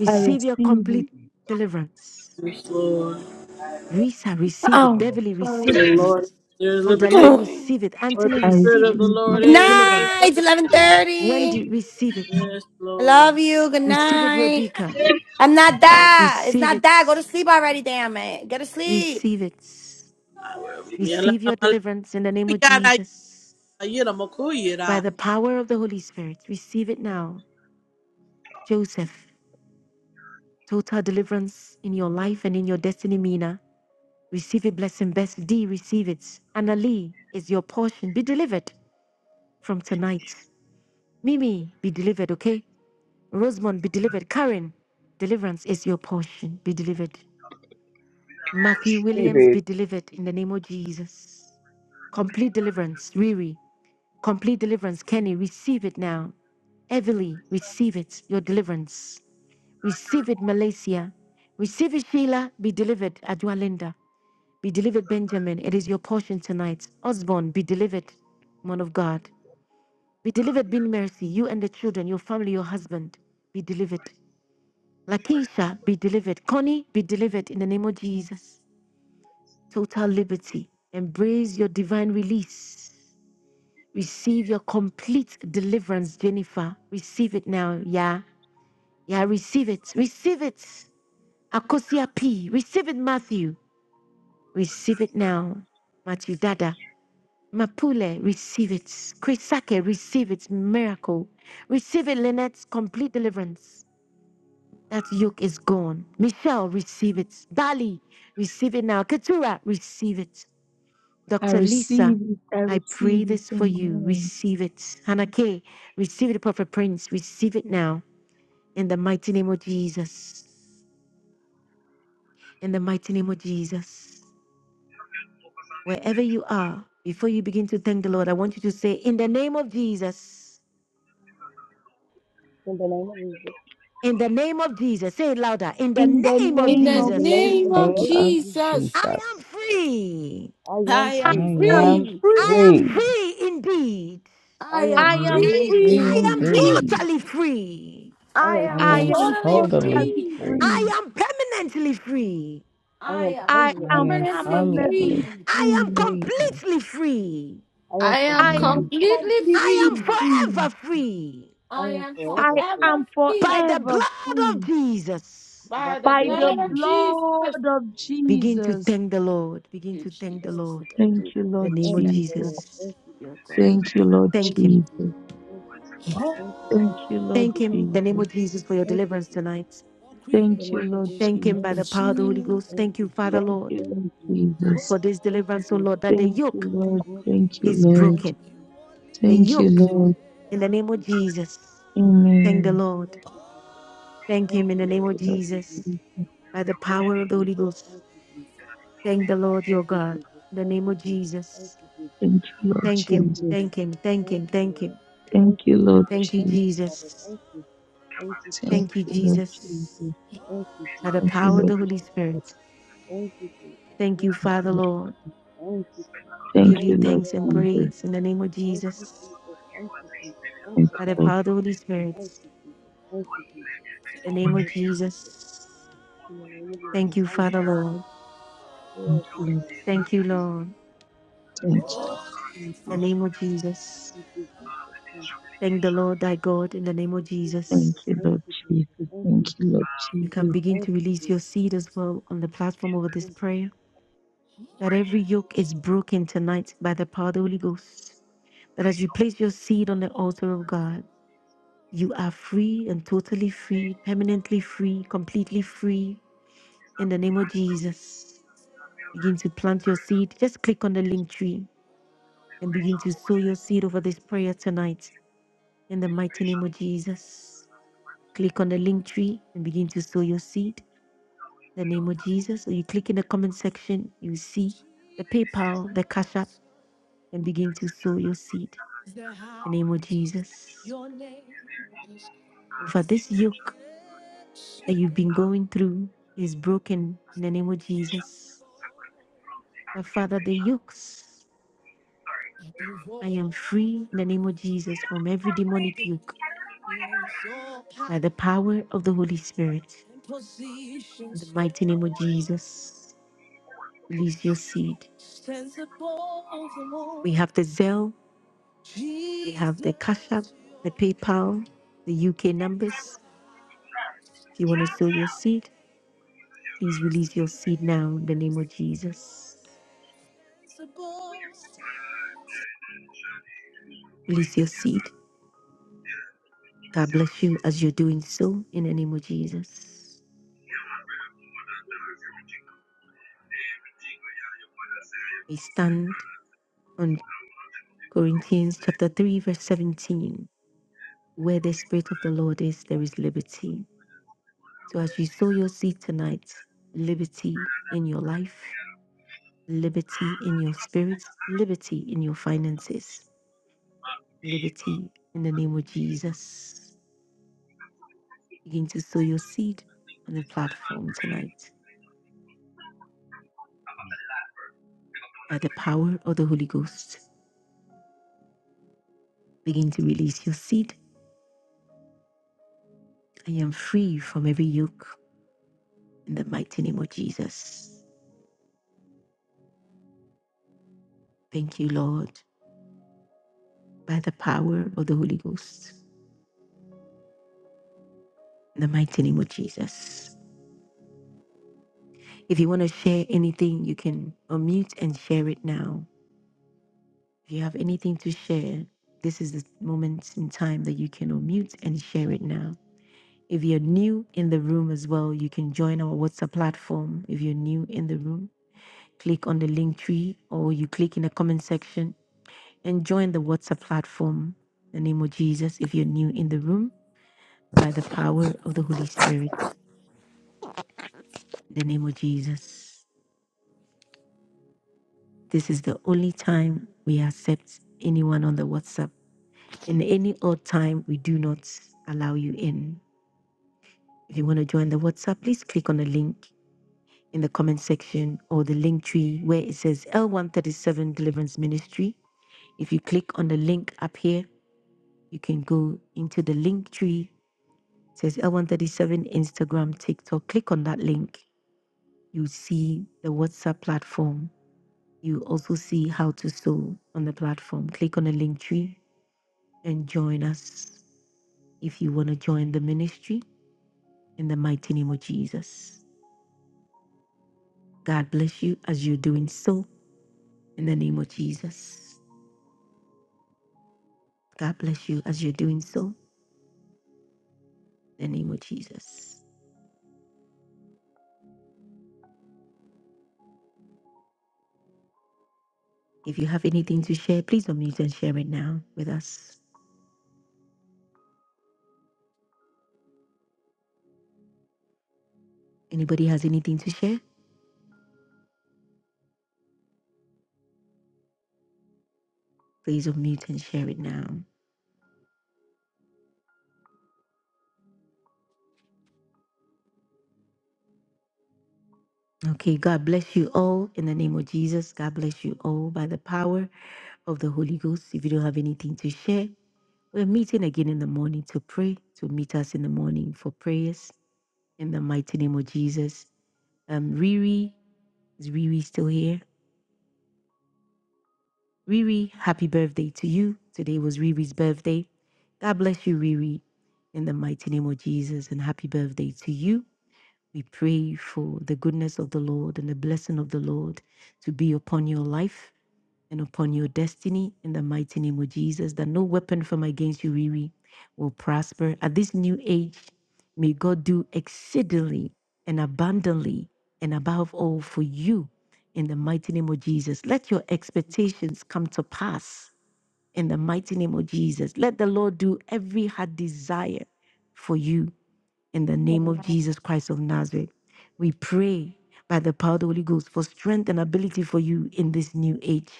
S17: Jesus. I
S3: receive
S1: your
S3: it.
S1: complete
S17: receive it.
S1: deliverance.
S20: Yes, Lord.
S17: I
S1: Risa,
S17: receive it.
S1: receive
S17: in the
S1: it.
S9: Oh.
S17: name of
S1: Beverly,
S20: Where
S9: Sorry.
S1: receive
S20: the
S1: it.
S20: Lord, is, there is
S1: Odali,
S20: liberty.
S9: Good
S1: receive it.
S20: Where
S1: Anthony,
S20: the
S3: I
S20: Spirit
S1: receive
S20: of the
S1: it.
S3: receive
S20: Lord
S1: Complete
S20: is, there is
S9: night.
S1: deliverance.
S9: It's
S20: liberty.
S9: 11.30.
S1: Wendy, receive it.
S20: Yes,
S9: I
S20: Lord.
S9: love you. Good
S1: Receive it,
S9: night.
S1: Rodica.
S9: I'm not
S20: Lord.
S9: that. It's
S1: Receive
S9: not
S1: it.
S9: that. Go to sleep already, damn it. Go to sleep.
S1: Receive it.
S20: Yala
S1: Receive
S20: la
S1: your
S20: ma la
S1: deliverance in the name
S20: ku
S1: of
S20: ya da, yala
S1: Jesus.
S20: yala ma ku ya da.
S1: By the power of the Holy Spirit, receive it now. Joseph, total deliverance in your life and in your destiny, Mina. Receive it, blessing, best D, receive it. Annalie is your portion. Be delivered. from tonight. Mimi, be delivered, okay? Rosamond, be delivered. Karen, deliverance is your portion. Be delivered.
S17: Jesus.
S1: Matthew
S17: I
S1: Williams,
S17: receive it.
S1: be delivered in the name of Jesus. Complete deliverance. Riri, complete deliverance. Kenny, receive it now. Everly, receive it, your deliverance. Receive it, Malaysia. Receive it, Sheila. Be delivered, Adwalinda. Be delivered, Benjamin. It is your portion tonight. Osborne, be delivered, man of God. Be delivered, be in mercy. You and the children, your family, your husband, be delivered. Lakeisha, be delivered. Connie, be delivered in the name of Jesus. Total liberty. Embrace your divine release. Receive your complete deliverance, Jennifer. Receive it now. Yeah. Yeah, receive it. Receive it. Akosia P. Receive it, Matthew. Receive it now. Matthew Dada. Mapule, receive it. Krisake, receive it. Miracle. Receive it, Lynette. Complete deliverance. That yoke is gone. Michelle, receive it. Dali, receive it now. Keturah, receive it. Dr. Lisa,
S3: it.
S1: I pray this for you.
S3: Amen.
S1: Receive it. Hannah K, receive it, Prophet Prince. Receive it now. In the mighty name of Jesus. In the mighty name of Jesus. Wherever you are, before you begin to thank the Lord, I want you to say, In the name of Jesus.
S12: in the name of Jesus.
S1: In the name of Jesus. Say it louder. In the
S3: In the
S1: name of
S2: In
S3: name
S2: the
S3: of
S12: In the
S1: Jesus.
S12: name,
S2: name
S12: in the
S2: of
S3: Jesus,
S18: Name
S12: name of
S18: of
S12: Jesus,
S2: Jesus,
S1: I am
S18: Jesus.
S1: free.
S12: I am
S2: I
S3: I
S18: I
S2: am
S12: free.
S3: am
S18: am
S2: free.
S1: I am
S18: free.
S3: free.
S1: free indeed.
S12: I
S2: I
S12: am
S3: I
S2: am
S18: I
S3: am
S18: am
S12: free
S2: free
S3: free
S12: indeed.
S18: free
S1: I am
S2: indeed.
S18: indeed.
S3: indeed.
S1: totally free.
S12: I
S2: I
S12: am
S18: I
S2: am
S3: I
S18: am
S3: am
S12: totally
S2: totally
S12: free.
S18: totally
S3: totally
S2: free.
S3: free.
S18: free.
S1: I am permanently free.
S12: I
S2: I
S12: am
S3: I
S2: am
S18: I
S12: permanently
S3: am
S18: am
S12: free.
S2: permanently
S3: permanently
S18: permanently
S2: free.
S1: I am
S3: free.
S18: free.
S1: completely free.
S12: I am
S2: I
S18: I
S2: am
S3: I
S12: completely
S3: am
S18: am.
S12: free.
S2: completely
S1: I
S3: completely
S12: Hmm.
S2: free.
S1: am forever
S3: free.
S1: free
S12: I
S2: I
S12: am
S2: am
S3: I
S12: forever free.
S3: am
S2: forever
S1: by
S2: free
S1: the
S3: forever
S1: blood of
S3: free
S1: Jesus.
S12: By
S2: by
S12: the
S2: the
S3: by
S12: blood
S3: the
S2: blood
S12: of
S2: of
S12: Jesus.
S2: Jesus. Thank
S3: blood of
S1: Begin to
S3: Jesus.
S1: thank the Lord. Begin
S2: you,
S1: to thank the
S12: Thank
S2: Jesus.
S12: you,
S1: Lord.
S12: God.
S3: Thank
S2: Thank
S3: you,
S2: you,
S1: The
S3: Lord
S1: name
S12: Thank
S1: of
S12: you,
S2: Savior
S3: Jesus.
S12: God. Thank
S1: Jesus.
S12: you,
S2: God.
S3: Thank you, Lord
S12: Thank
S1: Thank Him.
S12: you, Jesus.
S3: Jesus.
S12: Thank you, Father. Thank you,
S3: Thank you,
S12: Jesus. Thank
S3: Lord
S1: Thank
S12: you,
S1: Him. The
S12: Jesus.
S1: name
S3: Jesus.
S1: of Jesus for your
S12: Thank you,
S1: deliverance
S12: Jesus.
S1: tonight.
S12: In
S3: Thank
S12: the
S3: you,
S12: name of
S3: Lord
S12: Jesus,
S1: Thank
S3: Jesus.
S1: Him
S12: thank
S1: by the
S12: you.
S1: power of the Holy
S2: Jesus.
S1: Ghost.
S12: Thank
S1: Thank you,
S12: you,
S1: Father
S12: Jesus.
S3: Thank
S1: Lord,
S3: you,
S12: Thank
S3: Lord
S12: you, Jesus.
S3: Jesus.
S1: for this
S12: Thank you,
S1: deliverance, O Lord,
S12: Jesus.
S1: that the
S3: Thank you,
S1: yoke
S3: Lord.
S12: Thank you,
S3: Thank you,
S1: is
S12: Jesus.
S3: Lord.
S12: Thank
S1: broken.
S12: you, Jesus.
S1: The
S3: Thank
S12: Thank
S3: you,
S12: you,
S1: yoke
S3: Lord.
S12: Jesus.
S1: in
S12: Thank
S1: the
S12: you,
S1: name of
S12: Jesus.
S1: Jesus.
S12: Thank you,
S1: Thank the
S3: Amen.
S12: Jesus.
S1: Lord.
S12: Thank you, Jesus.
S1: Thank
S12: Thank
S1: Him in
S12: you,
S1: the name
S12: Lord.
S1: of
S12: Thank you,
S1: Jesus.
S12: Jesus.
S1: By the
S12: Thank
S1: power
S12: you,
S1: of the Holy
S12: Jesus.
S1: Ghost.
S12: Thank you, Jesus.
S1: Thank the Lord your
S12: Thank you,
S1: God.
S12: Jesus.
S1: In the
S12: Thank
S1: name
S12: you,
S1: of
S12: Jesus. Thank
S1: Jesus.
S12: you, Jesus.
S3: Thank you, Lord
S1: Thank
S12: Thank
S1: Him.
S12: you,
S3: Jesus.
S1: Thank
S12: Jesus.
S1: Him. Thank
S12: Thank
S1: Him.
S12: you,
S1: Thank
S12: Lord.
S1: Him.
S3: Thank
S12: Thank
S3: you,
S12: you,
S3: Lord
S12: Jesus.
S1: Thank you,
S12: Thank
S3: Jesus.
S12: you, Father.
S1: Jesus.
S12: Thank you. Thank you,
S3: Thank
S1: Thank
S12: Jesus.
S1: you,
S3: you,
S12: Thank
S3: Lord
S12: you, Jesus.
S1: Jesus.
S3: Jesus.
S12: Thank you,
S1: By the
S3: Thank
S12: Jesus.
S3: you,
S1: power of
S12: Thank
S3: Lord.
S1: the
S12: you,
S1: Holy
S12: Jesus.
S3: Jesus.
S1: Spirit.
S12: Thank you, Jesus.
S1: Thank you,
S12: Thank you,
S3: Thank you,
S1: Father
S3: Lord.
S12: Jesus.
S1: Lord.
S12: Thank you, Jesus.
S1: We
S3: Thank
S1: give you
S12: Thank
S3: you,
S12: you,
S3: Lord
S1: thanks
S12: Lord. I
S1: and
S3: Jesus.
S12: thank
S1: praise
S12: you.
S1: in the name of
S12: Thank you,
S1: Jesus.
S12: Jesus. Thank you, Jesus. Thank
S3: Thank
S12: you,
S1: By
S3: you,
S1: the
S3: Lord.
S12: Father.
S1: power of the Holy Spirit.
S12: Thank you, Jesus. Thank you, Jesus.
S1: In the name
S3: Jesus.
S1: of
S12: Thank you, Jesus.
S1: Jesus.
S12: In the name of Jesus,
S1: Thank you,
S12: thank
S1: Father
S12: you.
S1: Lord.
S3: Thank
S12: Glory to
S3: you,
S12: your
S3: Lord. Jesus.
S12: name. Thank
S1: Thank you,
S12: you, Jesus.
S1: Lord.
S12: Thank
S3: Thank
S12: you, Jesus.
S3: you,
S1: In
S3: Jesus.
S1: the name of Jesus.
S12: Thank you, Jesus. Thank you, Jesus.
S1: Thank the Lord thy God in the name of
S12: you,
S3: Thank
S12: Jesus.
S1: Jesus.
S3: you,
S12: Thank
S3: Lord
S12: you,
S3: Jesus.
S12: Jesus. Thank
S3: Thank
S12: you,
S3: you, Lord
S12: Jesus.
S1: You
S3: Jesus.
S1: can begin
S12: Thank
S1: to
S12: you,
S1: release your
S12: Jesus.
S1: seed as well on the platform over this
S12: Thank
S1: prayer. That every yoke is broken tonight by the power of the Holy Ghost. That as you place your seed on the altar of God, you are free and totally free, permanently free, completely free in the name of Jesus. Begin to plant your seed. Just click on the link tree and begin to sow your seed over this prayer tonight in the mighty name of Jesus. Click on the link tree and begin to sow your seed. the name of Jesus. So you click in the comment section, you see the PayPal, the Cash App, and begin to sow your seed. In the name of Jesus. For this yoke that you've been going through is broken in the name of Jesus. Now, Father, the yokes, I am free in the name of Jesus from every demonic yoke by the power of the Holy Spirit. In the mighty name of Jesus. Release your seed. We have the Zelle, we have the Cash App, the PayPal, the UK numbers. If you want to sow your seed, please release your seed now in the name of Jesus. Release your seed. God bless you as you're doing so in the name of Jesus. We stand on Corinthians chapter 3, verse 17. Where the Spirit of the Lord is, there is liberty. So as you sow your seed tonight, liberty in your life, liberty in your spirit, liberty in your finances, liberty in the name of Jesus. Begin to sow your seed on the
S11: Amen.
S1: platform tonight by the power of the Holy Ghost. Begin to release your seed. I am free from every yoke in the mighty name of Jesus. Thank you, Lord, by the power of the Holy Ghost in the mighty name of Jesus. If you want to share anything, you can unmute and share it now. If you have anything to share, this is the moment in time that you can unmute and share it now. If you're new in the room as well, you can join our WhatsApp platform. If you're new in the room, click on the link tree or you click in the comment section and join the WhatsApp platform. In the name of Jesus, if you're new in the room, by the power of the Holy Spirit, in the name of Jesus. This is the only time we accept anyone on the WhatsApp. In any odd time, we do not allow you in. If you want to join the WhatsApp, please click on the link in the comment section or the link tree where it says L137 Deliverance Ministry. If you click on the link up here, you can go into the link tree. It says L137 Instagram, TikTok. Click on that link. You see the WhatsApp platform. You also see how to sow on the platform. Click on the link tree and join us if you want to join the ministry. in the mighty name of Jesus. God bless you as you're doing so in the name of Jesus. God bless you as you're doing so in the name of Jesus. If you have anything to share, please unmute and share it now with us. Anybody has anything to share? Please unmute and share it now. Okay, God bless you all in the name of Jesus. God bless you all by the power of the Holy Ghost. If you don't have anything to share, we're meeting again in the morning to pray. So meet us in the morning for prayers in the mighty name of Jesus. Um, Riri, is Riri still here? Riri, happy birthday to you. Today was Riri's birthday. God bless you, Riri, in the mighty name of Jesus, and happy birthday to you. We pray for the goodness of the Lord and the blessing of the Lord to be upon your life and upon your destiny in the mighty name of Jesus, that no weapon from against you, Riri, will prosper. At this new age, may God do exceedingly and abundantly and above all for you in the mighty name of Jesus. Let your expectations come to pass in the mighty name of Jesus. Let the Lord do every hard desire for you in the name
S21: Amen.
S1: of Jesus Christ of Nazareth. We pray by the power of the Holy Ghost for strength and ability for you in this new age.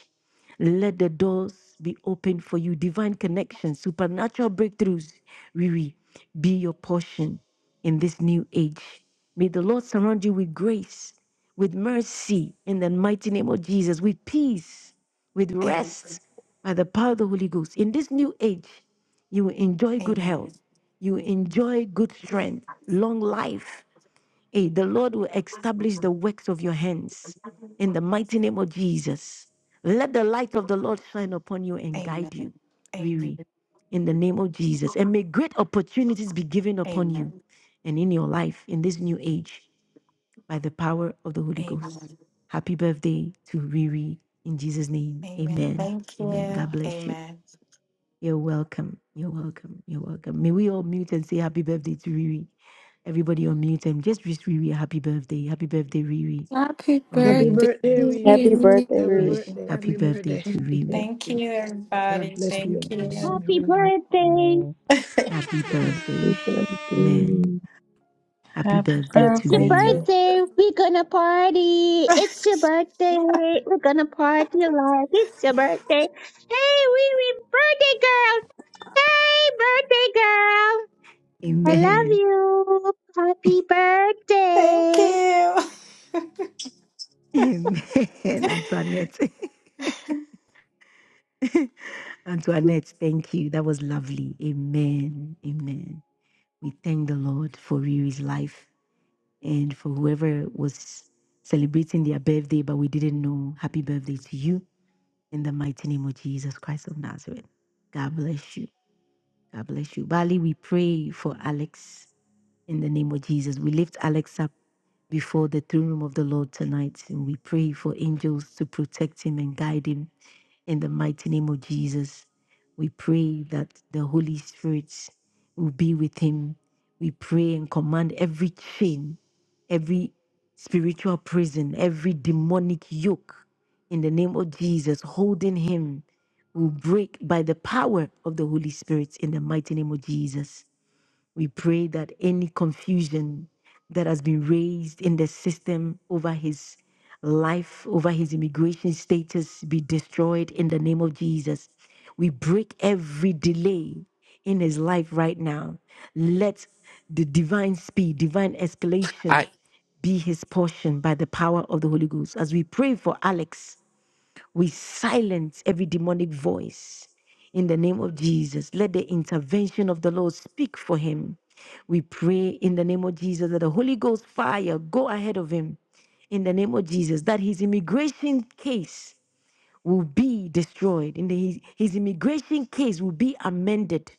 S1: Let the doors be opened for you. Divine connections, supernatural breakthroughs, Riri, be your portion in this new age. May the Lord surround you with grace, with mercy, in the mighty name of Jesus, with peace, with
S21: Amen.
S1: rest by the power of the Holy Ghost. In this new age, you will enjoy good
S21: Amen.
S1: health
S21: Amen.
S1: you enjoy good strength, long life. Hey, the Lord will establish the works of your hands in the mighty name of Jesus. Let the light of the Lord shine upon you and guide you, Riri, in the name of Jesus. And may great opportunities be given upon you
S21: Amen.
S1: and in your life in this new age by the power of the Holy Ghost.
S21: Amen.
S1: Happy birthday to Riri in Jesus' name.
S21: Amen.
S1: Amen.
S21: Thank
S1: Amen.
S21: you.
S1: God bless you.
S21: Amen.
S1: You're welcome. You're welcome. You're welcome. May we all mute and say happy birthday to Riri. Everybody on mute and just wish Riri a happy birthday. Happy birthday, Riri.
S2: Happy
S1: On
S5: Happy
S2: birthday.
S1: mute
S5: birthday,
S1: and
S12: you.
S5: Wee.
S12: Happy birthday,
S5: Happy
S12: Riri.
S1: wish
S5: birthday.
S1: happy
S5: Happy
S1: birthday
S5: birthday.
S3: Thank
S1: to
S3: you, Lord
S1: Riri.
S21: Thank you,
S5: God
S21: everybody.
S5: bless
S21: Thank
S5: you.
S18: Happy
S21: you.
S19: Happy birthday!
S18: birthday. Happy
S1: Happy
S18: birthday.
S3: We
S1: birthday.
S3: bless
S1: Amen.
S3: you.
S1: Happy
S22: Happy
S1: birthday to
S19: It's your
S22: birthday to you.
S1: Riri.
S19: birthday! We're gonna party! It's your birthday! We're gonna party live! It's your birthday! Hey, wee wee! Birthday girl! Hey, birthday girl! I love
S1: Amen.
S19: you! Happy
S21: Thank
S19: birthday!
S21: you.
S1: Amen. Antoinette. Antoinette, thank you. That was lovely. Amen. Amen. We thank the Lord for Riri's life. and for whoever was celebrating their birthday, but we didn't know, happy birthday to you in the mighty name of Jesus Christ of Nazareth. God bless you. God bless you. Bali, we pray for Alex in the name of Jesus. We lift Alex up before the throne room of the Lord tonight and we pray for angels to protect him and guide him in the mighty name of Jesus, we pray that the Holy Spirit will be with him. We pray and command every chain, every spiritual prison, every demonic yoke in the name of Jesus holding him will break by the power of the Holy Spirit in the mighty name of Jesus. We pray that any confusion that has been raised in the system over his life, over his immigration status, be destroyed in the name of Jesus. We break every delay in his life right now. Let the divine speed, divine escalation
S22: I
S1: be his portion by the power of the Holy Ghost. As we pray for Alex, we silence every demonic voice in the name of Jesus. Let the intervention of the Lord speak for him. We pray in the name of Jesus that the Holy Ghost fire go ahead of him in the name of Jesus that his immigration case will be destroyed in his, his immigration case will be amended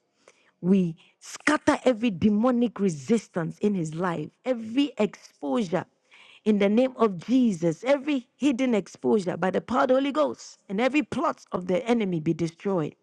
S1: we scatter every demonic resistance in his life, every exposure in the name of Jesus, every hidden exposure by the power of the Holy Ghost, and every plot of the enemy be destroyed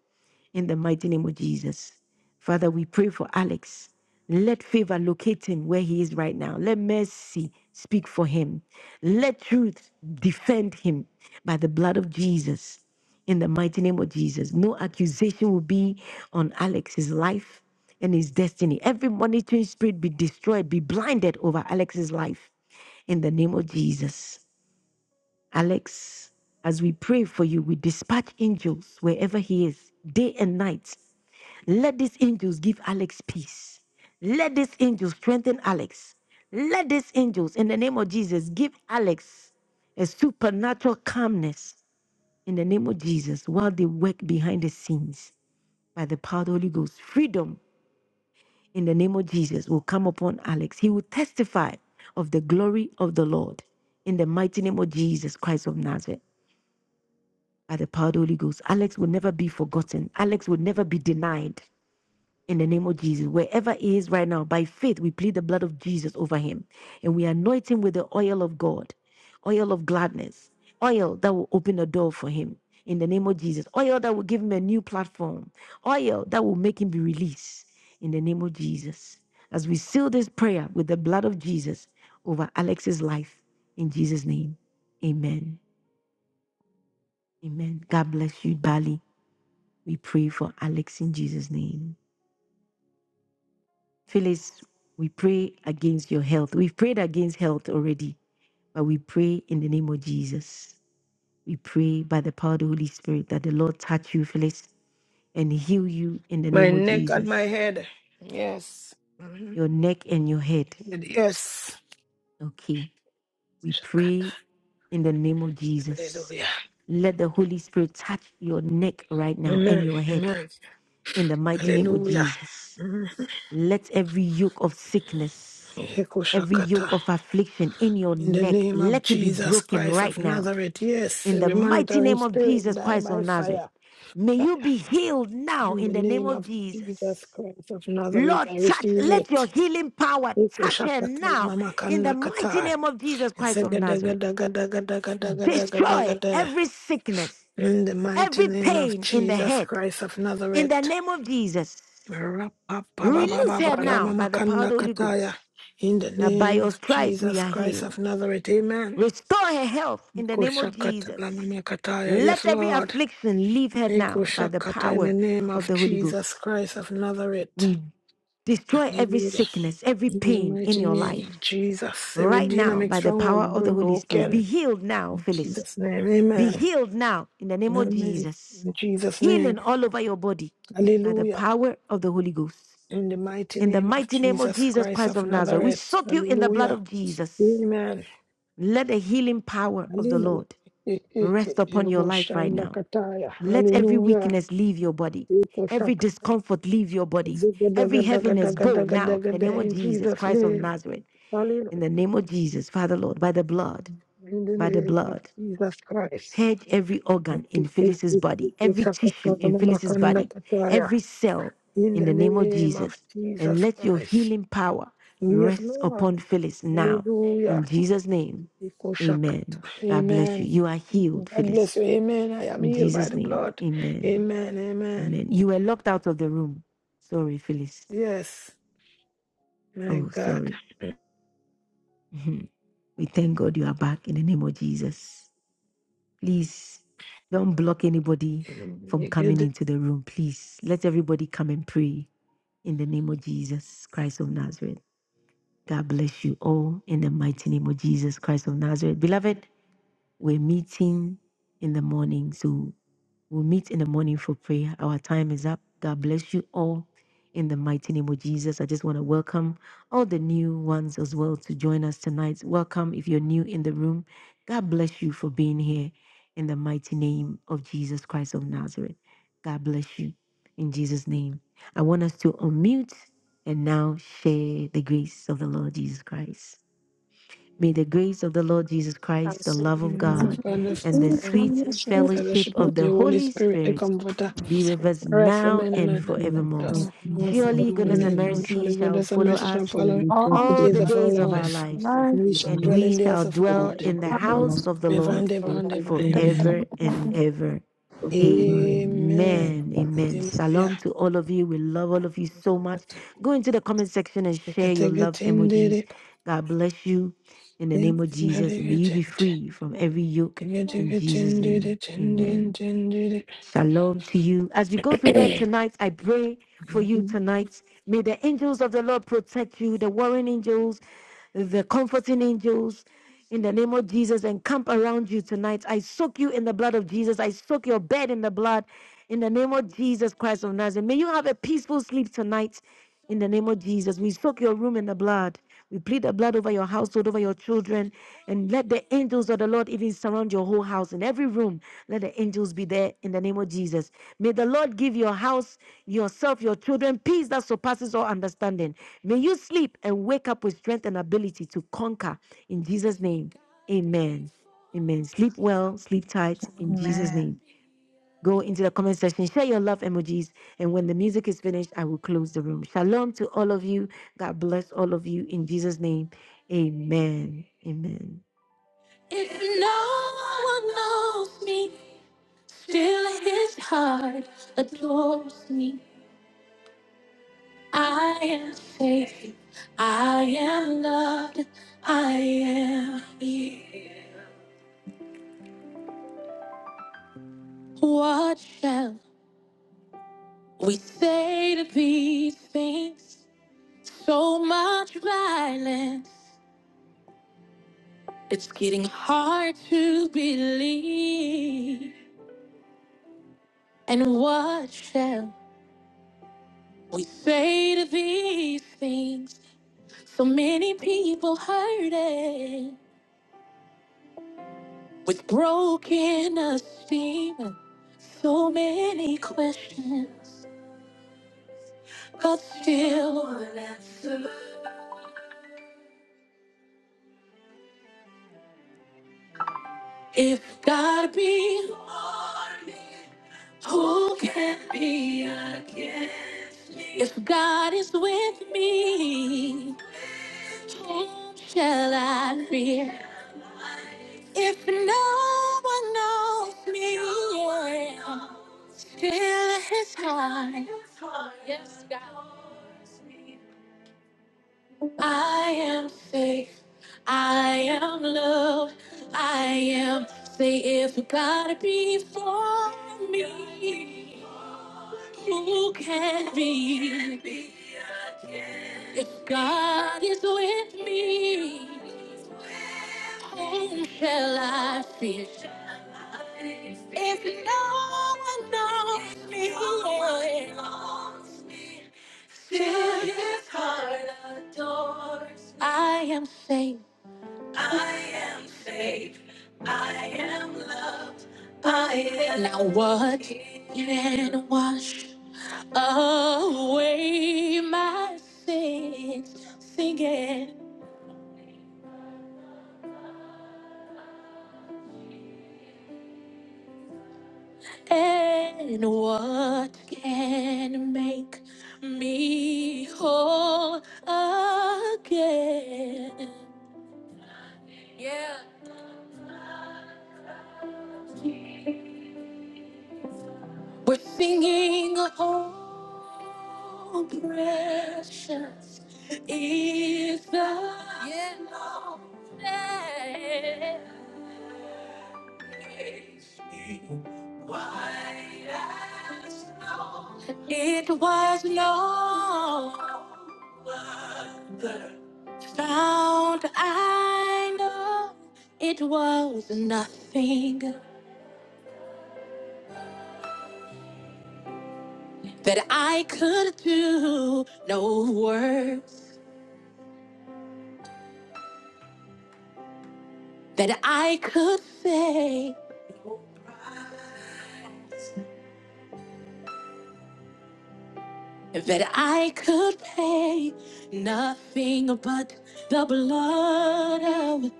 S1: in the mighty name of Jesus. Father, we pray for Alex. Let favor locate him where he is right now. Let mercy speak for him. Let truth defend him by the blood of Jesus. In the mighty name of Jesus, no accusation will be on Alex's life and his destiny. Every monitoring spirit be destroyed, be blinded over Alex's life. In the name of Jesus. Alex, as we pray for you, we dispatch angels wherever he is, day and night, let these angels give Alex peace. Let these angels strengthen Alex. Let these angels, in the name of Jesus, give Alex a supernatural calmness in the name of Jesus while they work behind the scenes by the power of the Holy Ghost. Freedom in the name of Jesus will come upon Alex. He will testify of the glory of the Lord in the mighty name of Jesus Christ of Nazareth. By the power of the Holy Ghost, Alex will never be forgotten. Alex will never be denied. in the name of Jesus. Wherever he is right now, by faith, we plead the blood of Jesus over him and we anoint him with the oil of God, oil of gladness, oil that will open the door for him in the name of Jesus, oil that will give him a new platform, oil that will make him be released in the name of Jesus. As we seal this prayer with the blood of Jesus over Alex's life, in Jesus' name, amen. Amen. God bless you, Bali. We pray for Alex in Jesus' name. Phyllis, we pray against your health. We've prayed against health already, but we pray in the name of Jesus. We pray by the power of the Holy Spirit that the Lord touch you, Phyllis, and heal you in the
S5: My
S1: name of
S5: neck and my
S1: Jesus.
S5: head. Yes. Mhm.
S1: Your neck and your head.
S5: Yes.
S1: Okay. We pray
S5: Shakata.
S1: in the name of Jesus.
S5: Hallelujah.
S1: Let the Holy Spirit touch your neck right now and
S5: Amen.
S1: your head
S5: Amen.
S1: in the mighty name of
S5: Hallelujah.
S1: Jesus.
S5: Mhm.
S1: Let every yoke of sickness,
S5: Heko
S1: every yoke
S5: Shakata.
S1: of affliction in your
S5: In the
S1: neck,
S5: name of
S1: let it be
S5: Jesus
S1: broken
S5: Christ
S1: right
S5: of
S1: now.
S5: Nazareth. Yes.
S1: In the
S5: Every
S1: mighty
S5: monitoring
S1: name of
S5: spirit
S1: Jesus
S5: die
S1: Christ of
S5: by
S1: Nazareth,
S5: fire.
S1: may you be healed now
S5: In
S1: in
S5: the
S1: the name
S5: name
S1: of
S5: of Jesus
S1: Jesus.
S5: Christ of Nazareth,
S1: Lord,
S5: I
S1: touch,
S5: receive
S1: let your
S5: it.
S1: healing power
S5: Heko
S1: touch her
S5: Shakata la
S1: now
S5: mama
S1: in the
S5: kanda
S1: mighty
S5: kata.
S1: name of Jesus Christ of Nazareth. Destroy
S5: Zagadagadagadagadagadagadagada.
S1: every sickness,
S5: In the mighty
S1: every
S5: name of
S1: pain in the
S5: Jesus
S1: head
S5: Christ of
S1: in the
S5: Nazareth.
S1: name of Jesus. Release her now by the power of the Holy
S5: Rapapapapapalamakandakataya.
S1: Ghost.
S5: In the
S1: that by
S5: name
S1: your
S5: of
S1: stripes we
S5: Jesus
S1: are
S5: Christ
S1: healed.
S5: of Nazareth. Amen.
S1: Restore her health in the name of Jesus.
S5: Kushakatalamakataya. Yes,
S1: Let every
S5: Lord.
S1: affliction leave her now by the
S5: Ikushakata In the
S1: power
S5: name
S1: of
S5: of
S1: the Holy
S5: Jesus
S1: Ghost.
S5: Christ of Nazareth.
S1: We destroy every
S5: Hallelujah.
S1: sickness, every
S5: In the
S1: pain in
S5: mighty
S1: your
S5: name of
S1: life
S5: Jesus. The
S1: right
S5: Redeemer
S1: now
S5: makes
S1: by the power
S5: stronghold
S1: of the
S5: be
S1: Holy Spirit.
S5: broken.
S1: Be
S5: In
S1: healed now, Phyllis.
S5: Jesus' name.
S1: Be
S5: Amen.
S1: healed now in the name of
S5: Amen.
S1: Jesus.
S5: In Jesus' name.
S1: Healing all over your body by the
S5: Hallelujah.
S1: power of the Holy Ghost.
S5: In the mighty
S1: In the
S5: name of
S1: mighty name of
S5: Jesus
S1: Jesus
S5: Christ
S1: Christ
S5: of
S1: of Nazareth, we
S5: Nazareth.
S1: soak you in the blood
S5: Hallelujah.
S1: of Jesus.
S5: Amen.
S1: Let the healing power of the
S5: Hallelujah.
S1: Lord
S5: Eh, eh,
S1: rest
S5: eh.
S1: upon your
S5: Yelobo
S1: life right
S5: shanda
S1: now.
S5: kataya.
S1: Let every
S5: Hallelujah.
S1: weakness leave your body,
S5: Eko
S1: every
S5: shaka.
S1: discomfort leave your body,
S5: Ziga
S1: every
S5: daga daga
S1: heaviness
S5: daga
S1: go
S5: daga
S1: now.
S5: daga
S1: In the
S5: da.
S1: name of
S5: In
S1: Jesus,
S5: Jesus'
S1: Christ of
S5: name.
S1: Nazareth,
S5: Hallelujah.
S1: in the name of Jesus, Father Lord, by the blood,
S5: In the
S1: by the
S5: name of
S1: blood
S5: Jesus Christ.
S1: purge every
S5: Eh,
S1: organ
S5: eh,
S1: in
S5: eh,
S1: Phyllis's
S5: eh,
S1: body,
S5: eh.
S1: every
S5: Shaka
S1: tissue
S5: tala
S1: in
S5: mama
S1: Phyllis's
S5: kanda
S1: body,
S5: kataya.
S1: every cell
S5: In
S1: in
S5: the
S1: the name of
S5: name of
S1: Jesus. And
S5: Jesus
S1: let your
S5: Christ.
S1: healing power
S5: Yes,
S1: rest
S5: Lord.
S1: upon Phyllis now. In
S5: Hallelujah.
S1: Jesus' name,
S5: Eko shakata.
S1: amen. God bless you.
S5: Amen.
S1: You are healed,
S5: God
S1: Phyllis.
S5: bless you. Amen. I am
S1: In
S5: healed by
S1: Jesus'
S5: the
S1: name,
S5: blood.
S1: amen.
S5: Amen. Amen.
S1: Amen. You were locked out of the room. Sorry, Phyllis.
S5: Yes. My
S1: Oh,
S5: God.
S1: sorry. Mhm. We thank God you are back in the name of Jesus. Please don't block anybody from
S5: You get
S1: coming
S5: the
S1: into the room. Please let everybody come and pray in the name of Jesus Christ of Nazareth. God bless you all in the mighty name of Jesus Christ of Nazareth. Beloved, we're meeting in the morning. So we'll meet in the morning for prayer. Our time is up. God bless you all. In the mighty name of Jesus, I just want to welcome all the new ones as well to join us tonight. Welcome if you're new in the room. God bless you for being here in the mighty name of Jesus Christ of Nazareth. God bless you in Jesus' name. I want us to unmute and now share the grace of the Lord Jesus Christ. May the grace of the Lord Jesus
S21: I'm
S1: Christ, the
S21: so
S1: love of
S21: grateful.
S5: love
S1: God,
S5: and the
S1: and the
S5: of
S1: sweet
S5: the
S1: fellowship
S5: fellowship of
S1: of
S5: the
S1: the
S5: Holy
S1: Holy
S5: Spirit, the
S1: Spirit
S5: Comforter.
S1: be with us
S5: Rest
S3: Thank
S1: now
S5: remaining
S1: and
S5: us and
S3: you,
S5: with
S1: forevermore.
S3: Lord,
S5: us. Known
S3: for
S1: Surely
S5: forevermore.
S1: goodness and
S5: Amen.
S3: serving
S5: Don't
S3: us.
S1: mercy
S5: surely
S1: shall
S5: goodness and
S1: follow
S5: mercy shall
S1: us
S5: follow
S3: Surely God's
S5: the
S2: All
S1: all
S5: days
S1: the
S3: goodness
S5: of our
S1: days of
S3: and
S1: our
S5: life.
S1: lives,
S2: my
S5: And we
S3: mercy
S5: shall
S3: shall follow
S1: and
S3: us
S5: dwell
S1: we
S5: in the house
S1: shall
S5: of
S3: all the
S1: dwell
S5: Lord.
S3: days
S1: in the
S3: of our life,
S1: house of the
S5: Forever
S1: Lord
S5: and
S2: family.
S5: ever
S3: our
S5: and
S3: whole
S5: ever.
S3: family
S5: Amen.
S3: has
S1: forever
S3: to
S1: and
S3: be
S1: ever.
S3: forever and
S5: Amen.
S1: Amen.
S3: ever.
S1: Amen.
S5: Hallelujah.
S1: Shalom to all of you. We love all of you so much. Go into the comment section and share your love emojis. God bless you in the name of Jesus. And may you be
S5: Thank
S1: free from every yoke in Jesus' name. Amen. Shalom to you. As you go to bed tonight, I pray for you tonight. May the angels of the Lord protect you, the warring angels, the comforting angels. In the name of Jesus, and camp around you tonight. I soak you in the blood of Jesus. I soak your bed in the blood. In the name of Jesus Christ of Nazareth. May you have a peaceful sleep tonight. In the name of Jesus, we soak your room in the blood. We plead the blood over your household, over your children, and let the angels of the Lord even surround your your whole house, in every room. Let the angels be there in the name of Jesus. May the Lord give your house, yourself, your children peace that surpasses all understanding. May you sleep and wake up with strength and ability to conquer in Jesus' name. Amen. Amen. Sleep well, sleep tight in Jesus'
S22: Amen.
S1: name. Go into the comment section, share your love emojis, and when the music is finished, I will close the room. Shalom to all of you. God bless all of you in Jesus' name. Amen. Amen. If no one knows me, still his heart adores me. I am safe, I am loved, I am here. What shall we say to these things? So much violence, it's getting hard to believe. And what shall we say to these things? So many people hurting with broken esteem. So many questions, but still one answer. If God be for me, who can be against me? If God is with me, whom shall I fear? If no one knows me, yeah, feel his heart. Yes, God. I am faith. I am love. I am. Say if God be for me, who can be? If God is with me, whom shall I fear? If no one knows me, Fill his heart adores. me. I am saved. I am saved. I am loved. I am now what can wash away my sins? Singing and what can make me whole again? Yeah. We're singing, oh, precious is the yeah. Lord's name. White as snow. It was not found, I know it was nothing that I could do, no words that I could say that I could pay nothing but the blood of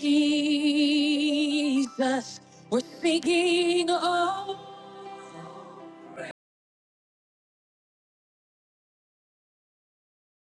S1: Jesus. We're singing, oh.